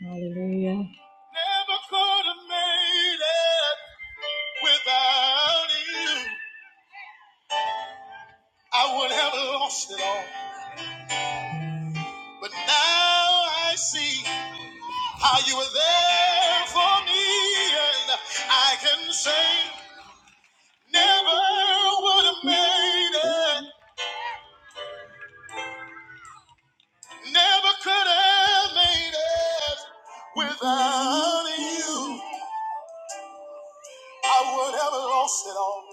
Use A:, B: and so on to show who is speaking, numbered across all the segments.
A: Hallelujah. Never could have made it without you. I would have lost it all. But now I see how you were there for me, and I can say, never would have made it, never could have made it without you. I would have lost it all.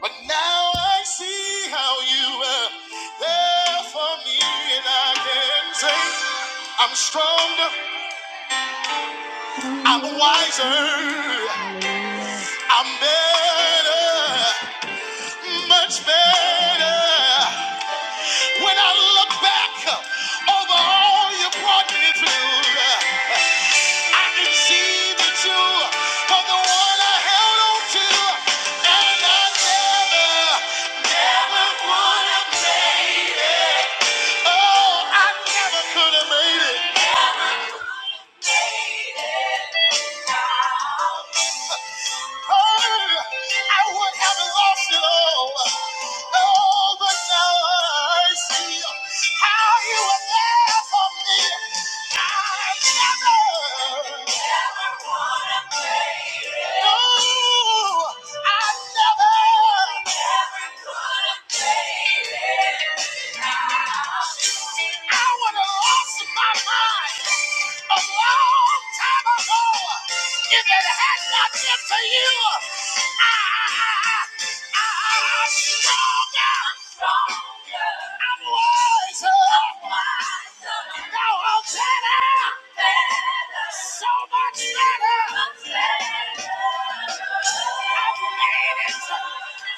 A: But now I see how you were there for me, and I can say I'm stronger, I'm wiser, I'm better, much better. When I look back over all you brought me through, I can see that you were the one I held on to, and I never, never would have. Oh, I never could have made it. Oh, I would have lost it all. Oh, but now I see how you were there for me. I never, never would have made it. No, Stronger. I'm wiser. No, I'm better. So much better. I've made it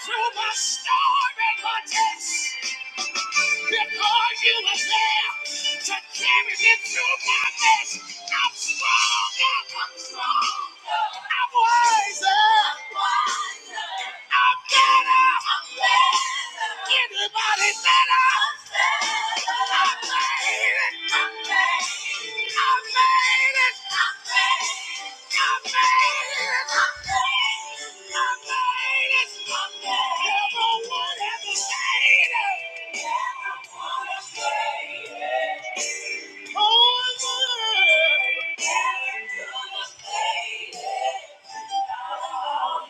A: through my storm and my test because you were there to carry me through my mess. I'm strong. I'm strong. I'm wiser. I'm better. Anybody better? I made it. I made it. I made it. I made it. Never would have made it. Never would have made it. Oh, I would. Never could have made it.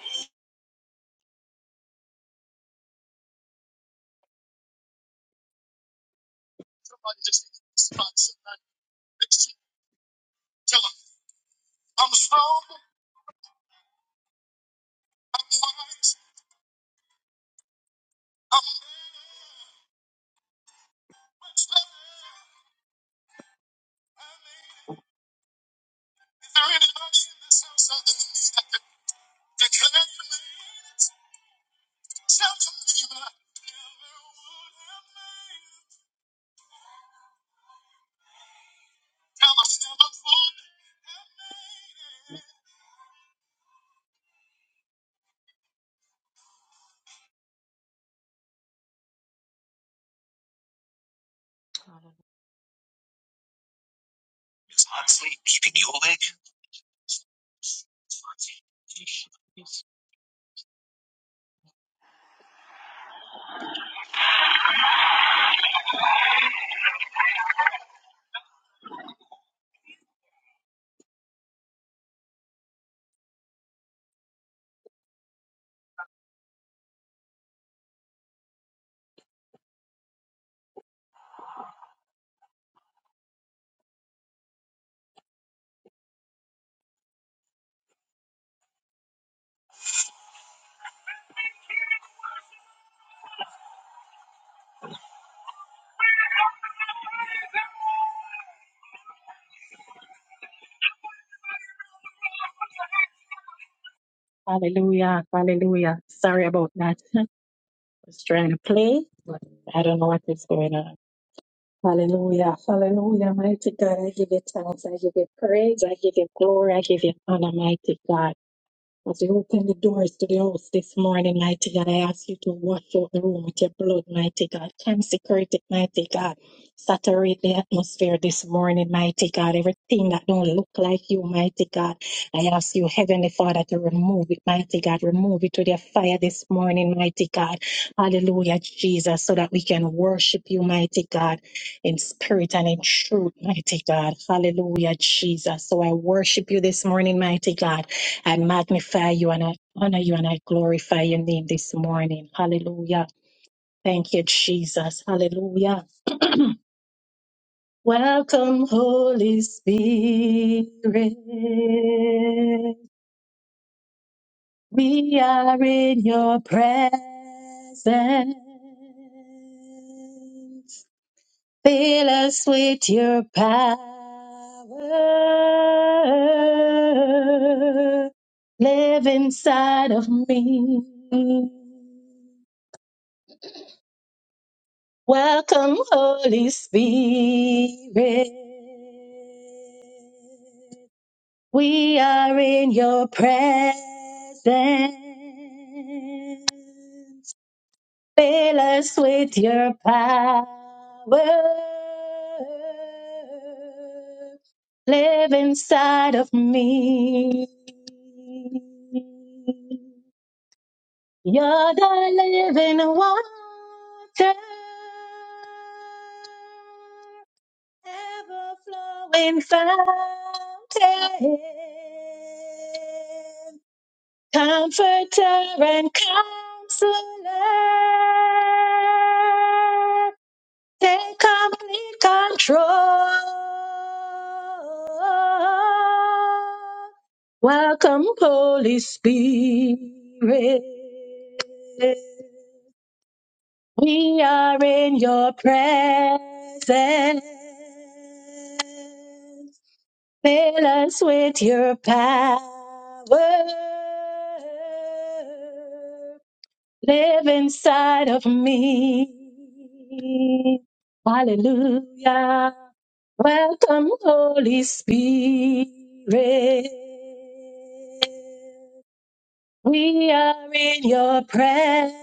A: Sleep. Hallelujah, hallelujah. Sorry about that. I was trying to play, but I don't know what is going on. Hallelujah, hallelujah, mighty God. I give you thanks, I give you praise, I give you glory, I give you honor, mighty God. As you open the doors to the house this morning, mighty God, I ask you to wash out the room with your blood, mighty God. Consecrate it, mighty God. Saturate the atmosphere this morning, mighty God. Everything that don't look like you, mighty God. I ask you, Heavenly Father, to remove it, mighty God. Remove it with your fire this morning, mighty God. Hallelujah, Jesus, so that we can worship you, mighty God, in spirit and in truth, mighty God. Hallelujah, Jesus. So I worship you this morning, mighty God. I magnify you and I honor you and I glorify your name this morning. Hallelujah. Thank you, Jesus. Hallelujah. Welcome, Holy Spirit. We are in your presence. Fill us with your power. Live inside of me. Welcome, Holy Spirit. We are in your presence. Fill us with your power. Live inside of me. You're the living water. ever flowing fountain, comforter and counselor, take complete control. Welcome, Holy Spirit. We are in your presence. Fill us with your power. Live inside of me. Hallelujah. Welcome, Holy Spirit. We are in your presence.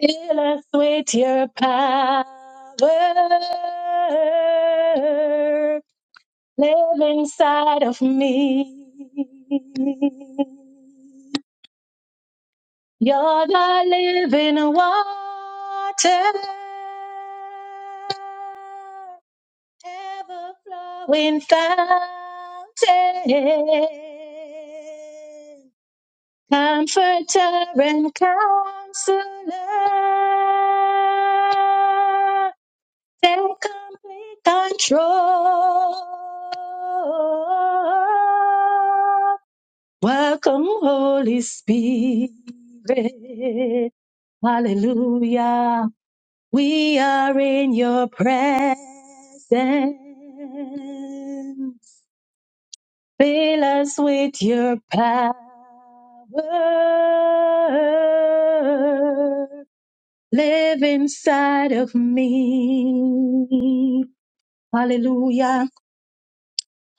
A: Fill us with your power. Live inside of me. You're the living water. Ever flowing fountain. Comforter and counselor, take complete control. Welcome, Holy Spirit. Hallelujah. We are in your presence. Fill us with your power. Live inside of me. Hallelujah.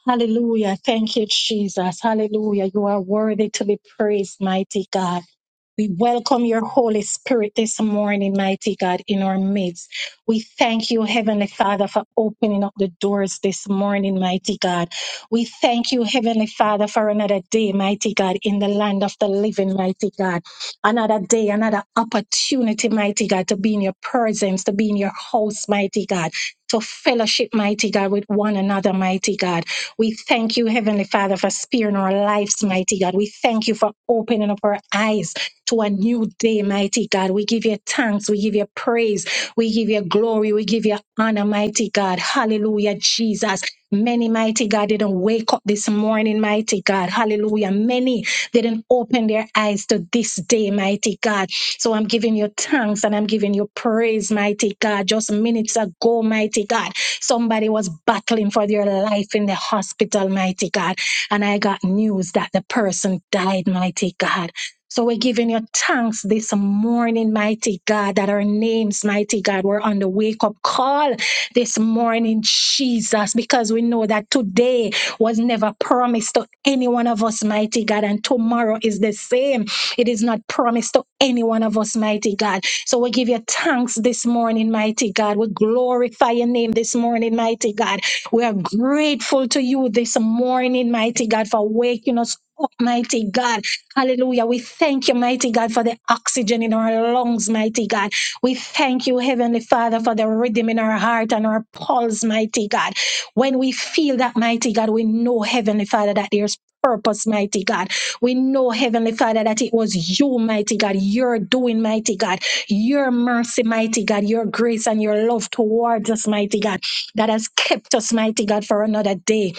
A: Hallelujah. Thank you, Jesus. Hallelujah. You are worthy to be praised, mighty God. We welcome your Holy Spirit this morning, mighty God, in our midst. We thank you, Heavenly Father, for opening up the doors this morning, mighty God. We thank you, Heavenly Father, for another day, mighty God, in the land of the living, mighty God. Another day, another opportunity, mighty God, to be in your presence, to be in your house, mighty God. To fellowship, mighty God, with one another, mighty God. We thank you, Heavenly Father, for sparing our lives, mighty God. We thank you for opening up our eyes to a new day, mighty God. We give you thanks. We give you praise. We give you glory. We give you honor, mighty God. Hallelujah, Jesus. Many, mighty God, didn't wake up this morning, mighty God. Hallelujah. Many didn't open their eyes to this day, mighty God. So I'm giving you thanks and I'm giving you praise, mighty God. Just minutes ago, mighty God, somebody was battling for their life in the hospital, mighty God. And I got news that the person died, mighty God. So we're giving you thanks this morning, mighty God, that our names, mighty God, were on the wake up call this morning, Jesus, because we know that today was never promised to any one of us, mighty God, and tomorrow is the same. It is not promised to any one of us, mighty God. So we give you thanks this morning, mighty God. We glorify your name this morning, mighty God. We are grateful to you this morning, mighty God, for waking us up, mighty God Hallelujah. We thank you, mighty God, for the oxygen in our lungs, mighty God. We thank you, Heavenly Father, for the rhythm in our heart and our pulse, mighty God. When we feel that, mighty God, we know, Heavenly Father, that there's purpose, mighty God. We know, Heavenly Father, that it was you, mighty God, your doing, mighty God, your mercy, mighty God, your grace and your love towards us, mighty God, that has kept us, mighty God, for another day.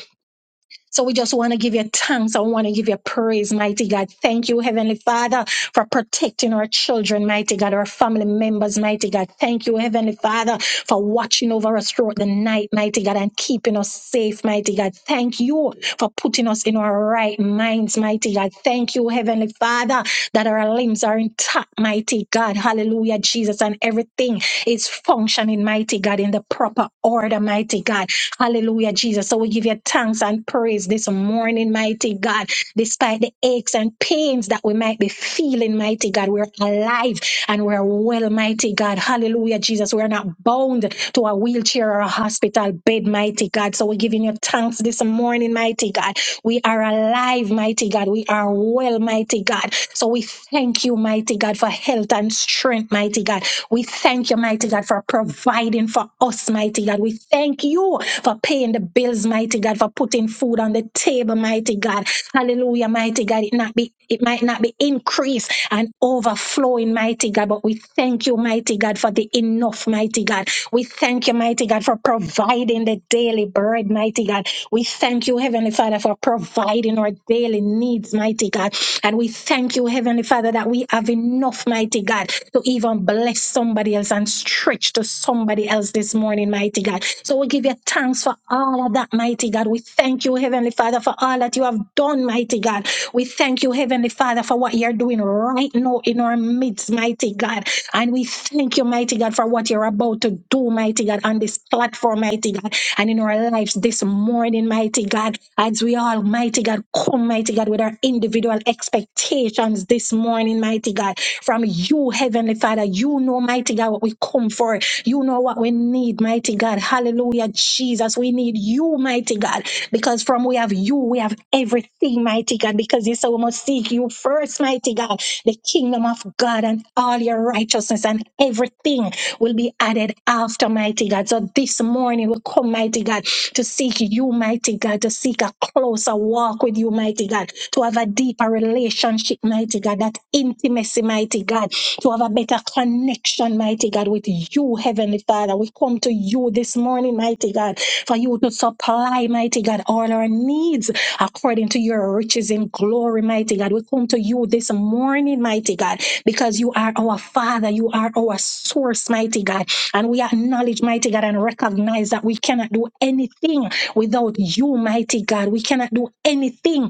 A: So we just want to give you thanks. I want to give you praise, mighty God. Thank you, Heavenly Father, for protecting our children, mighty God, our family members, mighty God. Thank you, Heavenly Father, for watching over us throughout the night, mighty God, and keeping us safe, mighty God. Thank you for putting us in our right minds, mighty God. Thank you, Heavenly Father, that our limbs are intact, mighty God. Hallelujah, Jesus, and everything is functioning, mighty God, in the proper order, mighty God. Hallelujah, Jesus. So we give you thanks and praise this morning, mighty God. Despite the aches and pains that we might be feeling, mighty God, we're alive and we're well, mighty God. Hallelujah, Jesus. We're not bound to a wheelchair or a hospital bed, mighty God. So we're giving you thanks this morning, mighty God. We are alive, mighty God. We are well, mighty God. So we thank you, mighty God, for health and strength, mighty God. We thank you, mighty God, for providing for for us, mighty God. We thank you for paying the bills, mighty God, for putting food on the table, mighty God. Hallelujah, mighty God. It not be it might not be increased and overflowing, mighty God, but we thank you, mighty God, for the enough, mighty God. We thank you, mighty God, for providing the daily bread, mighty God. We thank you, Heavenly Father, for providing our daily needs, mighty God. And we thank you, Heavenly Father, that we have enough, mighty God, to even bless somebody else and stretch to somebody else this morning, mighty God. So we give you thanks for all of that, mighty God. We thank you, Heavenly Father, for all that you have done, mighty God. We thank you, Heavenly Father, for what you're doing right now in our midst, mighty God. And we thank you, mighty God, for what you're about to do, mighty God, on this platform, mighty God and in our lives this morning, mighty God, as we all, mighty God, come, mighty God, with our individual expectations this morning, mighty God, from you, Heavenly Father. You know, mighty God, what we come for. You know what we need, mighty God. Hallelujah, Jesus. We need you, mighty God. Because from we have you, we have everything, mighty God. Because you say we must seek you first, mighty God, the kingdom of God and all your righteousness and everything will be added after, mighty God. So this morning we come, mighty God, to seek you, mighty God, to seek a closer walk with you, mighty God, to have have a deeper relationship, mighty God, that intimacy, mighty God, to have a better connection, mighty God, with you, Heavenly Father. We come to you this morning, mighty God, for you to supply, mighty God, all our needs according to your riches in glory, mighty God. We come to you this morning, mighty God, because you are our Father, you are our source, mighty God. And we acknowledge, mighty God, and recognize that we cannot do anything without you, mighty God. We cannot do anything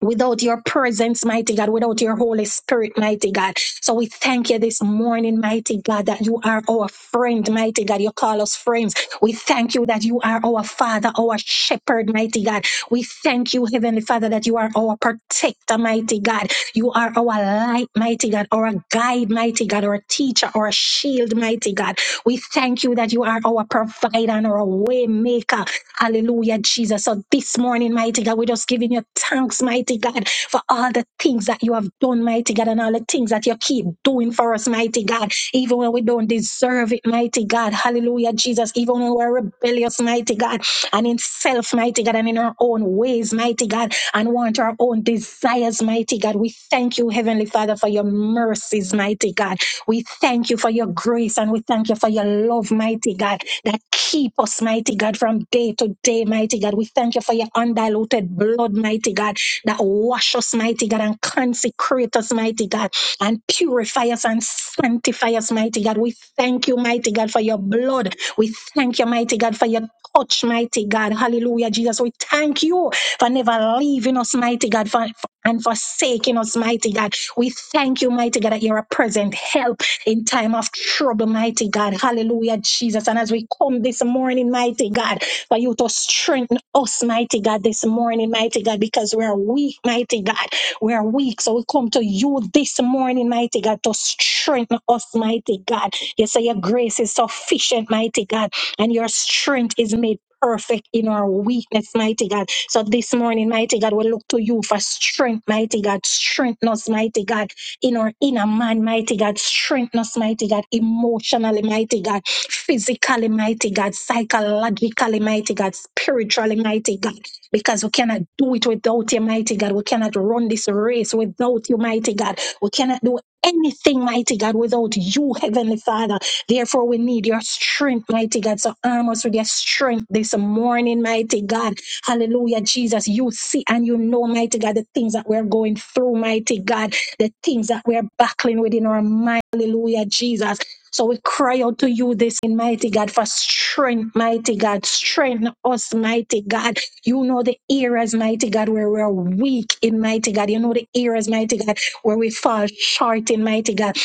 A: without your presence, mighty God, without your Holy Spirit, mighty God. So we thank you this morning, mighty God, that you are our friend, mighty God. You call us friends. We thank you that you are our Father, our Shepherd, mighty God. We thank you, Heavenly Father, that you are our protector, mighty God. You are our light, mighty God, our guide, mighty God, our teacher, our shield, mighty God. We thank you that you are our provider and our waymaker. Hallelujah, Jesus. So this morning, mighty God, we're just giving you thanks, mighty God, for all the things that you have done, mighty God, and all the things that you keep doing for us, mighty God, even when we don't deserve it, mighty God. Hallelujah, Jesus. Even when we're rebellious, mighty God, and in self, mighty God, and in our own ways, mighty God, and want our own desires, mighty God. We thank you, Heavenly Father, for your mercies, mighty God. We thank you for your grace and we thank you for your love, mighty God, that keep us, mighty God, from day to day, mighty God. We thank you for your undiluted blood, mighty God, that wash us, mighty God, and consecrate us, mighty God, and purify us and sanctify us, mighty God. We thank you, mighty God, for your blood. We thank you, mighty God, for your touch, mighty God. Hallelujah, Jesus. We thank you for never leaving us, mighty God, for, and forsaking us, mighty God. We thank you, mighty God, that you're a present help in time of trouble, mighty God. Hallelujah, Jesus. And as we come this morning, mighty God, for you to strengthen us, mighty God, this morning, mighty God, because we are weak, mighty God. We are weak. So we come to you this morning, mighty God, to strengthen us, mighty God. You say your grace is sufficient, mighty God, and your strength is made perfect in our weakness, mighty God. So this morning, mighty God, we look to you for strength, mighty God. Strengthen us, mighty God in our inner man, mighty God. Strengthen us, mighty God, emotionally, mighty God, physically, mighty God, psychologically, mighty God, spiritually, mighty God, because we cannot do it without you, mighty God. We cannot run this race without you, mighty God. We cannot do anything, mighty God, without you, Heavenly Father. Therefore, we need your strength, mighty God. So arm us with your strength this morning, mighty God. Hallelujah, Jesus. You see and you know, mighty God, the things that we're going through, mighty God the things that we're battling with in our mind. Hallelujah, Jesus. So we cry out to you this in mighty God for strength, mighty God. Strengthen us, mighty God. You know the areas, mighty God, where we're weak in mighty God. You know the areas, mighty God, where we fall short in mighty God.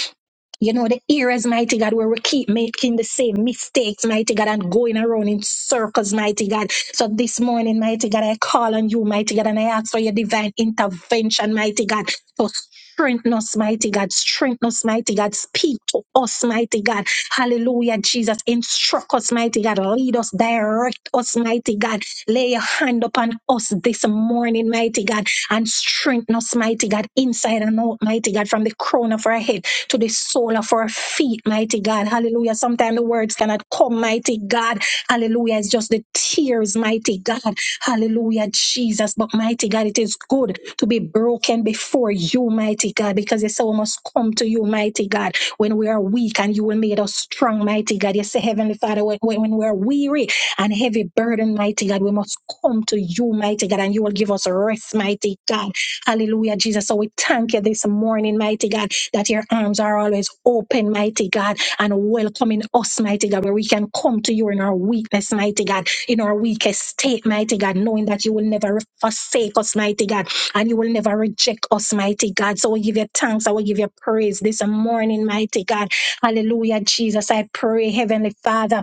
A: You know, the areas, mighty God, where we keep making the same mistakes, mighty God, and going around in circles, mighty God. So this morning, mighty God, I call on you, mighty God, and I ask for your divine intervention, mighty God, to strengthen us, mighty God, strengthen us, mighty God, speak to us, mighty God. Hallelujah, Jesus, instruct us, mighty God, lead us, direct us, mighty God. Lay your hand upon us this morning, mighty God, and strengthen us, mighty God, inside and out, mighty God, from the crown of our head to the sole of our feet, mighty God. Hallelujah. Sometimes the words cannot come, mighty God. Hallelujah. It's just the tears, mighty God. Hallelujah, Jesus. But mighty God, it is good to be broken before you, mighty God, because you say we must come to you, mighty God, when we are weak and you will make us strong, mighty God. You say, Heavenly Father, when, when we are weary and heavy burden, mighty God, we must come to you, mighty God, and you will give us rest, mighty God. Hallelujah, Jesus. So we thank you this morning, mighty God that your arms are always open, mighty God, and welcoming us, mighty God, where we can come to you in our weakness, mighty God, in our weakest state, mighty God, knowing that you will never forsake us, mighty God, and you will never reject us, mighty God. So we give you thanks, I will give you praise this morning, mighty God. Hallelujah, Jesus. I pray, Heavenly Father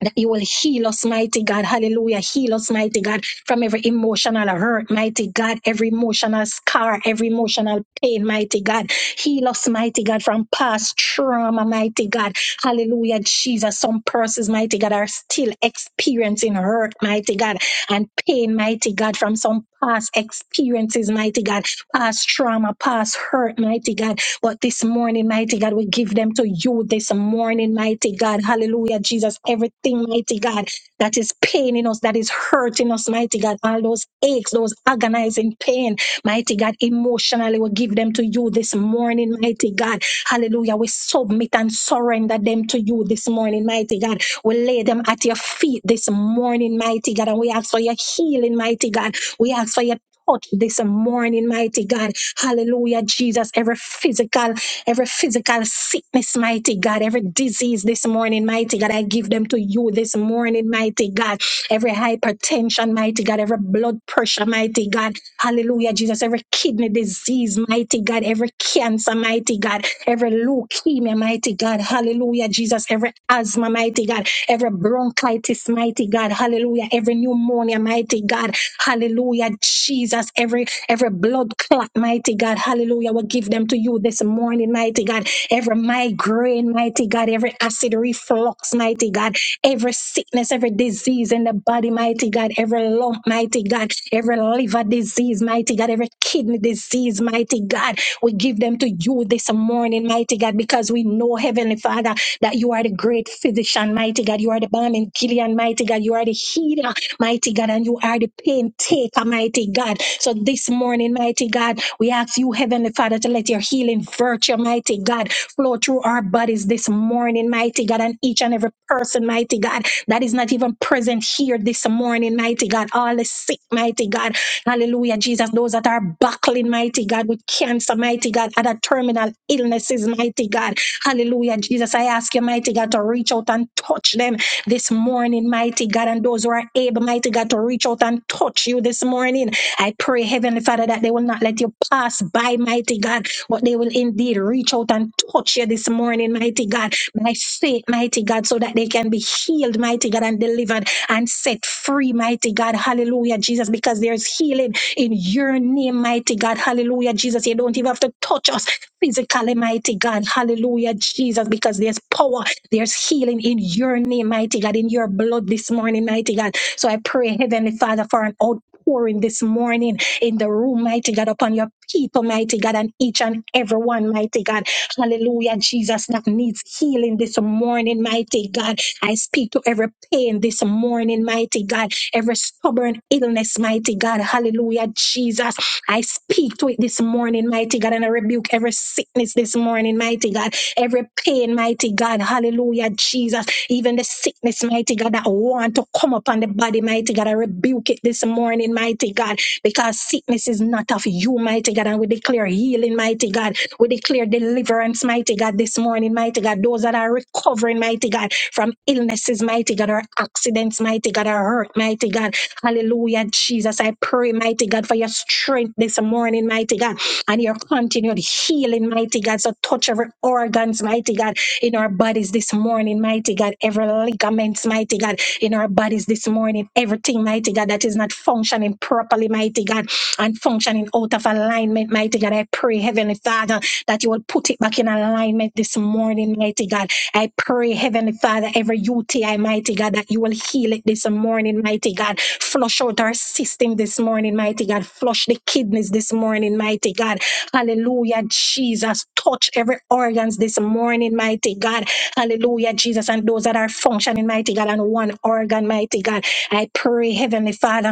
A: that you will heal us, mighty God. Hallelujah. Heal us, mighty God, from every emotional hurt, mighty God, every emotional scar, every emotional pain, mighty God. Heal us, mighty God, from past trauma, mighty God. Hallelujah, Jesus. Some persons, mighty God, are still experiencing hurt, mighty God, and pain, mighty God, from some past experiences, mighty God, past trauma, past hurt, mighty God. But this morning, mighty God, we give them to you this morning, mighty God. Hallelujah, Jesus. Everything, mighty God, that is paining us, that is hurting us, mighty God. All those aches, those agonizing pain, mighty God, emotionally, we give them to you this morning, mighty God. Hallelujah. We submit and surrender them to you this morning, mighty God. We lay them at your feet this morning, mighty God. And we ask for your healing, mighty God. We ask for your touch this morning, mighty God. Hallelujah, Jesus. Every physical, every physical sickness, mighty God. Every disease this morning, mighty God. I give them to you this morning, mighty God. Every hypertension, mighty God. Every blood pressure, mighty God. Hallelujah, Jesus. Every kidney disease, mighty God. Every cancer, mighty God. Every leukemia, mighty God. Hallelujah, Jesus. Every asthma, mighty God every bronchitis, mighty God, hallelujah, every pneumonia, mighty God, hallelujah, Jesus, every every blood clot, mighty God, hallelujah, we give them to you this morning, mighty God, every migraine, mighty God, every acid reflux, mighty God, every sickness, every disease in the body, mighty God, every lump, mighty God, every liver disease, mighty God, every kidney disease, mighty God, we give them to you this morning, mighty God, because we know, Heavenly Father that you are the great physician, mighty God. You are the balm in Gilead, mighty God. You are the healer, mighty God, and you are the pain taker, mighty God. So this morning, mighty God, we ask you, Heavenly Father, to let your healing virtue, mighty God, flow through our bodies this morning, mighty God, and each and every person, mighty God, that is not even present here this morning, mighty God. All the sick, mighty God. Hallelujah, Jesus. Those that are buckling, mighty God, with cancer, mighty God, other terminal illnesses, mighty God. Hallelujah. Jesus, I ask you, mighty God, to reach out and touch them this morning, mighty God. And those who are able, mighty God, to reach out and touch you this morning. I pray, Heavenly Father, that they will not let you pass by, mighty God, but they will indeed reach out and touch you this morning, mighty God, by faith, mighty God, so that they can be healed, mighty God, and delivered and set free, mighty God. Hallelujah, Jesus, because there's healing in your name, mighty God. Hallelujah, Jesus. You don't even have to touch us physically, mighty God. Hallelujah, Jesus, because there's power, there's healing in your name, mighty God, in your blood this morning, mighty God. So I pray, Heavenly Father, for an outpouring this morning in the room, mighty God, upon your people, mighty God, and each and every one, mighty God. Hallelujah, Jesus, that needs healing this morning, mighty God. I speak to every pain this morning, mighty God, every stubborn illness, mighty God. Hallelujah, Jesus. I speak to it this morning, mighty God, and I rebuke every sickness this morning, mighty God, every pain, mighty God, hallelujah, Jesus, even the sickness, mighty God, that want to come upon the body, mighty God, I rebuke it this morning, mighty God, because sickness is not of you, mighty God, and we declare healing, mighty God, we declare deliverance, mighty God, this morning, mighty God, those that are recovering, mighty God, from illnesses, mighty God, or accidents, mighty God, or hurt, mighty God. Hallelujah, Jesus. I pray, mighty God, for your strength this morning, mighty God, and your continued healing, mighty God. So touch every organs, mighty God, in our bodies this morning, mighty God. Every ligaments, mighty God, in our bodies this morning. Everything, mighty God, that is not functioning properly, mighty God, and functioning out of alignment, mighty God. I pray, Heavenly Father, that you will put it back in alignment this morning, mighty God. I pray, Heavenly Father, every UTI, mighty God, that you will heal it this morning, mighty God. Flush out our system this morning, mighty God. Flush the kidneys this morning, mighty God. Hallelujah, Jesus. Touch every organs this morning, mighty God. Hallelujah, Jesus. And those that are functioning, mighty God, on one organ, mighty God. I pray, Heavenly Father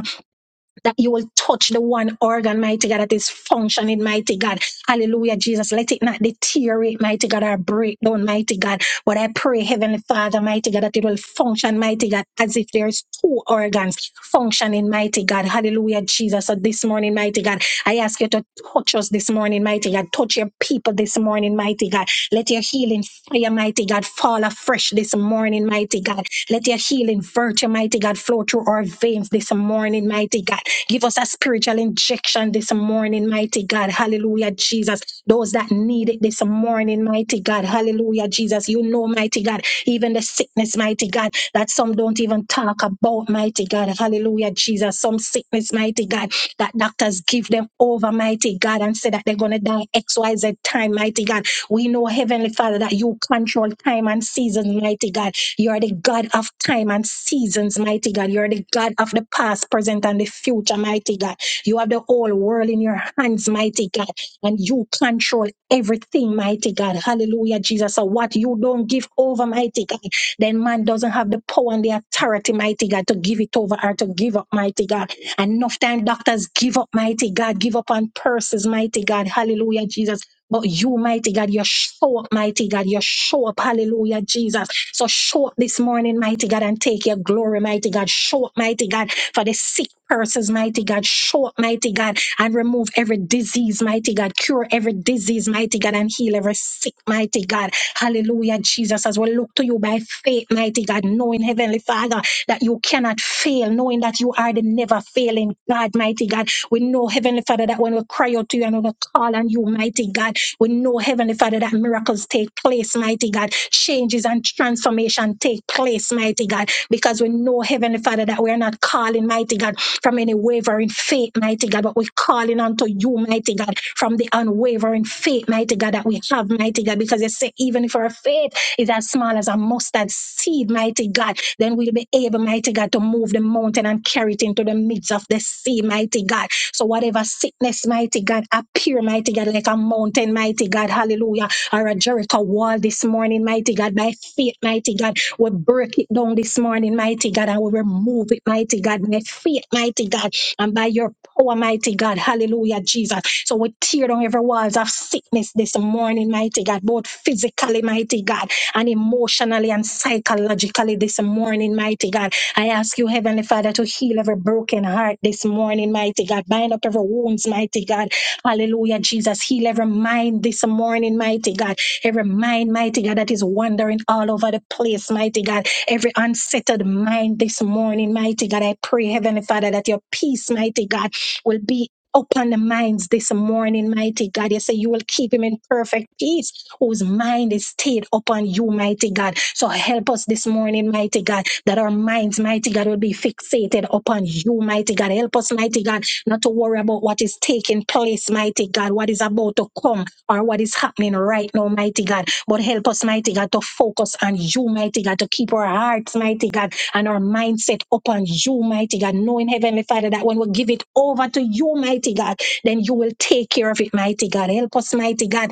A: that you will touch the one organ, mighty God, that is functioning, mighty God. Hallelujah, Jesus. Let it not deteriorate, mighty God, or break down, mighty God. But I pray, Heavenly Father, mighty God, that it will function, mighty God, as if there's two organs functioning, mighty God. Hallelujah, Jesus. So this morning, mighty God, I ask you to touch us this morning, mighty God. Touch your people this morning, mighty God. Let your healing fire, mighty God, fall afresh this morning, mighty God. Let your healing virtue, mighty God, flow through our veins this morning, mighty God. Give us a spiritual injection this morning, mighty God. Hallelujah, Jesus. Those that need it this morning, mighty God. Hallelujah, Jesus. You know, mighty God, even the sickness, mighty God, that some don't even talk about, mighty God. Hallelujah, Jesus. Some sickness, mighty God, that doctors give them over, mighty God, and say that they're going to die XYZ time, mighty God we know, Heavenly Father, that you control time and seasons, mighty God. You are the God of time and seasons, mighty God. You are the God of the past, present, and the future, mighty God. You have the whole world in your hands, mighty God, and you control everything, mighty God. Hallelujah, Jesus. So what you don't give over, mighty God, then man doesn't have the power and the authority, mighty God, to give it over or to give up, mighty God. And Enough time doctors give up, mighty God, give up on purses, mighty God. Hallelujah, Jesus but you, mighty God, you show up, mighty God, you show up, hallelujah, Jesus. So show up this morning, mighty God, and take your glory, mighty God. Show up, mighty God, for the sick persons, mighty God. Show up, mighty God, and remove every disease, mighty God. Cure every disease, mighty God, and heal every sick, mighty God. Hallelujah, Jesus, as we look to you by faith, mighty God, knowing, Heavenly Father, that you cannot fail, knowing that you are are the never failing God, mighty God. We know, Heavenly Father, that when we cry out to you and when we call on you, mighty God, we know, Heavenly Father, that miracles take place, mighty God. Changes and transformation take place, mighty God, because we know, Heavenly Father, that we are not calling, mighty God, from any wavering faith, mighty God, but we're calling unto you, mighty God, from the unwavering faith, mighty God, that we have, mighty God, because you say, even if our faith is as small as a mustard seed, mighty God, then we'll be able, mighty God, to move the mountain and carry it into the midst of the sea, mighty God. So whatever sickness, mighty God, appear, mighty God, like a mountain, mighty God, hallelujah, or a Jericho wall this morning, mighty God, by faith, mighty God, we break it down this morning, mighty God, and we remove it, mighty God, by faith, mighty God, and by your power, mighty God, hallelujah, Jesus. So we tear down every walls of sickness this morning, mighty God, both physically, mighty God and emotionally and psychologically this morning, mighty God. I ask you, Heavenly Father, to heal every broken heart this morning, mighty God. Bind up every wounds, mighty God. Hallelujah, Jesus. Heal every mind this morning, mighty God. Every mind, mighty God, that is wandering all over the place, mighty God. Every unsettled mind this morning, mighty God. I pray, Heavenly Father, that your peace, mighty God, will be upon the minds this morning, mighty God. You say you will keep him in perfect peace whose mind is stayed upon you, mighty God. So help us this morning, mighty God, that our minds, mighty God, will be fixated upon you, mighty God. Help us, mighty God, not to worry about what is taking place, mighty God, what is about to come or what is happening right now, mighty God. But help us, mighty God, to focus on you, mighty God, to keep our hearts, mighty God, and our mindset upon you, mighty God, knowing, Heavenly Father, that when we give it over to you, mighty God, then you will take care of it, mighty God. Help us, mighty God,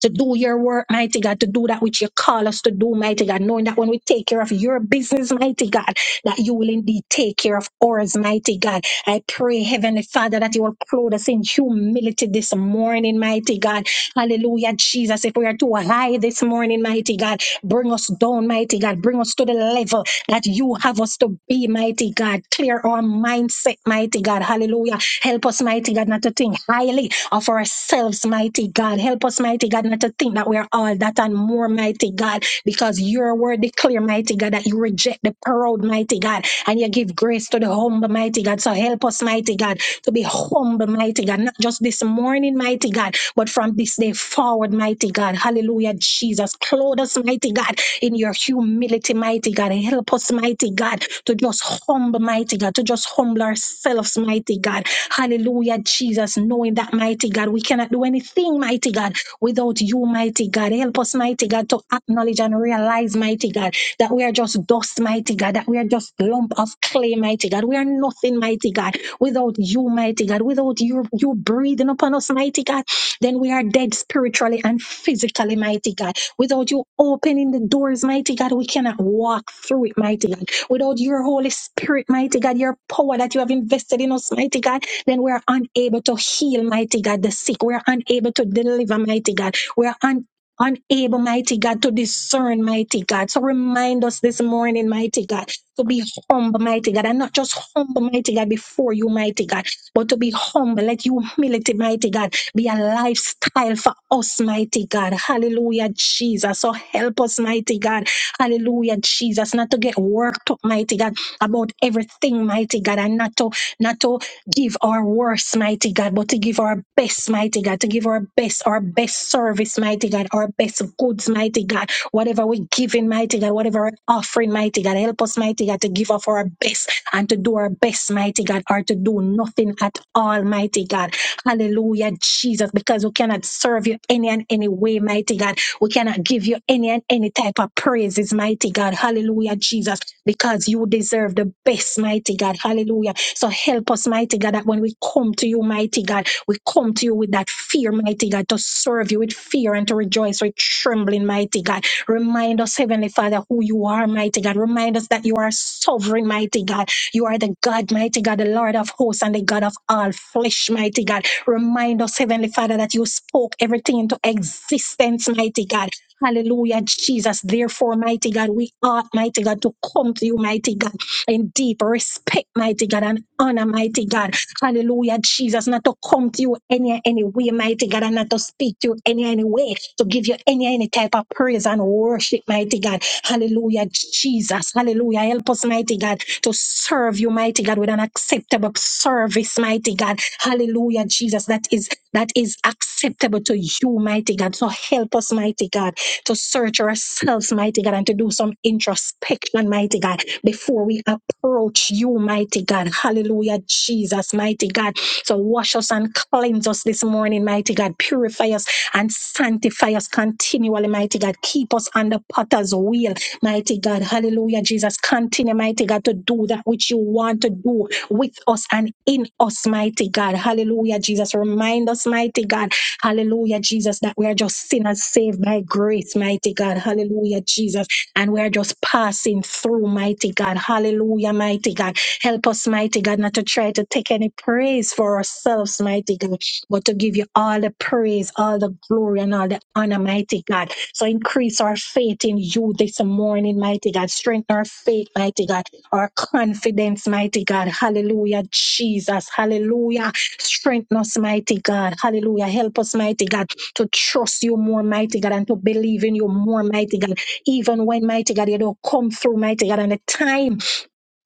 A: to do your work, mighty God, to do that which you call us to do, mighty God, knowing that when we take care of your business, mighty God, that you will indeed take care of ours, mighty God. I pray, Heavenly Father, that you will clothe us in humility this morning, mighty God. Hallelujah, Jesus. If we are too high this morning, mighty God, bring us down, mighty God. Bring us to the level that you have us to be, mighty God. Clear our mindset, mighty God. Hallelujah. Help us, mighty God, not to think highly of ourselves, mighty God. Help us, mighty God, not to think that we are all that and more, mighty God, because your word declare, mighty God, that you reject the proud, mighty God, and you give grace to the humble, mighty God. So help us, mighty God, to be humble, mighty God, not just this morning, mighty God, but from this day forward, mighty God. Hallelujah, Jesus. Clothe us, mighty God, in your humility, mighty God. Help us, mighty God, to just humble, mighty God to just humble ourselves, mighty God. Hallelujah, Jesus, knowing that, mighty God, we cannot do anything, mighty God, without you, mighty God. Help us, mighty God, to acknowledge and realize, mighty God, that we are just dust, mighty God, that we are just lump of clay, mighty God. We are nothing, mighty God, without you, mighty God, without you, you breathing upon us, mighty God. Then we are dead spiritually and physically, mighty God. Without you opening the doors, mighty God, we cannot walk through it, mighty God. Without your Holy Spirit, mighty God, your power that you have invested in us, mighty God, then we're unable to heal, mighty God, the sick. We're unable to deliver, mighty God. We're un- unable, mighty God, to discern, mighty God. So remind us this morning, mighty God, to be humble, mighty God, and not just humble, mighty God, before you, mighty God, but to be humble. Let humility, mighty God, be a lifestyle for us, mighty God. Hallelujah, Jesus. So help us, mighty God. Hallelujah, Jesus. Not to get worked up, mighty God, about everything, mighty God, and not to not to give our worst, mighty God, but to give our best, mighty God, to give our best, our best service, mighty God, our best goods, mighty God. Whatever we give in, mighty God, whatever we're offering, mighty God, help us, mighty God, to give off our best and to do our best, mighty God, or to do nothing at all, mighty God. Hallelujah, Jesus, because we cannot serve you any and any way, mighty God. We cannot give you any and any type of praises, mighty God. Hallelujah, Jesus, because you deserve the best, mighty God. Hallelujah. So help us, mighty God, that when we come to you, mighty God, we come to you with that fear, mighty God, to serve you with fear and to rejoice with trembling, mighty God. Remind us, Heavenly Father, who you are, mighty God. Remind us that you are sovereign, mighty God. You are the God, mighty God, the Lord of hosts and the God of all flesh, mighty God. Remind us, Heavenly Father, that you spoke everything into existence, mighty God. Hallelujah, Jesus. Therefore, mighty God, we ought, mighty God, to come to you, mighty God, in deep respect, mighty God, and honor, mighty God. Hallelujah, Jesus. Not to come to you any any way, mighty God, and not to speak to you any any way, to give you any any type of praise and worship, mighty God. Hallelujah, Jesus. Hallelujah. Help us, mighty God, to serve you, mighty God, with an acceptable service, mighty God. Hallelujah, Jesus. That is that is acceptable to you, mighty God. So help us, mighty God, to search ourselves, mighty God, and to do some introspection, mighty God, before we approach you, mighty God. Hallelujah, Jesus, mighty God. So wash us and cleanse us this morning, mighty God. Purify us and sanctify us continually, mighty God. Keep us on the potter's wheel, mighty God. Hallelujah, Jesus. Continue, mighty God, to do that which you want to do with us and in us, mighty God. Hallelujah, Jesus. Remind us, mighty God. Hallelujah, Jesus, that we are just sinners saved by grace, mighty God. Hallelujah, Jesus. And we are just passing through, mighty God. Hallelujah, mighty God. Help us, mighty God, not to try to take any praise for ourselves, mighty God, but to give you all the praise, all the glory, and all the honor, mighty God. So increase our faith in you this morning, mighty God. Strengthen our faith, mighty God our confidence, mighty God. Hallelujah, Jesus. Hallelujah. Strengthen us, mighty God. Hallelujah. Help us, mighty God, to trust you more, mighty God, and to believe in you more, mighty God. Even when, mighty God, you don't come through, mighty God, and the time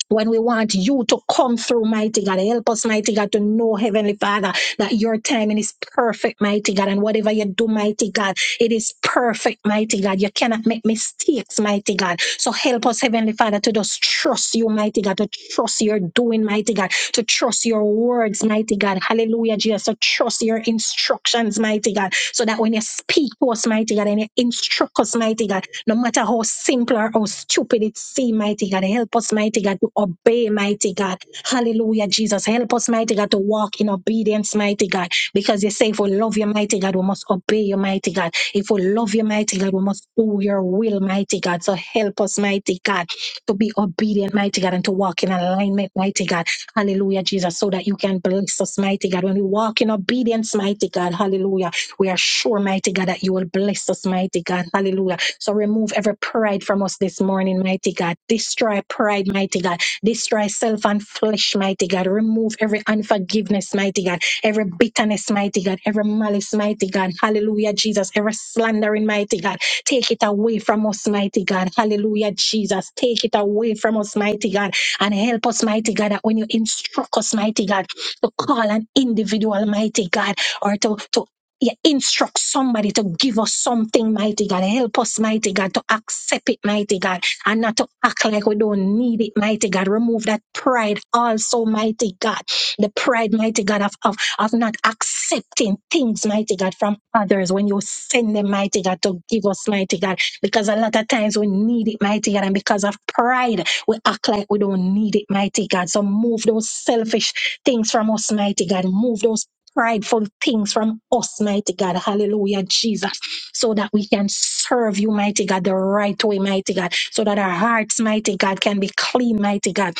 A: when we want you to come through, mighty God. Help us, mighty God, to know, Heavenly Father, that your timing is perfect, mighty God. And whatever you do, mighty God. It is perfect, mighty God. You cannot make mistakes, mighty God. So help us, Heavenly Father, to just trust you, mighty God, to trust your doing, mighty God, to trust your words, mighty God. Hallelujah, Jesus. To trust your instructions, mighty God. So that when you speak to us, mighty God, and you instruct us, mighty God, no matter how simple or how stupid it seems, mighty God, help us, mighty God, to obey, mighty God. Hallelujah, Jesus. Help us, mighty God, to walk in obedience, mighty God. Because you say, if we love you, mighty God, we must obey you, mighty God. If we love you, mighty God, we must do your will, mighty God. So help us, mighty God, to be obedient, mighty God, and to walk in alignment, mighty God. Hallelujah, Jesus, so that you can bless us, mighty God. When we walk in obedience, mighty God, hallelujah, we are sure, mighty God, that you will bless us, mighty God, hallelujah. So remove every pride from us this morning, mighty God. Destroy pride, mighty God. Destroy self and flesh, mighty God. Remove every unforgiveness, mighty God every bitterness, mighty God, every malice, mighty God, hallelujah, Jesus, every slandering, mighty God, take it away from us, mighty God, hallelujah, Jesus, take it away from us, mighty God, and help us, mighty God, that when you instruct us, mighty God, to call an individual, mighty God, or to, to yeah, instruct somebody to give us something, mighty God. Help us, mighty God, to accept it, mighty God, and not to act like we don't need it, mighty God. Remove that pride also, mighty God. The pride, mighty God, of of not accepting things, mighty God, from others when you send them, mighty God, to give us, mighty God, because a lot of times we need it, mighty God, and because of pride, we act like we don't need it, mighty God. So move those selfish things from us, mighty God. Move those prideful things from us, mighty God. Hallelujah, Jesus. So that we can serve you, mighty God, the right way, mighty God. So that our hearts, mighty God, can be clean, mighty God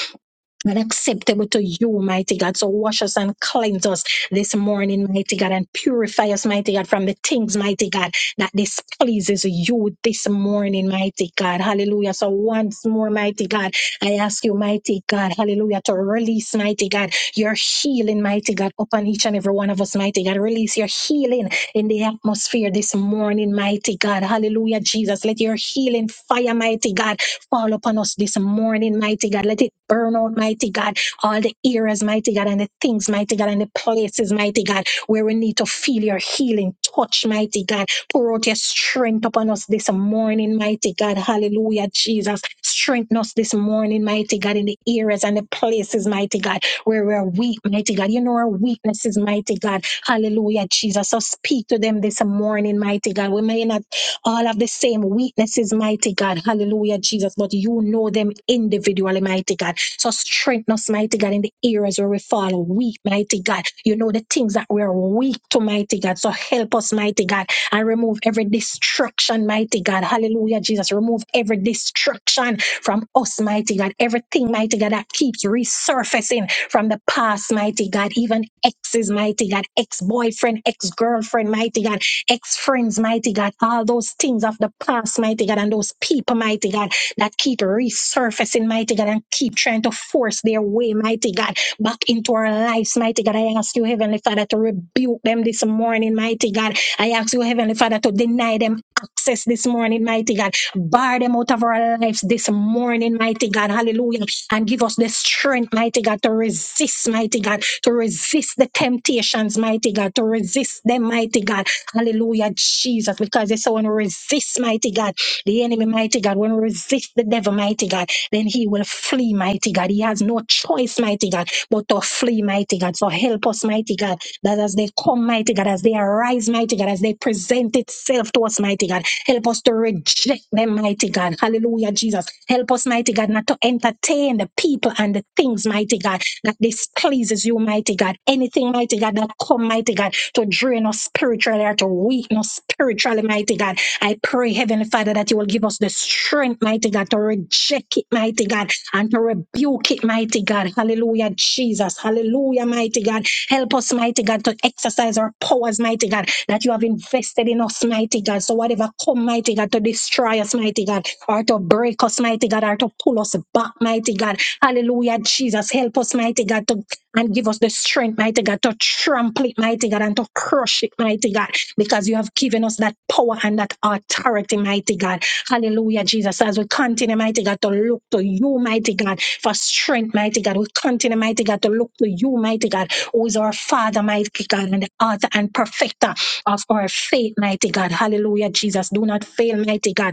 A: and acceptable to you, mighty God. So wash us and cleanse us this morning, mighty God, and purify us, mighty God, from the things, mighty God, that displeases you this morning, mighty God. Hallelujah. So once more, mighty God, I ask you, mighty God, hallelujah, to release, mighty God, your healing, mighty God, upon each and every one of us, mighty God. Release your healing in the atmosphere this morning, mighty God. Hallelujah, Jesus. Let your healing fire, mighty God, Fall upon us this morning, mighty God. Let it burn out, mighty God. All the areas, mighty God, and the things, mighty God, and the places, mighty God, where we need to feel your healing touch, mighty God. Pour out your strength upon us this morning, mighty God. Hallelujah, Jesus. Strengthen us this morning, mighty God, in the areas and the places, mighty God where we're weak, mighty God. You know our weaknesses, mighty God. Hallelujah, Jesus. So speak to them this morning, mighty God. We may not all have the same weaknesses, mighty God. Hallelujah, Jesus. But you know them individually, mighty God. So strengthen us, mighty God, in the areas where we fall weak, mighty God. You know the things that we are weak to, mighty God. So help us, mighty God, and remove every distraction, mighty God. Hallelujah, Jesus. Remove every distraction from us, mighty God. Everything, mighty God, that keeps resurfacing from the past, mighty God. Even exes, mighty God, ex boyfriend, ex girlfriend, mighty God ex friends, mighty God, all those things of the past, mighty God, and those people, mighty God, that keep resurfacing, mighty God, and keep trying to force their way, mighty God, back into our lives, mighty God. I ask you, Heavenly Father, to rebuke them this morning, mighty God. I ask you, Heavenly Father, to deny them access this morning, mighty God. Bar them out of our lives this morning, mighty God. Hallelujah. And give us the strength, mighty God, to resist, mighty God, to resist the temptations, mighty God, to resist them, mighty God. Hallelujah, Jesus, because they so when we resist, mighty God, the enemy, mighty God, when we resist the devil, mighty God, then he will flee, mighty God. He has no choice, mighty God, but to flee, mighty God. So help us, mighty God, that as they come, mighty God, as they arise, mighty God, as they present itself to us, mighty God, help us to reject them, mighty God. Hallelujah, Jesus. Help us, mighty God, not to entertain the people and the things, mighty God, that displeases you, mighty God. Anything, mighty God, that come, mighty God to drain us spiritually or to weaken us spiritually, mighty God. I pray, Heavenly Father, that you will give us the strength, mighty God, to reject it, mighty God, and to rebuke it, mighty God. Hallelujah, Jesus. Hallelujah, mighty God. Help us, mighty God, to exercise our powers, mighty God, that you have invested in us, mighty God. So whatever come, mighty God, to destroy us, mighty God, or to break us, mighty God, or to pull us back, mighty God. Hallelujah, Jesus. Help us, mighty God, to and give us the strength, mighty God, to trample it, mighty God, and to crush it, mighty God, because you have given us that power and that authority, mighty God. Hallelujah, Jesus. As we continue, mighty God, to look to you, mighty God, for strength, mighty God. We continue, mighty God, to look to you, mighty God, who is our Father, mighty God, and the author and perfecter of our faith, mighty God. Hallelujah, Jesus. Do not fail, mighty God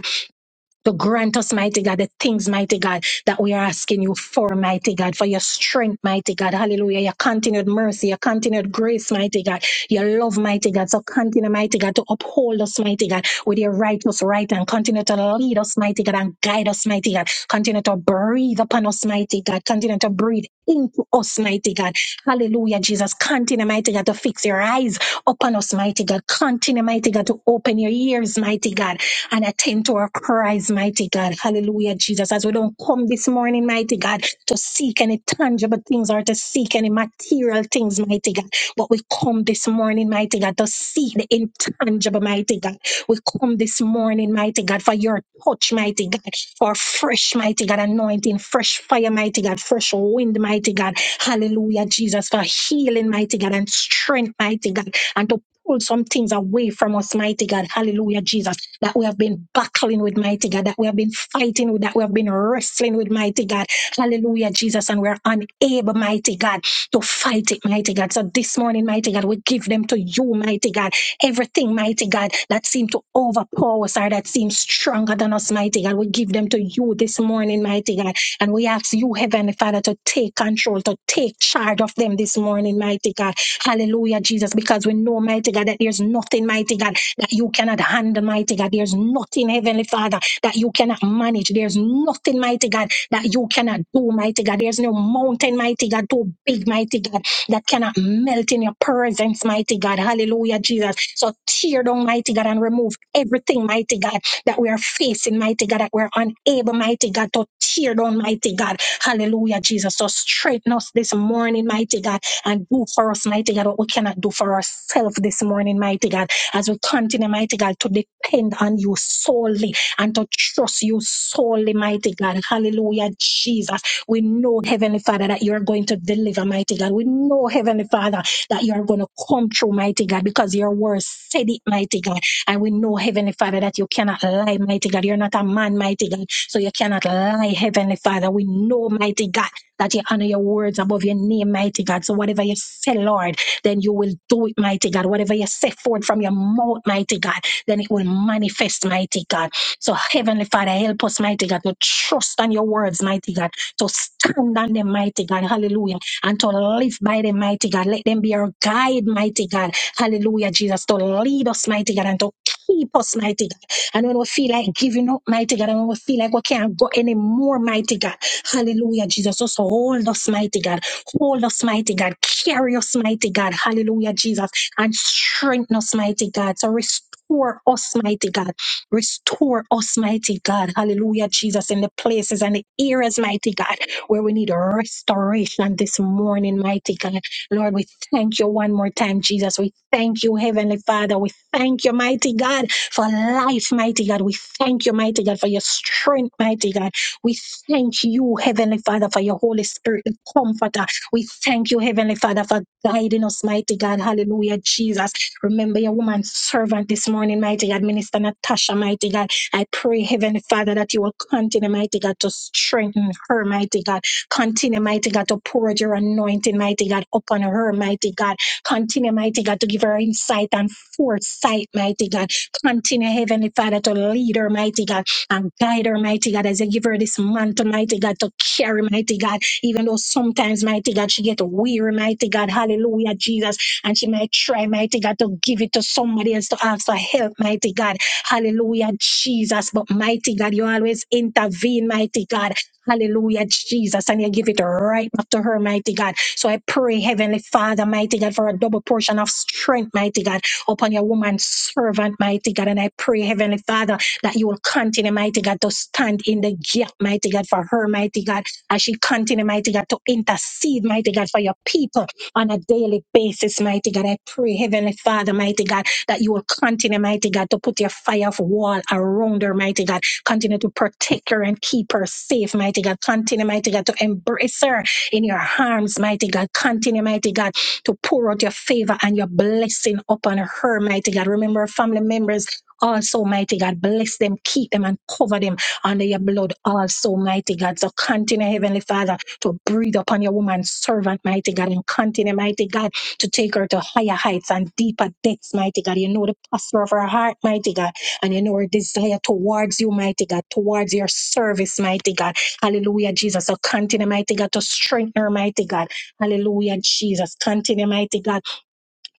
A: to grant us, mighty God, the things, mighty God, that we are asking you for, mighty God, for your strength, mighty God. Hallelujah. Your continued mercy, your continued grace, mighty God. Your love, mighty God. So continue, mighty God, to uphold us, mighty God, with your righteous right and continue to lead us, mighty God, and guide us, mighty God. Continue to breathe upon us, mighty God. Continue to breathe into us, mighty God. Hallelujah, Jesus. Continue, mighty God, to fix your eyes upon us, mighty God. Continue, mighty God, to open your ears, mighty God and attend to our cries, mighty God. Hallelujah, Jesus. As we don't come this morning, mighty God, to seek any tangible things or to seek any material things, mighty God. But we come this morning, mighty God, to seek the intangible, mighty God. We come this morning, mighty God, for your touch, mighty God, for fresh, mighty God, anointing, fresh fire, mighty God, fresh wind, mighty God. Hallelujah, Jesus, for healing, mighty God, and strength, mighty God, and to pull some things away from us, mighty God. Hallelujah, Jesus that we have been battling with, mighty God, that we have been fighting with, that we have been wrestling with, mighty God. Hallelujah, Jesus. And we're unable, mighty God, to fight it, mighty God. So this morning, mighty God, we give them to you, mighty God. Everything, mighty God, that seemed to overpower us or that seems stronger than us, mighty God, we give them to you this morning, mighty God. And we ask you, Heavenly Father, to take control, to take charge of them this morning, mighty God. Hallelujah, Jesus, because we know, mighty God, that there's nothing, mighty God, that you cannot handle, mighty God. There's nothing, Heavenly Father, that you cannot manage. There's nothing, mighty God, that you cannot do, mighty God. There's no mountain, mighty God, too big, mighty God, that cannot melt in your presence, mighty God. Hallelujah, Jesus. So tear down, mighty God, and remove everything, mighty God, that we are facing, mighty God, that we're unable, mighty God, to tear down, mighty God. Hallelujah, Jesus. So straighten us this morning, mighty God, and do for us, mighty God, what we cannot do for ourselves this morning, mighty God as we continue, mighty God, to depend on you solely and to trust you solely, mighty God. Hallelujah, Jesus. We know, Heavenly Father, that you're going to deliver, mighty God. We know, Heavenly Father, that you're going to come through, mighty God, because your word said it, mighty God. And we know, Heavenly Father, that you cannot lie, mighty God. You're not a man, mighty God. So you cannot lie, Heavenly Father. We know, mighty God, that you honor your words above your name, mighty God. So whatever you say, Lord, then you will do it, mighty God. Whatever you set forth from your mouth, mighty God, then it will manifest, mighty God. So, Heavenly Father, help us, mighty God, to trust on your words, mighty God, to stand on them, mighty God, hallelujah, and to live by them, mighty God. Let them be our guide, mighty God, hallelujah, Jesus, to lead us, mighty God, and to keep us, mighty God. And when we feel like giving up, mighty God, and when we feel like we can't go anymore, mighty God, hallelujah, Jesus, just hold us, mighty God. Hold us, mighty God. Carry us, mighty God. Hallelujah, Jesus. And strengthen us, mighty God. So restore us, mighty God. Restore us, mighty God. Hallelujah, Jesus. In the places and the areas, mighty God, where we need restoration this morning, mighty God. Lord, we thank you one more time, Jesus. We thank you, Heavenly Father. We thank you, mighty God, for life, mighty God. We thank you, mighty God, for your strength, mighty God. We thank you, Heavenly Father, for your Holy Spirit, the comforter. We thank you, Heavenly Father, for guiding us, mighty God. Hallelujah, Jesus. Remember your woman servant this morning, mighty God, Minister Natasha, mighty God. I pray, Heavenly Father, that you will continue, mighty God, to strengthen her, mighty God. Continue, mighty God, to pour out your anointing, mighty God, upon her, mighty God. Continue, mighty God, to give her insight and foresight, mighty God. Continue, Heavenly Father, to lead her, mighty God, and guide her, mighty God, as you give her this mantle, mighty God, to carry, mighty God even though sometimes, mighty God, she get weary, mighty God, hallelujah, Jesus, and she might try, mighty God, to give it to somebody else to ask for help, mighty God, hallelujah, Jesus, but mighty God, you always intervene, mighty God, hallelujah, Jesus, and you give it right back to her, mighty God. So I pray, Heavenly Father, mighty God, for a double portion of strength, mighty God, upon your woman servant, mighty God, and I pray, Heavenly Father, that you will continue, mighty God, to stand in the gap, mighty God, for her, mighty God as she continue, mighty God, to intercede, mighty God, for your people on a daily basis, mighty God. I pray, Heavenly Father, mighty God, that you will continue, mighty God, to put your fire of wall around her, mighty God. Continue to protect her and keep her safe, mighty God. Continue, mighty God, to embrace her in your arms, mighty God. Continue, mighty God, to pour out your favor and your blessing upon her, mighty God. Remember her family members also, mighty God. Bless them, keep them, and cover them under your blood also, mighty God. So continue, Heavenly Father, to breathe upon your woman servant, mighty God, and continue, mighty God, to take her to higher heights and deeper depths, mighty God. You know the posture of her heart, mighty God, and you know her desire towards you, mighty God, towards your service, mighty God. Hallelujah, Jesus. So continue, mighty God, to strengthen her, mighty God. Hallelujah, Jesus. Continue, mighty God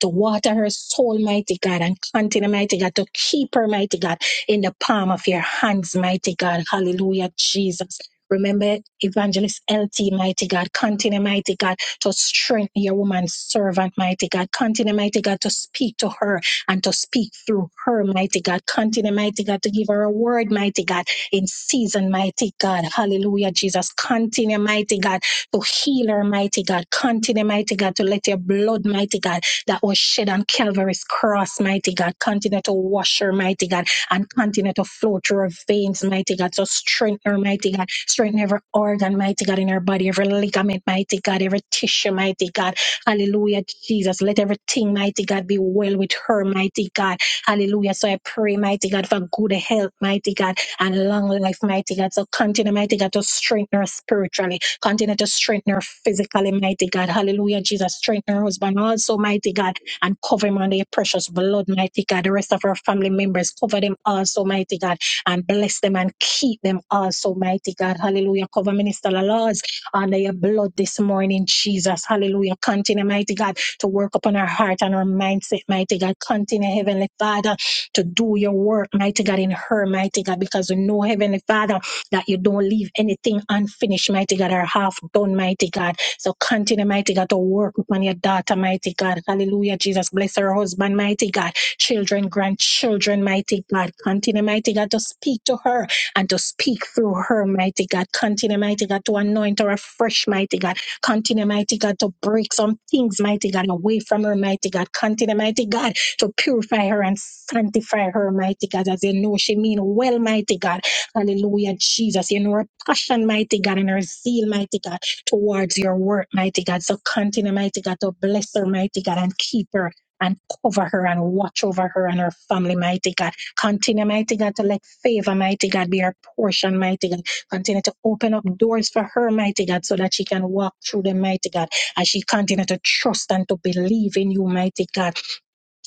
A: to water her soul, mighty God, and continue, mighty God, to keep her, mighty God, in the palm of your hands, mighty God. Hallelujah, Jesus. Remember Evangelist LT, mighty God. Continue, mighty God, to strengthen your woman servant, mighty God. Continue, mighty God, to speak to her and to speak through her, mighty God. Continue, mighty God, to give her a word, mighty God, in season, mighty God. Hallelujah, Jesus. Continue, mighty God, to heal her, mighty God. Continue, mighty God, to let your blood, mighty God, that was shed on Calvary's cross, mighty God. Continue to wash her, mighty God, and continue to flow through her veins, mighty God. So strengthen her, mighty God. Strengthen every organ, mighty God, in her body, every ligament, mighty God, every tissue, mighty God. Hallelujah, Jesus. Let everything, mighty God, be well with her, mighty God. Hallelujah. So I pray, mighty God, for good health, mighty God, and long life, mighty God. So continue, mighty God, to strengthen her spiritually. Continue to strengthen her physically, mighty God. Hallelujah, Jesus. Strengthen her husband also, mighty God, and cover him under your precious blood, mighty God. The rest of her family members, cover them also, mighty God, and bless them and keep them also, mighty God. Hallelujah. Cover Minister Laws under your blood this morning, Jesus. Hallelujah. Continue, mighty God, to work upon her heart and her mindset, mighty God. Continue, Heavenly Father, to do your work, mighty God, in her, mighty God, because we know, Heavenly Father that you don't leave anything unfinished, mighty God, or half done, mighty God. So continue, mighty God, to work upon your daughter, mighty God. Hallelujah, Jesus. Bless her husband, mighty God. Children, grandchildren, mighty God. Continue, mighty God, to speak to her and to speak through her, mighty God. Continue, mighty God, to anoint her afresh, mighty God. Continue, mighty God, to break some things, mighty God, away from her, mighty God. Continue, mighty God, to purify her and sanctify her, mighty God, as you know she mean well, mighty God. Hallelujah, Jesus. You know her passion, mighty God, and her zeal, mighty God, towards your work, mighty God. So continue, mighty God, to bless her, mighty God, and keep her. And cover her and watch over her and her family, mighty God. Continue, mighty God, to let favor, mighty God, be her portion, mighty God. Continue to open up doors for her, mighty God, so that she can walk through them, mighty God, as she continue to trust and to believe in you, mighty God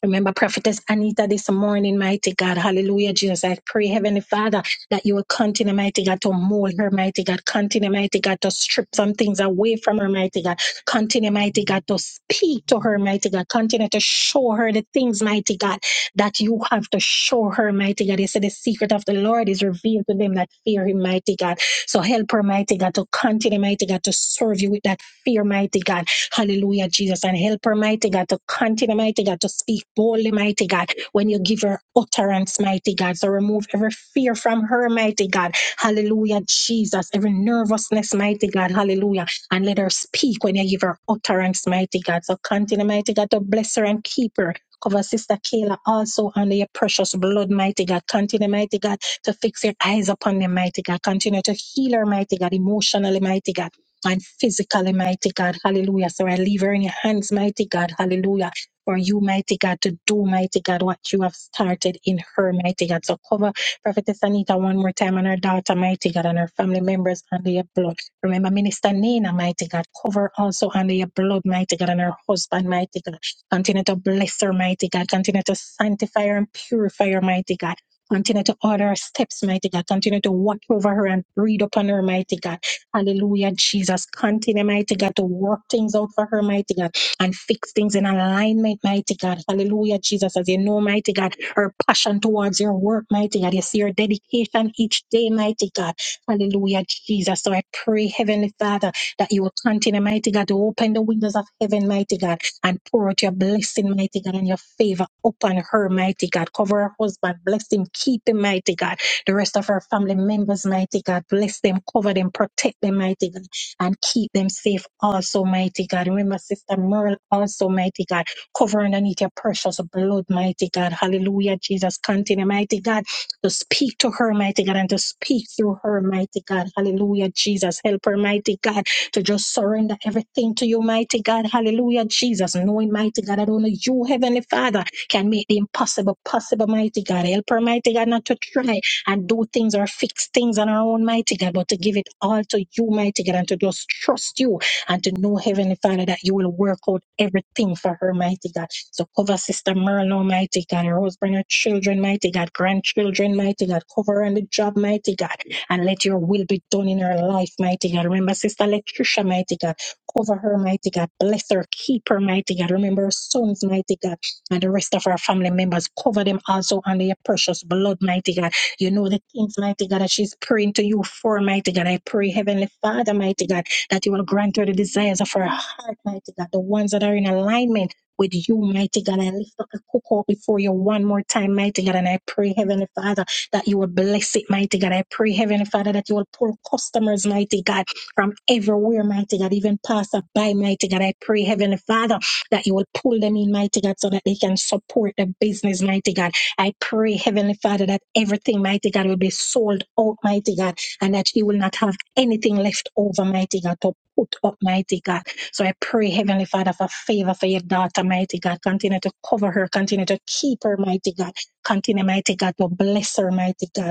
A: Remember Prophetess Anita this morning, mighty God. Hallelujah, Jesus. I pray, Heavenly Father, that you will continue, mighty God, to mold her, mighty God. Continue, mighty God, to strip some things away from her, mighty God. Continue, mighty God, to speak to her, mighty God. Continue to show her the things, mighty God, that you have to show her, mighty God. You said the secret of the Lord is revealed to them that fear him, mighty God. So help her, mighty God, to continue, mighty God, to serve you with that fear, mighty God Hallelujah, Jesus. And help her, mighty God, to continue, mighty God, to speak boldly, mighty God, when you give her utterance, mighty God. So remove every fear from her, mighty God. Hallelujah, Jesus. Every nervousness, mighty God. Hallelujah. And let her speak when you give her utterance, mighty God. So continue, mighty God, to bless her and keep her. Cover Sister Kayla also under your precious blood, mighty God. Continue, mighty God, to fix your eyes upon them, mighty God. Continue to heal her, mighty God, emotionally, mighty God and physically, mighty God. Hallelujah. So I leave her in your hands, mighty God. Hallelujah. For you, mighty God, to do, mighty God, what you have started in her, mighty God. So cover Prophetess Anita one more time and her daughter, mighty God, and her family members under your blood. Remember, Minister Nina, mighty God, cover also under your blood, mighty God, and her husband, mighty God. Continue to bless her, mighty God. Continue to sanctify her and purify her, mighty God. Continue to order her steps, mighty God. Continue to watch over her and breathe upon her, mighty God. Hallelujah, Jesus. Continue, mighty God, to work things out for her, mighty God, and fix things in alignment, mighty God. Hallelujah, Jesus. As you know, mighty God, her passion towards your work, mighty God. You see her dedication each day, mighty God. Hallelujah, Jesus. So I pray, Heavenly Father, that you will continue, mighty God, to open the windows of heaven, mighty God, and pour out your blessing, mighty God, and your favor upon her, mighty God. Cover her husband, bless him, keep him, mighty God. The rest of our family members, mighty God, bless them, cover them, protect them, mighty God, and keep them safe also, mighty God. Remember, Sister Merle, also, mighty God, cover underneath your precious blood, mighty God. Hallelujah, Jesus. Continue, mighty God, to speak to her, mighty God, and to speak through her, mighty God. Hallelujah, Jesus. Help her, mighty God, to just surrender everything to you, mighty God. Hallelujah, Jesus. Knowing, mighty God, that only you, Heavenly Father, can make the impossible possible, mighty God. Help her, mighty God, not to try and do things or fix things on our own, mighty God, but to give it all to you, mighty God, and to just trust you and to know, Heavenly Father, that you will work out everything for her, mighty God. So cover Sister Merlo, mighty God, her husband, her children, mighty God, grandchildren, mighty God, cover her on the job, mighty God, and let your will be done in her life, mighty God. Remember, Sister Letricia, mighty God, cover her, mighty God, bless her, keep her, mighty God. Remember her sons, mighty God, and the rest of our family members, cover them also under your precious blood, mighty God you know the things, mighty God, that she's praying to you for, mighty God. I pray, Heavenly Father, mighty God, that you will grant her the desires of her heart, mighty God, the ones that are in alignment. With you, mighty God, I lift up a cook before you one more time, mighty God, and I pray, Heavenly Father, that you will bless it, mighty God. I pray, Heavenly Father, that you will pull customers, mighty God, from everywhere, mighty God, even passer by, mighty God. I pray, Heavenly Father, that you will pull them in, mighty God, so that they can support the business, mighty God. I pray, Heavenly Father, that everything, mighty God, will be sold out, mighty God, and that she will not have anything left over, mighty God, to put up, mighty God. So I pray, Heavenly Father, for favor for your daughter, mighty God. Continue to cover her, continue to keep her, mighty God. Continue, mighty God, to bless her, mighty God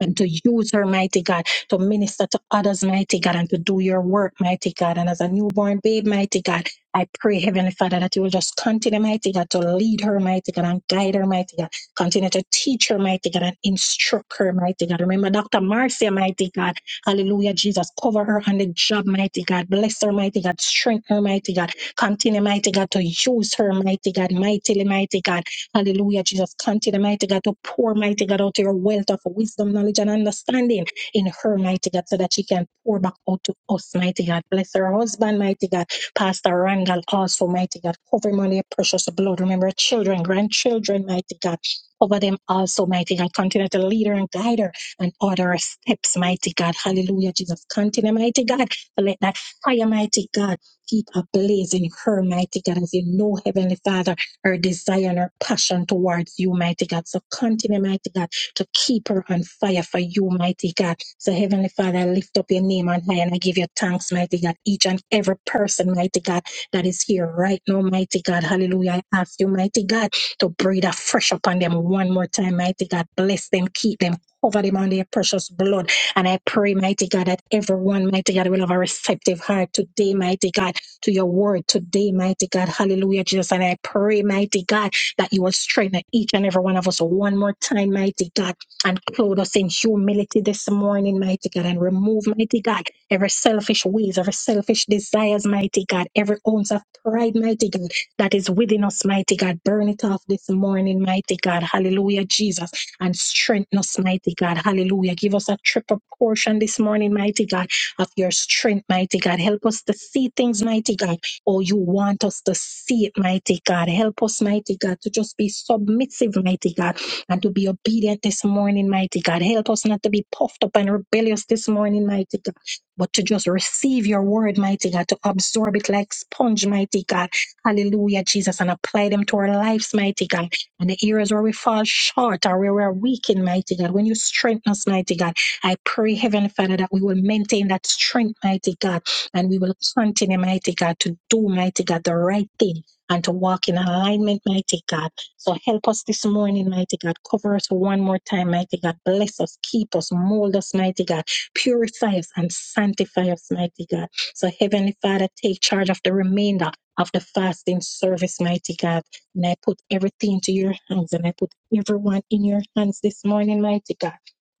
A: and to use her, mighty God, to minister to others, mighty God, and to do your work, mighty God. And as a newborn babe, mighty God, I pray, Heavenly Father, that you will just continue, mighty God, to lead her, mighty God, and guide her, mighty God. Continue to teach her, mighty God, and instruct her, mighty God. Remember Dr. Marcia, mighty God. Hallelujah, Jesus. Cover her on the job, mighty God. Bless her, mighty God. Strengthen her, mighty God. Continue, mighty God, to use her, mighty God, mightily, mighty God. Hallelujah, Jesus. Continue, mighty God, to pour, mighty God, out your wealth of wisdom, knowledge, and understanding in her, mighty God, so that she can pour back out to us, mighty God. Bless her husband, mighty God. Pastor Randall, also, mighty God. Cover him under your precious blood. Remember, her children, grandchildren, mighty God. Over them also, mighty God. Continue to lead her and guide her and order her steps, mighty God. Hallelujah, Jesus. Continue, mighty God. to Let that fire, mighty God, keep ablaze in her, mighty God, as you know, Heavenly Father her desire and her passion towards you, mighty God. So continue, mighty God, to keep her on fire for you, mighty God. So Heavenly Father, I lift up your name on high and I give you thanks, mighty God. Each and every person, mighty God, that is here right now, mighty God. Hallelujah. I ask you, mighty God, to breathe afresh upon them one more time, mighty God. Bless them, keep them, cover them under your precious blood. And I pray, mighty God, that everyone, mighty God, will have a receptive heart today, mighty God to your word today, mighty God. Hallelujah, Jesus. And I pray, mighty God, that you will strengthen each and every one of us one more time, mighty God, and clothe us in humility this morning, mighty God, and remove, mighty God, every selfish ways, every selfish desires, mighty God, every ounce of pride, mighty God, that is within us, mighty God. Burn it off this morning, mighty God. Hallelujah, Jesus. And strengthen us, mighty God. Hallelujah. Give us a triple portion this morning, mighty God of your strength, mighty God. Help us to see things, mighty God. Oh, you want us to see it, mighty God. Help us, mighty God, to just be submissive, mighty God, and to be obedient this morning, mighty God. Help us not to be puffed up and rebellious this morning, mighty God. But to just receive your word, mighty God, to absorb it like sponge, mighty God. Hallelujah, Jesus, and apply them to our lives, mighty God. And the areas where we fall short or where we're weak in, mighty God, when you strengthen us, mighty God. I pray, Heavenly Father, that we will maintain that strength, mighty God, and we will continue, mighty God, to do, mighty God, the right thing and to walk in alignment, mighty God. So help us this morning, mighty God. Cover us one more time, mighty God. Bless us, keep us, mold us, mighty God. Purify us and sanctify us, mighty God. So, Heavenly Father, take charge of the remainder of the fasting service, mighty God. And I put everything into your hands and I put everyone in your hands this morning, mighty God.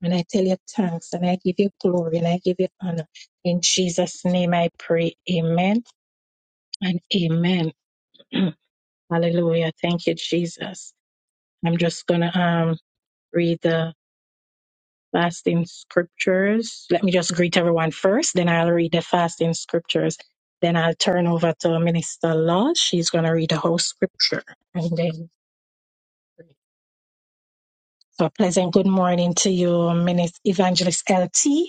A: And I tell you thanks and I give you glory and I give you honor. In Jesus' name I pray. Amen and amen. Hallelujah. Thank you, Jesus. I'm just going to um, read the fasting scriptures. Let me just greet everyone first, then I'll read the fasting scriptures. Then I'll turn over to Minister Law. She's going to read the whole scripture. And then, so pleasant good morning to you, Minister Evangelist LT.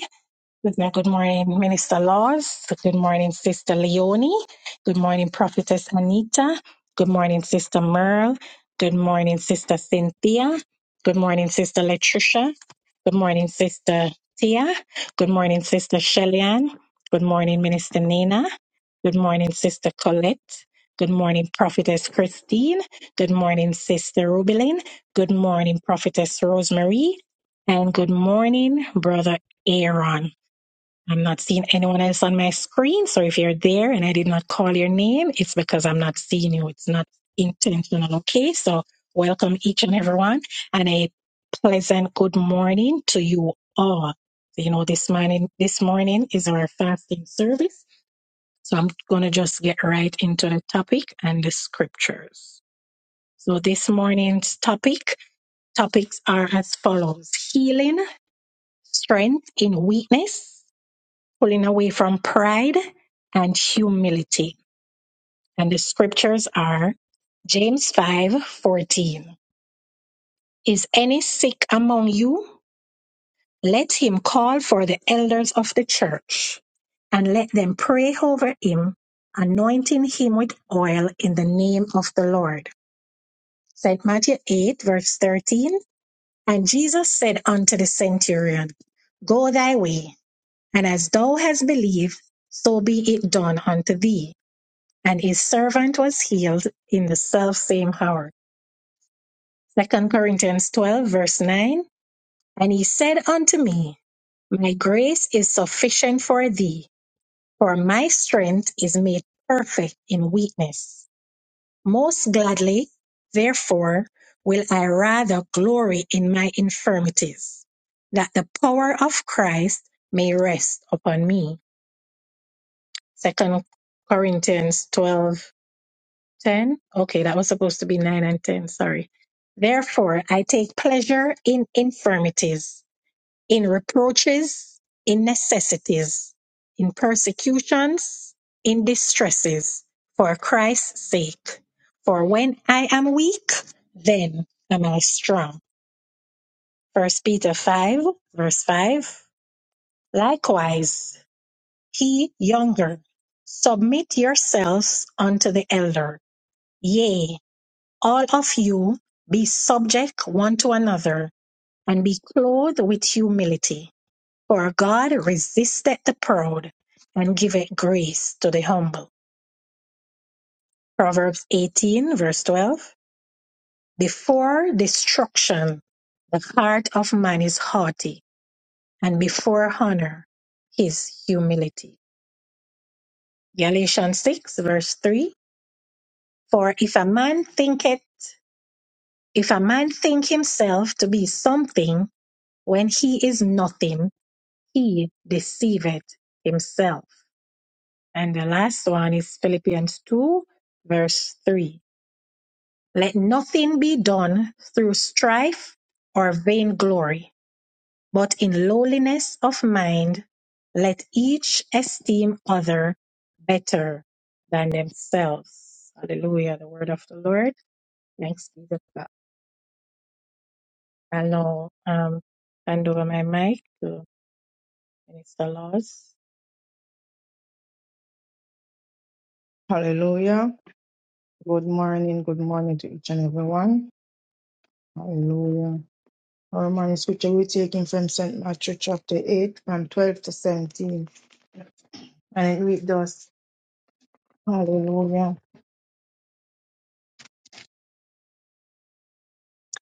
A: Good morning, Minister Laws. Good morning, Sister Leonie. Good morning, Prophetess Anita. Good morning, Sister Merle. Good morning, Sister Cynthia. Good morning, Sister Latricia. Good morning, Sister Tia. Good morning, Sister Shellyan. Good morning, Minister Nina. Good morning, Sister Colette. Good morning, Prophetess Christine. Good morning, Sister Rubelin. Good morning, Prophetess Rosemary. And good morning, Brother Aaron. I'm not seeing anyone else on my screen. So if you're there and I did not call your name, it's because I'm not seeing you. It's not intentional. Okay. So welcome each and everyone and a pleasant good morning to you all. You know, this morning, this morning is our fasting service. So I'm going to just get right into the topic and the scriptures. So this morning's topic, topics are as follows. Healing, strength in weakness, pulling away from pride and humility. And the scriptures are James 5 14. Is any sick among you? Let him call for the elders of the church and let them pray over him, anointing him with oil in the name of the Lord. St. Matthew 8, verse 13. And Jesus said unto the centurion, Go thy way, and as thou hast believed, so be it done unto thee and his servant was healed in the selfsame hour. Second Corinthians 12, verse 9. And he said unto me, My grace is sufficient for thee, for my strength is made perfect in weakness. Most gladly, therefore, will I rather glory in my infirmities, that the power of Christ may rest upon me. Second Corinthians twelve. 10? Okay, that was supposed to be 9 and 10. Sorry. Therefore, I take pleasure in infirmities, in reproaches, in necessities, in persecutions, in distresses, for Christ's sake. For when I am weak, then am I strong. First Peter 5, verse 5. Likewise, he younger, submit yourselves unto the elder. Yea, all of you be subject one to another and be clothed with humility. For God resisteth the proud and giveth grace to the humble. Proverbs 18 verse 12. Before destruction, the heart of man is haughty and before honor, his humility. Galatians 6 verse 3. For if a man thinketh, if a man think himself to be something when he is nothing, he deceiveth himself. And the last one is Philippians 2, verse 3. Let nothing be done through strife or vainglory, but in lowliness of mind, let each esteem other better than themselves. Hallelujah, the word of the Lord. Thanks be to God. I'll now um, hand over my mic to Minister Laws.
B: Hallelujah. Good morning. Good morning to each and everyone. Hallelujah. Our morning scripture we're taking from St. Matthew chapter 8, from 12 to 17. And it reads thus Hallelujah.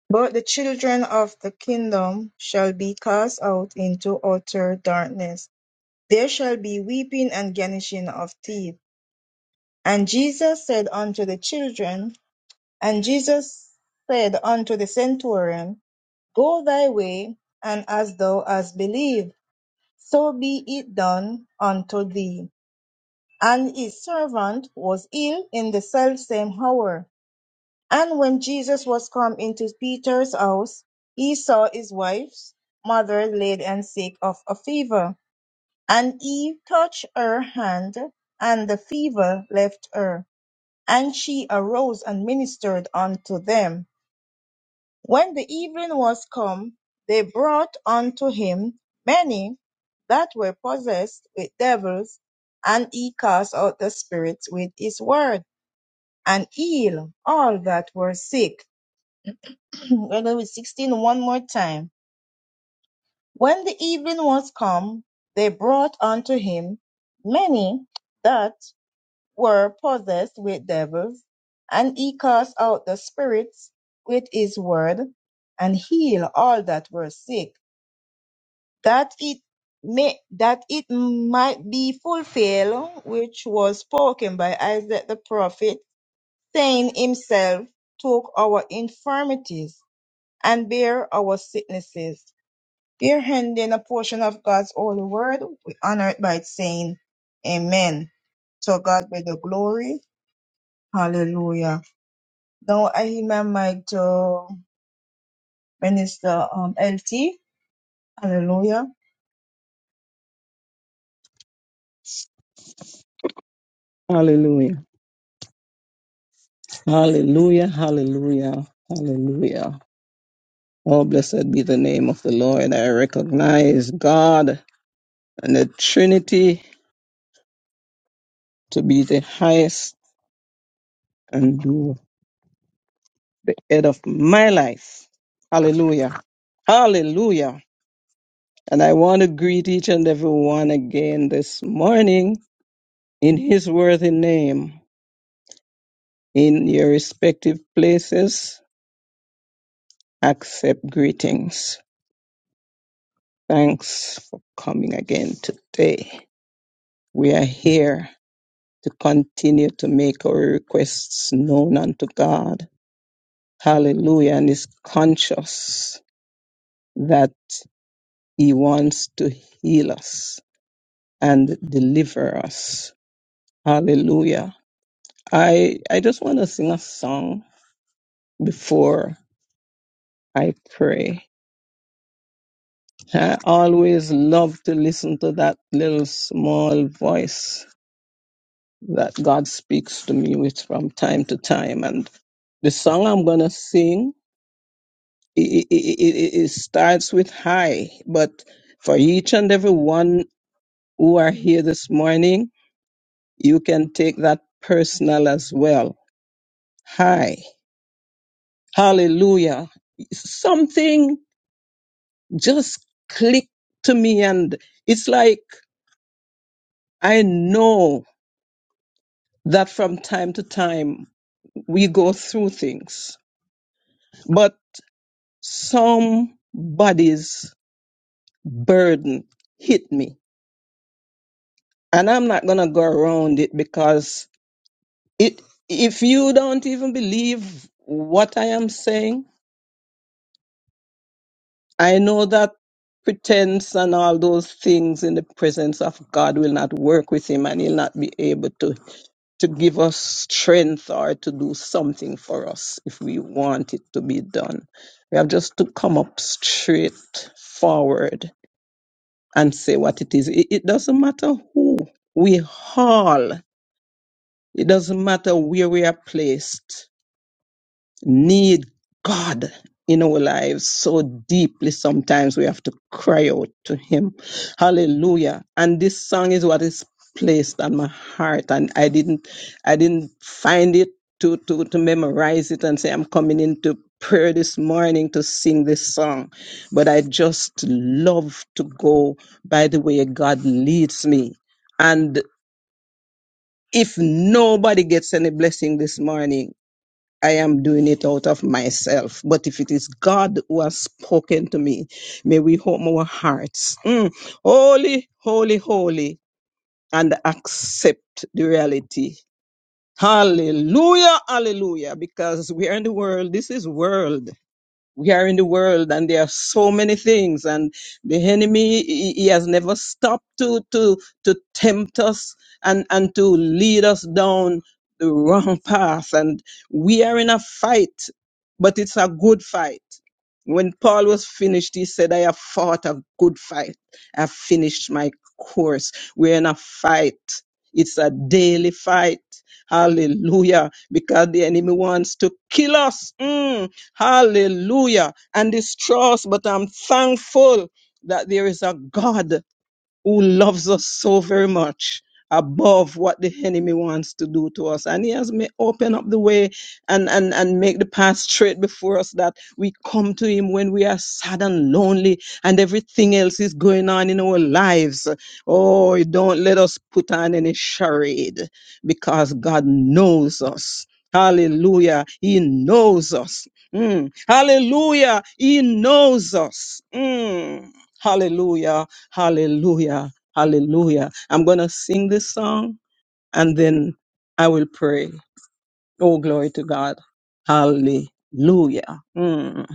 B: But the children of the kingdom shall be cast out into utter darkness. There shall be weeping and gnashing of teeth. And Jesus said unto the children, and Jesus said unto the centurion, Go thy way, and as thou hast believed So be it done unto thee. And his servant was ill in the selfsame hour. And when Jesus was come into Peter's house, he saw his wife's mother laid and sick of a fever. And he touched her hand, and the fever left her. And she arose and ministered unto them. When the evening was come, they brought unto him many that were possessed with devils, and he cast out the spirits with his word, and healed all that were sick. We're going with sixteen one more time. When the evening was come, they brought unto him many that were possessed with devils, and he cast out the spirits with his word, and healed all that were sick that it may that it might be fulfilled which was spoken by Isaiah the prophet, saying himself took our infirmities and bare our sicknesses. Here handing a portion of God's holy word, we honor it by saying Amen. So God be the glory. Hallelujah. Now I hear my mic to Minister um, LT. Hallelujah.
C: Hallelujah. Hallelujah. Hallelujah. Hallelujah. Oh, blessed be the name of the Lord. I recognize God and the Trinity to be the highest and the head of my life. Hallelujah. Hallelujah. And I want to greet each and every one again this morning in his worthy name. In your respective places, accept greetings. Thanks for coming again today. We are here to continue to make our requests known unto God. Hallelujah. And is conscious that He wants to heal us and deliver us. Hallelujah. I, I just want to sing a song before I pray. I always love to listen to that little small voice that God speaks to me with from time to time. And the song I'm going to sing it, it, it, it starts with high, but for each and every one who are here this morning, you can take that personal as well. Hi, hallelujah. Something just clicked to me, and it's like I know that from time to time we go through things, but somebody's burden hit me. And I'm not going to go around it because It, if you don't even believe what I am saying, I know that pretense and all those things in the presence of God will not work with him and he'll not be able to, to give us strength or to do something for us if we want it to be done. We have just to come up straight forward and say what it is. It, it doesn't matter who we haul. it doesn't matter where we are placed need God in our lives so deeply. Sometimes we have to cry out to Him. Hallelujah. And this song is what is placed on my heart. And I didn't I didn't find it to to, to memorize it and say I'm coming into prayer this morning to sing this song. But I just love to go by the way God leads me. And if nobody gets any blessing this morning, I am doing it out of myself. But if it is God who has spoken to me, may we open our hearts. Mm. Holy, holy, holy, and accept the reality. Hallelujah, hallelujah, because we are in the world. This is world we are in the world and there are so many things and the enemy he he has never stopped to to to tempt us and and to lead us down the wrong path and we are in a fight but it's a good fight when paul was finished he said i have fought a good fight i've finished my course we're in a fight it's a daily fight hallelujah because the enemy wants to kill us Mm Hallelujah. And distrust, but I'm thankful that there is a God who loves us so very much above what the enemy wants to do to us and he has may open up the way and and and make the path straight before us that we come to him when we are sad and lonely and everything else is going on in our lives oh don't let us put on any charade because god knows us hallelujah he knows us Mm. hallelujah he knows us Mm. hallelujah Hallelujah. Hallelujah. I'm going to sing this song and then I will pray. Oh, glory to God. Hallelujah. Mm.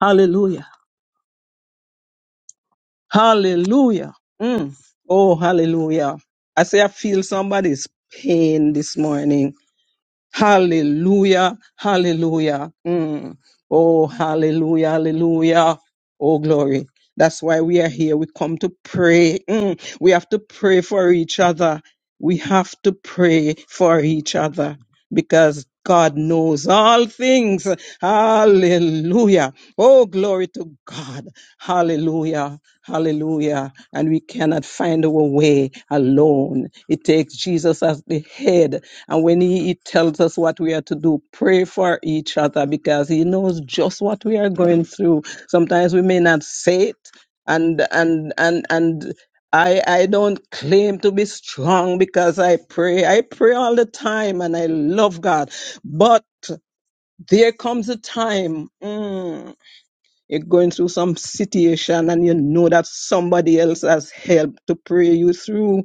C: Hallelujah. Hallelujah. Mm. Oh, hallelujah. I say I feel somebody's pain this morning. Hallelujah. Hallelujah. Mm. Oh, hallelujah. Hallelujah. Oh, glory. That's why we are here. We come to pray. Mm. We have to pray for each other. We have to pray for each other because God knows all things. Hallelujah. Oh, glory to God. Hallelujah. Hallelujah. And we cannot find our way alone. It takes Jesus as the head. And when he, he tells us what we are to do, pray for each other because he knows just what we are going through. Sometimes we may not say it. And and and and I, I don't claim to be strong because I pray. I pray all the time and I love God. But there comes a time. mm, you're going through some situation and you know that somebody else has helped to pray you through.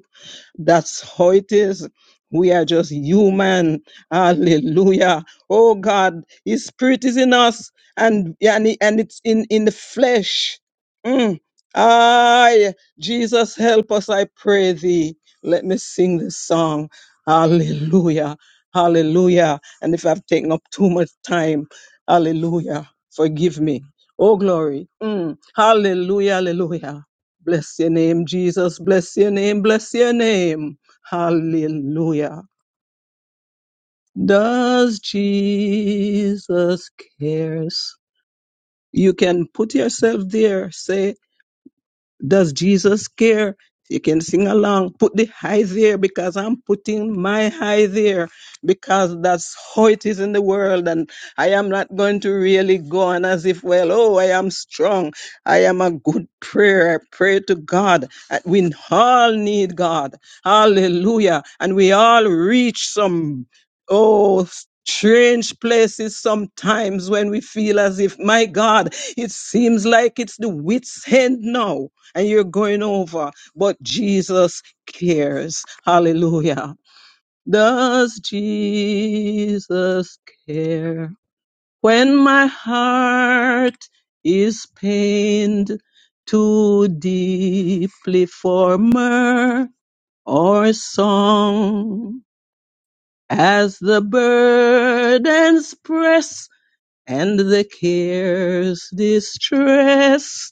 C: That's how it is. We are just human. Hallelujah. Oh God, His Spirit is in us and, and, it- and it's in, in the flesh. Mm. Aye, Jesus, help us, I pray thee. Let me sing this song. Hallelujah. Hallelujah. And if I've taken up too much time, hallelujah, forgive me. Oh, glory. Mm. Hallelujah, hallelujah. Bless your name, Jesus. Bless your name, bless your name. Hallelujah. Does Jesus cares? You can put yourself there. Say, Does Jesus care? You can sing along. Put the high there because I'm putting my high there because that's how it is in the world. And I am not going to really go on as if, well, oh, I am strong. I am a good prayer. I pray to God. Uh, We all need God. Hallelujah. And we all reach some, oh, strange places sometimes when we feel as if, my God, it seems like it's the wit's end now and you're going over, but Jesus cares. Hallelujah. Does Jesus care? When my heart is pained too deeply for mirth or song, as the burdens press and the cares distress,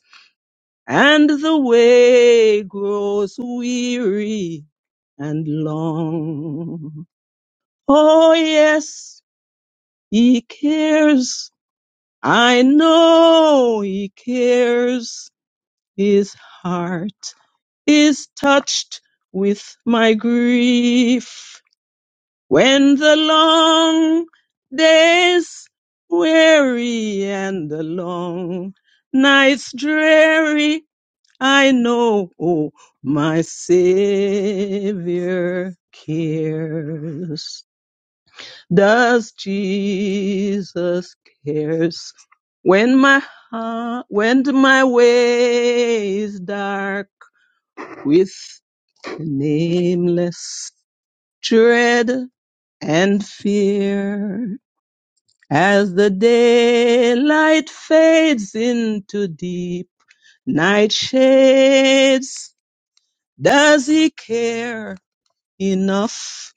C: and the way grows weary and long. Oh yes, he cares. I know he cares. His heart is touched with my grief. When the long days weary and the long nights dreary I know oh, my Savior cares. Does Jesus cares? When my heart, when my way is dark with nameless dread and fear, as the daylight fades into deep night shades, does he care? enough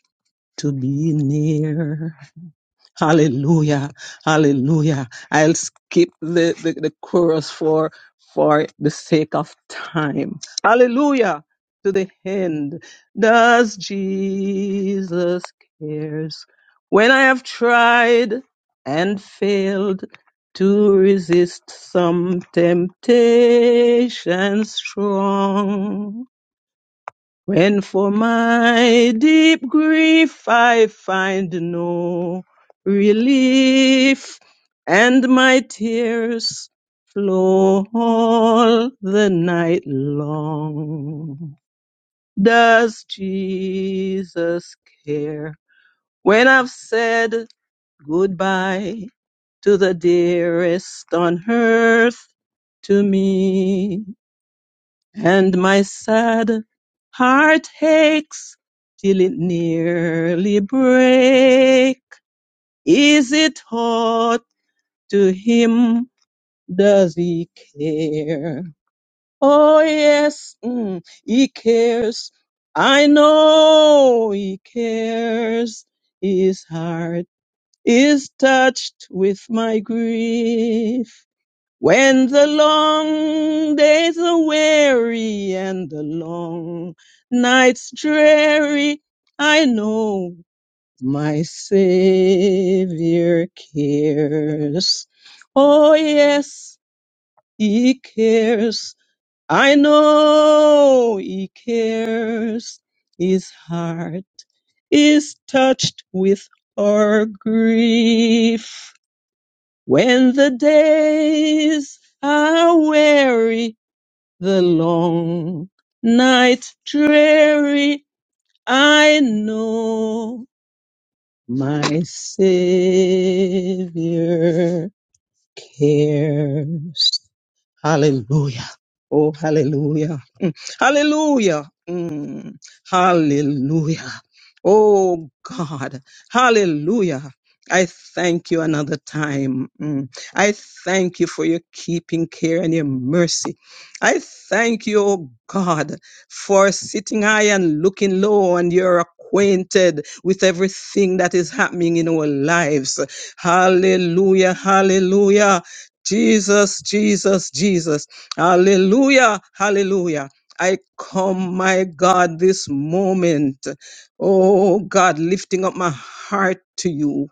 C: to be near. Hallelujah. Hallelujah. I'll skip the, the, the chorus for for the sake of time. Hallelujah. To the end. Does Jesus cares? When I have tried and failed to resist some temptation strong. When for my deep grief I find no relief, and my tears flow all the night long. Does Jesus care? When I've said goodbye to the dearest on earth to me, and my sad heart aches till it nearly break. Is it aught to him? Does he care? Oh yes, mm, he cares. I know he cares. His heart is touched with my grief. When the long days are weary and the long nights dreary, I know my Savior cares. Oh yes, He cares. I know He cares. His heart is touched with our grief. When the days are weary the long night dreary, I know my Savior cares. Hallelujah. Oh, hallelujah. Mm. Hallelujah. Mm. Hallelujah. Oh, God. Hallelujah. I thank you another time. Mm. I thank you for your keeping care and your mercy. I thank you, oh God, for sitting high and looking low, and you're acquainted with everything that is happening in our lives. Hallelujah, hallelujah. Jesus, Jesus, Jesus. Hallelujah, hallelujah. I come, my God, this moment. Oh, God, lifting up my heart to you.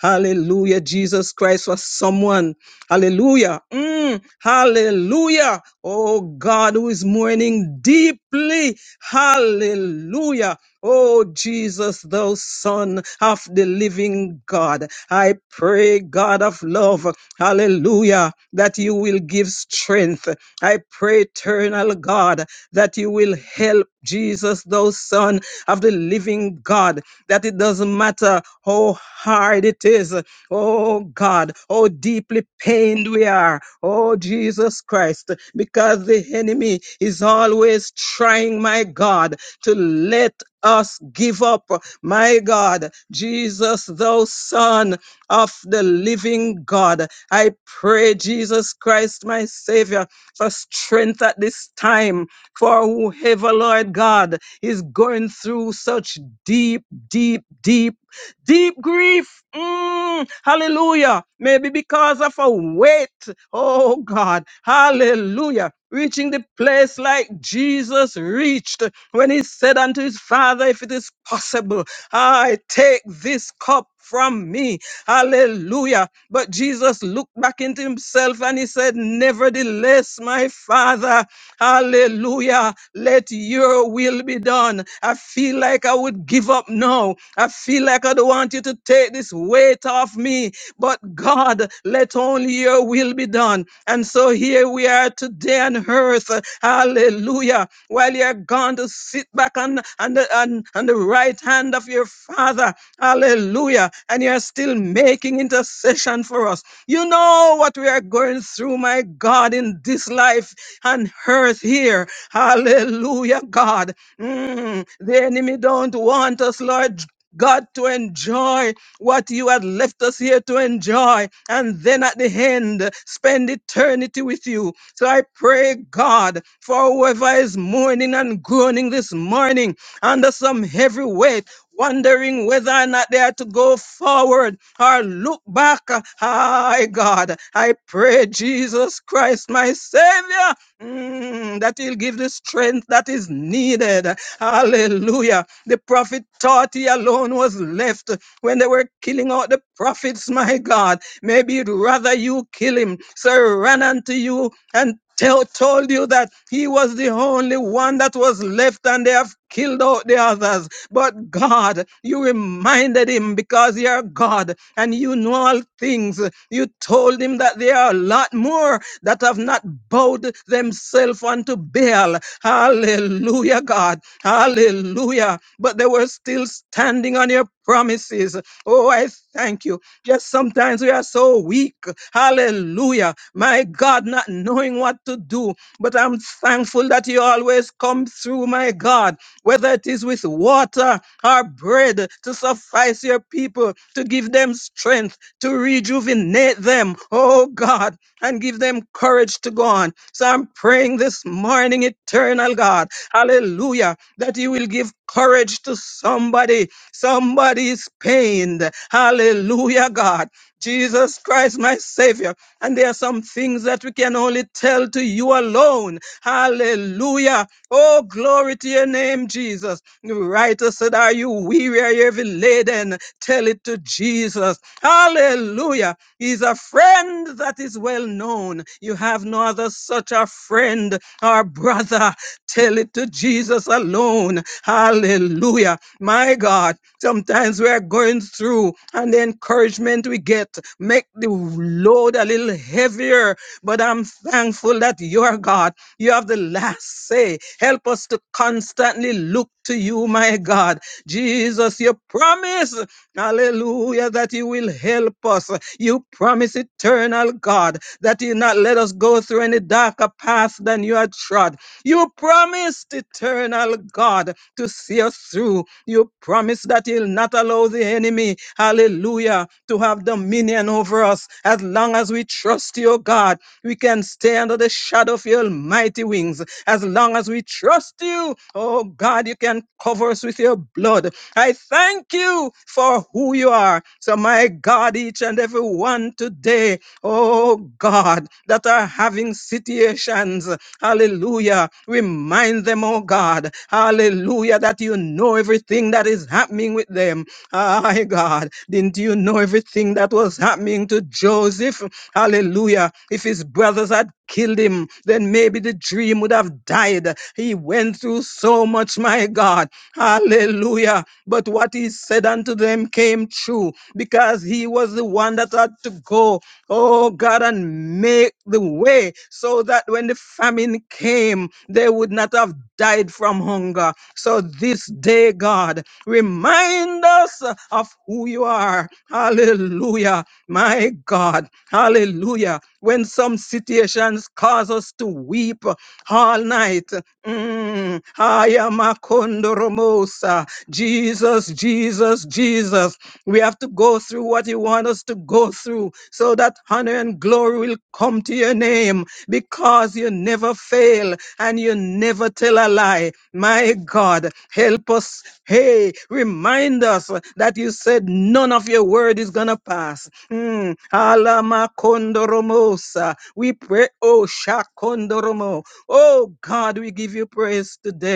C: Hallelujah, Jesus Christ was someone. Hallelujah. Mm, hallelujah. Oh, God, who is mourning deeply. Hallelujah. Oh, Jesus, thou son of the living God. I pray, God of love. Hallelujah. That you will give strength. I pray, eternal God, that you will help Jesus, thou Son of the living God, that it doesn't matter how hard it is, oh God, how deeply pained we are, oh Jesus Christ, because the enemy is always trying, my God, to let us give up, my God, Jesus, thou Son of the living God. I pray, Jesus Christ, my Savior, for strength at this time for whoever, Lord God, is going through such deep, deep, deep, deep grief. Mm, hallelujah. Maybe because of a weight. Oh God. Hallelujah. Reaching the place like Jesus reached when he said unto his father, If it is possible, I take this cup from me. Hallelujah. But Jesus looked back into himself and he said, Nevertheless, my father, hallelujah, let your will be done. I feel like I would give up now. I feel like I don't want you to take this this weight off me. But God, let only your will be done. And so here we are today on earth. Hallelujah. While you're gone to sit back on, on, the, on, on the right hand of your Father. Hallelujah. And you're still making intercession for us. You know what we are going through, my God, in this life and earth here. Hallelujah, God. Mm, the enemy don't want us, Lord God, to enjoy what you had left us here to enjoy, and then at the end, spend eternity with you. So I pray, God, for whoever is mourning and groaning this morning under some heavy weight. Wondering whether or not they are to go forward or look back. Hi, God. I pray, Jesus Christ, my Savior. Mm, that he'll give the strength that is needed. Hallelujah. The prophet thought he alone was left when they were killing out the prophets, my God. Maybe you'd rather you kill him. So ran unto you and tell, told you that he was the only one that was left and they have killed out the others. But God, you reminded him because you're God and you know all things. You told him that there are a lot more that have not bowed themselves unto Baal. Hallelujah, God. Hallelujah. But they were still standing on your promises. Oh, I thank you. Just sometimes we are so weak. Hallelujah. My God, not knowing what to do. But I'm thankful that you always come through, my God whether it is with water or bread to suffice your people, to give them strength, to rejuvenate them, oh God, and give them courage to go on. So I'm praying this morning, eternal God, hallelujah, that you will give courage to somebody. Somebody is pained. Hallelujah, God. Jesus Christ, my Savior. And there are some things that we can only tell to you alone. Hallelujah. Oh, glory to your name, name, Jesus. Righteous said, Are you weary? Are you heavy laden? Tell it to Jesus. Hallelujah. He's a friend that is well known. You have no other such a friend or brother. Tell it to Jesus alone. Hallelujah. My God, sometimes we are going through, and the encouragement we get make the load a little heavier. But I'm thankful that you're God. You have the last say. Help us to constantly look to you, my God. Jesus, you promise, hallelujah, that you will help us. You promise, eternal God, that you not let us go through any darker path than you had trod. You promised, eternal God, to see us through. You promise that you'll not allow the enemy, hallelujah, to have dominion over us. As long as we trust you, God, we can stay under the shadow of your mighty wings. As long as we trust you, oh God, you can cover us with your blood. I thank you for who you are. So, my God, each and every one today, Oh God, that are having situations. Hallelujah. Remind them, oh God. Hallelujah, that you know everything that is happening with them. My God, didn't you know everything that was happening to Joseph? Hallelujah. If his brothers had killed him, then maybe the dream would have died. He went through so much, my God. Hallelujah. But what he said unto them came true because he was the one that had to go, oh God, and make the way so that when the famine came, they would not have died from hunger hunger. So this day, God, remind us of who you are. Hallelujah. My God. Hallelujah. When some situations cause us to weep all night. Mm. Ayamakondoramosa. Jesus, Jesus, Jesus. We have to go through what you want us to go through so that honor and glory will come to your name because you never fail and you never tell a lie. My God, help us. Hey, remind us that you said none of your word is going to pass. Mm. Alamakondoromosa. We pray, oh, Shakondoromo. Oh, God, we give you praise today.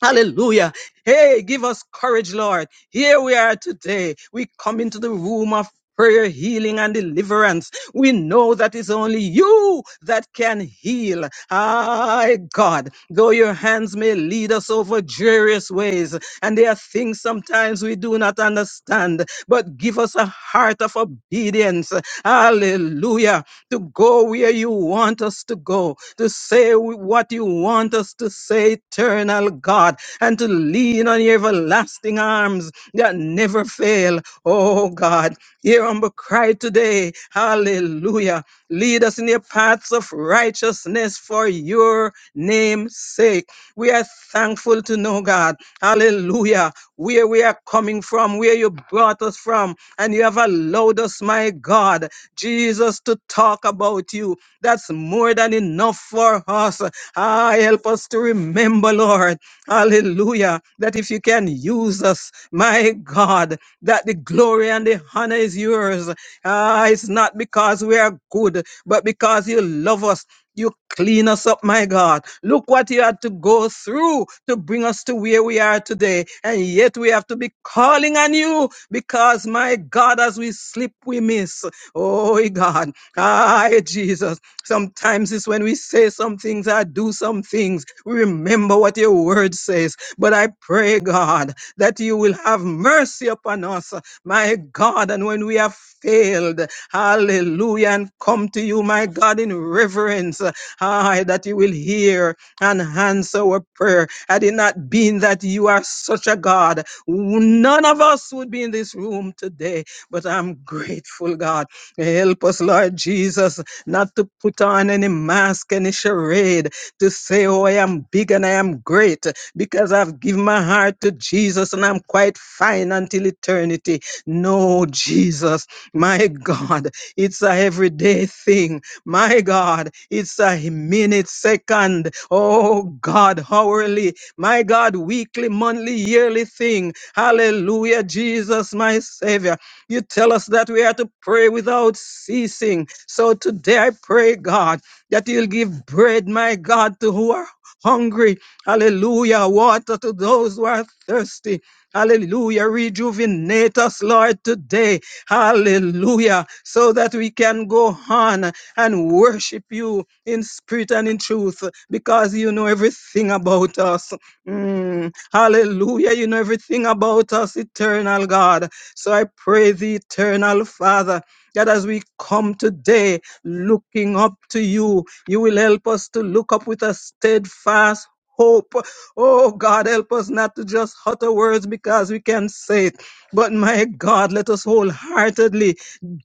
C: Hallelujah. Hey, give us courage, Lord. Here we are today. We come into the room of prayer, healing, and deliverance. We know that it's only you that can heal. Ah, God, though your hands may lead us over various ways, and there are things sometimes we do not understand, but give us a heart of obedience. Hallelujah to go where you want us to go, to say what you want us to say, eternal God, and to lean on your everlasting arms that never fail. Oh God, hear humble cry today. Hallelujah. Lead us in your paths of righteousness for your name's sake. We are thankful to know, God, hallelujah, where we are coming from, where you brought us from, and you have allowed us, my God, Jesus, to talk about you. That's more than enough for us. Ah, help us to remember, Lord, hallelujah, that if you can use us, my God, that the glory and the honor is yours. Ah, it's not because we are good but because you love us, you clean us up, my God. Look what you had to go through to bring us to where we are today. And yet we have to be calling on you because, my God, as we sleep, we miss. Oh, God. Aye, Jesus. Sometimes it's when we say some things or do some things, we remember what your word says. But I pray, God, that you will have mercy upon us my God, and when we have failed, hallelujah, and come to you, my God, in reverence, ah, that you will hear and answer our prayer. Had it not been that you are such a God, none of us would be in this room today, but I'm grateful, God. Help us, Lord Jesus, not to put on any mask, any charade, to say, oh, I am big and I am great, because I've given my heart to Jesus and I'm quite fine until eternity. No, Jesus, my God, it's a everyday thing. My God, it's a minute, second. Oh, God, hourly. My God, weekly, monthly, yearly thing. Hallelujah, Jesus, my Savior. You tell us that we are to pray without ceasing. So today I pray, God, that you'll give bread, my God, to who are hungry. Hallelujah. Water to those who are thirsty. Hallelujah. Rejuvenate us, Lord, today. Hallelujah. So that we can go on and worship you in spirit and in truth because you know everything about us. Mm. Hallelujah. You know everything about us, eternal God. So I pray the eternal Father that as we come today looking up to you, you will help us to look up with a steadfast hope Oh God, help us not to just utter words because we can say it. But my God, let us wholeheartedly,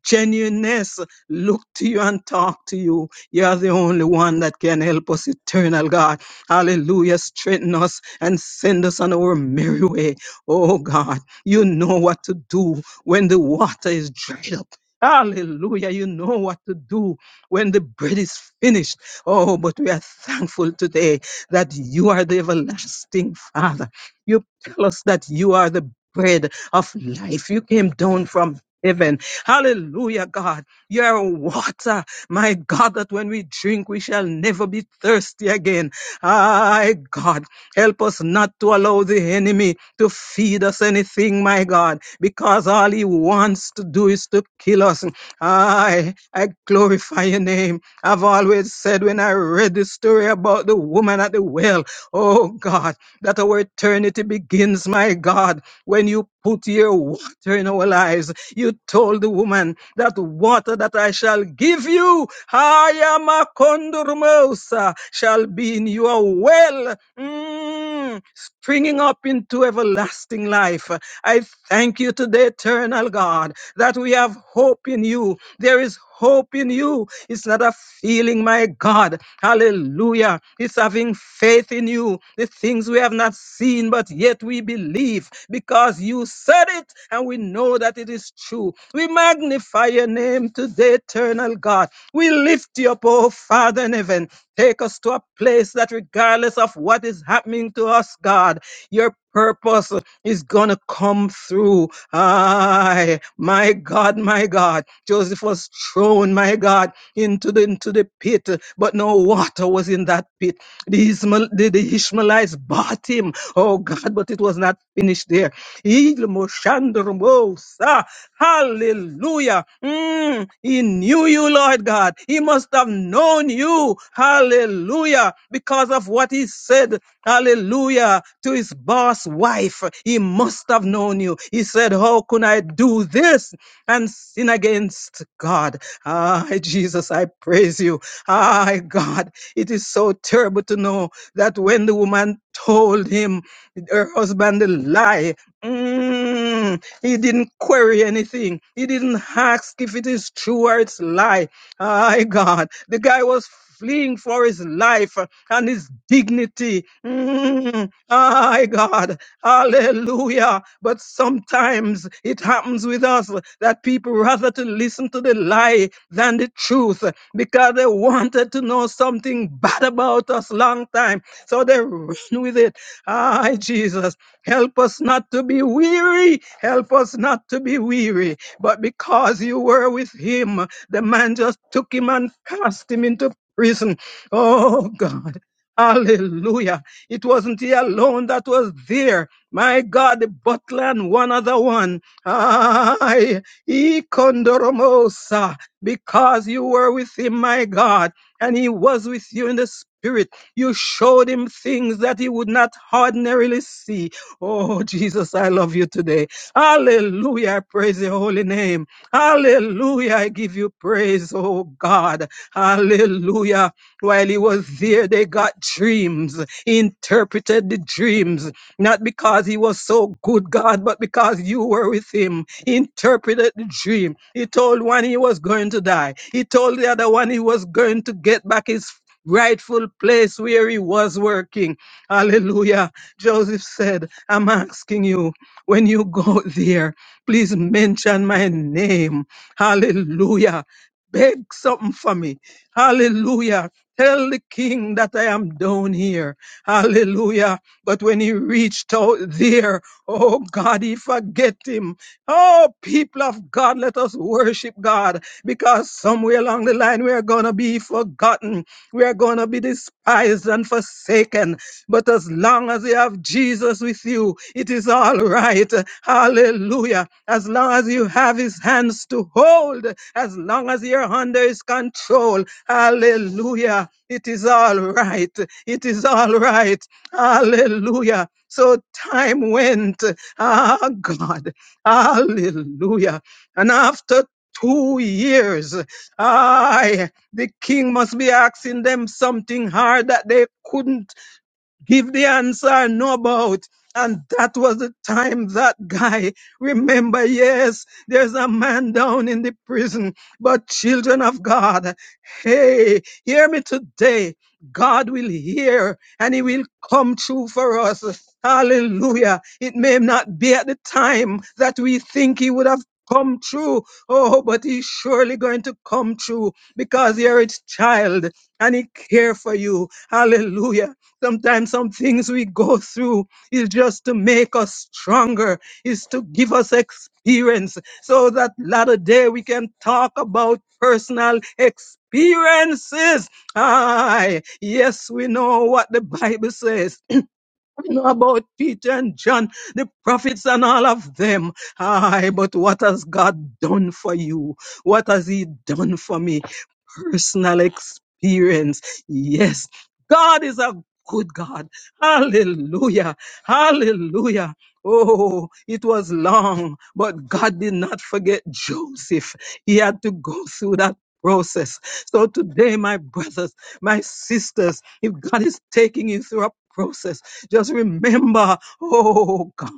C: genuineness, look to you and talk to you. You are the only one that can help us, eternal God. Hallelujah. Straighten us and send us on our merry way. Oh God, you know what to do when the water is dried up. Hallelujah. You know what to do when the bread is finished. Oh, but we are thankful today that you are the everlasting Father. You tell us that you are the bread of life. You came down from heaven. Hallelujah, God. You're water. My God, that when we drink, we shall never be thirsty again. My God, help us not to allow the enemy to feed us anything, my God, because all he wants to do is to kill us. I, I glorify your name. I've always said when I read the story about the woman at the well, Oh God, that our eternity begins, my God, when you put your water in our lives. You told the woman that water that I shall give you, I am a condormosa, shall be in your well. Mm, Mm, springing up into everlasting life. I thank you today, eternal God, that we have hope in you. There is hope in you. It's not a feeling, my God. Hallelujah. It's having faith in you. The things we have not seen, but yet we believe because you said it and we know that it is true. We magnify your name today, eternal God. We lift you up, oh Father in heaven. Take us to a place that, regardless of what is happening to us, God, your purpose is going to come through. Aye, my God, my God. Joseph was thrown, my God, into the, into the pit, but no water was in that pit. The, Ishmael, the, the Ishmaelites bought him. Oh, God, but it was not finished there. Ilmo shandromosa. Hallelujah. Mm, he knew you, Lord God. He must have known you. Hallelujah. Because of what he said. Hallelujah. To his boss wife. He must have known you. He said, How can I do this and sin against God? Ah, Jesus, I praise you. Ah, God. It is so terrible to know that when the woman told him her husband a lie, mm, he didn't query anything. He didn't ask if it is true or it's lie. My God, the guy was fleeing for his life and his dignity. Mm, my God, hallelujah. But sometimes it happens with us that people rather to listen to the lie than the truth because they wanted to know something bad about us long time. So they run with it. Ah, Jesus, help us not to be weary. Help us not to be weary. But because you were with him, the man just took him and cast him into prison Oh God. Hallelujah. It wasn't he alone that was there. My God, the butler and one other one. Ay, Ikondoromosa, because you were with him, my God, and he was with you in the spirit. You showed him things that he would not ordinarily see. Oh, Jesus, I love you today. Hallelujah. I praise your holy name. Hallelujah. I give you praise, oh God. Hallelujah. While he was there, they got dreams, interpreted the dreams, not because he was so good, God, but because you were with him. Interpreted the dream. He told one he was going to die, he told the other one he was going to get back his rightful place where he was working. Hallelujah. Joseph said, I'm asking you, when you go there, please mention my name. Hallelujah. Beg something for me. Hallelujah. Tell the king that I am down here. Hallelujah. But when he reached out there, oh God, he forget him. Oh, people of God, let us worship God because somewhere along the line we are going to be forgotten. We are going to be despised and forsaken. But as long as you have Jesus with you, it is all right. Hallelujah. As long as you have his hands to hold, as long as you're under his control, Hallelujah. It is all right. It is all right. Hallelujah. So time went. Ah, God. Hallelujah. And after two years, I, the king must be asking them something hard that they couldn't give the answer I know about. And that was the time that guy, remember, yes, there's a man down in the prison, but children of God, hey, hear me today. God will hear and he will come true for us. Hallelujah. It may not be at the time that we think he would have come true. Oh, but he's surely going to come true because you're his child and he care for you. Hallelujah. Sometimes some things we go through is just to make us stronger, is to give us experience so that latter day we can talk about personal experiences. Aye, yes, we know what the Bible says. We know about Peter and John, the prophets and all of them. Aye, but what has God done for you? What has He done for me? personal experience. Yes, God is a good God. Hallelujah. Hallelujah. Oh, it was long, but God did not forget Joseph. He had to go through that process. So today, my brothers, my sisters, if God is taking you through a process, just remember, oh God,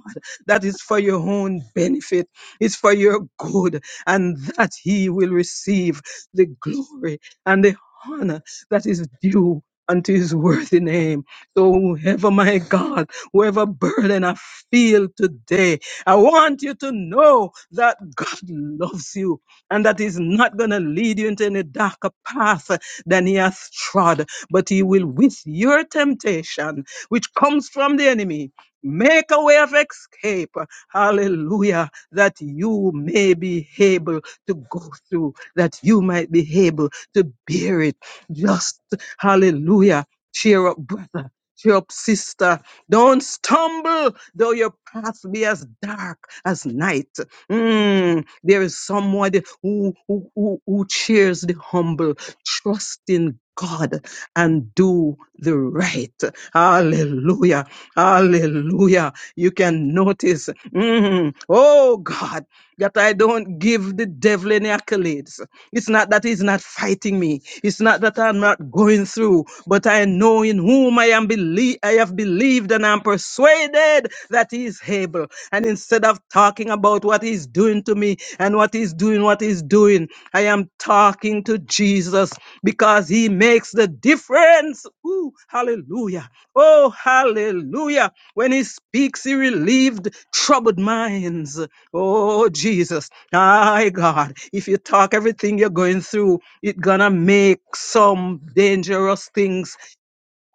C: that is for your own benefit. It's for your good and that he will receive the glory and the honor that is due unto his worthy name. So whoever, my God, whoever burden I feel today, I want you to know that God loves you and that he's not going to lead you into any darker path than he has trod, but he will with your temptation, which comes from the enemy, make a way of escape. Hallelujah. That you may be able to go through that you might be able to bear it. Just hallelujah. Cheer up, brother. Cheer up, sister. Don't stumble, though your path be as dark as night. Mm, there is someone who, who, who, who cheers the humble. Trust in God and do the right. Hallelujah. Hallelujah. You can notice, mm, oh God, that I don't give the devil any accolades. It's not that he's not fighting me. It's not that I'm not going through, but I know in whom I am believe I have believed and I'm persuaded that he is able. And instead of talking about what he's doing to me and what he's doing, what he's doing, I am talking to Jesus because he makes the difference. Ooh, hallelujah. Oh, hallelujah. When he speaks, he relieved troubled minds. Oh, Jesus. My God, if you talk everything you're going through, it's gonna make some dangerous things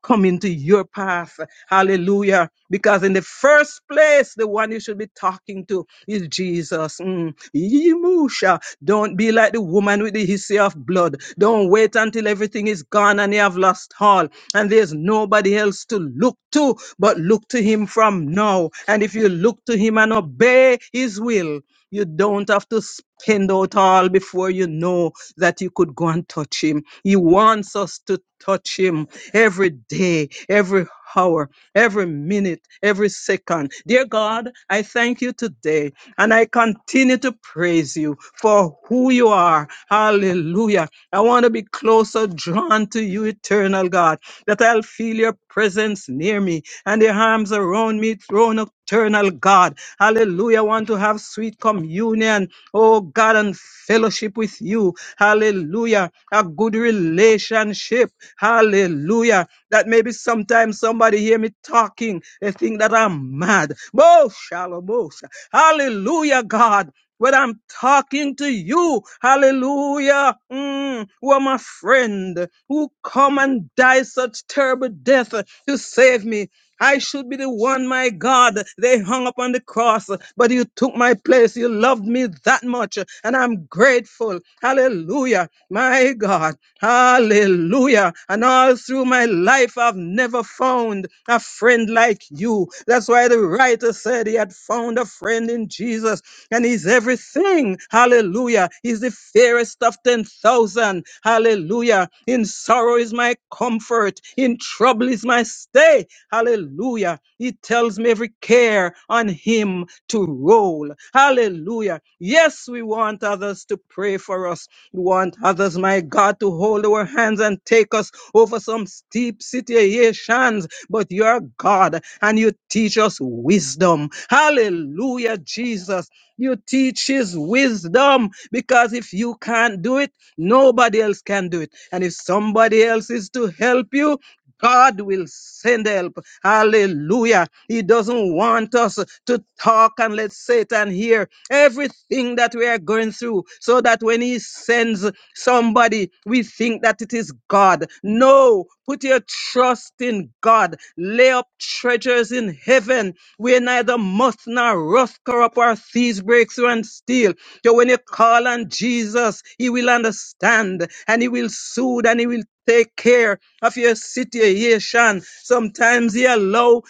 C: come into your path. Hallelujah. Because in the first place, the one you should be talking to is Jesus. Mm. Yimusha. Don't be like the woman with the history of blood. Don't wait until everything is gone and you have lost all and there's nobody else to look to, but look to him from now. And if you look to him and obey his will, you don't have to spend out all before you know that you could go and touch Him. He wants us to touch Him every day, every hour, every minute, every second. Dear God, I thank you today and I continue to praise you for who you are. Hallelujah. I want to be closer drawn to you, eternal God that I'll feel your presence near me and your arms around me, throne of eternal God. Hallelujah. I want to have sweet communion, oh God, and fellowship with you. Hallelujah. A good relationship. Hallelujah. That maybe sometimes somebody hear me talking, they think that I'm mad. Bo shalom. bo sha- Hallelujah, God. When I'm talking to you, hallelujah, mm, who are my friend, who come and die such terrible death to save me. I should be the one, my God, they hung up on the cross, but you took my place. You loved me that much, and I'm grateful. Hallelujah, my God. Hallelujah. And all through my life, I've never found a friend like you. That's why the writer said he had found a friend in Jesus, and he's everything. Hallelujah. He's the fairest of 10,000. Hallelujah. In sorrow is my comfort, in trouble is my stay. Hallelujah. He tells me every care on him to roll. Hallelujah. Yes, we want others to pray for us. We want others, my God, to hold our hands and take us over some steep situations. But you're God and you teach us wisdom. Hallelujah, Jesus. You teach his wisdom because if you can't do it, Nobody else can do it. And if somebody else is to help you, God will send help. Hallelujah. He doesn't want us to talk and let Satan hear everything that we are going through so that when he sends somebody, we think that it is God. No, put your trust in God. Lay up treasures in heaven where neither moth nor rust corrupt or thieves break through makes you unstill. So when you call on Jesus, He will understand and He will soothe and He will take care of your situation. Sometimes He allow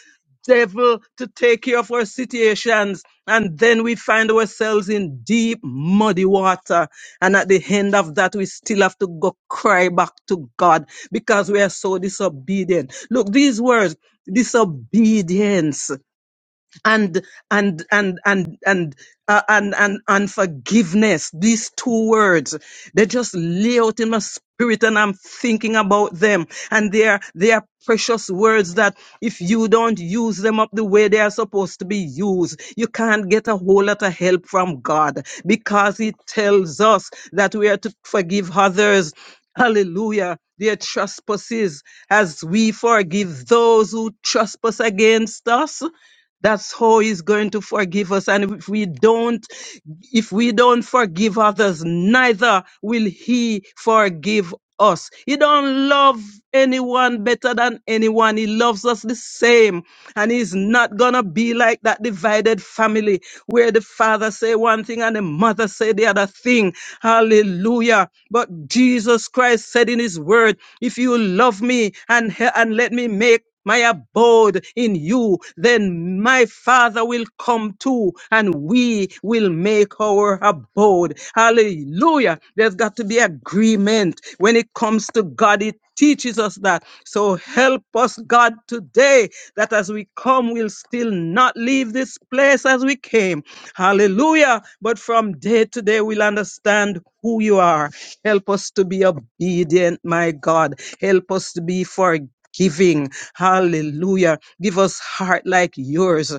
C: devil to take care of our situations and then we find ourselves in deep muddy water and at the end of that we still have to go cry back to god because we are so disobedient look these words disobedience and and and and and uh, and and and forgiveness. These two words they just lay out in my spirit, and I'm thinking about them. And they are they are precious words that if you don't use them up the way they are supposed to be used, you can't get a whole lot of help from God because He tells us that we are to forgive others. Hallelujah. Their trespasses as we forgive those who trespass against us that's how he's going to forgive us. And if we don't, if we don't forgive others, neither will he forgive us. He don't love anyone better than anyone. He loves us the same. And he's not gonna be like that divided family where the father say one thing and the mother say the other thing. Hallelujah. But Jesus Christ said in his word, if you love me and, he- and let me make my abode in you, then my Father will come too, and we will make our abode. Hallelujah. There's got to be agreement when it comes to God. It teaches us that. So help us, God, today that as we come, we'll still not leave this place as we came. Hallelujah. But from day to day, we'll understand who you are. Help us to be obedient, my God. Help us to be forgiving giving. Hallelujah. Give us heart like yours.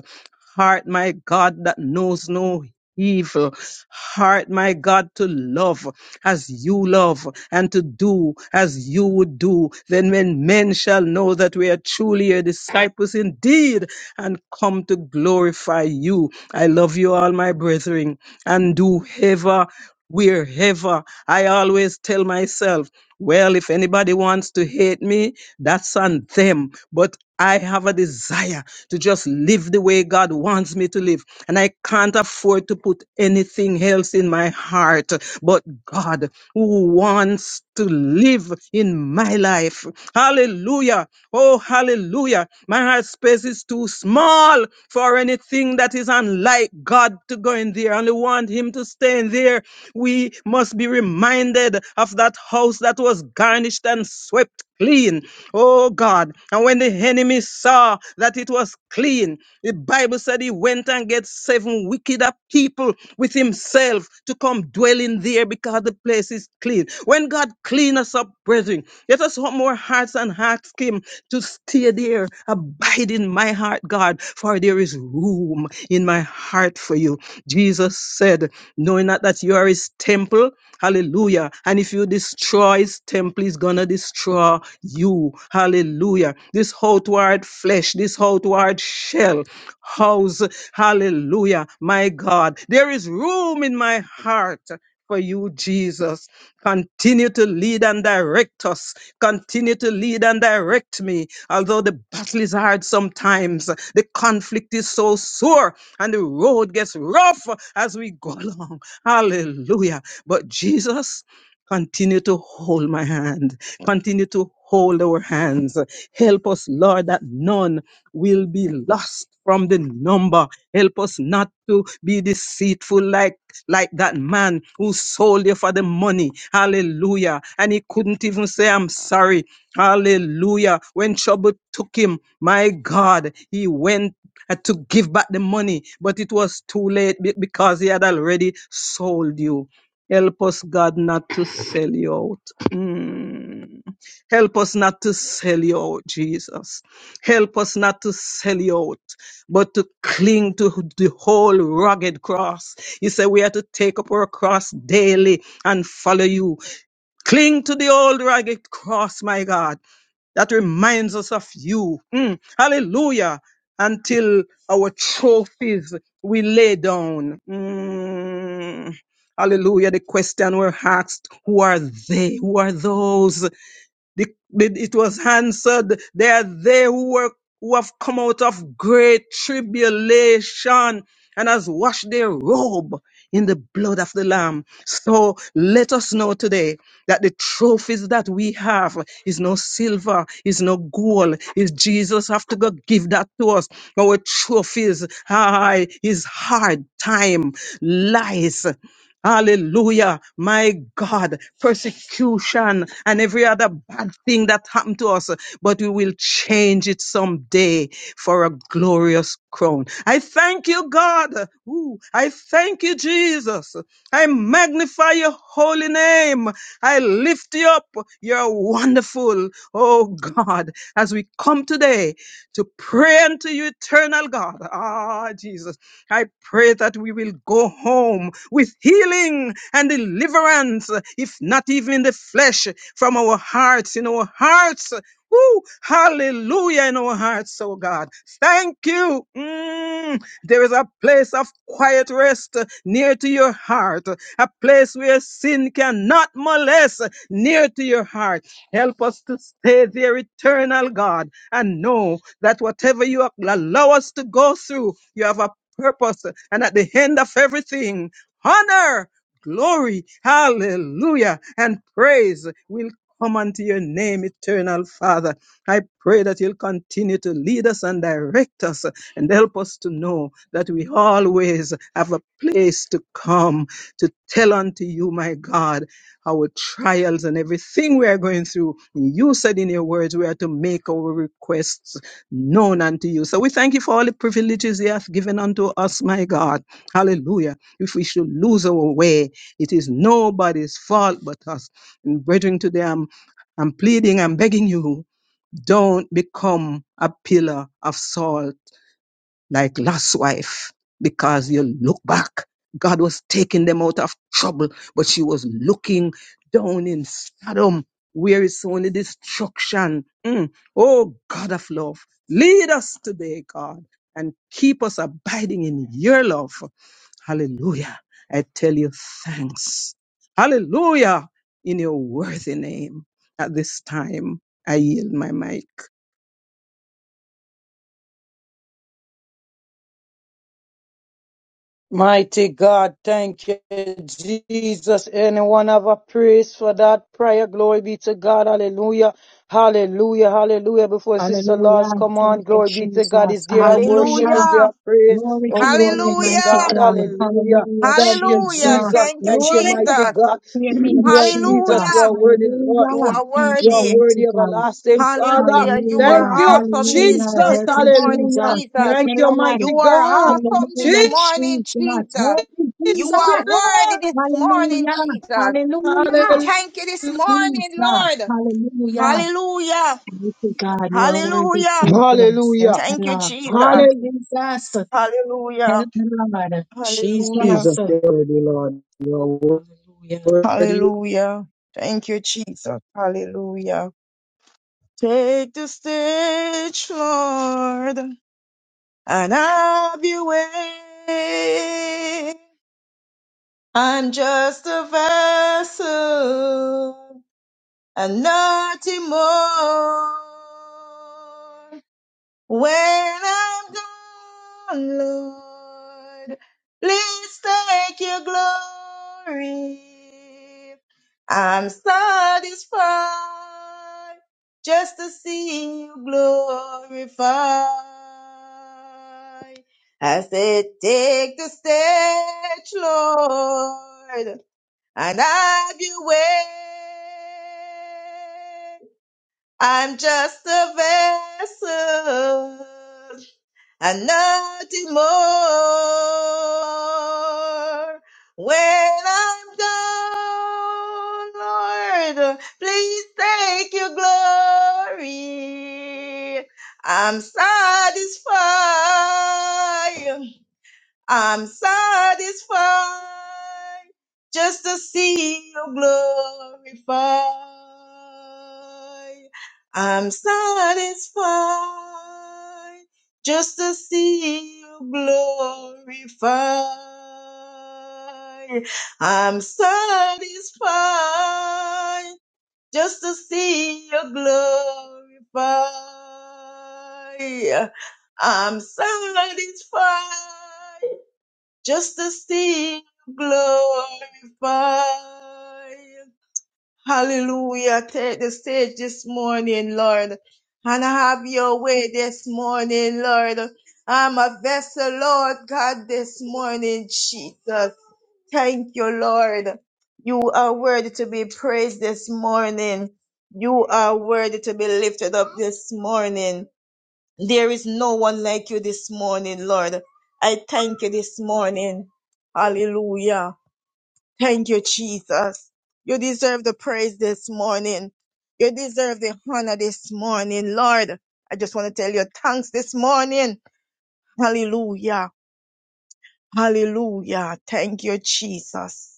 C: Heart, my God, that knows no evil. Heart, my God, to love as you love and to do as you would do. Then when men shall know that we are truly your disciples indeed and come to glorify you. I love you all, my brethren, and do ever, wherever. I always tell myself, well, if anybody wants to hate me, that's on them. But I have a desire to just live the way God wants me to live. And I can't afford to put anything else in my heart but God who wants to live in my life. Hallelujah. Oh, hallelujah. My heart space is too small for anything that is unlike God to go in there. I only want Him to stay in there. We we must be reminded of that house that was garnished and swept clean. Oh God. And when the enemy saw that it was clean, the Bible said he went and get seven wickeder people with himself to come dwell in there because the place is clean. When God clean us up, brethren, let us want more hearts and hearts him to stay there. Abide in my heart, God, for there is room in my heart for you. Jesus said, knowing not that you are his temple, hallelujah. And if you destroy his temple, he's gonna destroy you, hallelujah. This outward flesh, this outward shell, house, hallelujah, my God. There is room in my heart. For you, Jesus. Continue to lead and direct us. Continue to lead and direct me. Although the battle is hard sometimes, the conflict is so sore and the road gets rough as we go along. Hallelujah. But Jesus, continue to hold my hand. Continue to hold our hands. Help us, Lord, that none will be lost from the number. Help us not to be deceitful like like that man who sold you for the money. Hallelujah. And he couldn't even say, I'm sorry. Hallelujah. When trouble took him, my God, he went had to give back the money, but it was too late be- because he had already sold you. Help us, God, not to sell you out. Mm. Help us not to sell you out, Jesus. Help us not to sell you out, but to cling to the whole rugged cross. You say we are to take up our cross daily and follow you. Cling to the old rugged cross, my God, that reminds us of you. Mm, hallelujah. Until our trophies we lay down. Mm, hallelujah. The question we're asked, who are they? Who are those? The, the- it was answered, they are they who were who have come out of great tribulation and has washed their robe in the blood of the Lamb. So let us know today that the trophies that we have is no silver, is no gold. Is Jesus have to go give that to us? Our trophies, ah, is hard time, lies. Hallelujah. My God, persecution and every other bad thing that happened to us, but we will change it someday for a glorious crown. I thank you, God. Ooh, I thank you, Jesus. I magnify your holy name. I lift you up. You're wonderful. Oh God, as we come today to pray unto you, eternal God. Ah, Jesus, I pray that we will go home with healing and deliverance, if not even in the flesh, from our hearts, in our hearts. Woo, hallelujah in our hearts, oh God. Thank you. Mm, there is a place of quiet rest uh, near to your heart, a place where sin cannot molest uh, near to your heart. Help us to stay there, eternal God, and know that whatever you allow us to go through, you have a purpose. And at the end of everything, honor, glory, hallelujah, and praise will come unto your name, eternal Father. I pray that you'll continue to lead us and direct us and help us to know that we always have a place to come to tell unto you, my God our trials and everything we are going through. You said in your words we are to make our requests known unto you. So we thank you for all the privileges you have given unto us, my God. Hallelujah. If we should lose our way, it is nobody's fault but us. And brethren, today I'm, I'm pleading, I'm begging you don't become a pillar of salt like Lot's wife because you look back. God was taking them out of trouble, but she was looking down in Sodom where it's only destruction. Mm. Oh, God of love, lead us today, God, and keep us abiding in your love. Hallelujah. I tell you thanks. Hallelujah. In your worthy name. At this time, I yield my mic.
D: Mighty God, thank you, Jesus. Anyone have a praise for that prayer? Glory be to God. Hallelujah. Hallelujah. Hallelujah. Before Sister
A: Hallelujah.
D: Laws, come
A: Thank
D: on.
A: you,
D: Glory be to
A: Jesus.
D: God. Is there a worship?
A: Hallelujah.
D: Is there
B: Hallelujah.
D: a praise?
A: Glory to
D: Oh,
A: your
D: glory
A: name,
D: be to
A: mighty
B: Hallelujah.
D: God.
A: God.
D: Hallelujah.
A: Hallelujah,
D: Thank you,
A: Jesus.
B: Hallelujah.
D: Jesus.
B: Thank you,
D: Thank you,
A: Glory to
D: mighty
B: Jesus.
D: God.
A: your name,
D: Lord Jesus, you
A: Jesus.
B: Hallelujah.
D: are worthy, Lord.
B: You
A: Hallelujah.
B: are
A: Thank
D: You
A: you,
D: are
B: worthy.
D: worthy,
A: mighty God.
D: everlasting Father.
B: Hallelujah. You are
D: Thank
A: Hallelujah.
D: you,
A: Hallelujah.
B: awesome in this place
D: Jesus.
A: Help
B: this
A: me, Jesus.
B: morning,
D: Hallelujah.
B: Jesus.
A: Help
D: Thank
A: me,
D: you,
A: Lord.
D: mighty
B: You are
D: God.
B: awesome this
A: Hallelujah,
B: morning,
A: Jesus.
B: Jesus.
A: Help me,
B: You
D: Jesus.
A: Jesus.
B: are worthy this morning,
A: Hallelujah.
B: Jesus. We
A: Hallelujah.
D: Hallelujah.
B: thank you this morning,
A: God.
B: Lord.
A: Hallelujah.
B: Hallelujah.
A: Mighty God, you are worthy,
B: Hallelujah.
A: Jesus. Help
D: Hallelujah.
A: me,
B: Thank you,
A: Lord. Help me,
B: Jesus.
D: Hallelujah.
A: Jesus. Help
B: Hallelujah.
A: me, Lord. Jesus.
B: Hallelujah.
D: Jesus, you're worthy, Lord. You're
A: Hallelujah.
D: worthy.
B: Hallelujah. Thank you, Jesus. Hallelujah. Take the stage, Lord, and have your way. I'm just a vessel and nothing more. When I'm gone, Lord, please take your glory. I'm satisfied just to see you glorified. I said, take the stage, Lord, and have your way. I'm just a vessel and nothing more. When I'm done, Lord, please take your glory. I'm satisfied I'm satisfied just to see you glorified. I'm satisfied just to see you glorified. I'm satisfied just to see you glorified. I'm satisfied just to sing, glorify. Hallelujah. Take the stage this morning, Lord, and have your way this morning, Lord. I'm a vessel, Lord God, this morning, Jesus. Thank you, Lord. You are worthy to be praised this morning. You are worthy to be lifted up this morning. There is no one like you this morning, Lord. I thank you this morning. Hallelujah. Thank you, Jesus. You deserve the praise this morning. You deserve the honor this morning, Lord. I just want to tell you thanks this morning. Hallelujah. Hallelujah. Thank you, Jesus.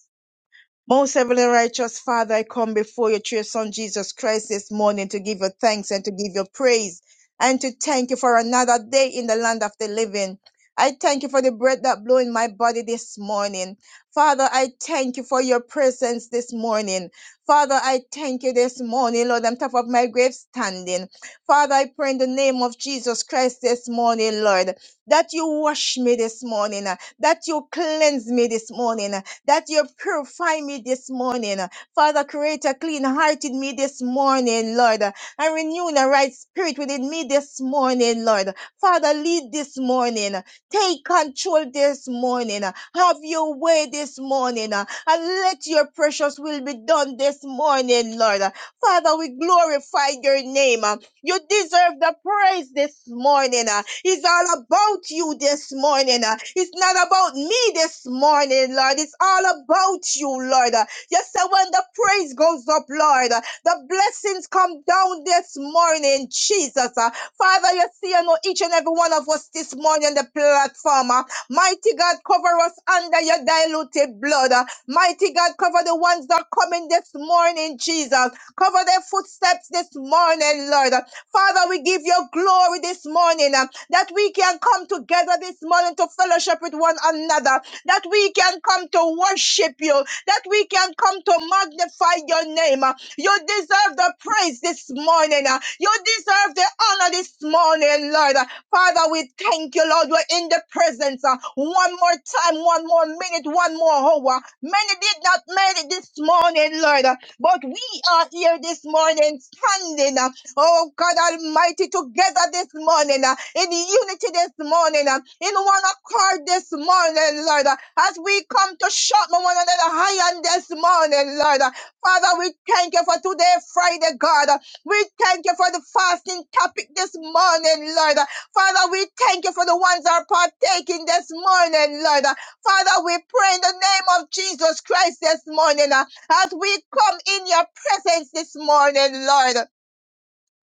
B: Most heavenly righteous Father, I come before you through your Son Jesus Christ this morning to give you thanks and to give you praise and to thank you for another day in the land of the living. I thank you for the breath that blew in my body this morning. Father, I thank you for your presence this morning. Father, I thank you this morning, Lord, on top of my grave standing. Father, I pray in the name of Jesus Christ this morning, Lord, that you wash me this morning, that you cleanse me this morning, that you purify me this morning. Father, create a clean heart in me this morning, Lord, and renew the right spirit within me this morning, Lord. Father, lead this morning. Take control this morning. Have your way this morning, and let your precious will be done this morning, Lord. Father, we glorify your name. You deserve the praise this morning. uh. It's all about you this morning. uh. It's not about me this morning, Lord. It's all about you, Lord. uh. You say when the praise goes up, Lord, uh, the blessings come down this morning, Jesus. uh. Father, you see, you know each and every one of us this morning on the platform. uh. Mighty God, cover us under your diluted blood. uh. Mighty God, cover the ones that are coming this morning, Jesus. Cover their footsteps this morning, Lord. Father, we give you glory this morning uh, that we can come together this morning to fellowship with one another, that we can come to worship you, that we can come to magnify your name. uh. You deserve the praise this morning. uh. You deserve the honor this morning, Lord. Father, we thank you, Lord. We're in the presence uh, one more time, one more minute, one more hour. Many did not make it this morning, Lord, but we are here this morning standing. um, Oh God Almighty, together this morning, uh, in unity this morning, uh, in one accord this morning, Lord, uh, as we come to shout one another high on this morning, Lord. uh, Father, we thank you for today, Friday, God. uh, We thank you for the fasting topic this morning, Lord. uh, Father, we thank you for the ones that are partaking this morning, Lord. uh, Father, we pray in the name of Jesus Christ this morning, uh, as we come in your presence this morning, Lord.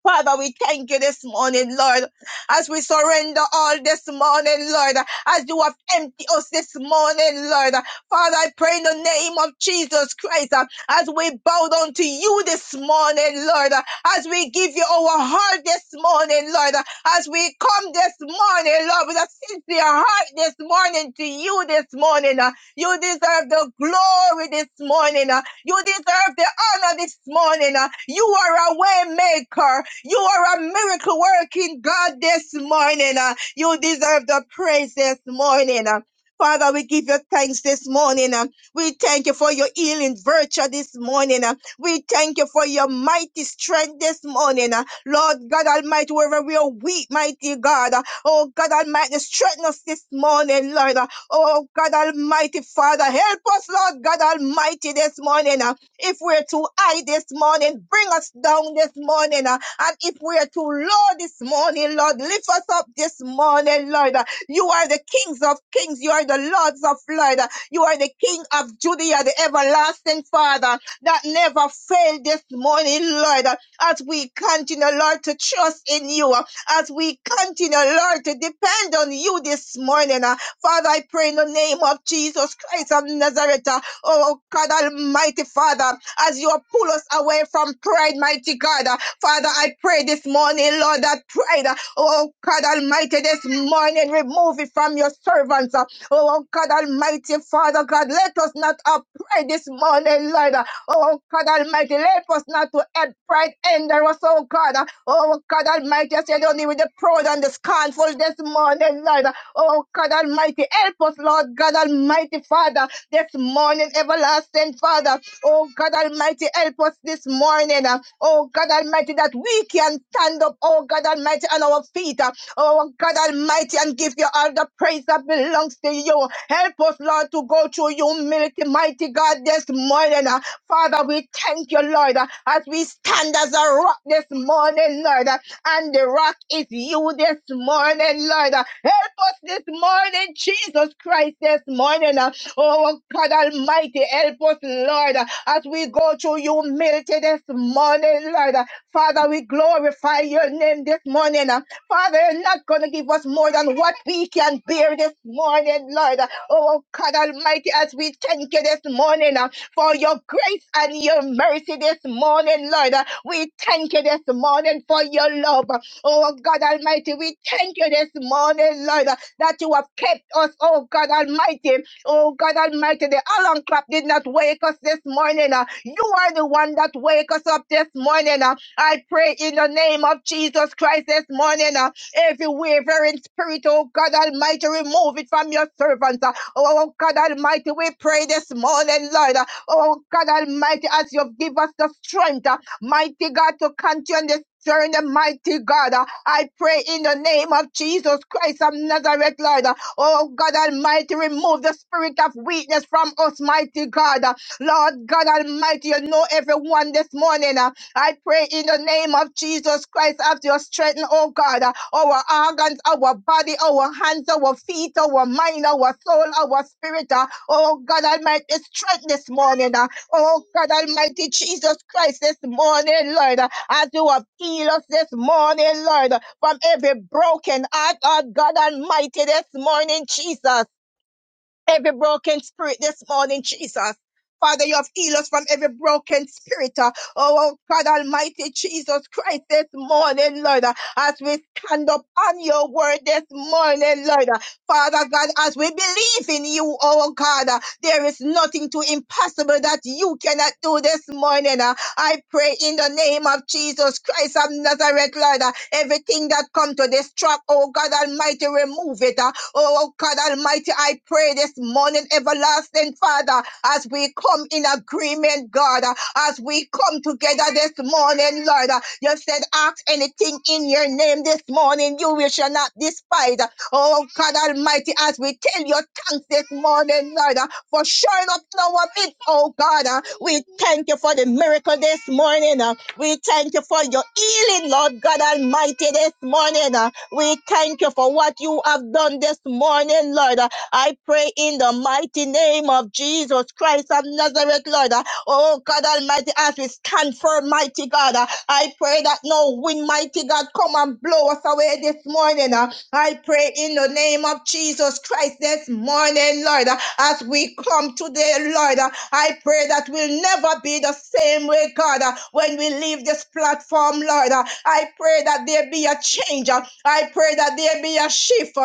B: Father, we thank you this morning, Lord, as we surrender all this morning, Lord, as you have emptied us this morning, Lord. Father, I pray in the name of Jesus Christ, uh, as we bow down to you this morning, Lord, uh, as we give you our heart this morning, Lord, uh, as we come this morning, Lord, with a sincere heart this morning to you this morning. uh, You deserve the glory this morning. uh, you deserve the honor this morning. uh. You are a way maker. You are a miracle working God this morning. uh. You deserve the praise this morning. uh. Father, we give you thanks this morning. uh. We thank you for your healing virtue this morning. uh. We thank you for your mighty strength this morning. uh. Lord God Almighty, wherever we are weak, mighty God. uh, Oh God Almighty, strengthen us this morning, Lord. uh, Oh, God Almighty Father, help us, Lord God Almighty, this morning. uh, If we're too high this morning, bring us down this morning. uh, And if we're too low this morning, Lord, lift us up this morning, Lord. Uh, You are the kings of kings. You are the lords of lords. Uh, You are the king of Judea, the everlasting Father that never failed this morning, Lord. Uh, As we continue, Lord, to trust in you, uh, as we continue, Lord, to depend on you this morning. uh, Father, I pray in the name of Jesus Christ of Nazareth. uh, Oh God Almighty Father, as you pull us away from pride, mighty God. uh, Father, I pray this morning, Lord, that pride, uh, oh God Almighty, this morning, remove it from your servants. uh, Oh God Almighty Father, God, let us not have pride this morning, Lord. uh, Oh God Almighty, let us not to add pride in there, oh God. uh, Oh God Almighty, I said only with the proud and the scornful this morning, Lord. uh, Oh God Almighty, help us, Lord God Almighty Father this morning, everlasting Father. Oh God Almighty, help us this morning. uh, Oh God Almighty, that we can stand up, oh God Almighty, on our feet. uh, Oh God Almighty, and give you all the praise that belongs to you. Help us, Lord, to go through humility, mighty God, this morning. uh, Father, we thank you, Lord, uh, as we stand as a rock this morning, Lord. uh, And the rock is you this morning, Lord. uh, Help us this morning, Jesus Christ, this morning. uh, Oh, God Almighty, help us, Lord, as we go through humility this morning, Lord. Father, we glorify your name this morning. Father, you're not going to give us more than what we can bear this morning, Lord. Oh, God Almighty, as we thank you this morning uh, for your grace and your mercy this morning, Lord. Uh, We thank you this morning for your love. Oh, God Almighty, we thank you this morning, Lord, uh, that you have kept us, oh, God Almighty. Oh God Almighty, the alarm clock did not wake us this morning. uh. You are the one that wake us up this morning. uh. I pray in the name of Jesus Christ this morning. uh, Every wavering spirit, oh God Almighty, remove it from your servants. uh. Oh God Almighty, we pray this morning, Lord. uh, Oh God Almighty, as you've give us the strength, uh, mighty God, to continue this journey, mighty God. uh, I pray in the name of Jesus Christ of Nazareth, Lord. Oh God Almighty, remove the spirit of weakness from us, mighty God. Lord God Almighty, you know everyone this morning. uh, I pray in the name of Jesus Christ after you strengthen, oh God, uh, our organs, our body, our hands, our feet, our mind, our soul, our spirit. uh, Oh God Almighty, strength this morning. uh, Oh God Almighty, Jesus Christ this morning, Lord as you have healed us this morning, Lord, from every broken heart, oh God Almighty, this morning, Jesus every broken spirit this morning, Jesus. Father, you have healed us from every broken spirit. uh, Oh, oh, God Almighty, Jesus Christ, this morning, Lord, uh, as we stand up on your word this morning, Lord. uh, Father God, as we believe in you, oh God, uh, there is nothing too impossible that you cannot do this morning. uh. I pray in the name of Jesus Christ of Nazareth, Lord, uh, everything that come to this trap, oh God Almighty, remove it. uh, Oh, oh, God Almighty, I pray this morning, everlasting Father, as we come in agreement, God, as we come together this morning, Lord, you said, ask anything in your name this morning, you will shall not despise. Oh, God Almighty, as we tell your thanks this morning, Lord, for showing up in our midst, oh God, we thank you for the miracle this morning. We thank you for your healing, Lord God Almighty, this morning. Uh, We thank you for what you have done this morning, Lord. Uh, I pray in the mighty name of Jesus Christ of Nazareth, Lord. Uh, Oh, God Almighty, as we stand firm, mighty God, uh, I pray that no wind, mighty God, come and blow us away this morning. uh, I pray in the name of Jesus Christ this morning, Lord, as we come today, Lord, I pray that we'll never be the same way, God, when we leave this platform, Lord. I pray that there be a change. I pray that there be a shift.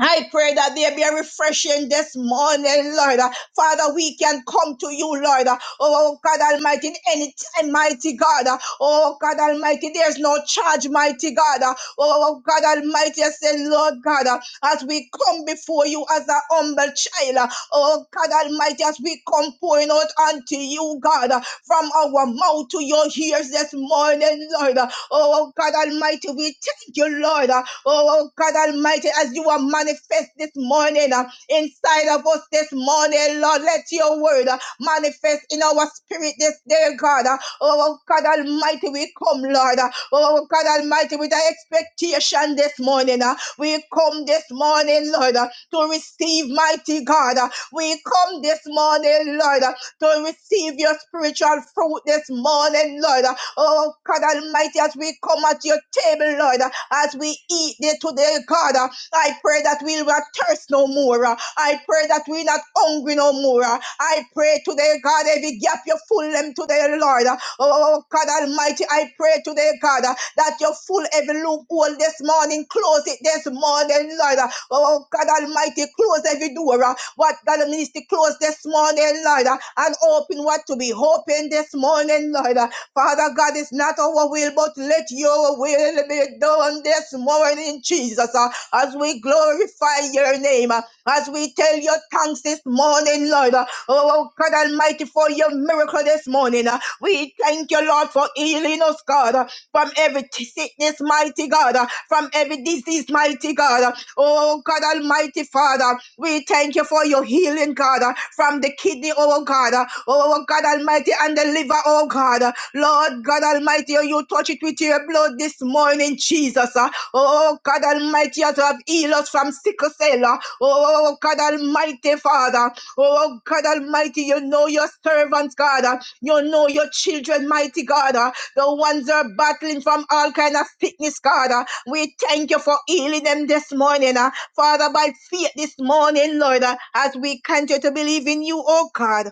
B: I pray that there be a refreshing this morning, Lord. Father, we can come to you, Lord. Oh, God Almighty, in any time, mighty God. Oh, God Almighty, there's no charge, mighty God. Oh, oh, God Almighty, I say, Lord God, uh, as we come before you as a humble child, uh, oh, God Almighty, as we come pouring out unto you, God, uh, from our mouth to your ears this morning, Lord. uh, Oh, oh, God Almighty, we thank you, Lord. uh, Oh, oh, God Almighty, as you are manifest this morning morning, uh, inside of us this morning, Lord. Let your word uh, manifest in our spirit this day, God. uh. Oh, God Almighty, we come, Lord. uh. Oh, God Almighty, with an expectation this morning. uh. We come this morning, Lord, uh, to receive mighty God. uh. We come this morning, Lord, uh, to receive your spiritual fruit this morning, Lord. Oh, God Almighty, as we come at your table, Lord, as we eat there today, God, I pray that we'll not thirst no more. I pray that we're not hungry no more. I pray today, God, every gap you full them today, Lord. Oh, oh, oh, God Almighty, I pray today, God, that Your full every loophole this morning, close it this morning, Lord. Oh, oh, God Almighty, close every door. What God needs to close this morning, Lord, and open what to be open this morning, Lord. Father God, it's not our will, but let your will be done this morning, Jesus, uh, as we glorify your name, uh, as we tell your thanks this morning, Lord. Oh, oh, God Almighty, for your miracle this morning. Uh, We thank you, Lord, for healing us, God, uh, from every t- sickness, mighty God, uh, from every disease, mighty God. Uh, Oh, God Almighty, Father, we thank you for your healing, God, uh, from the kidney, oh oh, God. uh, Oh, oh, oh, God Almighty, and the liver, oh God. Uh, Lord God Almighty, oh, you touch it with your blood this morning, Jesus. Uh, Oh, oh, oh, God Almighty, as you have healed us from sickle cell. uh, Oh, oh, oh, oh, God Almighty, Father. Oh, oh, God Almighty, you know your servants, God. Uh, You know your children, mighty God. Uh, The ones that are battling from all kind of sickness, God. Uh, We thank you for healing them this morning. uh, Father, by faith this morning, Lord, uh, as we continue to believe in you, oh God.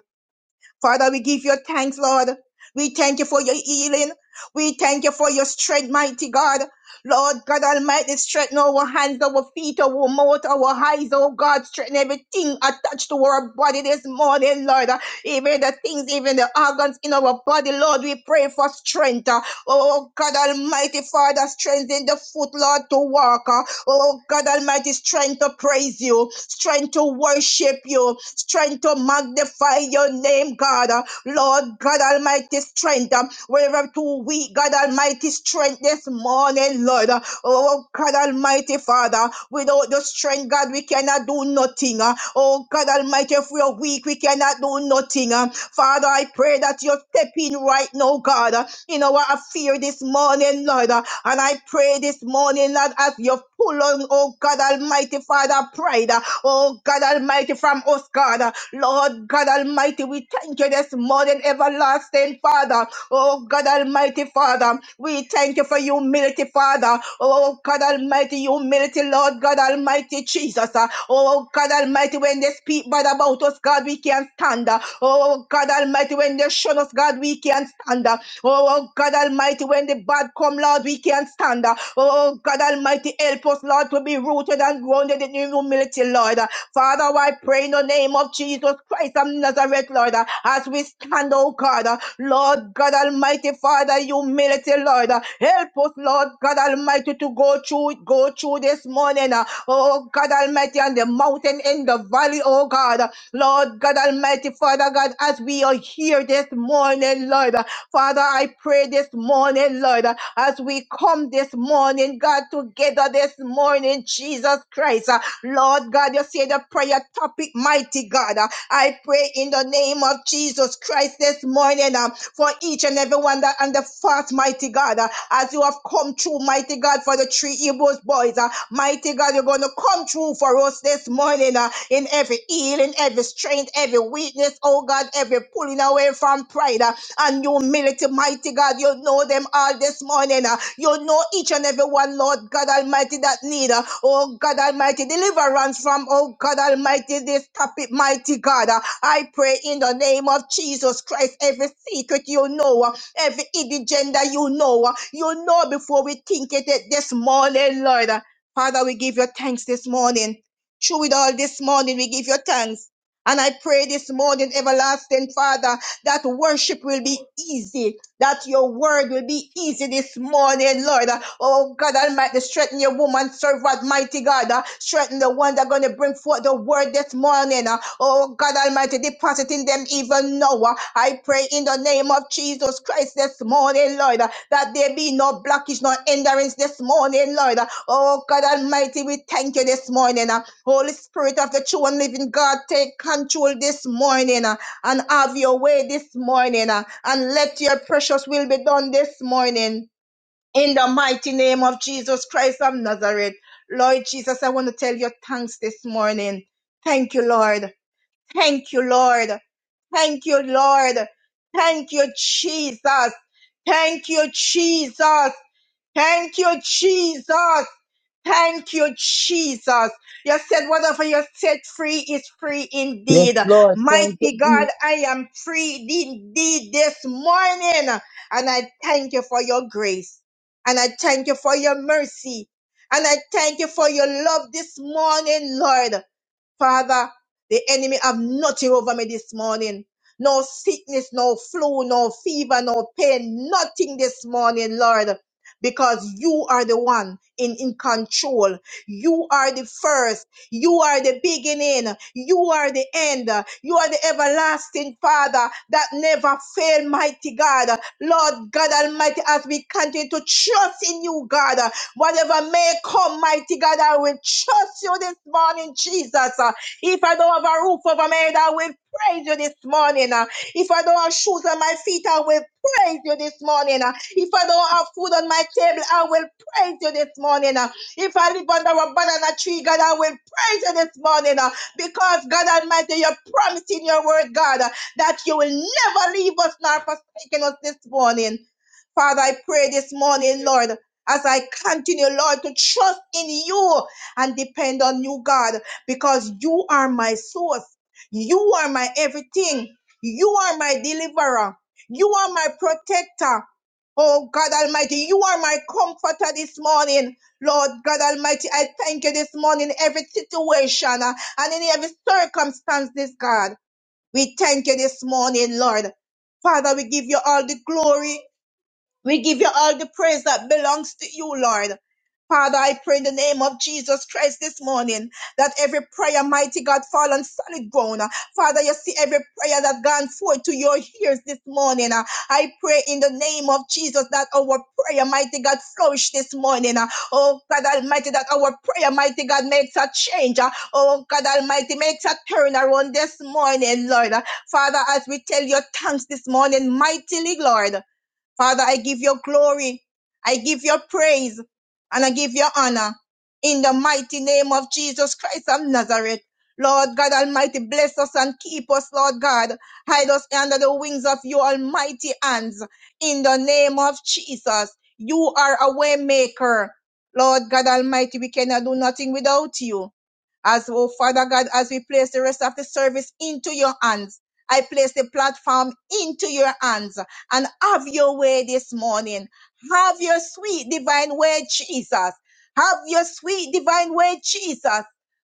B: Father, we give you thanks, Lord. We thank you for your healing. We thank you for your strength, mighty God. Lord God Almighty, strengthen our hands, our feet, our mouth, our eyes, oh God, strengthen everything attached to our body this morning, Lord. Even the things, even the organs in our body, Lord, we pray for strength. Oh God Almighty, Father, strengthen the foot, Lord, to walk. Oh God Almighty, strength to praise you, strength to worship you, strength to magnify your name, God. Lord God Almighty, strength. um, Wherever too weak, God Almighty, strength this morning, Lord. Oh God Almighty Father, without the strength, God, we cannot do nothing. uh. Oh God Almighty, if we are weak, we cannot do nothing. uh. Father, I pray that you step in right now, God in our fear this morning, Lord. And I pray this morning, Lord, as you pull on, oh God Almighty, Father, pride, oh God Almighty, from us, God. Lord God Almighty, we thank you this morning, everlasting Father. Oh God Almighty Father, we thank you for humility, Father. Oh God Almighty, humility, Lord God Almighty Jesus. Uh, Oh God Almighty, when they speak bad about us, God, we can't stand. Uh, Oh God Almighty, when they shun us, God, we can't stand. Uh, Oh God Almighty, when the bad come, Lord, we can't stand. Uh, Oh God Almighty. Almighty, help us, Lord, to be rooted and grounded in humility, Lord. Father, I pray in the name of Jesus Christ of Nazareth, Lord, as we stand, oh God, Lord God Almighty, Father, humility, Lord. Help us, Lord God Almighty, to go through, go through this morning, uh, oh God Almighty, on the mountain, in the valley, oh God. Lord God Almighty, Father God, as we are here this morning, Lord. Father, I pray this morning, Lord, as we come this morning, God, together this morning, Jesus Christ. uh, Lord God, you say the prayer topic, mighty God. uh, I pray in the name of Jesus Christ this morning uh, for each and every one that on the fast, mighty God, uh, as you have come through, mighty God, for the three Hebrews boys. uh, Mighty God, you're going to come through for us this morning uh, in redeem every healing, every strength, every weakness, oh God, every pulling away from pride uh, and humility, mighty God. You know them all this morning. uh, You know each and every one, Lord God Almighty, that need, uh, oh God Almighty, deliverance from, oh God Almighty, this topic, mighty God. Uh, I pray in the name of Jesus Christ, every secret you know, uh, every hidden gender you know, uh, you know before we think it uh, this morning, Lord. Uh, Father, we give you thanks this morning. Through it all this morning, we give you thanks. And I pray this morning, everlasting Father, that worship will be easy, that your word will be easy this morning, Lord. Oh God Almighty, strengthen your woman servant, mighty God. Strengthen the one that's going to bring forth the word this morning. Oh God Almighty, deposit in them even now. I pray in the name of Jesus Christ this morning, Lord, that there be no blockage, no hindrance this morning, Lord. Oh God Almighty, we thank you this morning. Holy Spirit of the true and living God, take control this morning uh, and have your way this morning uh, and let your precious will be done this morning in the mighty name of Jesus Christ of Nazareth. Lord Jesus, I want to tell you thanks this morning. Thank you, Lord. Thank you, Lord. Thank you, Lord. Thank you, Jesus. Thank you, Jesus. Thank you, Jesus. Thank you, Jesus. You said, whatever you set free is free
D: Yes,
B: indeed.
D: Lord. Thank you.
B: Mighty God,
D: Jesus.
B: I am free indeed this morning. And I thank you for your grace. And I thank you for your mercy. And I thank you for your love this morning, Lord. Father, the enemy have nothing over me this morning. No sickness, no flu, no fever, no pain, nothing this morning, Lord. Because you are the one in, in control. You are the first. You are the beginning. You are the end. You are the everlasting Father that never fail, mighty God. Lord God Almighty, as we continue to trust in you, God. Whatever may come, mighty God, I will trust you this morning, Jesus. Uh, If I don't have a roof over my head, I will praise you this morning. Uh, If I don't have shoes on my feet, I will praise you this morning. Uh, If I don't have food on my table, I will praise you this morning. Uh, If I live under a banana tree, God, I will praise you this morning. Uh, Because, God Almighty, you're promising your word, God, uh, that you will never leave us nor forsake us this morning. Father, I pray this morning, Lord. As I continue, Lord, to trust in you and depend on you, God, because you are my source. You are my everything. You are my deliverer. You are my protector. Oh God Almighty, you are my comforter this morning. Lord God Almighty, I thank you this morning in every situation uh, and in every circumstance, this God. We thank you this morning, Lord. Father, we give you all the glory. We give you all the praise that belongs to you, Lord. Father, I pray in the name of Jesus Christ this morning that every prayer, mighty God, fall on solid ground. Father, you see every prayer that gone forth to your ears this morning. I pray in the name of Jesus that our prayer, mighty God, flourish this morning. Oh God Almighty, that our prayer, mighty God, makes a change. Oh God Almighty, makes a turnaround this morning, Lord. Father, as we tell your thanks this morning, mightily, Lord. Father, I give you glory. I give you praise and I give you honor in the mighty name of Jesus Christ of Nazareth. Lord God Almighty, bless us and keep us, Lord God. Hide us under the wings of your almighty hands in the name of Jesus. You are a way maker. Lord God Almighty, we cannot do nothing without you. As oh Father God, as we place the rest of the service into your hands, I place the platform into your hands and have your way this morning. Have your sweet divine way, Jesus. Have your sweet divine way, Jesus.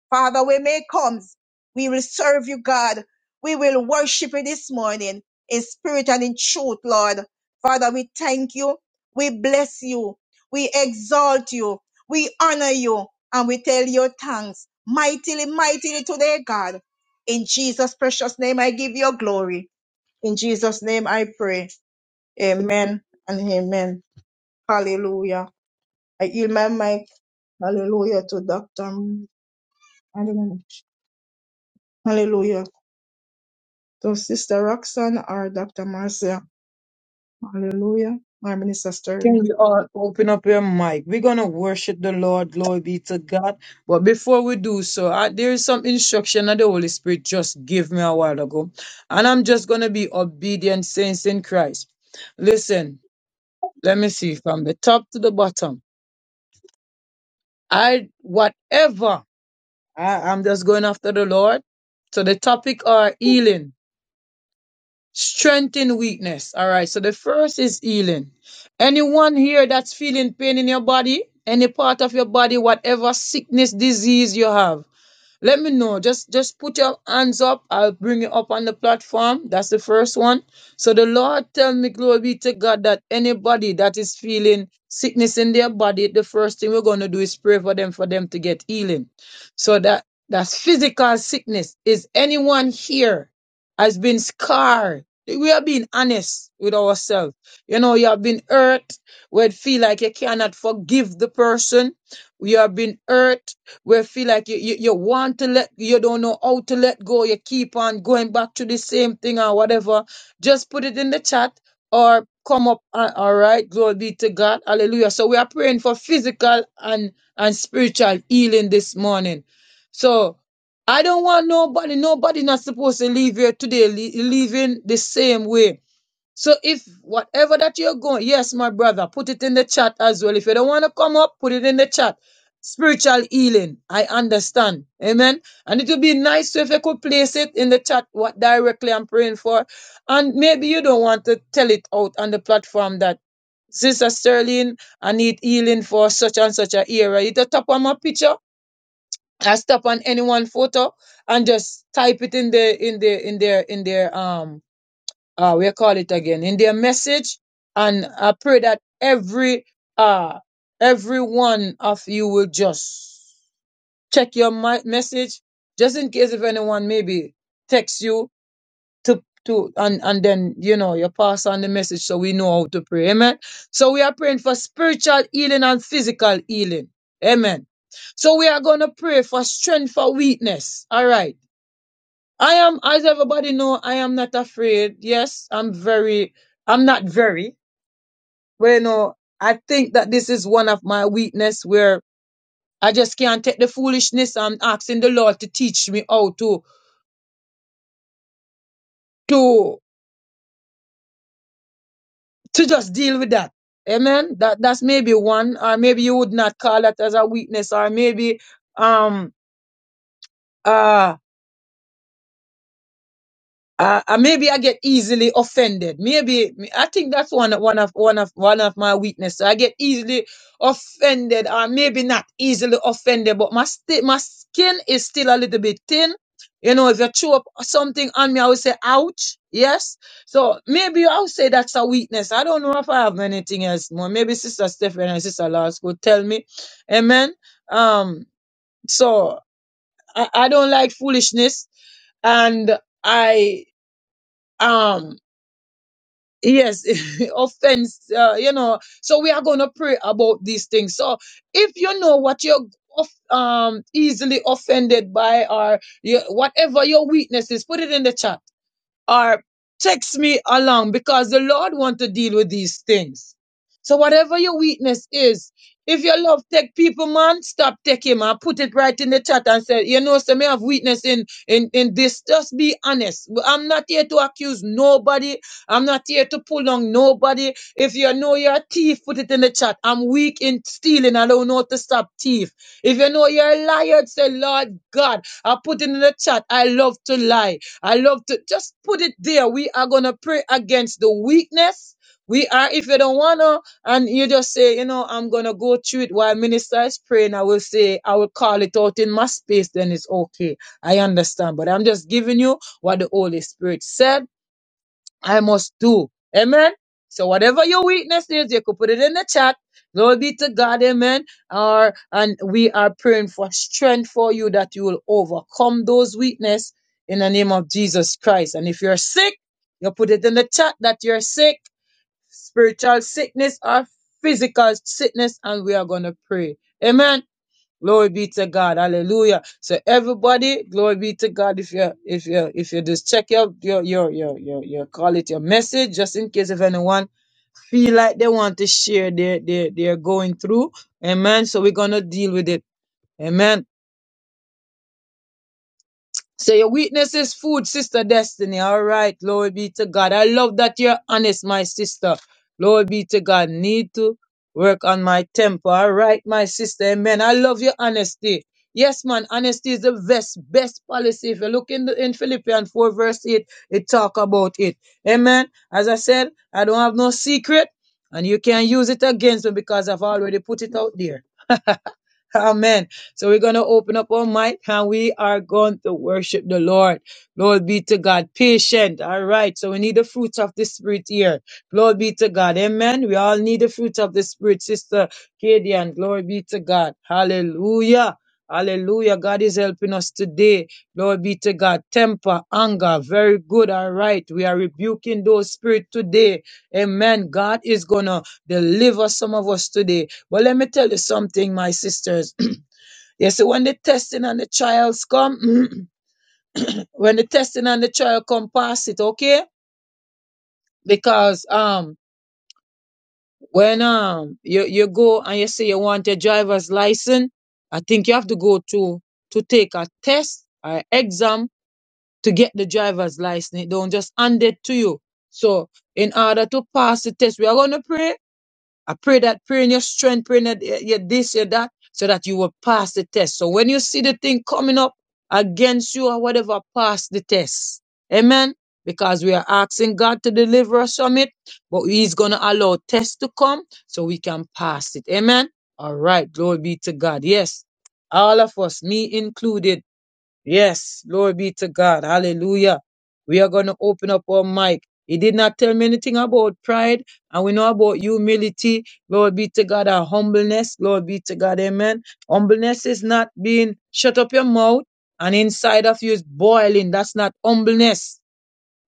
B: Father, when May comes, we will serve you, God. We will worship you this morning in spirit and in truth, Lord. Father, we thank you. We bless you. We exalt you. We honor you. And we tell your thanks mightily, mightily today, God. In Jesus' precious name, I give you glory. In Jesus' name, I pray. Amen and amen. Hallelujah. I yield my mic. Hallelujah to Dr. M- I don't know. Hallelujah to Sister Roxanne or Dr. Marcia. Hallelujah. My minister
D: Can
B: Sterling.
D: you all open up your mic? We're going to worship the Lord. Glory be to God. But before we do so, I, there is some instruction that the Holy Spirit just gave me a while ago. And I'm just going to be obedient saints in Christ. Listen, let me see from the top to the bottom. I, whatever I, I'm just going after the Lord. So the topic are healing, strength in weakness. All right. So the first is healing. Anyone here that's feeling pain in your body, any part of your body, whatever sickness, disease you have. Let me know. Just just put your hands up. I'll bring you up on the platform. That's the first one. So the Lord tell me, glory be to God, that anybody that is feeling sickness in their body, the first thing we're gonna do is pray for them for them to get healing. So that that's physical sickness. Is anyone here has been scarred? We are being honest with ourselves. You know, you have been hurt. We feel like you cannot forgive the person. You have been hurt where you feel like you, you, you want to let you don't know how to let go you keep on going back to the same thing or whatever just put it in the chat or come up uh, all right glory be to god hallelujah so we are praying for physical and and spiritual healing this morning so i don't want nobody nobody not supposed to leave here today le- leaving the same way so if whatever that you're going, yes, my brother, put it in the chat as well. If you don't want to come up, put it in the chat. Spiritual healing. I understand. Amen. And it would be nice if you could place it in the chat what directly I'm praying for. And maybe you don't want to tell it out on the platform that Sister Sterling, I need healing for such and such a era. You just tap on my picture, I tap on any one photo and just type it in the in the in their in their um uh, we call it again, in their message. And I pray that every, uh, every one of you will just check your mi- message, just in case if anyone maybe texts you to, to, and, and then, you know, you pass on the message so we know how to pray. Amen. So we are praying for spiritual healing and physical healing. Amen. So we are going to pray for strength for weakness. All right. I am, as everybody know, I am not afraid. Yes, I'm very, I'm not very, but you know, I think that this is one of my weakness where I just can't take the foolishness. I'm asking the Lord to teach me how to, to, to just deal with that. Amen. That, that's maybe one, or maybe you would not call that as a weakness, or maybe, um, uh, Uh, uh, maybe I get easily offended. Maybe I think that's one one of one of one of my weaknesses. I get easily offended, or maybe not easily offended, but my sti- my skin is still a little bit thin. You know, if you throw up something on me, I would say, "Ouch!" Yes. So maybe i would say that's a weakness. I don't know if I have anything else more. Maybe Sister Stephanie and Sister Lars could tell me. Amen. Um. So I, I don't like foolishness, and I um. Yes, offense, uh, you know. So we are going to pray about these things. So if you know what you're of, um, easily offended by or you, whatever your weakness is, put it in the chat or text me along because the Lord want to deal with these things. So whatever your weakness is, if your love take people, man, stop taking, man. put it right in the chat and say, you know, so may have weakness in, in, in this. Just be honest. I'm not here to accuse nobody. I'm not here to pull on nobody. If you know you're a thief, put it in the chat. I'm weak in stealing. I don't know how to stop thief. If you know you're a liar, say, Lord God, I put it in the chat. I love to lie. I love to just put it there. We are going to pray against the weakness. We are, if you don't want to, and you just say, you know, I'm going to go through it while minister is praying, I will say, I will call it out in my space, then it's okay. I understand. But I'm just giving you what the Holy Spirit said I must do. Amen. So whatever your weakness is, you could put it in the chat. Glory be to God, amen. Or and we are praying for strength for you that you will overcome those weakness in the name of Jesus Christ. And if you're sick, you put it in the chat that you're sick, spiritual sickness or physical sickness, and we are gonna pray. Amen. Glory be to God. Hallelujah. So everybody, glory be to God. If you if you if you just check your your your your your, your call it your message, just in case if anyone feel like they want to share their their their going through. Amen. So we're gonna deal with it. Amen. So your weakness is food, sister Destiny. All right, glory be to God. I love that you're honest, my sister. Glory be to God. Need to work on my temper. All right, my sister. Amen. I love your honesty. Yes, man, honesty is the best, best policy. If you look in, the, in Philippians 4 verse 8, it talk about it. Amen. As I said, I don't have no secret and you can't use it against me because I've already put it out there. Amen. So we're going to open up our mic and we are going to worship the Lord. Lord be to God. Patient. All right. So we need the fruits of the Spirit here. Glory be to God. Amen. We all need the fruits of the Spirit, Sister Kadian. Glory be to God. Hallelujah. Hallelujah. God is helping us today. Glory be to God. Temper, anger. Very good. All right. We are rebuking those spirits today. Amen. God is going to deliver some of us today. Well, let me tell you something, my sisters. you see, when the testing and the trials come, when the testing and the trial come, pass it, okay? Because um, when um you, you go and you say you want a driver's license, I think you have to go to to take a test or exam to get the driver's license. It don't just hand it to you. So in order to pass the test, we are gonna pray I pray that, pray in your strength, pray in that, eh, your this, your that, so that you will pass the test. So when you see the thing coming up against you or whatever, pass the test. Amen. Because we are asking God to deliver us from it, but He's going to allow tests to come so we can pass it. Amen. All right. Glory be to God. Yes. All of us, me included. Yes, glory be to God. Hallelujah. We are going to open up our mic. He did not tell me anything about pride, and we know about humility. Lord be to God, our humbleness. Lord be to God, amen. Humbleness is not being shut up your mouth and inside of you is boiling. That's not humbleness.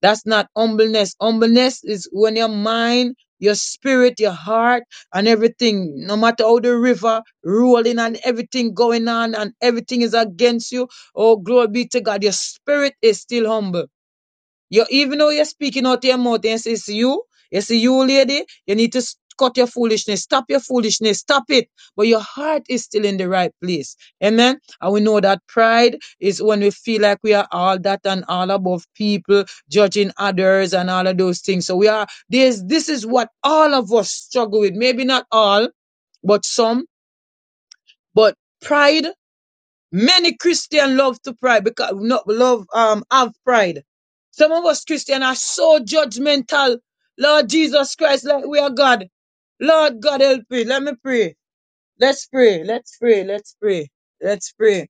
D: That's not humbleness. Humbleness is when your mind, your spirit, your heart, and everything, no matter how the river rolling and everything going on and everything is against you. Oh, glory be to God. Your spirit is still humble you even though you're speaking out your mouth and say it's you, it's you, lady, you need to s- cut your foolishness, stop your foolishness, stop it. But your heart is still in the right place. Amen. And we know that pride is when we feel like we are all that and all above people, judging others and all of those things. So we are there's this is what all of us struggle with. Maybe not all, but some. But pride. Many Christian love to pride because not love um have pride. Some of us Christian are so judgmental. Lord Jesus Christ, like we are God. Lord God help me. Let me pray. Let's pray. Let's pray. Let's pray. Let's pray.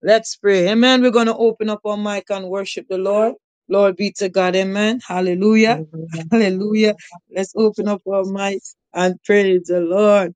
D: Let's pray. Amen. We're gonna open up our mic and worship the Lord. Lord be to God. Amen. Hallelujah.
A: Hallelujah.
D: Hallelujah.
A: Hallelujah.
D: Let's
A: Thank you,
D: open up our mic
A: Jesus.
D: and praise the Lord.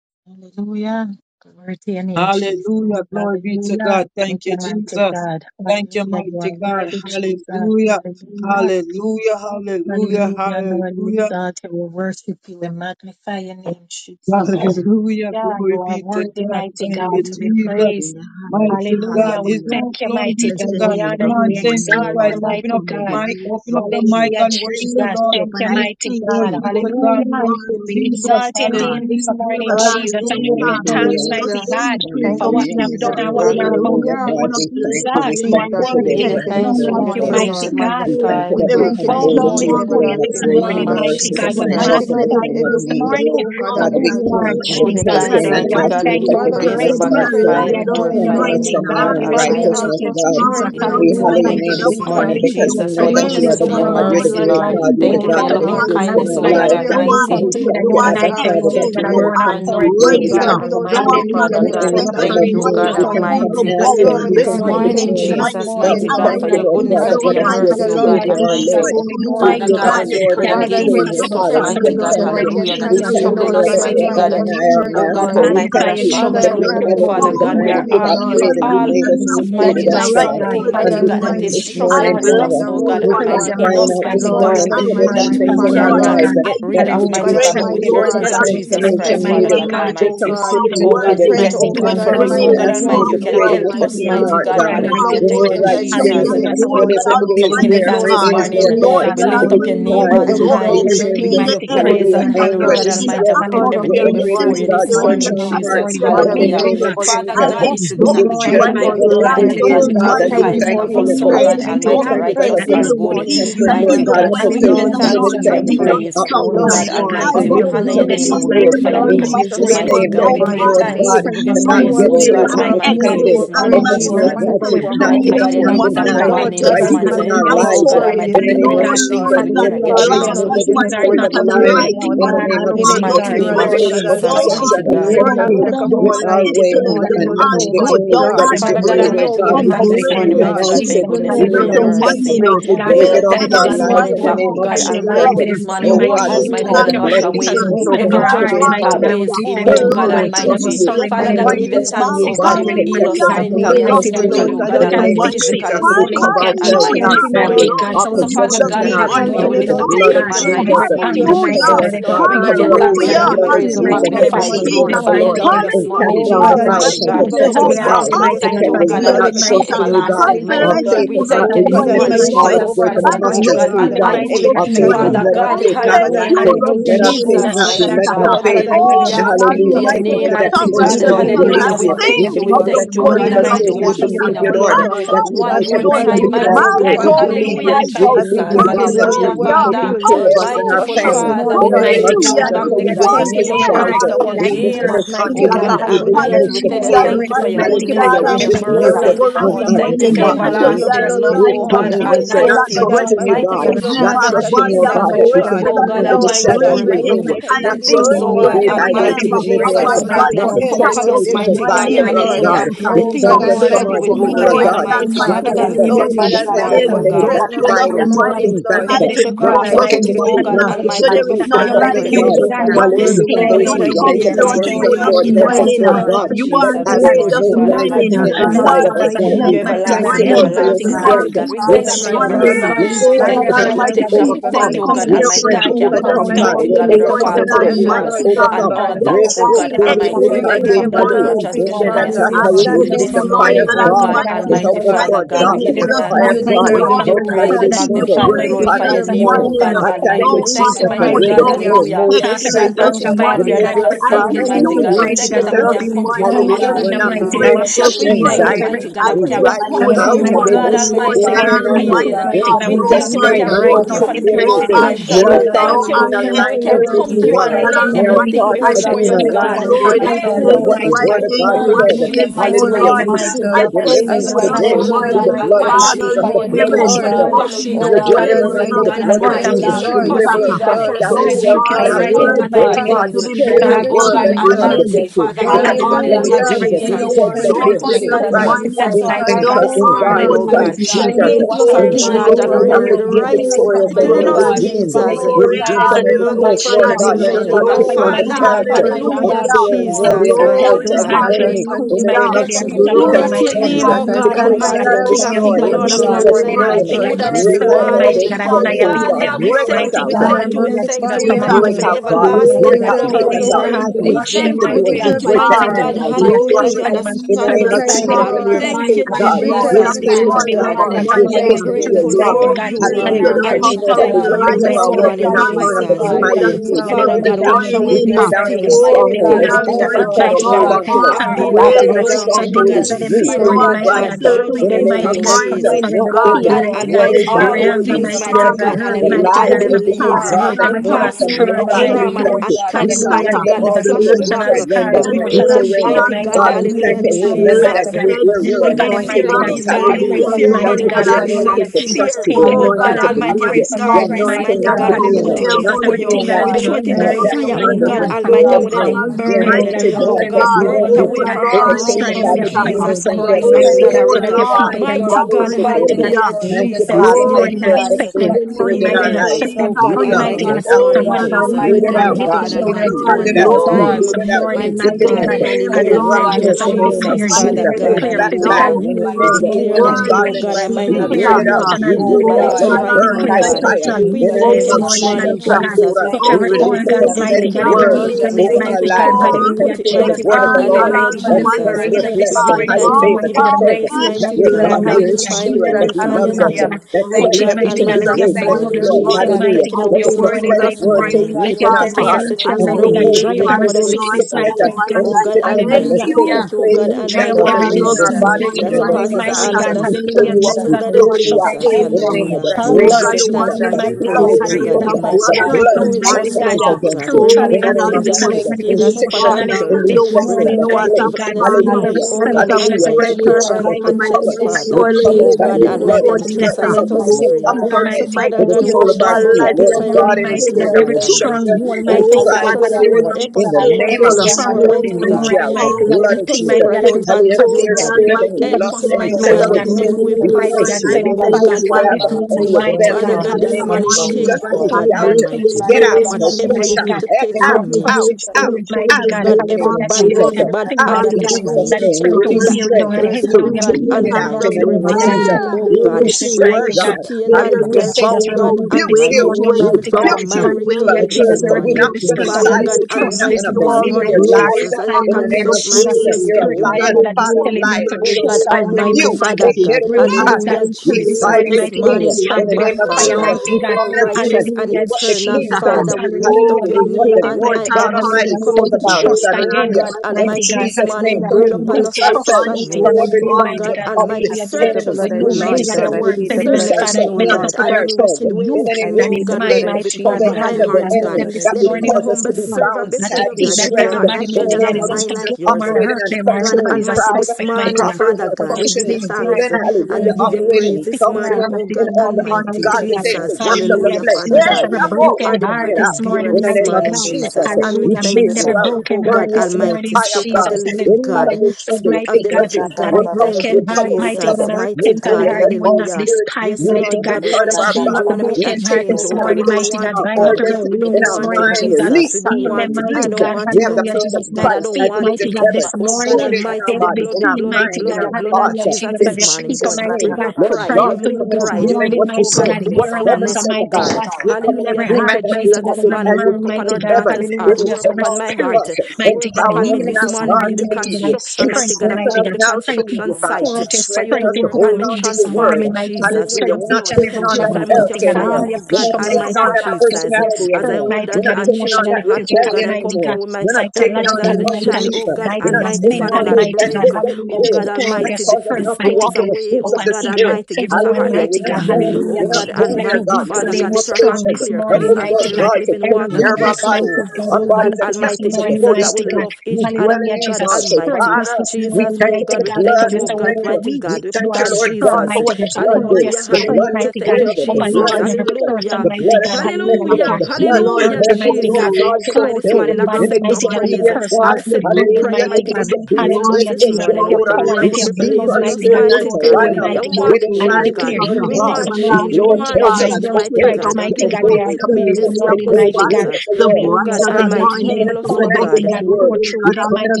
A: Hallelujah. Glory to your name, Jesus.
D: Hallelujah. Glory be to
A: Hallelujah.
D: God.
A: Thank
D: Thank
A: you,
D: you,
A: mighty
D: Jesus.
A: God.
D: Thank you,
A: Hallelujah. You are
D: mighty God.
A: worthy, Jesus.
D: Hallelujah.
A: Hallelujah.
D: Hallelujah. Hallelujah.
A: Hallelujah. Lord, we
D: Hallelujah.
A: exalt you. We worship you. We magnify your name, Jesus.
D: Hallelujah.
A: Yeah,
D: Glory
A: You are
D: be to
A: worthy,
D: God.
A: mighty
D: Thank
A: God,
D: you,
A: to
E: Glory
A: be
E: to God
D: Jesus.
E: in
A: praised.
E: the highest.
D: Mighty
A: Hallelujah.
D: God.
A: We
D: His
E: Hallelujah.
D: own
A: thank you,
E: I
D: glory
A: mighty
D: be
E: bless
D: to
A: God.
E: your
D: God.
A: We
E: name
A: honor
D: Come
E: this
A: you.
D: on,
A: We
D: saints
E: morning,
D: and
A: exalt you,
D: Christ.
E: Lord. I
D: Open
A: mighty
D: up your
E: honor
A: God.
E: you. I
D: mic. Open up
E: exalt
D: the
E: you.
D: mic
A: Hallelujah,
D: and
E: I
D: worship the
E: lift
A: Jesus.
E: you
D: Lord
E: up
D: with
A: Thank
E: and
A: you,
E: I
D: me.
A: mighty
E: thank
D: Glory
A: God.
E: you
D: be
E: for
D: to
E: who
D: God.
E: you
A: Hallelujah.
D: Thank
E: are, the
D: you,
A: We
D: Jesus.
A: exalt
E: Almighty
A: your
E: God.
A: name this
D: Hallelujah.
E: The
A: morning, Jesus, and
E: everlasting
A: we
D: Hallelujah.
A: give you
E: Father,
D: Jesus
A: thanks,
F: Hallelujah.
E: the
A: mighty
B: Hallelujah.
D: Christ.
A: God,
E: sweet Prince
B: Thank
A: for
B: you,
E: of
A: what
D: Jesus
A: you
F: Hallelujah,
A: have
E: Peace
A: done
B: Jesus.
A: and what
F: hallelujah,
E: today,
A: you are
E: God
A: about
F: hallelujah,
A: to
E: Almighty,
B: Hallelujah.
E: I
A: do,
E: want
F: God.
E: to
F: We thank
A: Jesus.
E: bless
F: you. We
E: you
A: You
E: and
A: are
F: thank you
B: Jesus,
E: thank
G: We
B: we
A: worthy.
F: today
G: give
E: you
A: There
G: you
B: thank
A: is
F: for
B: you
F: the
B: this
E: and
A: none
G: thanks, we
F: prayer
G: give
A: like
G: you
E: lift
A: you,
E: you
B: morning,
F: request.
E: up,
G: praise,
A: mighty
G: we
B: Lord.
E: sweet
A: God
F: We
E: Holy
F: thank
G: magnify,
F: you
B: We
G: we
F: that we
E: Spirit.
B: thank you
G: glorify
F: come
G: your
B: this
A: bold
E: Give
F: boldly
A: on
E: you
F: to
B: morning,
G: name
F: your
E: all the
A: Victoria
F: throne of
A: this
G: in the
B: everlasting
F: grace
E: worship
G: name
A: morning,
F: and
B: Father.
G: of
A: mighty
F: mercy
E: that
F: to
A: God.
G: Jesus
A: We
E: you
F: find
B: Mighty
F: help
G: Christ.
F: in
E: justly
B: God,
F: the
B: if
A: magnify
F: time
A: you
B: every
F: of
E: deserve
A: this
F: need.
B: weakness,
E: today,
A: morning
B: oh
E: God
B: God
A: for
F: Father,
A: who
F: we
A: you
E: Almighty
B: Almighty, this
A: are,
E: God.
F: come and
G: We
E: I
G: give you
B: morning,
A: Jesus.
B: Jesus.
E: bless
G: thanks,
F: repenting and
E: you.
G: mighty
A: Hallelujah.
E: I
A: We
G: God,
F: asking
G: we
F: you
A: thank
G: give
E: thank
F: for
A: you.
G: you
A: We
E: you
B: Father, we
G: praise,
B: pray
G: we
E: for
F: forgiveness
A: praise
F: of
B: for
E: being
A: you.
F: our
B: strength this
A: We
G: magnify,
F: sins,
E: alive
G: we
E: this
A: adore
B: morning,
A: you,
G: glorify
F: cleansing
G: your
B: Lord.
E: morning.
F: us
A: mighty
G: name,
F: from all
A: God.
G: God
A: There is
B: Father, you
A: none
E: Hallelujah.
G: Almighty.
A: like
B: ask
F: unrighteousness,
A: you,
B: for
F: God.
E: Oh,
A: Jesus.
B: strength
E: God
B: this
F: We
G: Mighty, we
F: hallow
A: Hallelujah.
E: Almighty
F: your
B: morning,
G: thank you
E: God,
F: name
E: I
G: this
A: We
F: this
E: want to
A: come
F: morning
B: Jesus.
G: morning,
E: give
A: before
F: because
E: you
A: your
G: Jesus,
F: we
G: for
F: know
B: In
G: your
B: each
F: that
A: presence
F: you
B: and
G: goodness
E: praise
F: are
A: this
G: and
B: every
G: for
F: the
B: one
G: your
E: this
B: of
F: God,
A: morning,
B: us
F: you're the
G: mercy,
A: mighty
E: morning
B: life
F: great
G: Lord.
A: God.
E: because
B: this
G: We
F: God, you're
A: We
E: indeed
G: thank
F: the
G: you for your
F: God
A: lift
E: thou
B: morning,
A: up
F: that
G: loving
B: Lord.
E: art
A: holy
F: exists in
A: hands,
G: kindness,
F: our
G: oh
E: worthy,
G: God
B: Whatever
A: mighty
B: we
F: lives.
B: are
E: thou
A: God. We
B: going
E: art
F: And
G: Almighty.
A: come
B: through
F: we
B: this
E: good,
A: together
F: thank
E: thou
F: you,
B: morning,
E: art
G: as
B: we
G: we
F: Abba
A: united,
B: ask
F: Father,
B: for
A: mighty
G: continue
F: that
G: to
A: God,
E: excellent,
F: we
E: thou
A: and
F: can
B: strength.
A: one
G: work
F: come
E: art
G: on
F: to
G: us,
F: you
A: accord,
G: oh
F: boldly,
E: great,
B: Mighty
F: we
G: God
A: Jesus.
B: God,
F: can
B: without
F: come to
E: thou
F: you
G: Almighty,
E: art
B: strength, we
A: Hallelujah.
G: Father
A: We
F: in
B: cannot
A: just
G: God.
B: do
F: any
A: want
G: We
E: magnificent
A: to
E: this
F: time of
B: nothing
G: thank you,
A: praise
G: oh
A: you. We
B: this
E: morning.
F: need.
G: God
A: just
E: And
F: We
E: I
A: want to
F: can
B: morning.
F: come
E: humble
G: Almighty.
A: magnify
E: bow
A: your
F: asking,
A: name
B: Lord
F: we
A: this
G: This
F: can
B: God,
E: before
B: we
F: come
E: you
F: to
A: morning,
G: morning,
E: this
B: thank you
A: Jesus.
F: him.
B: this
E: morning
G: Jesus,
F: God,
A: There
F: we
G: mighty
B: morning,
A: is
E: and I
G: God,
B: Lord
A: none
G: for
F: thank you,
G: your
A: like
F: Lord
A: you,
E: repent of
G: goodness
F: God,
B: as
G: and
F: that
G: for
A: mighty
B: we
F: with
E: all
G: your
A: God.
F: us
E: my
F: you're
B: continue,
F: the
G: mercy, oh
B: Lord,
E: sins
A: Hallelujah,
G: God
B: to
F: Savior,
E: and
B: look
F: our
B: to you
A: Jesus.
G: Almighty.
F: Lord.
B: this
A: Only you,
E: shortcomings
F: We,
E: this
B: morning,
G: Father
A: mighty
F: you're
G: God,
B: Lord.
F: our
A: God,
G: as we
E: morning.
F: Lord
G: pray
F: and
A: can
E: I,
F: our
A: make
B: Father, I
A: the
E: on
B: pray
G: against
B: that
G: this
F: Savior,
E: behalf
A: impossible
E: of
G: stuff,
F: Father.
E: our
F: We
B: strengthen me,
A: possible
G: mighty
F: just
E: clean
B: Lord,
A: this
G: God,
F: thank
B: that
E: and
B: I
E: our
F: you.
A: morning,
B: can
G: hallelujah,
E: pure
G: that
F: We
E: and
A: Jesus.
G: is
E: our
A: So
B: continue,
F: thank
A: we
F: you,
G: troubling
E: right
B: Lord,
F: Lord,
G: us,
B: God
A: praise
F: that
A: your
E: spirit,
G: mighty
F: you're
A: name, we
G: God,
E: just
B: Almighty, on
G: that,
B: this
F: Adonai,
A: worship
E: remind me
F: our
A: you,
B: journey,
E: now.
G: oh
A: we
G: God
F: Master.
B: Lord.
E: Oh
F: We
G: Almighty,
E: God
G: we are
A: magnify
F: thank
A: you,
F: you
A: Jesus,
B: Father,
A: for
F: that
G: struggling
E: Almighty,
G: with,
B: I
A: what
F: being
A: you're
E: God, to
B: ask
G: oh
B: of
A: about
B: you
E: call
A: to
G: Father
F: Elohim,
B: this
F: the
E: on
G: God,
A: do
G: we
F: mighty
E: you
G: are
A: in
B: morning,
G: all,
A: the
F: God,
A: life
B: Lord
E: with a
A: of
F: Creator,
A: your
F: you
G: all
E: clean
F: made
A: people
F: us
E: and a
A: this
F: and you
G: of
E: pure
B: that
F: created
G: mighty
B: you
A: morning,
E: and
F: us,
G: God,
E: a
A: mighty
E: right
B: strengthen,
F: God.
A: God.
B: oh
G: something,
E: spirit
B: God
E: this
F: And
G: mighty
F: we
G: God,
A: Hallelujah,
G: that
F: come
E: morning.
B: Almighty
G: is
F: this
E: I
B: Jesus,
G: struggling
F: morning,
A: Jesus.
G: with
B: everything
E: bless
G: us,
F: Father.
G: oh
E: you,
B: around
G: God
A: We
F: We
B: me,
E: Lord.
A: praise
E: I
F: come
B: God.
G: Almighty,
A: your
G: in
F: crying
E: thank
A: mighty
G: us,
F: out
A: God.
E: you,
A: We
G: mighty
F: this
B: Lord
E: Lord.
G: God
B: God
F: morning
A: worship
E: I
A: you. We
F: because there's
B: Almighty,
F: some
E: worship
B: my
G: that we
A: magnify
F: things
E: you,
F: in
A: your
B: family,
F: our
E: Lord.
A: mighty
G: cannot
B: Lord.
F: lives
A: God.
E: I
G: get
E: give
G: rid
F: that
E: you
G: of,
F: need
B: Oh
F: to
A: Hallelujah.
B: God
A: We
F: be
G: mighty God.
E: praise,
G: But
A: thank
B: Almighty
G: with
A: you,
F: changed.
E: Lord
G: your
F: There's some
E: God
G: help,
A: Jesus.
B: Father,
A: We
G: Jesus
A: thank
E: Almighty.
A: you,
G: Christ,
F: transformation
B: strengthen me in
G: Father
B: my
A: mighty
F: needed.
G: God
E: Indeed,
A: God.
B: marriage,
F: There's
B: oh
E: you
A: You
F: some
G: Almighty.
B: God.
A: see
E: are
A: the
F: shifting
G: Oh God,
A: request,
G: you
F: needed.
E: worthy
F: There's
B: Strengthen,
A: mighty
G: can
B: oh
E: to
F: some
G: do
E: be
G: it
B: God
A: God.
F: things that
G: for
F: we
G: us,
F: need
G: oh
B: Almighty,
A: Hallelujah.
G: God
B: the
A: You
E: praised. You
A: see
F: asking
A: the
D: Christ.
F: you
B: walk,
G: Almighty.
E: are
G: You
F: to
A: need
B: the
G: can
A: of
F: create
B: walk,
A: your
F: in
E: worthy
F: us
G: help
F: a
E: to
B: mighty
A: people
G: us,
E: be
A: and
F: clean
A: hear
B: God.
G: mighty
A: the
F: heart,
E: lifted
G: God.
E: up.
A: cry,
E: You
F: God.
E: are
A: mighty
G: Hallelujah.
B: Lord
F: Renew
G: Thank
A: God.
F: a
G: you,
B: Jesus,
E: worthy
F: right
B: I
E: to be
B: thank
F: spirit
B: you
G: Jesus.
F: in
B: this
A: Hallelujah.
F: us,
A: So we
E: adored,
A: lift
E: God
F: whatever
B: morning.
A: them
F: it
A: up
G: So we
F: is,
A: before
G: give
B: I
G: you
A: you
D: Jesus
A: this
E: Almighty
F: wherever
G: thanks
F: it
G: this
E: God.
B: glorify
F: is,
A: morning,
D: Christ.
B: your
F: Lord
G: morning.
B: name
E: Lord
B: this
F: God.
A: Jesus.
G: We
E: God
G: lift
F: If
G: up
F: it's
G: your
B: morning.
E: Almighty, I
A: Hallelujah.
G: name
F: pride,
B: I
G: on
F: if
D: Jesus
F: it's
B: shout
E: exalt
A: Remove
D: Christ,
B: out
G: high.
E: you
D: is
B: your
G: We
A: everything,
F: patience,
E: in
B: name
G: give
E: the
B: this
G: you
A: mighty God, that is
E: heavens,
G: praise
B: morning,
F: hallelujah,
E: in
G: and
A: not
E: the
A: of
G: honor,
A: you,
G: oh
F: anger,
B: Jesus,
G: God
E: earth, in the
A: Jesus.
G: Almighty,
F: distress,
G: and we put
B: because
A: Hallelujah,
B: of
E: atmosphere,
G: everything
E: in
B: who
F: wherever
E: the
B: you
A: mighty
F: it
B: are
G: before
A: God.
F: is,
G: you
B: this
A: Help
F: God,
G: this
E: hemisphere,
A: the
E: and
D: King,
E: in
A: people
F: search
B: morning,
E: the
G: morning,
A: in
F: our
B: Lord.
A: this
G: Jesus.
F: hearts,
A: morning.
E: stratosphere
A: Help
F: God,
E: this
B: Father, we
F: in
A: me,
F: the
G: Hallelujah.
B: thank
F: name
B: you
E: morning.
A: Jesus.
F: of
B: for your
G: Father
E: I
A: Help
F: Jesus.
G: God,
B: strength.
G: it's
A: us
F: If
A: this
D: and
G: not
D: this
F: we're
G: the
E: exalt you
G: good
B: Thank
A: morning,
B: you
G: that
E: and
G: we
F: judging
E: this
B: for
G: have
A: mighty
B: your
G: done,
A: God.
F: whatever it
G: mighty
E: land
B: strength.
E: this
G: God,
F: is,
D: world
A: Hallelujah.
D: is
G: because you
A: Break
F: Father,
D: His. we can just worship
F: we
B: Thank
E: morning.
A: away
B: you
G: find
D: you,
G: none
F: thank
B: for
A: some
F: you
G: of
B: your
D: Jesus.
F: for
A: things
G: us,
F: your
A: from
G: oh
E: I
F: love.
A: us,
D: And
G: God
B: strength
D: the
A: mighty
F: We
E: exalt
D: glory
G: Almighty,
A: God
D: of
F: thank
E: you
F: you for
B: strength
G: righteous
A: that
E: in
B: this
F: helping
G: or
E: the
D: God,
F: us to be
G: good,
B: morning,
D: we
A: displeases
E: east
A: you,
D: can
F: temperate,
E: and
B: Jesus.
E: in
F: Lord
G: mighty
D: the
A: mighty
E: the
F: God.
A: God.
G: God.
F: Help
G: So
E: west
F: us
G: we
D: one
E: and
F: to
G: give you
E: in
A: Hallelujah,
D: who
B: Lord
E: the
D: is
B: God,
G: thanks,
B: we
G: we
E: north
A: Jesus.
G: give
F: minister
A: The
G: you
E: and
F: and,
B: thank
D: in
E: in
A: things that
E: the
F: and,
B: you.
A: we
G: praise,
F: up
G: oh
A: struggle,
E: south.
F: and
D: power.
B: Lord
G: God
A: mighty
B: Jesus,
A: God.
F: strong
E: I
B: I
F: in
D: And
G: Almighty.
D: God,
F: the
G: We
A: The
E: bless
G: honor
F: fruits
G: your
B: exalt
F: of
E: your
F: the
G: name
D: I
G: and
A: weaknesses,
B: you.
G: we
E: name,
F: Spirit.
A: mighty
E: Lord
D: give
G: glorify
A: God,
D: it
E: God
A: that
G: your
A: we
B: Lord
D: to
F: In
A: put
G: name,
D: love
B: Jesus,
E: Almighty,
A: before
D: you,
B: I
A: you
F: Jesus'
G: mighty
A: this
E: because
F: name,
G: God.
F: help
G: We
E: thou
A: morning,
F: us,
G: give
B: magnify
G: you
A: mighty
E: art
B: your
F: Lord
A: God.
G: thanks,
E: good
F: God,
B: name.
G: we give
A: Strengthen
E: and
G: you
F: to
A: us in
F: not
B: You
G: praise,
A: those
B: are
F: get
G: oh
F: so
E: great
G: God
B: good,
A: areas,
B: you
E: and
F: uh,
B: are
A: mighty
B: good,
A: God.
G: Almighty,
D: Jesus.
B: you
F: offended.
E: excellent
B: are
G: this
E: and
G: morning,
B: great,
F: Help
D: I
B: you
F: us,
A: Hallelujah.
B: are
D: will
F: Lord
G: Jesus.
B: mighty,
A: Remove
F: God, to
E: magnificent
A: our
B: you are
E: to
F: not
E: me
A: pride,
G: Mighty
F: to
E: this
G: God,
A: mighty
G: your
F: not
B: powerful.
A: God.
G: name is
E: morning.
A: Anger,
F: deny
G: above our
B: Lord
F: who
G: name
A: mighty
E: The
B: God
G: this
A: God.
F: Christ
G: man.
E: giver
F: is
G: So
F: in
E: of
B: Almighty,
F: our
G: help
A: Hallelujah.
E: my
B: you
G: us,
B: are
G: oh
F: lives.
G: God
E: soul.
A: Destroy
B: worthy
A: them,
B: this
G: Almighty, to
F: In the
G: get
A: mighty
E: No,
F: name
G: rid of
F: of
G: the
A: God.
B: morning,
G: things
B: Lord.
E: Lord
G: that
F: Jesus,
G: we
E: God,
F: Lord
G: cannot
E: the
G: get
A: Hallelujah,
F: God,
B: Father,
G: rid
B: you
A: Jesus.
G: of.
E: lamp
B: know
F: remove
A: Those
B: each
E: unto
F: every
B: and
E: my
A: things
B: every
A: are
D: accept
B: one
F: spirit
E: feet
A: not
F: of
B: of
D: your
E: and
A: of
B: us
E: the
A: you,
B: this
D: grace,
F: lying.
E: light
D: I
A: mighty
F: In
E: unto
B: morning.
F: the
A: God.
E: my
A: All
F: name of
G: In
B: In
A: those
G: the
E: path
A: things
B: every
F: Jesus,
E: this
A: are
G: mighty
B: era,
G: name
F: remove
G: of
A: hindering
B: Lord
E: morning.
B: God
A: us,
F: any
A: mighty
E: Thou
G: Jesus,
A: God.
D: worship
B: Almighty,
G: mighty
E: art
F: obsession,
D: your
A: So
G: God.
D: name,
B: every
D: oh
A: remove
F: obsession
E: worthy.
D: God,
F: with,
A: them
B: aspect of
E: Thou
D: and
A: from
F: with
B: our
A: us,
E: art
B: life
F: our
B: this
A: mighty
F: way
A: God.
F: and,
E: excellent. Thou
B: morning,
F: and,
B: you
A: Hallelujah,
E: art
F: and
B: know,
F: the
A: Jesus.
E: good.
A: We
B: mighty
F: only,
E: Thou
G: So
A: praise
B: God.
F: that
A: you,
E: art
F: is the
G: Father
A: mighty
G: God
B: You
F: only
A: God.
E: great
F: way,
B: know
G: Almighty, we
B: where
G: give
A: We
G: you
F: God.
B: we
E: and
F: We
G: thanks
B: need
G: this
F: thank you.
A: magnify
F: We
G: morning,
A: your
B: strength,
E: greatly
A: name, of
B: God.
G: mighty
E: to
G: God, for
F: renounce
E: be
G: your
F: it.
A: Jesus.
B: You
G: goodness
B: know
E: praised
F: We
G: and for
B: where
G: your
E: this
A: Hallelujah.
B: we
A: We
B: are
F: renounce that
A: thank
B: weak
A: the
G: mercy.
E: morning.
B: this
F: spirit.
A: mighty
F: We
G: We
A: God
B: morning.
G: tell
F: break
E: Oh
G: you
F: it off
A: that
F: of
A: it
E: God
G: thank you
B: You
A: is
F: our
G: this
B: know
A: already
F: lives
B: where
G: morning
F: in
B: we
E: Almighty
B: are
G: for,
F: the
A: done.
G: oh
A: The
E: God,
F: name of
B: feeble
G: God
E: I
A: prayers have
B: this
A: already
G: Almighty,
F: Jesus.
A: been
E: bless
G: this
B: morning, Lord,
G: morning you
A: answered.
F: Oh
E: your
A: Mighty
F: God,
G: wash
A: God,
B: as
F: we
G: us,
E: name,
A: we
B: we
G: mighty
E: God
G: God,
A: thank
F: apply the
G: and
A: you
B: welcome
G: wash
B: you
F: blood of
E: Almighty
B: in
G: away.
A: because
B: the
E: God.
A: you
F: Jesus
B: midst,
A: open
F: over
A: up
G: every
B: oh
A: our
F: us
E: My
B: God,
A: hearts,
F: today,
A: mighty
G: judgmental
A: God.
F: Father.
B: this
A: I will
G: ways
E: hallelujah
A: give
G: in
A: them
G: me,
A: to
F: Thank
G: oh
B: morning,
F: you if
A: you,
F: we
G: God
B: Lord
E: belongs
F: don't
E: to
A: mighty God. We
F: trust
E: you
B: Jesus.
G: Almighty.
F: you.
E: this
B: We
A: surrender
F: If
G: Father
B: thank
A: them
F: we're
G: God,
B: you
G: we
A: to
F: not
G: give
E: morning.
G: you
B: this
A: you
F: trusting
G: thanks,
F: you,
G: oh
A: this
B: morning.
E: My
F: God,
G: God, you
F: to
G: will
A: morning,
G: heal
F: protect
A: mighty
G: us
E: hallelujah
F: us,
A: God.
F: if
B: As
F: we're
B: we
F: not
G: mentally
A: Knowing,
G: and
A: mighty
E: belongs
A: God,
B: continue,
F: trusting
E: to
A: that
G: spiritually,
B: Lord
E: you
F: you
G: oh
A: only
B: God
A: you
G: God
F: in
E: this
F: the
A: can
G: Almighty,
F: name
B: Almighty,
F: of
B: this
A: fix
E: morning.
A: it.
F: Jesus,
G: physically,
E: My
F: we
B: morning,
A: Only
G: oh
A: you
F: cover
G: God
A: can
B: we
F: ourselves and
G: Almighty,
A: change
F: our
E: hallelujah
A: it,
G: this
B: continue, Lord
A: mighty
F: family,
G: morning.
E: belongs
A: God.
F: our
B: Jesus.
A: So I
E: to
A: will
G: So,
E: you
A: give
G: Father
A: them
E: this
A: to
F: possessions
G: God,
F: and
A: you
B: We
A: this
F: our
E: morning.
G: hallelujah,
F: uh,
G: we
B: continue,
A: morning,
F: with the
G: lift up
B: Lord
E: I
G: your
A: mighty
F: blood
G: name
F: of
A: God.
G: on
E: say
B: Jesus,
G: high
F: Jesus.
G: this
A: Every
F: Uh,
B: with your
G: morning,
A: anger,
F: we
A: mighty
F: cover
E: hallelujah.
B: strength,
G: Jesus.
F: us,
A: God, every
B: Lord.
F: God.
G: We give
A: pride,
F: Cover
G: you
F: us
B: Oh
A: mighty
G: thanks,
F: with
G: we
B: God
A: God,
F: the
E: Hallelujah,
G: give you
A: every
F: blood
B: Almighty,
F: of
G: praise,
A: pain,
G: we
B: we are
A: mighty
F: Jesus.
A: God,
E: hallelujah,
F: Let
A: every
G: magnify,
F: the
B: overcomer
G: we
B: this
F: angels
A: sickness,
E: Jesus.
F: of the
G: glorify your
B: morning,
A: mighty
F: Lord
G: name
A: God.
B: Lord.
G: this morning,
F: encamp
B: Oh
F: round
B: God
G: Jesus,
E: Hallelujah,
A: Hallelujah,
F: about
G: mighty
B: Almighty,
F: us
B: we
F: and
B: are
E: mighty
G: God.
A: Jesus.
B: overcome
F: protect
A: And
B: every
G: We
A: we
F: us,
E: Jehovah.
A: ask
G: thank
F: God.
G: you,
A: you,
B: obstacle
G: we
B: this
A: mighty God,
G: thank you, oh
F: Protect
A: for
F: us
B: morning,
G: God
F: for
E: Hallelujah,
B: Lord,
A: healing,
F: not
B: every
G: Almighty, for your
A: mighty
B: aspect
E: Jesus.
F: trusting
B: this
F: you,
A: God.
E: I
F: God.
G: everlasting
B: morning,
G: love.
F: Our
E: bless
A: Hallelujah,
B: Jesus.
F: faith
E: you
G: We
F: is not,
G: thank
E: this
G: you
A: physical
B: Oh
G: this
B: God
F: even if
E: morning,
A: healing,
F: it's
G: morning,
B: Almighty, we
A: mighty
F: small
B: are
E: Lord.
F: of
A: God,
G: Jesus
A: for
F: faith
A: the
F: of
G: Christ,
F: a
E: I
B: overcome,
G: that, oh
F: mustard
B: mighty
A: spiritual
G: God
F: seed,
B: God.
A: healing,
E: glorify
F: God.
E: you
A: mighty
G: Almighty,
A: God,
E: this
F: Our
D: we-
B: Everything
A: for
D: to
B: that
A: your
F: faith is
B: come
E: morning.
G: Father
D: God.
F: let
A: people,
F: our
B: upon
G: God,
E: I
B: us,
A: mighty
F: faith
B: oh
A: God.
F: not
B: God
E: thank
G: hallelujah.
E: you
F: lack.
B: Almighty,
G: Thank you,
E: this
A: Hallelujah,
F: Let our
B: awareness, oh
F: faith
E: morning,
A: Jesus.
G: Jesus,
F: not
B: God.
A: Those
F: be
A: that
G: mighty
A: are
F: let
E: Jesus.
G: God,
F: our
B: Lord
A: struggling,
F: faith
B: God
A: mighty
E: Oh
B: Almighty,
A: God,
B: we
A: with
G: hallelujah.
E: God
B: thank you
G: To
A: temper,
B: this
F: hallelujah
G: your
F: take
E: Almighty,
A: mighty
F: us
E: the
G: name,
F: to
B: morning.
A: God.
F: that
G: mighty
D: Jesus,
F: place
G: God,
B: We
E: songwriter
D: you
F: where
D: are
F: we
A: Hallelujah,
B: thank
E: said,
B: you
E: when
D: worthy,
B: this
E: I
G: hallelujah.
F: believe
A: Jesus.
G: We
A: I
F: you.
D: God.
B: morning,
A: put
F: We
A: them
G: thank you,
A: to
E: think
G: we
A: you
E: of
F: believe
B: Jesus.
F: you
A: this
E: the
F: that
G: thank
F: you
G: you,
F: keep
G: God
A: morning,
B: We
D: Worthy
E: goodness
F: us
B: look
E: of
G: Almighty.
B: to
A: mighty
F: safe.
B: you
A: God,
F: We
D: Jesus,
G: Wash
A: for
B: this
G: us
A: you
E: Jesus
A: to
G: in
F: believe
G: your
F: you,
A: put them
F: Lord,
B: morning,
G: blood
E: and
A: on the
B: Lord,
F: that
E: what he
F: you
G: one
B: as
E: has
F: make
A: subscription,
G: more
B: we
F: every
E: done
A: mighty
B: continue
G: time,
D: worthy
E: for
F: crooked
B: to
E: me,
A: God.
D: of
F: path
G: mighty
E: my
F: straight.
G: God,
A: I
D: Father,
F: We
B: glorify
E: soul
B: your
A: pray,
F: believe
B: name
F: you.
G: hallelujah,
A: Heavenly
E: cries
F: We
A: Father,
E: out,
B: as
A: that you
B: we
F: believe
A: will
G: Jesus,
A: give
F: you,
D: worthy
A: them a
B: continue,
F: God,
D: of
F: that
B: Lord,
A: spirit
B: to
F: you,
A: of
G: hallelujah,
D: Kings.
F: you're
E: Hallelujah!
B: worship
G: Father,
F: taking
B: you,
A: humility,
F: care of
B: Lord,
F: us and our
B: for
G: mightyful
E: Hallelujah!
A: this
B: showing
F: family
B: up,
G: Father.
B: oh
G: We
F: in
A: morning,
F: the
B: God,
F: name
B: this
A: mighty
F: of
G: worship you,
A: God.
G: we
E: Hallelujah!
F: Jesus.
E: This
B: morning.
F: So
A: Hallelujah.
F: we
G: magnify your
A: Jesus,
B: Thank you
A: give
F: dismiss
B: for
A: them
G: name,
A: a
G: we
E: morning,
B: showing
A: heart
B: up
F: doubt.
G: lift
B: in
G: up up
B: our
G: your
F: We
A: like
B: midst.
E: Hallelujah,
G: name.
A: yours,
F: dismiss
B: Thank
A: mighty
B: you,
G: Oh
E: Jesus.
A: God.
B: Lord,
G: God
F: unbelief.
B: for
F: We
B: touching
A: Hallelujah.
B: us
G: Almighty,
F: dismiss
B: this
G: we
F: the
G: tell
A: Jesus,
G: you
E: Hallelujah,
B: morning.
F: fear.
G: thank
A: break
G: you for
A: down,
G: your
E: mighty
A: mighty
B: Thank you
A: God.
B: for
G: goodness
E: God,
F: Hallelujah.
G: and for
F: We
E: I'm
B: turning
G: your
A: Every
B: things
F: dismiss
A: walls
F: the,
A: of
B: around
G: mercy.
E: grateful
B: this
E: this
F: um,
G: We
A: anger,
B: morning.
F: uh,
G: thank
A: mighty
G: you for
E: morning
A: God.
F: not,
B: Thank you
E: to
B: for
E: be
B: your
A: Hallelujah. Just
G: everlasting
B: blood this
G: love,
A: break
E: alive.
G: oh
F: Okay,
A: down,
E: I'm
G: God
B: morning. uh.
A: mighty
F: Moshe,
A: God.
E: grateful
F: not
B: Oh
E: that
A: The
G: Almighty.
B: God
E: breath
F: trusting
A: walls,
F: you,
B: Almighty,
A: mighty
B: for
F: God,
B: your
A: God.
E: is
G: Mightyful
A: of
B: blood
E: in
B: that
F: not
E: my
G: Father
B: makes
A: Bad
B: a
F: trusting
E: body.
F: you,
A: temper,
E: I'm
B: difference,
G: Jesus,
F: God,
G: we
F: that
B: oh
A: mighty
F: we
A: God.
G: trust
F: can
B: God.
E: grateful
G: you, oh
E: that
F: come
E: I
G: God
A: Hallelujah.
F: under
E: am
F: the
B: Lord
A: Jesus,
G: Almighty,
B: God
G: to
F: shadow of your
A: break
B: Almighty,
A: down,
E: breathing.
F: wing,
B: we
G: remove
A: mighty
E: I
B: thank
G: the
B: you
A: God.
F: not
E: am
B: this
A: The
G: things,
F: trusting
G: oh
E: grateful
F: you
B: morning,
A: walls,
G: God
E: that
F: day by
A: mighty God.
E: every
B: Jesus.
F: day
A: Of
F: to
G: Almighty
E: member
B: Oh
E: of
F: deliver
B: God
F: us,
E: my
A: impatience,
G: Jesus,
B: Almighty,
A: mighty
E: body
G: that
F: not
E: is
B: for
A: God.
G: come
E: intact
B: helping
G: upon
B: us
F: trusting
A: Hallelujah.
F: you
G: us,
E: this
B: this
F: to
A: Jesus,
G: mighty
A: we're
G: God.
F: provide
E: morning,
B: morning,
F: for
A: tearing
F: us,
B: Lord.
A: down
G: Hallelujah.
F: God.
E: Jesus.
A: all
G: The
B: Oh
A: those
G: things
B: God
G: that
E: I
F: Defend
G: we
F: us
A: walls
F: from
B: Almighty,
E: bless
G: struggle
F: our
A: this
G: with,
B: for
E: you,
G: oh God
F: deliverer,
B: healing
A: morning,
E: Lord,
B: us,
E: in
F: God.
A: mighty
B: oh
G: Almighty.
A: God.
B: God.
E: Almighty
G: Father God,
E: this
G: we
F: Defend
G: give
F: us.
A: Hallelujah.
G: it
B: Lord
G: to you
B: God
E: morning.
G: this
F: Defend
A: Jesus,
E: I
A: I
B: Almighty,
F: us
G: morning,
B: for
G: oh
F: from
A: lift
F: any
A: up
G: God.
E: exalt
A: your
B: strengthening us
E: you
A: fire,
B: this
E: this
F: backbiting,
A: mighty God.
B: morning,
E: morning.
F: talking
G: We
F: back,
B: Lord.
E: I
G: give
A: Then
G: it to
A: this
G: the
E: lift you
F: not
B: Father,
E: up
G: cross.
A: morning,
B: I
G: So
E: this
F: talking
G: put
A: mighty
B: thank
F: the
G: it,
B: you
A: God.
B: this
G: oh
F: truth,
E: morning.
G: God
F: not
A: Hallelujah.
B: morning.
E: For
F: speaking
G: Almighty,
F: the
A: Jesus,
E: there is
A: what
F: truth.
A: a
G: before
B: I
E: none
G: your
F: Defend
E: like
B: thank
A: living,
F: us,
B: you
E: you
B: this
A: mighty
G: presence,
E: this
F: God.
D: Jesus,
A: God.
D: you
G: Daddy.
D: are
B: morning.
A: This
F: Hallelujah.
D: worthy,
E: morning.
G: And
F: From
A: team,
G: we
A: we
D: Lord.
B: I
F: those
A: all
E: None
G: leave
F: who
E: to
B: thank
G: it
B: you
F: rise
A: came
B: this
G: there,
F: up
E: compare
A: this
E: unto
G: mighty
F: against us,
B: morning.
E: you
A: morning,
G: God,
E: this
F: Lord,
A: mighty
G: in the
A: God.
F: help
A: So
F: us,
A: we
B: Thank
G: mighty
B: you,
E: morning.
F: Lord
A: cry
G: name
B: Lord.
A: out
G: of
F: God.
A: to
E: You
A: you,
F: That
E: are
G: Jesus
A: mighty
G: this
B: Thank
A: God.
B: you,
E: great
F: attitude
G: morning,
E: this
A: We
F: won't
G: Father
A: look
B: Jesus.
F: rise
A: to
G: God.
E: morning.
F: up in
A: you,
F: the
B: I
G: Hallelujah.
E: You
A: Heavenly
F: inside
E: are
F: of
G: Thank
A: Father,
B: magnify
G: you.
F: us,
A: for
B: your
F: Lord.
B: name.
A: help,
E: excellent
G: You're
F: We
E: this
A: mighty
F: thank
A: God.
G: everlasting
F: you,
G: to
B: You
A: Help,
E: morning.
F: Lord, for
B: deserve
F: your
A: mighty
B: the
E: You
G: everlasting,
A: God.
E: are
A: Help
G: mighty
B: praise
F: strength,
B: this
G: God.
A: us,
G: We
E: good
F: your
G: thank
B: morning,
G: you
E: this
A: Jesus.
G: for
B: my
G: your
F: strength,
E: morning.
A: Remove
B: Father,
G: mercy.
A: all
F: your
A: these
G: We
E: Oh
B: my
G: thank
E: God
F: strength
G: you
F: to,
A: barriers,
G: for your
F: be,
B: Lord, my
A: mighty
F: to
E: Almighty,
A: God,
G: protection.
A: these
G: We
E: who
B: Savior,
E: can
B: my
G: thank you,
F: overcome,
G: oh
A: obstacles,
G: God
F: your
B: King.
E: compare
A: mighty
G: Almighty, that
E: unto
F: strength
G: we
A: God.
F: to
B: Oh
E: you
G: can
B: God
A: Come
G: come
E: this
G: to
F: overcome,
G: you,
A: out of
B: Almighty,
A: our
B: the
G: mighty
F: Father.
E: morning,
F: We're
G: God,
B: Kings
G: with
A: life,
G: our
A: come
B: of
E: Lord
A: out
F: overcoming
G: faults
A: of
E: God
B: Kings
G: and
A: our
G: our
F: today.
B: and
F: We
B: the
A: way
F: want to
G: flaws
A: this
E: Almighty
B: Lords of
E: God.
G: and
A: morning,
F: overcome.
A: come
G: all
B: Lords,
A: out of
G: that,
E: Thou
A: our
B: the
G: oh
E: art
F: Restore,
G: God
B: King
A: Christian
B: of
A: way, of
G: Almighty. We
A: our
E: excellent
B: Judea,
G: thank you
B: the
E: this
G: for
A: journey,
G: blot out our
E: morning.
A: mighty
B: everlasting
F: in
A: God.
G: transgression
F: there,
G: and your
F: that's
B: Father
E: I
A: Hallelujah,
F: after
G: seals
F: we
B: that
E: bless
A: Jesus.
F: release
E: you,
G: this
F: the
B: never
A: These
E: Lord
F: fire
G: morning,
F: of
A: things,
B: failed
E: God
G: oh
B: this
A: mighty
F: God
G: God
A: God, are
B: morning,
F: to
E: Almighty.
G: Almighty,
F: help
A: hindering
F: us,
B: Lord.
E: I
A: us
G: Father
F: Lord
G: God.
A: and
E: thank
G: We
F: God.
E: you
G: give
F: Let
G: you
F: the
A: holding us
E: this
A: back,
F: fire
B: You
F: of
G: thanks.
E: morning,
A: mighty
F: God,
G: We
B: deserve
A: God,
B: the
G: give
A: from
G: you
F: oh,
E: Lord.
A: going
F: cut
B: glory.
G: praise,
F: it
G: we
E: I
A: further
F: is
E: give you
F: shown.
A: in you,
G: magnify, we
F: You're the
E: praise
A: mighty
B: You
G: glorify
F: potter
E: this
G: your
A: God.
F: this
B: deserve
A: So,
B: the
G: name,
F: morning.
A: Heavenly
G: oh
E: morning.
B: glory,
G: God
A: Father,
F: I
B: Lord.
A: cut them
F: thank
G: Almighty.
E: Thou
F: you,
G: We thank
A: loose,
E: art
G: you,
F: Jesus, for
G: mighty
E: good,
F: Word,
A: Almighty
G: God,
F: the
E: thou
A: God.
F: clay
B: Hallelujah.
E: art
G: hallelujah.
F: mold us,
A: Whatever
G: That
E: excellent
F: shape
B: Thank you,
F: us,
E: this
G: mighty
A: anger,
G: God,
B: Jesus.
G: we
A: mighty
G: are
E: morning.
G: not
A: God,
F: deliver
A: every
F: us,
E: I
A: angry
G: forsaken,
F: Father,
E: give
F: in the
B: Thank
E: you
G: mighty
B: you,
A: spirit,
F: name
G: God. We
F: of
A: mighty
G: thank you
A: God,
E: worship
A: we
B: Jesus.
G: that we
F: Jesus.
E: this
G: can
A: rebuke
G: come to
A: it
G: you
A: now
E: morning.
G: for
B: Thank
E: I
B: you,
G: washing
F: Hallelujah.
E: give
A: in
G: and
F: We'll
A: the
E: you
F: not be
A: mighty
B: Jesus.
A: name
G: cleansing.
A: of
E: praise
F: anxious,
E: this
G: We
B: Thank
G: thank
A: Jesus.
B: you,
E: morning.
G: you,
A: Every
F: anxiety.
G: mighty God,
E: I
G: that
B: Jesus.
G: we
F: We
A: spirit
G: can
A: of
E: thank
F: drive
E: you
G: come
F: you
E: with
B: Thank
G: to
A: anger,
E: us
B: you,
F: out.
G: you,
A: mighty
B: Lord.
G: God
A: God,
E: morning,
A: we
G: Almighty,
E: Lord
A: send
E: God
A: it.
G: for
B: Thank
G: the
B: you,
A: fire to it,
B: Lord.
G: healing.
E: Almighty
F: In
A: mighty
E: God.
A: God, I
G: We
A: will
E: Thou
F: Jesus'
G: thank you,
B: Thank
G: we
A: destroy
E: art
B: you,
A: it
F: name,
G: can
F: and
A: right
G: come
F: no
E: good,
G: to you
A: now
B: Jesus.
G: for the
A: in the
F: security.
E: thou
A: mighty name of
E: art
B: Thank
F: May
G: purification. We
F: our
E: great,
B: you.
A: Jesus.
E: thou
G: thank
F: thoughts
G: you
F: be in
E: art
A: Hallelujah.
B: Thank
G: that we
B: you,
G: can
F: alignment
A: Every
E: excellent,
B: Lord,
F: with
G: come
F: you,
G: to you
A: spirit,
E: Lord
F: God.
G: and
E: God
B: as
A: mighty
G: lay
B: we
F: May
A: God, of
F: our
B: come
G: everything
E: Almighty.
F: thoughts
E: I
B: before you,
F: be
G: before
A: impatience,
F: in
G: your
E: thank
B: God,
A: mighty
E: you,
G: God.
A: God, we
F: alignment with
B: as
E: Lord.
F: the
A: tear
E: I
B: we
A: it down
B: pour
F: kingdom,
A: now,
G: Everything
E: thank
B: out
F: what
G: that
E: you,
F: the
G: is
E: I
A: mighty
B: for
F: word
A: God.
B: in
F: of
G: going
E: thank
F: God
B: front
A: We
E: you,
B: of
G: on,
E: I
F: said.
B: you
A: rebuke
B: this
A: it,
E: thank you,
G: Jesus,
A: mighty God,
B: morning,
F: Hallelujah.
A: in the
G: mighty
E: Lord.
F: We
A: mighty
G: God.
F: receive
A: name
E: I
B: Jesus,
F: your
A: of
G: Every
E: thank you
B: as
G: single
F: deliverance
E: with
B: we
A: Jesus.
G: thing,
E: us
B: bow
F: today
G: Father
B: down at
A: Hallelujah,
F: through
G: God
B: your
F: the
E: morning,
A: mighty
F: blood of
B: feet
A: God.
B: this
E: Father
G: Almighty.
F: Jesus,
E: in
A: We
F: the
G: We
F: blood
B: morning,
F: of
A: rebuke
G: come
E: heaven.
A: it
G: for
B: Lord.
G: the
F: Jesus.
A: now,
E: I give
G: washing
E: you
G: and the
B: Oh,
F: You're
A: Jesus.
B: God
F: delivering
E: praise
F: us
G: cleansing,
B: Almighty,
F: through
A: Hallelujah.
E: this
F: the
G: God
B: we
A: Every
F: blood of
A: spirit of
B: thank
G: Almighty.
E: morning,
F: Jesus.
B: you,
A: greed,
G: Strip
B: Lord
E: Jesus.
G: us
F: Deliver
A: mighty
F: us
A: God.
F: from
G: of
B: Jesus.
A: We
F: doubt,
G: ourselves.
E: Thou
A: rebuke
G: Strip
A: it
E: art
G: us,
F: self-doubt.
A: right
G: mighty
A: now in the
G: God, from the
F: Oh
E: worthy
A: mighty
B: Hallelujah.
A: name of
F: God,
E: to
F: you
G: things
E: be
F: said
A: Jesus.
F: in
A: I
B: Thank
F: your
A: would
G: that,
E: praised
B: you,
G: oh
E: this
F: word
A: tear
G: God
F: that
A: it
F: we
A: from
F: have
B: Jesus.
F: the
E: morning.
A: mighty
G: Almighty,
F: victory
A: God.
G: Father
E: Thou
G: God,
F: because of the
E: art
A: Hallelujah.
F: blood of
G: hallelujah,
A: Jesus,
B: Hallelujah.
E: worthy
A: every
F: Jesus.
E: to
F: You
G: Jesus.
A: greedy
E: be
F: said
A: spirit,
B: Thank
F: that
G: Strip
B: you,
F: we're
A: mighty
E: exalted
F: hid
A: God.
G: us,
F: in
E: this
G: Daddy
A: Cut me off
B: Jesus.
F: Christ,
A: the time,
E: morning.
G: Jesus,
F: in,
A: mighty
G: mighty
F: in,
G: God,
E: Thou
A: God.
F: Chri-
G: this
F: in
E: art
F: God,
G: morning,
B: Hallelujah.
F: in
G: oh
E: good this
A: Hallelujah.
G: God.
F: Christ Jesus.
B: Thank you,
G: create
E: morning.
G: in
A: Jesus.
G: us a
F: In
E: Oh,
G: clean
A: Hallelujah.
B: Jesus.
G: heart
F: Jesus,
B: You
A: Mighty
G: and
F: we
B: are
A: God. Have
F: have
G: renew
E: glory,
G: the
A: your
F: vic-
A: way,
B: worthy.
F: we're
G: right
A: mighty
E: glory,
F: victorious
A: God.
B: You
F: and
G: spirit
A: Put
B: are
G: in
F: we're
G: us,
A: those
B: worthy
E: glory,
B: this
F: redeemed.
A: feelings,
G: Jesus.
A: mighty
B: morning.
F: We're
E: glory.
A: God.
F: redeemed
G: As we
F: from every
A: Hallelujah.
F: curse.
G: magnify, we
F: Lord
E: Hallelujah.
A: Jesus,
B: Worthy
A: in
F: God,
A: the
G: glorify
F: let
G: your
F: us
A: light
B: Lord,
A: of
F: not
G: name. And
F: take
A: fire,
F: on
E: Glory,
F: the
A: mighty
G: Father,
A: God.
F: character
B: worthy
A: Hallelujah. All
F: of
G: hallelujah,
A: those
E: hallelujah.
F: fear and
A: spirits, mighty
F: worry
G: Jesus,
F: and
A: God.
F: the
B: Jesus,
G: mighty
E: Glory,
F: character
A: Those
F: of the
G: God.
B: as I
A: unclean
F: enemy in
A: spirits,
B: continue
F: the
B: to
E: hallelujah.
A: mighty
F: name of
B: look
A: God. They
B: to
A: are not
F: Jesus
B: you,
A: like
F: because
B: God,
G: Hallelujah
F: he
G: to your
A: mighty
E: Glory,
A: God.
F: comes
G: name,
B: as
G: O
B: I
A: Remove
F: to
G: God
A: them,
F: kill,
B: continue,
A: mighty God.
G: Almighty,
E: hallelujah.
F: steal,
G: the
F: and
B: Lord,
G: King
E: This
B: to
A: From
G: of
A: your
G: King,
B: seek
F: destroy
G: the
A: people
F: in
G: Lord
B: you,
E: morning,
A: this
G: of Lord,
B: Lord.
G: the
F: Jesus'
G: Lion
A: morning,
G: of
E: Lord.
F: name.
A: mighty God.
B: Lord
G: Judah this
F: Break
B: Jesus,
A: Destroy
B: I
F: out
A: them,
F: all
B: worship
A: mighty
G: morning.
E: Glory,
F: those
A: God.
B: you this,
F: strongholds,
A: Annihilate
G: Father,
F: God.
A: them.
G: we
E: hallelujah.
F: Break us
G: thank
E: This
G: you,
A: Mighty
G: we
F: out.
A: God,
B: and I
G: thank you, we
A: hallelujah,
E: morning,
G: thank
B: magnify
G: you,
A: Jesus,
G: we
A: from
F: We
B: your
G: thank you
F: break
G: for
A: amongst
E: Jesus.
G: your
A: your
B: name.
F: out, God.
A: people,
F: We
B: You
A: mighty
F: break
E: Glory
G: everlasting
A: God,
F: out,
E: to
B: deserve the
F: break
G: love.
E: your
A: cleanse
F: us
A: our
F: out.
E: name,
B: glory.
A: heart,
E: the
F: We
G: We
A: wash them,
F: break
G: thank you,
F: the
G: we
B: You
A: mighty
F: doors.
A: God,
F: We
E: Almighty
G: thank
B: deserve
G: you,
B: the
F: break the
G: mighty
E: God.
B: praise
A: cleanse
F: iron
G: God,
B: this
A: them,
F: bars.
A: mighty
B: morning.
F: We
A: God,
G: hallelujah,
F: crush
G: that you
F: it
E: Glory
A: purify them and
E: be
F: in the
E: to
G: understand
E: the
F: name
G: us,
F: of
A: sanctify
G: oh
E: King
B: Thank you,
A: them,
F: Jesus.
E: of
G: God. We
F: And we
A: mighty
B: Lord.
A: God,
G: thank
E: Kings
F: escape,
G: you,
A: as
E: and
A: you
F: God.
B: We
A: deliver
E: Lord
F: We
B: thank
E: of
A: them
G: Jesus,
B: you,
A: this
F: escape
G: mighty
F: into
E: Lords
A: morning,
B: Jesus.
F: your
E: of
A: mighty
G: God.
A: God,
F: arms.
A: from
F: We
A: all
G: We
E: Mining.
G: are
B: Thank
A: those
F: escape into
B: you.
F: your
A: spirits,
G: grateful
F: love.
A: mighty
G: for
A: God,
E: Glory
G: you,
B: You are
E: be
G: God,
E: to
F: Hallelujah.
E: the
A: hallelujah,
F: Because
G: and
B: worthy.
G: we
F: we know
A: Jesus,
F: that
A: I
E: conquering
F: the
G: thank
A: pray,
G: you
F: weapons of
B: You
E: lion
A: mighty
G: this
E: of
B: are
F: our
A: God,
E: the
F: warfare
A: that
G: morning,
F: are
B: worthy.
A: they
F: not
A: will
E: tribe
F: carnal,
E: of
A: stay
F: but the
G: Jesus.
A: delivered,
E: Judah
F: mighty and
A: mighty
G: So,
F: true.
B: Hallelujah.
A: God,
F: We
A: they
E: this
A: will
G: Father
F: pull them
G: God,
A: maintain
F: down.
G: wash
A: your
E: morning.
G: away
F: We
B: Thank you,
A: deliverance,
G: these
F: pull down
A: mighty
F: every
B: Jesus.
A: God,
G: things,
E: Oh
A: they will
F: stronghold,
E: God
G: everything,
A: not
F: everything
B: Thank
A: go
G: spirit of
B: you,
F: that
A: back,
F: would
E: Almighty,
F: try to
A: mighty God,
E: thou
F: hold
A: and
G: rejection,
F: on
A: get
F: to us.
E: art
G: of
A: entangled,
G: being
F: Father,
A: mighty
E: great
A: God,
F: our
G: alone,
B: Lord.
E: this
A: so
G: mighty
F: stronghold
G: God,
F: is
E: morning.
A: deliver them this
F: you
G: fear,
E: Thou
B: Thank
A: morning,
F: in
B: you,
G: oh
A: mighty
E: art
G: God,
A: God,
F: Christ.
B: Jesus.
E: excellent
A: free
F: In the
A: them,
E: this
F: name
A: mighty
F: of
G: judgmental
A: God, from
G: ways,
F: Jesus,
A: from
E: morning,
A: every
F: not
G: oh
F: in
A: pain,
F: the
E: God.
B: You
G: God,
B: are
A: mighty God,
E: I
G: almighty,
F: worries,
B: worthy,
F: the
G: all
A: Every
G: the
E: bless
F: fear,
B: Lord.
A: hand,
F: the
E: you,
G: things,
A: mighty God,
G: mighty
F: distress,
A: every
E: Father.
F: the
G: God,
A: hurt,
F: the
G: hallelujah,
B: Hallelujah.
G: the
A: mighty
E: I
F: lies,
A: God,
E: lift
A: every
E: you
G: unbelief,
F: everything,
E: up,
A: past
F: God,
E: God
A: hurt,
G: the
F: that's
A: every
F: not
G: past
A: past
E: Almighty.
G: past
F: from
E: I
G: hurt,
F: you,
G: the
A: trauma,
E: thank
F: Father. We
A: mighty
G: trauma,
B: Hallelujah.
A: God.
G: the
E: you,
F: thank you.
B: Thank
F: We
G: attack,
E: Jesus.
B: you,
A: Hallelujah,
G: mighty
F: surrender
G: God, the
B: Jesus.
F: all
A: Jesus,
F: today. We
A: emotional
G: flashback, uh,
E: Blessed be
B: For
F: surrender.
A: scars,
G: the
E: your
F: We
A: emotional
E: name,
G: whiplash,
E: God
A: pain,
F: surrender.
G: mighty
A: mighty
G: God,
F: God,
A: God,
F: we
A: heal
E: Almighty.
A: them
F: thank
G: hallelujah,
F: you.
B: glory
A: this
F: We
B: to
A: morning,
F: remember that
A: mighty
G: Jesus. Uh,
A: God.
F: you,
E: Blessed
F: we're
E: be
F: your
E: your
G: Father
A: Deliver
G: God,
A: them,
E: name
F: anointed
G: fear
A: mighty
G: of
E: this
A: God,
G: being
F: ones.
A: set them
E: morning,
G: alone,
F: Hallelujah.
A: free,
G: fear of being
A: mighty
E: Lord
F: Thank
B: Jesus.
F: you for
E: God
A: God,
F: the
G: rejection,
A: hallelujah,
F: anointing to
E: Almighty.
A: Jesus,
F: trust
G: fear,
F: you,
A: take
F: the
E: Oh
G: oh
A: every
E: God
B: Hallelujah.
G: God
F: anointing to
A: burden
G: Almighty,
F: believe
G: of
F: you,
A: this
E: Almighty
F: the
E: God,
A: morning,
G: darkness,
E: we
A: mighty
F: anointing
G: mighty
E: can
F: not
A: God,
G: God.
B: Thank
F: to
G: We
F: be
B: you,
F: in a,
G: put
A: hallelujah,
G: it
E: compare
F: not
A: Jesus,
B: Lord.
F: to
G: before
E: unto
F: be
G: you.
F: in
A: everything that
E: you
F: that
A: has
G: We
A: been
G: throw
E: this
G: it in the
F: uh,
B: Thank
A: lingering
B: you,
F: that
G: fire,
A: for
G: oh
E: morning.
F: bondage
B: Jesus.
G: God
A: years,
F: in
A: for
G: Almighty, and
E: Oh
F: Jesus'
G: we
A: months,
G: let
E: God
A: for
G: it
F: name.
A: weeks,
F: The
A: mighty
B: Thank
G: burn.
A: God,
B: you,
F: anointed
E: Almighty
A: release
G: Oh
F: God
A: them
B: Lord.
F: that
A: this
G: God,
E: God,
F: we
G: burn
A: morning,
F: won't
G: it
F: be
E: oh
A: mighty
G: away
A: God,
G: from
E: Lord
B: Thank
F: overtaken
G: around
A: destroy them
F: by
G: us,
A: with
B: you,
A: your
F: the
B: Jesus.
E: Jesus.
A: fire
B: Thank
F: demons
A: this
G: Jesus
F: and
A: morning,
G: Christ of
F: devils.
A: mighty
F: So
A: God,
E: Oh
A: so
G: Nazareth.
A: that your
F: Korea,
A: people
E: Lord,
F: We
A: can be
G: Mighty
F: shall
G: God,
A: free,
F: also
A: mighty God,
E: hallelujah.
G: hallelujah,
F: Thank
A: Loose
F: you,
A: them
G: Jesus. We
F: Father.
A: this
G: give you
E: Glory
F: Thank
A: morning
F: you for
A: and
F: your
G: thanks.
E: be
A: set
E: to
F: excellent
A: them
E: your
F: spirit
A: free,
G: We
F: in
G: give you
F: our
A: mighty
E: name,
A: God. Set
G: praise,
F: lives.
E: Jesus.
G: O
A: them
G: God
F: Root
A: free,
B: you,
F: out,
A: mighty
G: Almighty,
F: root
A: God.
B: Lord.
G: this
F: out
A: From
E: Oh,
G: morning,
E: God
F: anything.
A: whatever
G: Jesus.
F: Root
G: We
A: wear
F: it
A: them and
G: thank
F: out,
B: Hallelujah.
G: you,
A: heavy
G: God
F: God.
A: them
F: Let
E: Almighty
F: it
A: down
F: be
A: and
G: Almighty, one
E: God.
F: rooted
A: burn
G: more
A: them
F: out.
A: down
F: Mm,
A: this
E: Glory
G: time.
F: Root it out.
A: morning,
E: be
F: Any
E: to
G: Mighty
E: your
A: mighty
G: God,
F: wickedness,
A: God.
B: Hallelujah.
E: name,
F: any
G: hallelujah.
A: Hallelujah,
G: Thank you,
E: Lord
F: roughness
A: Jesus. And
E: God
F: in the
A: we
F: name of
G: Jesus.
A: declare
B: Thank
G: Father
A: healing.
F: Jesus,
A: We
B: you,
G: God,
F: any
E: Almighty.
A: declare
B: Jesus.
A: physical
G: hallelujah.
E: Thou
F: backbiting, any
A: healing
G: We
A: this
E: art
F: anger, any
A: morning,
G: declare and
A: mighty
B: Thank
G: decree,
B: you,
G: O
A: God.
E: worthy,
G: God
F: ungodliness.
B: Jesus.
A: We
G: Almighty,
F: We
G: that we
A: declare
F: root
G: shall
F: it
E: Jesus.
G: be
F: out. We
A: emotional
G: healed
F: root it
A: healing
G: by your
F: out.
A: this
E: Oh,
F: Let it
A: morning.
B: Yes,
E: God
A: We
G: stripe,
F: burn
G: O
B: Lord.
F: by
A: declare
G: God.
B: Thank
F: fire
A: spiritual
B: you.
E: Almighty.
G: We
F: in the
A: healing
G: thank
F: name
A: this
G: you
E: Oh,
F: of
G: this
A: morning,
B: Thank
F: Jesus.
G: morning,
B: you,
A: mighty God.
B: Lord.
E: Jesus.
G: Jesus.
F: Katura,
G: We
A: Touch
E: Oh,
F: We
G: thank
A: every
G: you that we
F: release the
G: put
B: You
A: organs,
E: excellent is
A: mighty
F: prophetic
B: deserve
A: God,
B: the
A: every
E: thy
G: everything
B: glory.
F: word
E: name
G: we
A: ligament,
F: over
G: put
E: in
G: it,
F: our
G: we
A: mighty
F: lives.
B: You
A: God.
G: put
F: The
G: it,
E: all
G: we
B: deserve the
A: Hallelujah,
G: put
F: prophetic
G: it,
F: word,
E: the
F: the
A: Jesus.
G: mighty
B: praise.
F: word of
G: God.
F: the
E: earth,
A: Everywhere,
F: Lord
E: God
G: Hallelujah,
A: mighty
B: You
A: God.
F: that
B: deserve
A: Where
G: Jesus.
F: says
B: the
A: you
F: we're
A: know
E: Almighty
A: the
G: We
F: blessed
G: give
F: and
G: you
E: God.
A: sickness
F: highly
A: is
G: thanks and
E: Thou
G: we
F: favored.
G: give
A: mighty
G: you
F: That
A: God and the
F: says
G: praise,
E: art
A: pain
F: that
G: mighty
A: mighty
F: we're
G: God.
A: God.
F: God,
G: We
E: excellent
B: honor.
F: we're
E: this
F: His
A: Hallelujah.
G: magnify, we
A: Heal
E: morning,
F: children, that
A: this
F: He
G: glorify your
A: morning,
F: loves
E: Jesus.
F: us,
B: Hallelujah.
A: mighty
F: uh,
A: God.
G: name.
F: that
E: I
G: Oh
F: says
A: Touch it,
E: bless
F: that
G: God
E: your
F: we
A: mighty
F: can
A: God.
E: name
F: do
A: Let
G: Almighty,
E: this
A: your
F: great
G: this
A: blood
G: morning,
E: morning,
F: exploits.
A: reach
E: Lord.
A: them,
G: Jesus. We
F: Hallelujah.
G: thank
A: mighty
G: you
E: I
A: God,
G: for
F: Let
A: this
F: the
G: waking
E: thank
G: us
E: you
A: morning,
G: up
E: this
F: prophetic
G: this
A: mighty
F: word
A: God.
F: take
G: morning.
E: morning,
A: Let
F: root
A: your
G: We
F: in
G: thank
F: us,
G: you
E: Father.
G: for
A: fire
F: God,
A: reach
G: setting
E: I
A: them,
G: us
F: and
G: on our
A: mighty God.
G: way.
F: remove,
G: We
A: Dry up
G: thank
E: glorify
G: you
A: every
G: for
F: remove
G: the
E: you, Lord
F: any
G: Holy
A: sickness,
E: God
F: sickness,
G: Spirit.
F: uh,
A: mighty
E: Almighty.
A: God.
F: any
G: Oh
E: I
G: God
F: sickness that
E: thank
A: Hallelujah.
G: Almighty,
F: has
G: we
E: you
G: thank you
F: taken
G: thank you, O
E: for
F: place
G: God
F: uh,
E: who
A: Dry
F: that
E: you
A: up
G: Almighty,
D: Lord
F: want
G: for
F: to
A: every
E: are
G: your
F: live
D: Jesus,
F: in
E: this
F: our
G: peace
A: disease
D: thank
A: this
F: bodies.
D: you,
F: In
G: that
D: Lord.
F: the
E: morning,
A: morning,
F: name
E: Jesus,
F: of
G: surpasses
A: mighty
G: all
A: God.
F: Jesus, we
E: the
F: pull
A: Hallelujah,
F: you
G: understanding.
F: up,
G: So,
E: never
F: we
A: Jesus.
G: Daddy
F: pluck
A: Wash
F: you
E: failing
A: up
F: out.
G: Jesus,
F: In
A: tongues.
F: the
E: Savior.
F: name of
G: hallelujah.
F: the
E: Oh
G: We
A: Tongues
F: blood
A: us
G: give
E: God,
F: of
G: you
A: this
E: the
F: Jesus,
E: one
G: thanks, we
A: morning,
E: that
F: the
G: give you
E: is
A: mighty
F: blood
A: God.
G: praise,
F: of
G: O
E: closer
F: Jesus,
G: God
A: Hallelujah,
E: than a
A: Jesus.
F: the
G: Almighty.
E: brother this
A: Strength
F: blood
A: us,
G: Do
F: of
G: in
A: mighty
G: us,
F: Jesus
E: morning.
A: God.
F: is
G: mighty
F: against
G: God,
F: you.
E: Oh
A: Spiritually
F: In
G: remove
F: the
G: the
A: and
E: God
F: name
G: things,
F: of
G: remove
A: physically
E: Almighty.
F: Jesus,
A: and
F: no
G: stain and spot
F: sickness
G: and
A: emotionally
E: Father,
F: in
G: dirt,
A: this
F: these
E: the one who
F: vessels
A: morning,
F: of
G: remove
E: knows
G: every
E: as
A: mighty
E: a
F: clay.
G: evil
A: God.
G: in us,
A: Remove
E: father
G: in
A: every
G: we,
F: Hallelujah.
G: O
E: and
G: God
E: as a
A: selfishness,
F: Hallelujah.
A: every
G: Almighty.
E: friend,
F: Thank you,
G: Clear
E: oh
A: pride,
G: our
E: God
F: Jesus.
A: mighty
F: We're
E: Almighty,
A: God.
G: conscience,
E: and
F: covered.
E: I
G: Father,
F: We're
A: Hallelujah,
E: surely
F: covered
A: Jesus.
G: O
E: live
F: by
E: in
G: God
E: his
F: your
A: Remove it,
F: blood.
G: Almighty, and the
A: mighty
G: truth
A: God,
F: Blood
G: that
E: goodness.
A: from
G: set
F: coverage
G: us
A: amongst
F: from
A: your
F: the
E: Oh
F: top
G: free.
F: of
A: people,
E: God
F: our
G: So,
F: head
A: mighty
F: to
G: Father
A: God.
E: Almighty,
F: the
E: for
G: God,
A: Tear it
F: sole
E: all
F: of
G: wash
F: our
G: us,
E: my
A: down
G: O
F: feet.
G: God,
E: life you
A: this
F: Lord
G: purify
E: have been
G: our
F: God,
A: morning,
F: any
G: heart,
A: mighty
G: O
A: God.
F: spirit
E: faithful
F: of
G: God
A: Every
E: to
A: strong
F: rejection,
E: me.
G: Almighty.
A: wall,
F: any
G: Help
A: mighty
E: Oh
G: us to
A: God.
E: God,
F: pride
E: when
G: trust
E: I
G: you
E: was
F: spirit,
G: more,
A: Hallelujah,
G: help
F: in
G: us
A: Jesus.
G: to
F: the
G: come
F: name
A: Every
G: to
E: unfaithful,
F: of
G: you more,
F: Jesus,
A: stronghold
E: oh
A: this
F: we
G: mighty
E: God,
F: reach
E: you
G: God.
A: morning,
F: out. The
A: mighty God,
E: always
A: every
F: blood
G: Help
F: of
A: team,
G: us to
F: Jesus.
A: mighty
G: cry
A: God, that
E: faithful.
A: is
G: out
F: Hallelujah.
G: unto
E: Oh
G: you,
F: Fear
A: oppressive.
E: God
G: Daddy.
A: Your
F: spirit, any
A: people
E: Almighty, I
G: Help
A: this
F: lust,
G: us,
E: thank
F: any
A: morning,
G: mighty
E: you
A: mighty
G: God,
E: this
F: sexual
D: God,
A: God,
G: in every
F: sin.
G: way
A: remove it,
F: We
E: morning,
A: mighty
E: Lord.
A: God,
F: pursue
E: I
A: send
G: possible,
A: it
G: O
F: any
E: thank
A: fire
G: God
E: you, I
A: this
F: witchcraft,
E: thank
F: any
A: morning,
G: Almighty.
E: you, I
D: God,
A: mighty God,
E: thank
G: Father
F: rebellion in
E: you
G: God,
D: Son,
F: the
E: this
G: this
F: name of
A: hallelujah,
G: morning,
D: God,
E: morning.
G: take,
A: Jesus,
F: Jesus,
G: O
D: God.
F: any
A: to
E: I
G: God
A: every
F: doubt.
E: bless
A: unclean
G: Almighty,
E: your
F: Get
A: spirit
G: take
F: out.
A: this
E: name,
A: morning,
G: whatever you
A: mighty
E: Jesus.
F: Kosha.
G: need
A: God,
G: to
F: Get
G: take
E: I
A: every
F: out,
G: from
E: give
G: me.
F: out,
E: you
F: out.
A: oppressive
F: out,
G: Pull
A: spirit,
E: thanks, I
G: out,
A: mighty
F: out of
G: oh
E: give
A: God,
F: here
G: God,
F: in
E: you
F: the
G: every
F: name of
A: hallelujah,
E: thanks,
G: bad
F: Jesus.
A: Jesus,
E: Lord.
G: ways,
F: uh,
G: bad
A: everything,
F: Out
A: mighty
G: habit
F: in
A: God,
G: in me,
F: Jesus'
A: that
E: Hallelujah,
A: is
F: name. We
A: trying
E: God
A: to
G: everything
F: release
G: that
A: weary down
F: strength uh,
A: and
E: Almighty.
G: lingers,
A: heavy
F: to,
G: oh
E: We
A: down your
F: to
G: God
E: give
D: God.
E: you
A: people
F: root
A: this
F: it
E: thanks
F: out
E: this
F: in
G: Almighty.
A: morning,
F: the name of
A: mighty
H: N-
A: God, I'm
G: Remove
E: morning.
F: Jesus.
G: it,
A: telling them
G: oh
F: We
E: We're
G: God.
E: here
F: release
A: foolishness,
E: to
F: strength,
A: mighty
G: Remove
E: worship.
A: God,
F: God.
G: stain
E: We're here
G: and
F: Hallelujah.
E: to
A: hallelujah,
G: dirt,
F: Satan,
E: bow
A: Jesus,
G: oh
F: we
G: God
E: down.
A: remove it
F: rebuke
A: this
E: We're
F: you.
G: Almighty.
E: here to
A: morning,
F: We
G: Wash me
A: mighty
G: from
A: God.
G: the
F: rebuke
E: exalt.
F: you.
G: miry
E: We're
F: But
A: Hallelujah,
G: clay
E: here to
G: this
A: Jesus. I
E: lift
F: we're
E: you
A: rebuke
G: morning.
F: not
A: the
E: up.
F: going to
A: spirit of
G: Father
E: We're
F: side
G: God
E: here
F: with
E: to
F: you. We're
A: mistrust
F: not
A: this
E: give
F: going
G: Almighty,
F: to
E: you
G: this
E: all
A: morning,
E: the
F: believe your
G: morning,
A: mighty God.
E: glory,
F: lies
G: Jesus,
E: the
G: I
F: in
E: honor,
F: the
E: and
F: name
A: Hallelujah,
E: the
G: confess
F: of
G: my
A: Jesus. The
F: Jesus.
G: sins
E: praise
G: to
F: You're a
A: spirit,
G: you.
A: mighty
F: liar,
E: that
A: God,
F: the
E: is
A: that is
F: father
E: due
F: of
A: telling
E: unto
A: me to
F: lies,
E: your
F: and we
G: Oh
F: don't
G: God,
A: trust
E: name,
F: side
E: God
F: with
A: nobody,
G: Almighty
F: you
A: mighty
G: Father
A: God.
E: Almighty.
G: God,
E: I
A: Remove
F: Ekerebosana.
A: that
G: hallelujah,
E: thank you,
A: spirit
F: We
A: this
G: Jesus.
E: Lord.
F: side
A: morning,
F: with
E: I
G: This
F: the
A: mighty God.
E: thank
F: king
G: morning,
E: you. I
F: in
A: Destroy it
F: the
A: with
G: Abba
A: your
F: name
E: thank
F: of
E: you,
A: fire,
G: Father,
F: Jesus.
E: Lord.
A: mighty
F: We
A: God.
F: come
G: oh
F: in
E: I
F: agreement
G: righteous
E: thank
G: and
E: you,
A: Hallelujah,
F: with what the
G: eternal
F: king
E: Jesus.
F: says.
A: Jesus.
G: Father, we lift up
E: Oh,
A: Hallelujah.
F: Hallelujah.
G: your
E: God,
F: With what
G: name
A: Deliver
F: the
E: take
A: them,
G: and
F: Lord
G: I,
A: mighty
E: total
A: God.
F: God
G: our soon
A: Hallelujah.
F: Almighty
A: Help
E: control
A: them
G: coming
F: says
A: to
F: about
G: King.
F: us.
E: today,
A: trust
G: Oh
A: again,
E: God
F: Hallelujah.
G: God,
F: In
E: Almighty.
A: mighty
G: Almighty,
A: God.
G: this
F: Jesus'
G: morning,
F: name.
A: Hallelujah.
F: So we
G: breathe
A: Help
E: Take
A: them to
G: upon
F: loose
G: us
E: total
A: trust,
G: afresh
F: ourselves
G: and
A: mighty
G: new.
F: from
A: God.
E: control,
F: every
A: Again,
G: Oh
E: Lord.
F: bond
A: mighty
G: God,
F: of,
A: God.
F: of
G: Almighty,
F: this
A: Hallelujah. Jesus.
G: search
F: enemy.
G: us,
A: We
G: oh
A: know,
F: We
A: mighty
G: Lord
F: loose
A: God, your
G: God.
F: him. We,
A: word
F: we
A: said,
F: loose
A: Heavenly
G: Search
A: Father,
G: me, oh
A: it's
F: ourselves. We
A: better to
G: Lord,
A: put
F: untie
G: and
A: our
G: any
A: trust
F: ourselves.
G: wicked
A: in
F: In
A: you
G: ways
F: any
G: in
F: we
G: me,
A: than
G: oh
A: a
G: God,
A: man,
F: escape
G: remove it.
A: mighty
F: from
A: God.
F: the
A: Oh,
G: Humble my
F: hands of the
G: heart,
A: hallelujah. Help
G: God.
A: them
F: enemy
A: this
F: that
G: Let
F: would
G: me be
A: morning,
G: a
F: cause us
G: humble
A: mighty
F: to be
A: God.
G: servant
F: bound,
A: Not
G: before
A: to
F: sad,
G: you,
A: think
G: God.
A: that
G: Give me a
F: distressed.
G: heart
A: everybody,
G: like
F: In
G: yours
A: mighty
F: the
G: and a
A: God,
F: name
A: is
F: of
A: out
G: mind
A: to
F: Jesus,
G: like
A: get them
G: yours.
A: or
F: operating
A: hurt
F: and
A: them or
G: God
F: functioning in
A: everybody's a
G: Almighty,
F: pride
G: this
A: suspect, mighty
G: morning,
A: God.
F: operating
G: Father
F: and
A: But
G: God, we
A: fix
G: give
A: their
F: functioning,
G: you
A: heart,
G: thanks
F: stealing,
G: uh,
A: mighty
G: and we
F: hallelujah,
A: God.
G: give you
A: Hallelujah.
G: praise
F: operating and
A: Fix
G: this
A: their
G: morning,
F: functioning
A: heart
G: oh
A: this
F: in
G: God
F: all the
A: morning,
G: Almighty,
A: mighty
F: ungodly
A: God.
F: things, the
G: Jesus.
F: works of the
A: Hallelujah.
G: Hallelujah,
F: flesh.
G: Father
A: Jesus,
F: Hey,
G: God.
A: every
F: yeah, boy,
G: You
A: broken
F: whoa,
G: are the
F: whoa,
A: heart
F: get
G: burden
F: out.
A: this
G: bearer
A: morning,
F: In the
G: this
F: name
A: mighty
F: of
G: morning,
A: God.
F: Jesus,
G: Jesus. And we
F: we
A: Hallelujah.
G: thank
A: Mend
F: chase you
A: every
G: you,
F: out, we
G: oh
A: broken heart
F: burn
G: God
F: you up
A: this
F: in the
G: Almighty,
A: morning,
F: fire of
G: Spirit of
F: God.
G: the
A: Jesus.
G: living
F: We're
A: Hallelujah.
G: God,
A: You said,
F: Sunday,
G: Spirit
F: you
G: of
A: mighty
F: can't
G: the
A: God,
F: touch you.
G: living
A: that
G: God.
A: a
G: We
F: We're covered,
G: thank
A: broken
G: you,
F: we're
A: heart,
F: covered, we're
A: mighty God,
G: Jesus,
A: and
F: covered.
A: a
G: mighty
F: We're
A: repentant
G: God.
F: tailing
A: heart,
F: at
A: you will
F: all
A: not
G: Hallelujah.
F: spirits
A: despise,
G: Yes,
F: rooted in
A: mighty
G: Lord
A: God.
F: any
G: God, we
F: part
G: want to
F: of
A: So
F: our
A: heal
G: change.
A: up
G: You
F: body.
A: the
G: want to make
F: When
G: that
F: you
A: broken heart
F: take
G: change,
F: any
A: this
G: oh God.
F: habit
G: We
A: morning,
G: don't
F: manifestation
A: mighty
F: in
G: want
A: God.
F: our
G: it,
A: Bind up
G: God.
A: every
F: organs,
G: We
A: wound
F: in
G: don't
A: this
F: our
G: want it,
A: morning,
F: mind.
A: Jesus.
G: Jesus.
F: Release
G: We
F: that
G: don't
A: Heal
F: mind.
A: them,
G: want it. I
A: mighty
F: Release
G: don't
F: it.
A: God.
G: want
F: We
G: it,
F: have
G: God.
F: the
A: Hallelujah,
F: mind
G: Take
F: of
A: Jesus.
G: it,
A: My
G: God. I
F: Christ
G: don't
A: faith,
F: as it is
G: want
A: mighty
F: in
G: it.
A: God,
F: heaven.
A: this
G: Oh
F: So
G: God
A: morning.
F: it is in our
G: Almighty,
A: They
G: the
A: will be
F: bodies,
G: blood,
F: in
G: the
F: our
A: healed,
G: blood, the
F: mind,
A: mighty
F: in
G: blood,
A: God.
G: the
F: our
G: blood of
A: Hallelujah,
F: thoughts.
G: Jesus
A: Jesus.
F: In
G: this
A: And your
G: morning,
A: people,
F: Jesus'
G: God.
A: mighty
F: name,
A: God.
G: Remove
F: Lord
G: pride,
A: Cry
F: God,
A: out
F: we
A: to
G: remove
A: you
F: come in
A: this
G: pride,
F: agreement
A: morning,
F: what
G: remove,
F: you
G: oh
A: mighty
F: say,
G: God,
A: God.
F: what
A: Hear and
F: heaven
A: answer,
G: boastfulness,
F: says
G: oh
A: mighty
F: about
G: God.
F: it.
A: God.
F: We come
A: Heal
F: in
G: Hallelujah.
A: every
G: Thank
F: agreement
G: you,
A: heart,
F: that we
A: mighty
G: Jesus,
A: God,
F: have
G: this
F: it
A: every
G: morning.
F: as it
G: Work
A: mind,
F: is
G: upon our
A: mighty
F: in
A: God,
F: heaven.
G: daughter's
A: hallelujah,
G: heart,
F: It is
A: Jesus,
G: work
A: every
G: upon my
F: belongs to
A: spirit,
G: heart,
F: us.
A: mighty
G: work
A: God,
F: Empower
G: upon
A: heal
G: me
F: us
A: it
G: this
F: now,
A: this
G: morning.
F: God,
G: Be the
A: morning,
F: to
A: mighty
F: believe
A: God,
F: you.
A: and
G: construction,
F: And
G: mighty
A: strength,
G: God. I
F: strengthen
G: come
A: mighty
G: to
F: us
A: God,
G: the
F: now to
A: strength
F: believe
G: construction
F: you, Father.
G: site
A: Roach
G: need for you
F: Strengthen
G: to
A: sprint
F: us to
A: into
G: work
A: the
G: on
F: hold
G: me.
F: on
A: room
F: to
A: this
F: your
G: Transform
F: word.
A: morning,
G: me,
A: mighty God.
G: Jesus, with
F: Hallelujah.
G: your
A: Strength
F: We're not
A: each and
G: blood.
F: taking
A: every
F: on
A: one of
F: that
G: Purify
A: us,
G: me with your
A: mighty
F: character
A: God.
G: fire,
F: anymore.
A: All
G: oh
A: your
F: We're
G: God,
F: not
A: people, mighty
F: taking on
G: Almighty
A: God.
F: that
A: That is
G: Jesus.
A: your
F: personality
G: As I
A: strength,
F: anymore.
G: hold
A: mighty
G: on
F: We're
G: to
A: God.
F: not
G: your
F: taking on
G: unchanging
A: Emotionally,
F: that
G: hand, oh
A: physically,
G: God,
F: rebellion
G: I
A: mighty
G: come to you
F: anymore.
A: God.
G: with my
F: We're not taking
G: humble as
F: on
G: a
F: that
A: Psychologically,
G: little child,
A: mightily.
F: unbelief.
G: oh God,
F: We're
A: Mighty
F: not
A: God,
G: Almighty
F: taking
G: Father
F: on
A: mentally,
G: God.
F: those
A: mighty
F: that
A: God,
G: Break,
F: that, that
A: hallelujah,
G: oh
F: spirit
A: Jesus,
G: God
A: pour out
F: that
A: your
G: Almighty, the,
F: causes us
G: the
A: strength,
F: not to
A: mighty
G: stones
F: walk
A: God,
F: in the
G: away,
F: fruits
G: oh
F: of
A: upon
F: the
G: God
A: each
F: spirit.
A: and
G: Almighty. Give us a
A: everyone,
G: heart
F: Hallelujah.
G: like
A: mighty
F: We're not
A: God,
G: flesh,
F: going,
G: oh
A: hallelujah,
F: we're not
G: God
A: Jesus,
F: going
A: let
F: there,
A: the
G: Almighty
A: weak
F: God. We're
A: for
F: going to
G: Father
A: them
F: be
G: God.
F: more
G: Let our
A: strong
G: heart
F: patient.
A: this
G: clear,
F: Help
A: morning,
F: us,
G: crystal
F: Lord
A: mighty
G: clear,
A: God,
G: like
F: God, to
G: living
F: take
A: every
G: water
F: care
G: that
F: of
G: will
F: our
A: weakness,
F: bodies.
G: flow,
A: mighty God,
F: Our
G: oh
A: will
G: God
A: be
F: bodies are
A: this
G: Almighty
F: temples of the
A: morning,
G: Jesus,
F: Holy
G: that will
A: mighty God.
F: Spirit.
G: love
F: You
G: each other,
F: dwell in
G: oh
A: Hallelujah,
F: here,
G: God
F: God.
A: Jesus.
F: So,
A: Strengthen
G: Almighty
A: us
F: Father,
G: glory.
A: this
F: we
G: Jesus,
A: morning,
F: thank
G: oh
F: you for
A: mighty
G: God,
F: the
G: we
A: God,
F: blood.
G: thank
A: because
G: you,
F: We
G: oh
A: it's a
F: thank
G: God,
A: we
F: you.
A: are
G: mighty
A: weak.
F: We
G: God. We
A: You
F: thank
G: put
A: are
F: you,
G: on
F: Lord
A: strong,
F: God, for
G: Jesus.
A: mighty
F: what the
A: God. So
F: blood
A: pour out
F: did.
A: your
G: Hallelujah,
E: mighty.
F: The
E: We
A: strength,
F: blood
G: hallelujah.
F: took
A: mighty God,
G: Thank
F: care
G: you,
E: thank
F: of us.
E: you,
F: The
A: upon each
F: blood
G: Jesus.
A: and
E: Lord.
F: has
A: every
E: We
F: healed us.
A: person,
E: thank
G: Hallelujah.
F: The
E: you,
A: mighty
F: blood has
A: God.
E: Jesus.
A: Hallelujah.
F: protected
A: Let
F: us.
A: your
G: Hallelujah,
F: The blood
A: healing
E: Lord,
G: hallelujah,
E: we
A: virtue,
F: Help us,
A: mighty
E: bring
F: Lord
A: God,
E: your
G: Jesus.
F: God,
G: Your
F: to
G: cry
A: flow
E: reverence
G: this
E: to
A: through
F: obey
A: the
G: morning,
E: you this
A: bodies,
F: any
G: accept our
A: mighty God, of the
E: morning.
G: praise,
F: disobedience,
A: person
F: God.
E: As
A: that
E: the
A: need
G: accept our
E: great
A: healing,
G: prayer,
F: Hallelujah.
A: mighty
E: high
G: mighty
F: Any
A: God.
G: God. Be
E: priest,
G: pleased
F: disobedience.
G: with us
E: Lord,
F: It-
A: Hallelujah,
G: this
E: we
A: Jesus. Let
G: morning,
E: bow
A: your
G: oh
E: in
G: God.
A: power,
F: We
A: let your
G: Be
E: reverence to
F: speak
A: blood,
F: to
G: pleased
F: our
G: with
E: you,
G: us,
A: mighty
F: spirit
A: God,
F: man
G: mighty
E: most
A: flow
F: to
G: God.
A: through the
F: line
E: holy,
F: up,
G: Hallelujah.
A: mighty
G: We
A: God.
G: want
F: get
E: most
G: the
F: in
A: And we
G: change,
F: line with
A: declare
F: the
G: God.
E: righteous,
F: word of
G: We
A: healing this
F: God.
G: want
F: This
A: morning,
G: change. We
F: Lord
E: everlasting
A: mighty
G: want
A: God.
F: tells
A: By
E: Father,
F: us to
G: change,
E: the
A: your
G: mighty
E: Prince
F: obey,
A: stripes,
E: of
G: God.
F: to
G: Do
A: mighty
E: Peace,
G: it
A: God,
G: all
A: they
F: obey
G: the
A: are
F: his
G: way the
E: the
A: healed this
G: weakness
F: commandments,
E: Lily
G: in
E: of
A: morning,
E: the
G: us,
F: obey the
A: mighty God.
E: Valley,
F: word of
G: Jesus.
F: the
E: the
F: Lord.
G: Oh
E: bright
A: Hallelujah.
G: God
F: So,
A: So
E: as
A: let
F: Father,
A: your
F: we
G: Almighty,
F: come
E: morning
F: in
A: healing
G: humble us,
E: star,
G: oh
A: power,
F: agreement
E: this
A: mighty
F: with
G: God.
F: that
A: God, flow
F: word.
E: morning,
A: through
F: We
E: God
A: them,
F: come in
A: mighty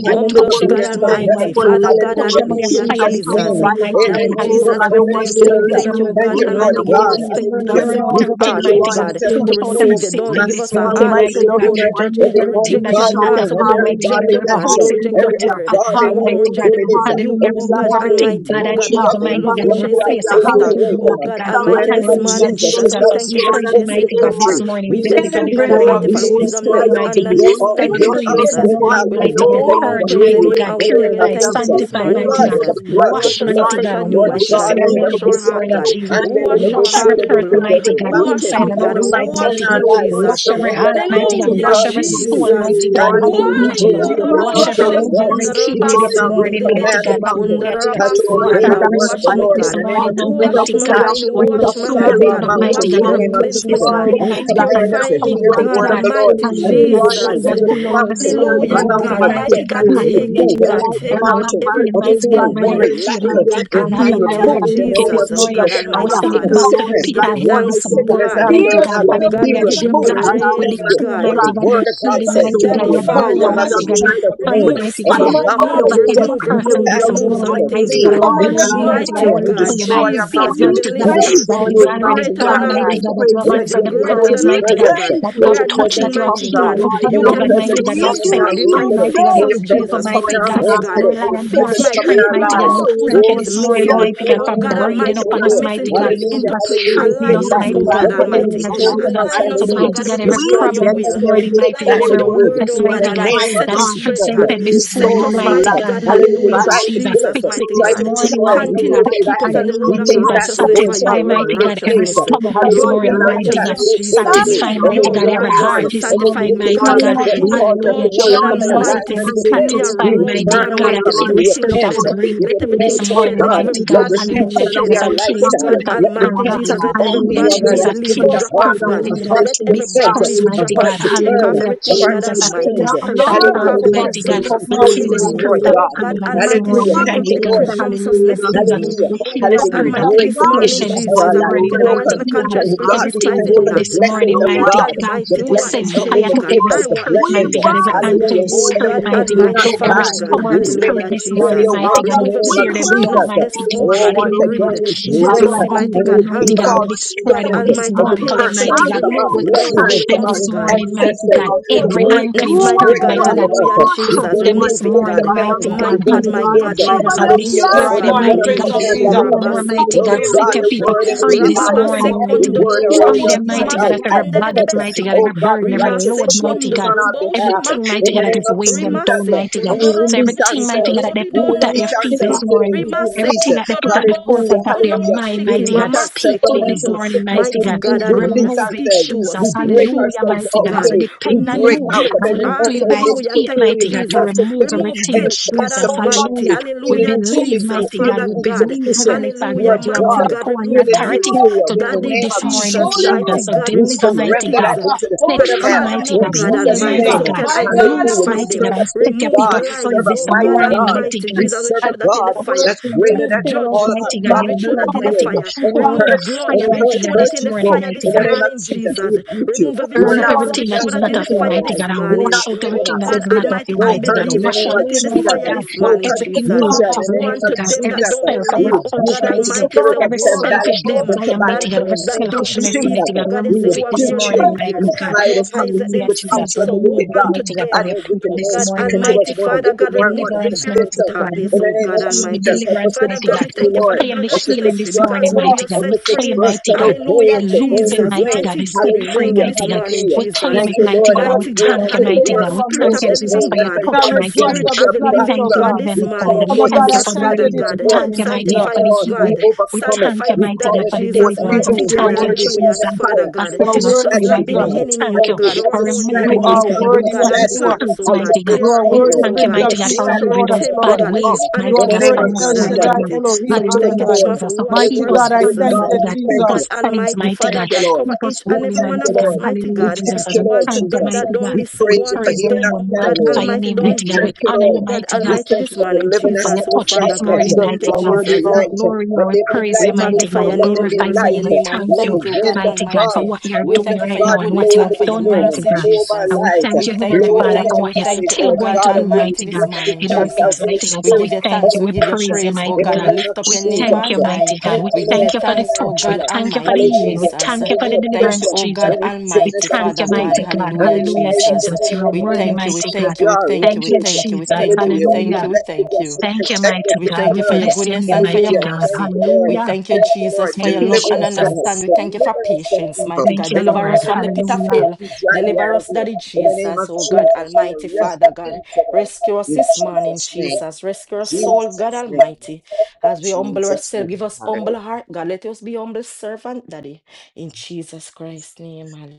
A: God.
G: Humble
F: with
A: Touch
G: us,
E: our
A: them
G: God
A: this
F: obedience from
E: reason
A: morning,
G: Almighty.
F: heaven.
A: mighty
E: for
A: God.
G: Father
E: living
G: God,
A: Touch
E: our
F: Hallelujah.
A: them
F: In
A: with your
G: hallelujah,
E: spirit of
A: fire
F: Jesus'
A: this
G: Jesus.
F: name.
A: morning, mighty
E: survival.
A: God.
G: Daddy
F: Amen.
E: Oh
F: So,
G: Jesus,
A: Hallelujah.
E: God,
G: we
E: the
F: Kura, in
E: one
A: Remove
G: thank
E: we
G: you. We
A: sickness,
E: live
G: thank you, oh
D: Hallelujah,
E: and
A: remove
F: Thank
G: God
F: you,
A: pain,
E: breathe
D: Jesus,
E: and
F: Lord
G: Almighty.
A: remove
G: Give a
E: our
F: God.
D: your
A: disease.
G: respect,
E: being
D: word,
F: Hallelujah.
E: this
A: Burn out
D: Lord.
G: receptive
F: We
A: everything,
E: morning,
F: thank
G: heart,
F: you,
G: oh
A: mighty
E: Lord,
A: God.
G: God,
F: Jesus,
E: in
G: to
A: Flush
F: for
A: out every
E: you,
G: receive
F: cold.
G: you. Don't
E: God.
A: system
G: give
A: this
G: us a
F: Maskente
A: morning,
G: heart.
F: de
E: Almighty,
A: mighty
E: this
A: God.
G: Remove
F: shukura,
G: the judge,
A: Remove
E: morning
F: every
G: the
E: we
A: everything that is
G: rejection
F: ungodly
A: not
E: shout
G: heart.
A: of
F: thing,
G: So we
A: you,
F: every
G: don't
A: mighty God,
G: reject
A: and
F: ungodly
G: your
E: hallelujah,
G: God. We
A: replace
G: don't
F: action,
A: it with
G: reject your
A: what
F: every
A: is
E: hallelujah,
A: of
G: word.
F: ungodly
G: And
A: you,
G: we don't
A: mighty
G: reject
A: God.
G: the
E: hallelujah,
F: harukuridisa,
G: rebuke,
A: Hallelujah.
F: every
G: oh
E: hallelujah,
A: Remove
G: God
F: stronghold,
A: everything,
F: we
G: Almighty,
A: bad
G: oh
A: and
F: root
G: God.
F: you
G: But
E: hallelujah,
F: up
A: evil,
G: who
F: and
G: you
A: mighty
F: we
G: love, you're
A: God, and
F: pluck you out,
G: chasing
A: replace
E: hallelujah,
A: it
F: pull
A: with
F: you
G: after.
D: Lord,
A: good,
F: away
E: hallelujah.
G: Oh
F: from us.
A: mighty
G: God
A: God.
F: In the
G: Almighty,
E: Songwriter
F: name
G: this
F: of
E: said,
A: Hallelujah,
G: morning,
F: Jesus,
G: Jesus. Father. So
F: just
G: we
A: Jesus,
E: yesterday,
F: like
A: us
G: thank you for
F: Jesus
G: the
E: God, and
F: spoke to the
G: chasing
A: mighty
E: today,
A: God,
F: fig
E: I
A: this
G: after.
F: tree,
A: morning.
G: We
F: we can
E: mean,
G: thank you,
A: Deliver
G: O
D: and
A: this
F: speak
G: God
F: it,
D: Prince
A: morning.
G: Almighty,
D: of
E: Holy
F: we
G: for the
A: Heal
D: Peace, of
E: Ghost
F: speak
A: this
G: wisdom,
F: to
A: morning,
F: it
D: God.
G: knowledge,
E: fire,
F: to
G: and
A: mighty God.
F: get off,
E: breathe
A: Set
D: This is
E: on
F: get
G: understanding,
E: us
D: the
A: free
F: up,
D: day
E: this
A: this
D: that
G: Jesus.
F: get
D: you
F: out,
A: morning,
E: morning.
G: We
D: made
F: and
G: lift
A: mighty
F: we
D: of
G: up
A: God.
G: your
F: say,
G: name and
E: Oh,
G: we
F: Get
A: Purge,
G: praise
F: to
G: your
F: you.
A: mighty
G: name
E: glory,
A: God.
G: and
F: In
G: we
F: the
G: tell
F: name
G: you
F: of
A: Purify,
E: hallelujah,
G: thank you
F: Jesus,
G: this
E: breathe
A: sanctify,
E: on
G: morning,
A: mighty
E: us
F: blood,
A: God.
F: the
D: peace.
G: Jesus.
E: this
F: blood,
E: morning,
F: the
A: Wash,
G: Wash us
F: blood.
A: mighty
E: Lord.
G: afresh
A: God.
G: and new,
F: Lord
E: We
A: Wash
G: mighty
A: us
G: God.
F: God,
A: in your
E: thank
F: every
A: blood
F: the
E: you
G: Wash
E: for
G: our
A: this
F: coast
G: heart,
F: and
E: brand
A: morning,
F: the
G: God.
E: new
A: Jesus.
F: and
E: mercy. We
F: little
G: Wash our
F: bush,
A: Wash
E: thank
A: every
G: heart
E: you
G: with
E: for
A: person,
G: blood.
E: brand
F: every
A: mighty
E: new
A: God,
E: grace.
F: mountain,
G: Wash
A: inside
G: me,
A: and
G: God.
F: every
E: We
A: outside,
F: mountain in
E: thank
A: mighty
G: Wash me,
A: God.
F: our
E: you,
F: life, we
E: Lord,
G: Jesus.
A: Wash
E: for
A: every
E: all
F: surrender
A: heart,
F: that
A: mighty God.
E: connected
F: mountain,
G: Hallelujah,
E: us
A: Wash
F: God,
E: this
A: every
F: to
E: morning,
A: soul,
F: you.
G: Jesus.
A: mighty God.
E: Lord.
F: Hallelujah. You
A: Hallelujah,
D: My
G: Why
F: told
A: Jesus.
D: dear,
F: us to,
E: Breathe
D: my
E: on
F: you
A: Wash
E: us
G: Rabo
D: God,
A: every
D: your
F: told us,
D: Lord.
E: this
A: liver,
F: God, to
A: every
E: morning,
F: speak
A: kidney
F: to the
A: this
E: Lord.
F: mountain. We
G: Shekundarabasende
A: morning,
E: Breathe on
G: Debe
E: us
A: mighty
F: command
A: God.
F: the
E: this
F: mountain
A: Hallelujah,
E: morning,
F: not
A: Jesus.
F: to
A: Wash
G: Shekundarabasi
E: Lord.
G: and
F: obey
A: out
E: God,
D: In
F: the
E: I
A: every
F: word
D: Jesus,
F: of
G: wash
F: the
G: me
E: invite
A: stomach
F: Lord.
A: this
E: you,
F: In the
G: God.
F: name
E: God.
F: of,
A: morning,
F: we
E: Let the
G: Wash
A: Almighty
G: my
D: name,
A: God.
E: fire
F: prophesy.
E: of
G: mind,
E: your
F: We
A: Whatever
E: Holy
G: wash my
F: prophesy
A: fluid
G: heart,
F: to
E: Spirit
F: our
A: build
G: God,
A: up,
E: be
A: mighty
F: mountains
G: wash
A: God,
G: me
F: in the
G: and
F: name
E: around
F: of
A: remove
E: us,
A: it
G: cleanse me,
A: this
F: Jesus.
E: Lord
G: God.
D: you
A: morning,
F: And we
A: mighty
D: are
A: God,
E: that
D: the
A: from
F: command
A: the
D: Lord.
F: them to
G: Purify me,
E: nothing,
A: stomach,
F: hear the
E: Lord,
G: God
A: mighty
F: word
A: God.
F: of
E: can
F: the Lord
G: Almighty
D: You are
F: and
E: penetrate,
F: be
A: Hallelujah,
E: Lord, our
F: removed.
G: Jesus.
A: Jesus.
F: Every
E: evil
A: Pull away
E: from
A: the
F: mountain,
E: here,
A: swelling
D: the
A: this
G: Hallelujah,
F: every
E: God
D: Lord.
F: mountain
G: God.
A: morning,
F: of
E: Almighty.
A: mighty
G: Mighty
F: debt
A: God.
G: God,
F: be
E: Let it
G: take
A: Hallelujah,
G: it,
E: be
F: removed.
A: Jesus.
G: God.
F: Every
E: like
G: Take
E: God
A: Every back
F: mountain
G: whatever
A: pain,
G: it
F: of
E: Almighty,
A: mighty
G: is
F: fear,
A: God,
E: God,
G: in
A: every
E: when
D: You
A: head
G: me.
F: worry,
E: we
F: lack
A: pain,
G: Oh
E: stand
F: and
A: mighty
E: your
G: God
A: God.
F: be
E: vision and
A: Hallelujah,
E: a
G: Almighty,
F: removed in
E: baby
A: rebuke
F: the
A: it
E: go
F: name of
A: this
E: on
G: Jesus, oh
E: in
A: morning.
F: Jesus.
E: the
G: God
F: Every
A: I will
G: Almighty
E: fire.
A: send
D: are
A: it
F: mountain of
D: the
G: Father.
A: back to the
E: Lord
G: We
F: sickness,
A: pit
G: give
E: God
G: you
A: of
D: Lord.
A: hell
F: one
G: thanks,
A: this
E: Almighty, and they
F: sickness
A: morning,
G: God.
F: after
A: mighty
E: eat
D: Jesus,
A: God.
D: you
F: another,
E: your
D: are the
G: God,
F: be
G: we
A: Hallelujah,
D: first
G: give
E: stinking,
D: and
G: you
D: the
E: oh
F: removed.
D: last
A: Jesus.
E: God
F: We
D: and the
A: We
F: thank
G: praise,
D: beginning.
F: you.
A: declare,
E: Almighty
F: What
G: God.
F: the
A: mighty
E: God.
A: God, your
F: word of
G: And we
F: God
A: healing,
F: says
E: So,
D: Christ,
G: said,
D: you
F: to
A: mighty
D: are
F: be
A: God,
G: Daddy,
D: my
A: your
E: God,
D: rock,
F: removed
D: you
A: glory,
D: are
F: from
G: Father.
E: surround
D: my
F: us
A: mighty
E: us
F: in
A: God,
D: shield,
A: your
D: Lord.
F: Jesus'
E: right up
A: strength,
E: with
F: name.
G: Remove
E: the
A: mighty God
D: You are
E: fire
F: Every
G: stain,
D: my
E: of
F: mountain
D: God,
E: your
F: of
G: remove,
A: over
D: you are
E: Holy
A: every
F: debt,
D: my
G: remove,
F: we
A: person
E: Spirit.
G: remove,
A: this
E: Us
F: cast you
G: remove
D: God. You
F: into
G: some
A: morning,
F: the
E: anoint me
G: things,
A: mighty God.
F: sea
A: I
D: are
G: God.
A: would
D: my
E: like
F: in
E: an
D: lift
A: believe,
D: up
A: mighty
F: Jesus'
D: my
A: God, I
G: Mighty
F: name.
A: would
F: We
A: look for
G: God,
E: almighty
D: head,
A: you by
F: destroy
E: God.
F: our
A: faith,
G: Jesus,
E: We
G: you're
F: mountains.
G: the
A: mighty God,
F: You
D: Lord.
G: lifter.
E: praise
A: that
F: destroy
A: it
E: you,
A: is
G: You're
F: those
E: our
A: already
F: mountains
G: greater
F: in
G: than
A: done,
F: our
E: Father.
G: all our
A: mighty
E: We
F: lives.
A: God, that
E: praise
A: you have
E: you. We
F: Let
G: blessings. You're
F: your,
A: answered the
E: praise you.
F: let
G: greater
F: your
A: prayers,
G: than
E: We
G: our
A: mighty God,
G: problem,
F: presence,
G: God.
E: praise
A: that you
E: you,
F: let
G: We
A: have
G: are
F: your
E: us
A: touched, that
G: nothing,
F: presence
A: you have
G: mighty
F: come,
E: anointing
A: healed,
F: God.
A: you
G: God.
A: have
E: like
F: May
G: You
F: your
E: God.
G: can
A: delivered, mighty
F: presence
A: God,
D: Lord,
E: We
G: fix
A: you
F: come
A: have
G: us,
F: in
A: set
E: give
F: our
G: God. You
E: you
F: room
G: can
A: free,
F: today.
A: mighty God,
G: fix
F: May
A: your
G: us,
F: your
E: praise, us
A: people,
F: presence
G: Jesus.
F: come in
A: mighty
F: our
G: Fix
E: anointing
A: God.
G: us,
F: homes
E: our
A: We
G: God.
F: today. May
A: rely
F: your
A: on
E: Father.
A: your
G: Fix
F: presence
G: my
F: come
E: We
F: in
A: strength,
F: our
G: scream
A: mighty
G: at the
A: God. I
F: lives.
G: screws
A: thank
G: that
A: you
F: Oh,
E: glorify
G: is
A: this
E: you,
F: shit,
A: morning,
E: Lord
G: missing.
F: we
A: mighty
E: God
A: God,
F: couldn't
G: Oh,
A: for
F: be
G: God
F: more
A: breathing
E: Almighty
G: Almighty,
F: so
G: put
A: upon
G: the
E: God.
A: us,
G: missing
A: mighty God,
E: Holy
G: place
F: Hallelujah,
E: Lord,
G: into
A: for
G: place.
E: there
F: hallelujah. We
E: is
A: strengthening
F: take
A: us,
G: Align us,
F: back
E: none
A: mighty
G: oh,
A: God.
F: what
G: God
E: like
F: the
E: you,
F: enemy
G: Almighty.
A: Hallelujah,
E: God
F: stole from
A: Jesus.
F: us.
G: Align
A: So,
E: Almighty
G: us, oh,
E: God.
F: Hallelujah.
A: mighty
G: God,
A: God,
G: with
F: The
A: every
G: your will and
E: When
F: spoils
G: your
F: of
A: problem
E: can
F: the
A: this
G: will.
F: enemy, and we
A: morning,
E: searches
F: take
A: mighty
G: Align
A: God,
F: back
G: us
E: all
F: as
G: with
A: every
G: your
E: work
F: good.
G: word,
A: weakness,
G: oh,
F: In
G: God
A: mighty
E: one
F: the
A: God
G: Almighty.
F: name
E: find
F: of
G: Set
A: that
G: us
A: is
E: God?
G: straight,
F: Jesus,
E: There
G: God.
A: presented
F: he
E: is
A: before
G: Set
F: stole
A: you,
E: none
G: us,
F: from us.
A: mighty
G: mighty
E: like
A: God.
G: God.
E: you,
F: Hallelujah.
A: Hallelujah,
E: God.
G: Hallelujah,
E: I
F: Tried to
A: Jesus.
E: know
F: kill
E: the
F: us,
G: Jesus,
A: Fix it
G: mighty
F: tried
A: this
F: to
E: songwriter
G: God.
E: that you
A: morning,
F: destroy
E: have
F: us. We
A: mighty
E: no
G: Continue
A: God.
F: take
G: to
F: it back
G: keep
E: rival
G: us on
F: back.
G: the
E: and
G: road
A: Hallelujah,
F: We
E: you
G: of
F: take
E: have
F: back.
A: Jesus.
F: We
E: no
F: are
G: righteousness
F: going
G: for
F: to our
A: Satisfy,
G: your
E: equal
A: mighty
F: rightful
A: God,
E: Nothing in
A: every
F: place.
G: righteousness.
E: mind
A: stomach
E: in
A: this
E: life,
F: Hallelujah.
G: Your
E: God
A: morning,
F: Let
A: mighty
F: that
E: Almighty.
A: God.
G: righteousness,
E: You
F: go every
G: Jesus.
F: day.
A: Satisfy,
E: stand
F: Every
A: mighty
E: above
A: God,
G: Your
E: them
F: wicked
A: every
E: all
A: heart
F: one,
G: righteousness
A: this
E: Nothing in
F: every
E: mind
G: sanctify
A: morning,
G: me,
E: in
F: wicked
A: mighty
F: one
E: life.
A: God.
F: that's
G: consecrate
F: what
G: me.
E: We
F: caused us to
G: Oh
A: Hallelujah,
E: thank you,
F: want to
G: God
E: Lord,
F: come
A: Jesus.
F: in
E: God, for
A: Let
G: Almighty,
A: them
F: alignment
A: be
F: with
E: standing
G: spin
E: for
G: me
F: them.
E: us
A: satisfied,
F: We
E: this
G: around, God
A: mighty
F: turn
E: morning,
F: away
A: God. I
G: Almighty.
F: from it.
G: Let
A: kill
E: Lord.
F: We
A: the
G: everything
E: The
A: spirit of
F: repent.
G: shed.
A: greed
F: We
G: Let
F: repent
G: everything
A: this
E: undisputed,
F: today,
G: shed.
A: morning,
G: Let
F: God.
G: every
A: mighty God.
F: Let
E: undefeated
G: bad weed
A: Hallelujah,
E: champion
F: repentance
E: of
F: be
A: Jesus.
G: shed.
A: I
F: our
E: all
G: Oh
A: kill the
F: lifestyle.
G: God
A: spirit
E: champions
A: of
E: this
F: Let
G: Almighty
A: anger.
E: morning.
G: Jesus,
F: repentance
G: let every
F: always
A: Hallelujah,
F: be
G: bad
E: We
F: on our
A: Jesus.
G: weed
A: I
E: bless
F: lips. Give
G: leave,
A: kill
F: us
E: you,
A: the
F: a
G: drop
F: heart,
G: off,
A: spirit,
E: Father.
A: mighty
G: God.
E: We
F: a
A: God
E: bless
F: heart
G: Let
F: to
E: you,
G: every bad
F: repent,
E: Father.
A: mistrust,
G: leaf
E: We
F: a
A: mighty
G: drop
E: bless
G: off.
F: heart
A: God.
F: to
E: you. We
G: Shake off
F: turn,
A: Hallelujah,
E: bless
F: a
E: you,
G: everything,
F: heart
G: God
F: to
A: Jesus.
E: Lord.
A: I kill the
G: Almighty.
F: change.
A: spirit of
E: Lord,
G: Shake
F: Hallelujah.
E: we
G: off
A: pride,
F: A
G: the
F: heart
A: mighty
F: to
A: God.
E: exalt
F: become
A: We
E: you,
G: presumptuousness
F: close
A: kill
G: in
F: to
A: the
E: Lord,
F: you,
G: me.
E: we
A: spirit
F: Lord
A: of
G: Oh
E: lift
F: God.
G: God
E: you
A: anger
E: up.
A: this
G: Almighty,
F: Hallelujah.
A: morning,
E: Lord,
G: shake up
F: Thank
A: mighty
G: the
F: you,
E: we
A: God.
F: Lord.
E: thank you
A: Hallelujah,
G: presumptuousness
E: this
G: in me.
A: Jesus.
E: morning,
F: Hallelujah.
A: We
G: Oh
A: kill the
G: God
F: Hallelujah. We
E: Father.
A: spirit of
G: Almighty,
F: break
G: this
F: the
E: God,
G: morning,
E: we
F: curses
A: impatience
F: off of
A: this
E: bow
G: Jesus,
F: our
G: a
E: in
F: life.
A: morning,
G: broken heart
A: mighty
G: and
F: Broken.
G: a
E: reverence to
A: God.
E: you,
G: contrite
F: And
G: spirit, I
E: God,
F: God, we
E: for
A: Everything
E: your
G: despise
F: thank
G: it
F: you
A: going
F: for the
G: not.
A: this
E: holiness and
A: morning,
F: blessings
G: Oh
E: your
F: of
G: God
A: mighty
F: God.
A: God.
F: The
G: Almighty, we
E: righteousness
A: We
G: want
E: this
G: the
A: send
F: blessings that
E: morning,
A: fire
G: change,
A: to
G: God.
F: overtake
A: every
F: us.
G: I
E: Lord.
F: The
G: want the
A: spirit,
E: We
F: blessings.
A: mighty
G: change,
A: God.
E: bow
A: Every
G: Jesus.
A: anti
F: Hallelujah.
E: before
G: Oh
F: Instead
A: spirit,
F: of the
G: God
E: you
F: curse,
A: mighty
F: we
A: God.
F: will not
G: Almighty,
E: this
A: Every
G: Father
F: die.
G: God,
E: morning,
A: stubborn
F: We
E: God
F: live
A: spirit
G: hallelujah,
F: and
A: this
F: declare
E: Almighty,
A: morning,
G: Jesus.
F: your
A: mighty
E: God.
A: God.
F: works in
A: We
F: the
G: Remove every
F: name
E: We
F: of
A: tear them
E: bow,
A: down,
G: covetousness,
F: Jesus.
A: mighty
G: yes,
E: God
A: God.
G: oh
F: Oh,
G: God,
E: Almighty,
A: In
G: every
F: once
E: the
A: the name of
F: again,
G: greed,
F: we
E: Lord, you
A: Jesus,
E: got
A: we
F: break
E: an
G: jealousy,
A: rebuke
G: mighty
F: and we
G: God,
A: them,
E: unburdened
A: mighty
F: rebuke
A: God.
E: person,
G: hunger,
A: And we
F: all
E: not
G: oh
E: in
A: destroy
G: God
A: them, we
F: sickness
E: truth
G: Almighty,
F: and
E: at
F: the
E: all.
A: dismantle them,
F: curse
A: mighty
G: patience.
E: Have
A: God.
F: from
E: your
F: our
G: Remove
A: We
E: way.
G: those in
F: bloodline,
A: crush them
F: from
E: Let's
F: our
G: us,
A: this
E: just
G: God.
A: morning,
E: mind in
A: mighty
F: ancestors.
A: God. Every
F: Break it.
E: Do
A: unclean
G: Weakness,
F: We
G: mighty
A: spirit,
F: break
G: God,
F: it
E: whatever
A: mighty
F: off
A: God.
E: you
F: of us.
G: hallelujah,
A: We
E: want.
F: We
A: crush
E: Just
F: go
G: Jesus.
A: them
F: into
A: this
F: the
E: mind
G: Remove it,
E: in
F: courts of
A: morning,
G: God.
E: God
F: heaven,
A: mighty
F: God.
G: My
A: God.
F: We go
G: God,
E: Almighty
F: into the
G: my
E: God.
A: Hallelujah,
G: God,
F: courts.
G: my
E: Whatever
A: Jesus. I
G: God,
A: will
E: your
F: Hallelujah.
G: heal
F: That
G: us,
E: plan.
A: destroy
D: this
F: there's
G: God.
A: them,
F: a
G: No
D: morning,
F: better
A: mighty
E: Do it
A: God.
D: Prince of
G: mushi
E: your
F: covenant,
D: Peace.
F: that
D: In
A: No
E: way,
D: the
A: more,
E: God.
F: covenant.
G: korabase
E: Do
A: mighty
E: it
D: mighty
F: Lord
A: God.
E: your
D: name of
A: Set
F: God,
A: your
E: way,
F: the
D: Jesus
A: people
G: kondoroboshi.
E: your
F: word in,
D: Christ,
F: the,
E: way,
A: free
F: in
D: do
F: the
A: this
E: God.
D: your
F: courts,
D: will,
F: uh,
G: Rababase
E: And
A: morning,
D: Lord.
A: mighty
F: the
E: only
A: God.
F: word
E: your
D: Do
F: of our
D: your
E: way,
A: Free
G: kondoroboshi
D: work,
A: them,
E: just
F: Jesus,
A: mighty
D: mighty
A: God,
F: our
G: kumashi
A: of
E: mind
A: every
D: God.
A: baggage,
F: advocate.
A: mighty
G: kenderebesi.
F: uh,
A: God,
F: Oh
A: every
F: God, the
A: burden, every
F: righteous
G: Rimase
A: load,
F: judge
A: mighty
F: is
A: God.
F: on our
G: kondoroboshi
F: behalf. uh,
A: Everything, mighty
F: In the
A: God, that
G: makunde.
F: name
A: is
F: of
A: weighing them
F: Jesus.
A: down,
G: Rimase
F: uh,
A: mighty
F: And
A: God.
F: we
A: So
F: release
A: everything,
G: kondoroboshi
A: mighty God,
F: ourselves.
A: that they
G: komori
F: We
A: put at your
F: release
A: feet this
F: ourselves
G: donomose.
F: today.
A: morning.
F: We
G: Rima
F: release.
A: Everything
F: uh,
A: that they
G: secondo
A: put at the
G: robose,
F: Hallelujah.
A: forefront of their
F: Hallelujah.
A: mind,
F: We
G: kunomoshiki
A: mighty
F: Release
A: God.
G: mama
A: Speak
F: ourselves from
A: to it
D: Holy
A: this
F: mental
G: secondo.
A: morning,
F: sickness.
A: mighty
F: We
A: God.
G: Mighty God,
F: release
G: hallelujah.
F: release
A: Remove it,
G: Speak
F: ourselves.
G: to us,
F: We
A: Jesus.
G: speak
F: break
G: through
A: Hallelujah,
F: ourselves
G: us,
A: mighty God. As we
F: away.
G: God.
F: We
A: depend on
F: break
A: you,
G: Remove
F: out of
A: I
G: guilt,
A: will
F: every
A: look to you
F: mental
A: by
G: hallelujah.
A: faith,
G: Thank you,
A: mighty
F: interference,
A: God, to
G: Jesus.
F: mental
A: remove
F: sickness
G: Remove
A: everything,
F: and
G: guilt, God
A: Jesus.
G: Almighty,
A: Hallelujah.
F: insufficiency,
A: We
G: hallelujah,
F: feeling, insu-
A: believe,
F: in, uh,
G: Jesus,
A: mighty God,
G: Father
F: feeling
A: we
G: God,
A: believe,
F: insufficient.
A: Heavenly Father,
G: hallelujah,
F: Lord
A: that you have all
G: mighty
A: the
F: God,
G: God.
A: power and
G: Remove
F: healing
A: authority
G: guilt,
D: word,
F: interior
A: to
F: in the
A: do it
G: Daddy
F: name
A: this
F: of
A: morning,
G: Jesus,
D: holy
F: Jesus.
D: word,
G: mighty
A: Jesus. So
G: God.
F: We
G: Remove
A: deliver,
G: some
A: mighty
F: surrender
A: God.
G: things,
F: that
D: Father,
F: into the
G: oh
A: Set
F: pit
G: God.
F: of
D: holy
A: free,
F: hell
G: Call Call
D: word,
G: them,
A: mighty
G: oh
F: in
A: God.
D: Prince
G: God
D: of
A: Heal,
F: Jesus'
D: Peace.
G: Almighty,
A: mighty
G: so
F: name.
G: we
A: God.
G: can
D: My God, I
A: Loose,
F: Hallelujah. We
G: identify
A: mighty
G: them.
A: God.
F: serve
D: worship,
F: a
A: And
F: big
A: set your
G: Remove
A: people
F: God. We
A: free
F: serve
G: lies,
A: this
F: a
G: oh
D: I
F: mighty
G: God
A: morning,
F: God.
D: worship,
A: mighty
G: Almighty,
A: God.
F: We
G: Jesus, we
F: serve
G: throw
F: a
G: that in the
D: I
F: God
A: Hallelujah,
D: worship.
G: fire.
F: that's
A: Jesus.
F: greater than
G: Remove
A: Pour
F: any-
G: judge,
A: out,
F: all of our
G: oh
A: mighty God,
D: You
G: God, we
A: your
F: problems
G: throw
F: and
A: blood,
F: our
G: that
D: are
G: in the
A: mighty
F: cares.
A: God.
G: fire.
D: the
F: Any
A: pour out. your
G: Remove
F: hurt,
G: grudge,
F: any
A: I'm
G: we
A: mighty
F: hurt,
G: throw
A: God,
G: that
A: this
F: hurt
G: in the
F: you
A: morning,
F: go.
G: fire
A: mighty
F: In
G: this
A: God.
F: the name of
G: morning,
F: Jesus, we
G: Jesus.
F: rebuke you.
G: Remove every
F: You
A: Burn
F: will
A: up
F: not
D: Lord
G: jealous,
F: be
D: of
G: we
A: everything that
G: throw
A: is
G: that
A: not
F: welcome
G: in the
A: of
F: into
A: you,
F: our
G: fire
A: mighty
G: this
A: God,
F: lives.
A: and
F: You will
G: morning.
A: wash
F: not
A: out
F: live in
G: Oh
F: us.
A: everything that
F: Say,
G: God
A: is not of you,
G: Almighty,
F: no
A: mighty God.
F: hurt in
G: unbelief, we
F: the
A: Wash
G: throw
F: name of
G: that
A: away,
G: in the
D: you
A: mighty
D: are
G: fire
F: Jesus
D: the
A: God,
G: this
D: Lord
F: no
G: morning,
A: every
D: of
G: Jesus.
F: confusion
D: Father,
F: in
A: impurities,
F: the
G: One
F: name
A: mighty
F: of
G: to
A: God,
G: them that
A: every
F: Jesus.
G: don't
A: self, every
F: We
G: believe,
D: Father.
G: oh
A: flesh,
F: rebuke
G: God
F: every
A: mighty God,
D: The
G: Almighty, I say,
D: Lord
F: spirit of
A: every
G: woe
D: of
G: unto
A: selfish
F: Sambalat
D: hosts.
G: them
F: and
A: desire,
G: that
A: mighty
F: Tobias
A: God,
F: in
G: don't,
F: the
A: every
G: that
F: name of
G: don't
A: selfishness,
G: believe.
A: mighty
F: Jesus.
G: Oh
A: God.
G: God, I
F: We
G: say,
A: Remove
G: who
A: it
G: have
A: this
F: rebuke
G: ear, let
F: you.
G: them
A: morning,
D: Praise
G: hear,
F: We
A: mighty
D: the
A: God.
G: and
F: hide
G: who
F: us
G: have
F: from
G: eyes,
F: the
G: let
A: Hallelujah,
G: them
F: secret
G: see.
A: Jesus.
F: counsel of
G: So
F: the
G: woe
A: Remove
F: wicked
A: it,
F: God.
G: unto
A: mighty God, from
F: And
G: them.
A: your
F: the
A: people
F: wicked
G: Oh
A: this
F: one
G: God,
A: morning,
F: speaking to us,
G: Almighty
A: mighty
F: one
A: God.
F: a
G: Father,
F: wicked
G: God,
F: one, one
G: remove
F: to
G: the
A: Deliverance,
G: fear
A: mighty
G: of
F: convince us.
A: God.
G: darkness.
F: In the
G: Oh
A: We
F: name
G: God,
F: of
A: claim the
F: Jesus,
G: Almighty
F: help us
A: deliverance,
F: to
G: Father,
A: mighty
G: God,
A: God.
F: trust
G: we
F: you,
G: thank you
A: We
G: for the
F: Lord.
A: claim
G: blood
A: the
F: Help
G: that
F: us
G: set
F: to
A: healing
G: us free,
A: this
F: trust
G: because
A: morning,
F: you.
G: who
D: Lord.
G: you
A: mighty God.
F: Help
A: We
G: set
F: us to
G: free.
A: claim,
F: trust
A: mighty
F: and
A: God.
F: obey
G: Hallelujah,
F: it
A: Be
F: the
A: loosen,
F: only
G: Jesus,
F: way.
A: mighty God,
G: mighty
A: be
G: God,
A: set
G: we
A: free,
G: thank you
F: Hallelujah.
G: this
A: mighty God.
G: morning,
F: Hallelujah.
A: We claim
G: Jesus,
F: Thank
A: it,
F: you,
A: mighty
F: Lord,
D: For
A: God,
F: as
A: and
D: the
A: we
F: we
G: mighty
F: hold
G: God.
F: on
A: thank you,
F: to the
D: day
A: mighty
D: that
G: Hallelujah,
A: God.
D: you
F: word.
A: We
D: have
G: Spirit
F: It
A: thank
D: made.
G: of
A: you,
G: the
F: says,
A: Jesus,
F: No
G: living
A: for your
F: weapon
G: God,
D: We are
A: touch,
F: formed
A: mighty
F: against
D: rejoiced
A: God.
G: Spirit
F: us
D: of the
G: of
F: shall
G: the
A: We
D: gladness
G: living
A: thank
D: of
F: prosper.
A: you,
G: God,
D: God.
G: this
F: We
A: Heavenly
G: morning,
A: Father.
F: call
A: We
D: Father
F: forth
D: God,
A: thank
F: every
A: you
D: I
G: Jesus,
A: for the
D: thank
G: Father
D: you
F: strategy
A: relief.
D: this
A: We
F: of
G: God,
F: hell.
A: thank
D: morning,
A: you,
F: We
A: mighty God,
D: Jesus.
G: sanctify
A: for the
G: us,
F: call, we
A: healing.
G: God,
A: We
F: overcome it.
A: thank
G: sanctify
A: you,
G: us,
F: We
A: mighty
F: call
G: Daddy
A: God,
F: it
A: for the
F: forth
G: Jesus,
F: and
A: deliverance.
F: come
A: We
G: mighty
D: Jesus,
F: and
D: you
G: God,
D: are
F: bring
A: thank you,
F: and
D: worthy.
F: put it in
G: hallelujah,
A: Jesus,
F: the
G: Father
F: fire.
A: for
G: God.
D: You are
F: Every
A: setting
G: Let
A: us
D: worthy,
G: us
A: free,
F: strategy,
G: not
A: mighty
G: be
A: God.
D: Jesus.
G: the
A: We
F: God.
G: enemy,
A: thank
G: oh
A: you
G: God,
F: Hallelujah. Give us
G: our
A: for
F: the
G: own
D: You
A: removing,
F: strategies,
G: enemy,
D: are
A: mighty
F: God.
A: God,
F: Give
G: oh
A: those
F: us
D: worthy,
G: God,
A: evil
D: Yeshua.
G: unclog
F: strategies
G: us,
A: spirits,
G: oh
F: how to
G: God,
A: mighty God.
D: You
G: clear our
D: are
A: We
F: overcome,
D: worthy,
G: ears,
F: Lord.
G: oh
A: thank you,
D: Prince
F: Give
G: God,
D: of
A: mighty
F: us
A: God, for
D: Peace
G: wash
D: and
G: our
F: strategy
A: removing
D: Lord of
F: how
A: those
F: to
G: temple,
A: bad
D: Lords.
G: God, let we
F: overcome.
A: ways,
G: honor
D: You
G: it
F: In
A: mighty
D: are
F: the
A: God,
G: before
F: name
G: you,
F: of
D: worthy,
A: from us,
D: El
G: God
A: mighty
F: Jesus,
D: Shaddai,
A: God.
G: Almighty.
F: speak
G: So
D: Elohim,
G: we
F: to us,
G: thank you
A: Hallelujah,
G: this
D: Adonai.
G: morning
F: Lord.
A: Jesus.
G: for
A: So
G: wash
D: Mighty
A: keep
G: our
F: Hallelujah.
A: us
D: God, I
A: free,
F: Oh
G: vessels,
D: thank
F: God,
D: you,
A: mighty
F: we
A: God.
G: oh
A: Keep
F: thank
D: Jesus.
F: you.
G: God
A: us friends,
G: Almighty,
F: We
A: mighty God.
F: thank
G: Father
F: you,
G: God,
F: Lord.
G: cover
A: Keep us
G: each
F: We
G: and
A: holy,
G: every
F: thank
G: one
F: you,
A: mighty
G: of
A: God.
G: us,
F: Lord.
G: mighty
F: We
A: Hallelujah,
G: God.
A: Jesus.
F: thank
A: As
F: you,
A: we
G: One
F: Lord
G: to
A: thank you,
G: them
F: Jesus.
A: mighty
G: that
A: God.
G: don't
F: We
G: listen.
A: We
F: praise
G: One
F: you
G: to
F: for
A: praise your
F: hearing
A: name,
G: them,
A: we
F: our
G: oh
F: cry,
G: God
A: magnify
F: Lord.
A: your
G: Almighty,
A: name,
F: We
G: don't
A: mighty God. We
G: hear.
F: thank you,
A: honor
G: Oh
A: you,
F: Lord.
G: God
A: mighty God
F: We
G: Almighty,
F: thank
G: this
F: you for
G: morning,
A: you
F: delivering us
A: for your
G: Jesus.
F: from
G: Oh
F: the
A: touch
G: Father
A: this
G: God,
F: darkness.
G: we
A: morning,
D: Jesus,
G: thank
D: you
G: you,
A: mighty
F: Let
D: are
A: God.
F: there
D: worthy,
F: be
G: Jesus.
A: We
D: Lord.
F: light.
A: glory you
F: Let
A: and we
F: there be
A: praise
G: We
A: you,
F: light in this
A: mighty
G: magnify
A: God.
F: room.
A: We
G: your
F: Let
G: name,
F: there
G: we
F: be
A: glorify your
G: glorify
A: name.
G: your
F: light.
A: We
G: name, and we
A: thank
F: Let
A: you,
G: thank
F: the
G: you, God
F: wind of
A: mighty God, for
F: God,
G: Almighty.
A: what you are
G: We
F: wind
A: doing
G: thank
F: of
G: you for
A: right
G: your
F: God
A: now and
F: blow
A: what
G: goodness
A: you have
G: and
F: over
G: for
F: this
G: your
A: done,
F: room
A: mighty
F: and
G: mercy,
A: God.
F: blow over our
G: Jesus.
A: And we
F: lives,
A: thank
G: We
A: you,
G: thank
A: Heavenly
G: you,
F: blow
G: we
A: Father,
F: over
A: for
G: thank you,
F: our
A: what
G: we
A: you're
G: thank
F: bodies,
G: you,
A: still
G: oh
F: Lord
A: going
G: God
A: to
F: God.
A: do,
G: Almighty,
A: mighty
G: this
A: God,
F: Let we
G: morning,
A: in our
F: cast out
A: midst,
G: Jesus.
F: any
A: mighty God.
G: We
A: So
F: spirit
A: we
G: give you
F: of
A: thank
G: thanks,
A: you.
G: we
A: We
G: give you
A: praise
F: oppression
A: you,
G: praise, oh
F: in
A: mighty
G: God.
F: the
G: We
A: God.
F: name of
G: lift up
A: We
G: your name
F: Jesus.
A: thank you,
G: on high.
A: mighty God.
F: Thank
A: We
F: you,
G: We give you
F: Lord,
A: thank you
F: for
A: for the
F: being
G: thanks,
F: our
G: oh
A: touch. We
G: God
F: healer.
A: thank you for the
G: Almighty,
A: healing. We
F: Hallelujah. From
G: Jesus.
A: thank you for
F: any
A: the
G: Thank
A: deliverance,
G: you,
F: oppression,
G: oh
A: Jesus.
G: God
F: any
A: We
F: sickness
G: Almighty,
F: and
A: thank you,
G: Father
F: disease,
G: God.
A: mighty God.
G: Hallelujah,
F: any
A: Hallelujah,
F: lies of the
G: Jesus.
A: Jesus. You
F: enemy
A: are
F: in
G: We
F: the name
A: worthy,
F: of
G: thank you, we
A: mighty
F: Jesus.
A: God.
G: thank
F: You
G: you, we
F: are a
G: thank you,
A: Thank
G: we
F: refuge.
G: thank you,
A: you,
G: we
A: Jesus.
G: thank you, we
F: Hallelujah.
A: We
F: You
G: thank
A: are.
G: you, we
F: refuge
G: thank
F: us.
G: you.
F: You
A: Thank you, mighty
F: protect us.
G: We
F: You
G: thank you
F: cover
G: for
F: us.
G: your
A: Bless your
G: goodness
A: name,
G: and for your
A: mighty
F: Hallelujah.
A: God.
F: Thank
G: mercy.
F: you, Lord.
G: We
A: Hallelujah.
G: thank you,
F: Thank you, Lord.
G: Jesus, for
A: Thank
G: your
A: you,
G: love
F: Deliver
G: and
F: us, God.
G: understanding.
A: Jesus.
G: We thank you for
F: Deliver us from
G: patience,
F: evil.
G: mighty God.
F: Every
G: Deliver us from the
F: monitoring
G: pit of
A: Hallelujah.
F: spirit,
G: hell.
F: you drive me
G: Deliver
F: out of
G: us,
F: here.
G: Daddy
F: In the name
G: Jesus,
F: of
G: oh God,
F: Jesus, we
G: Almighty
F: arrest
G: Father
F: the
G: God.
F: thief today.
G: Rescue us
F: In
G: this morning,
F: Jesus' name.
G: Jesus. Rescue our soul, God
F: Jesus' name.
G: Almighty. As we humble
F: Jesus'
G: ourselves,
F: name.
G: give us humble
F: Hallelujah.
G: heart, God. Let us be humble servant, Daddy. In Jesus Christ's name, hallelujah.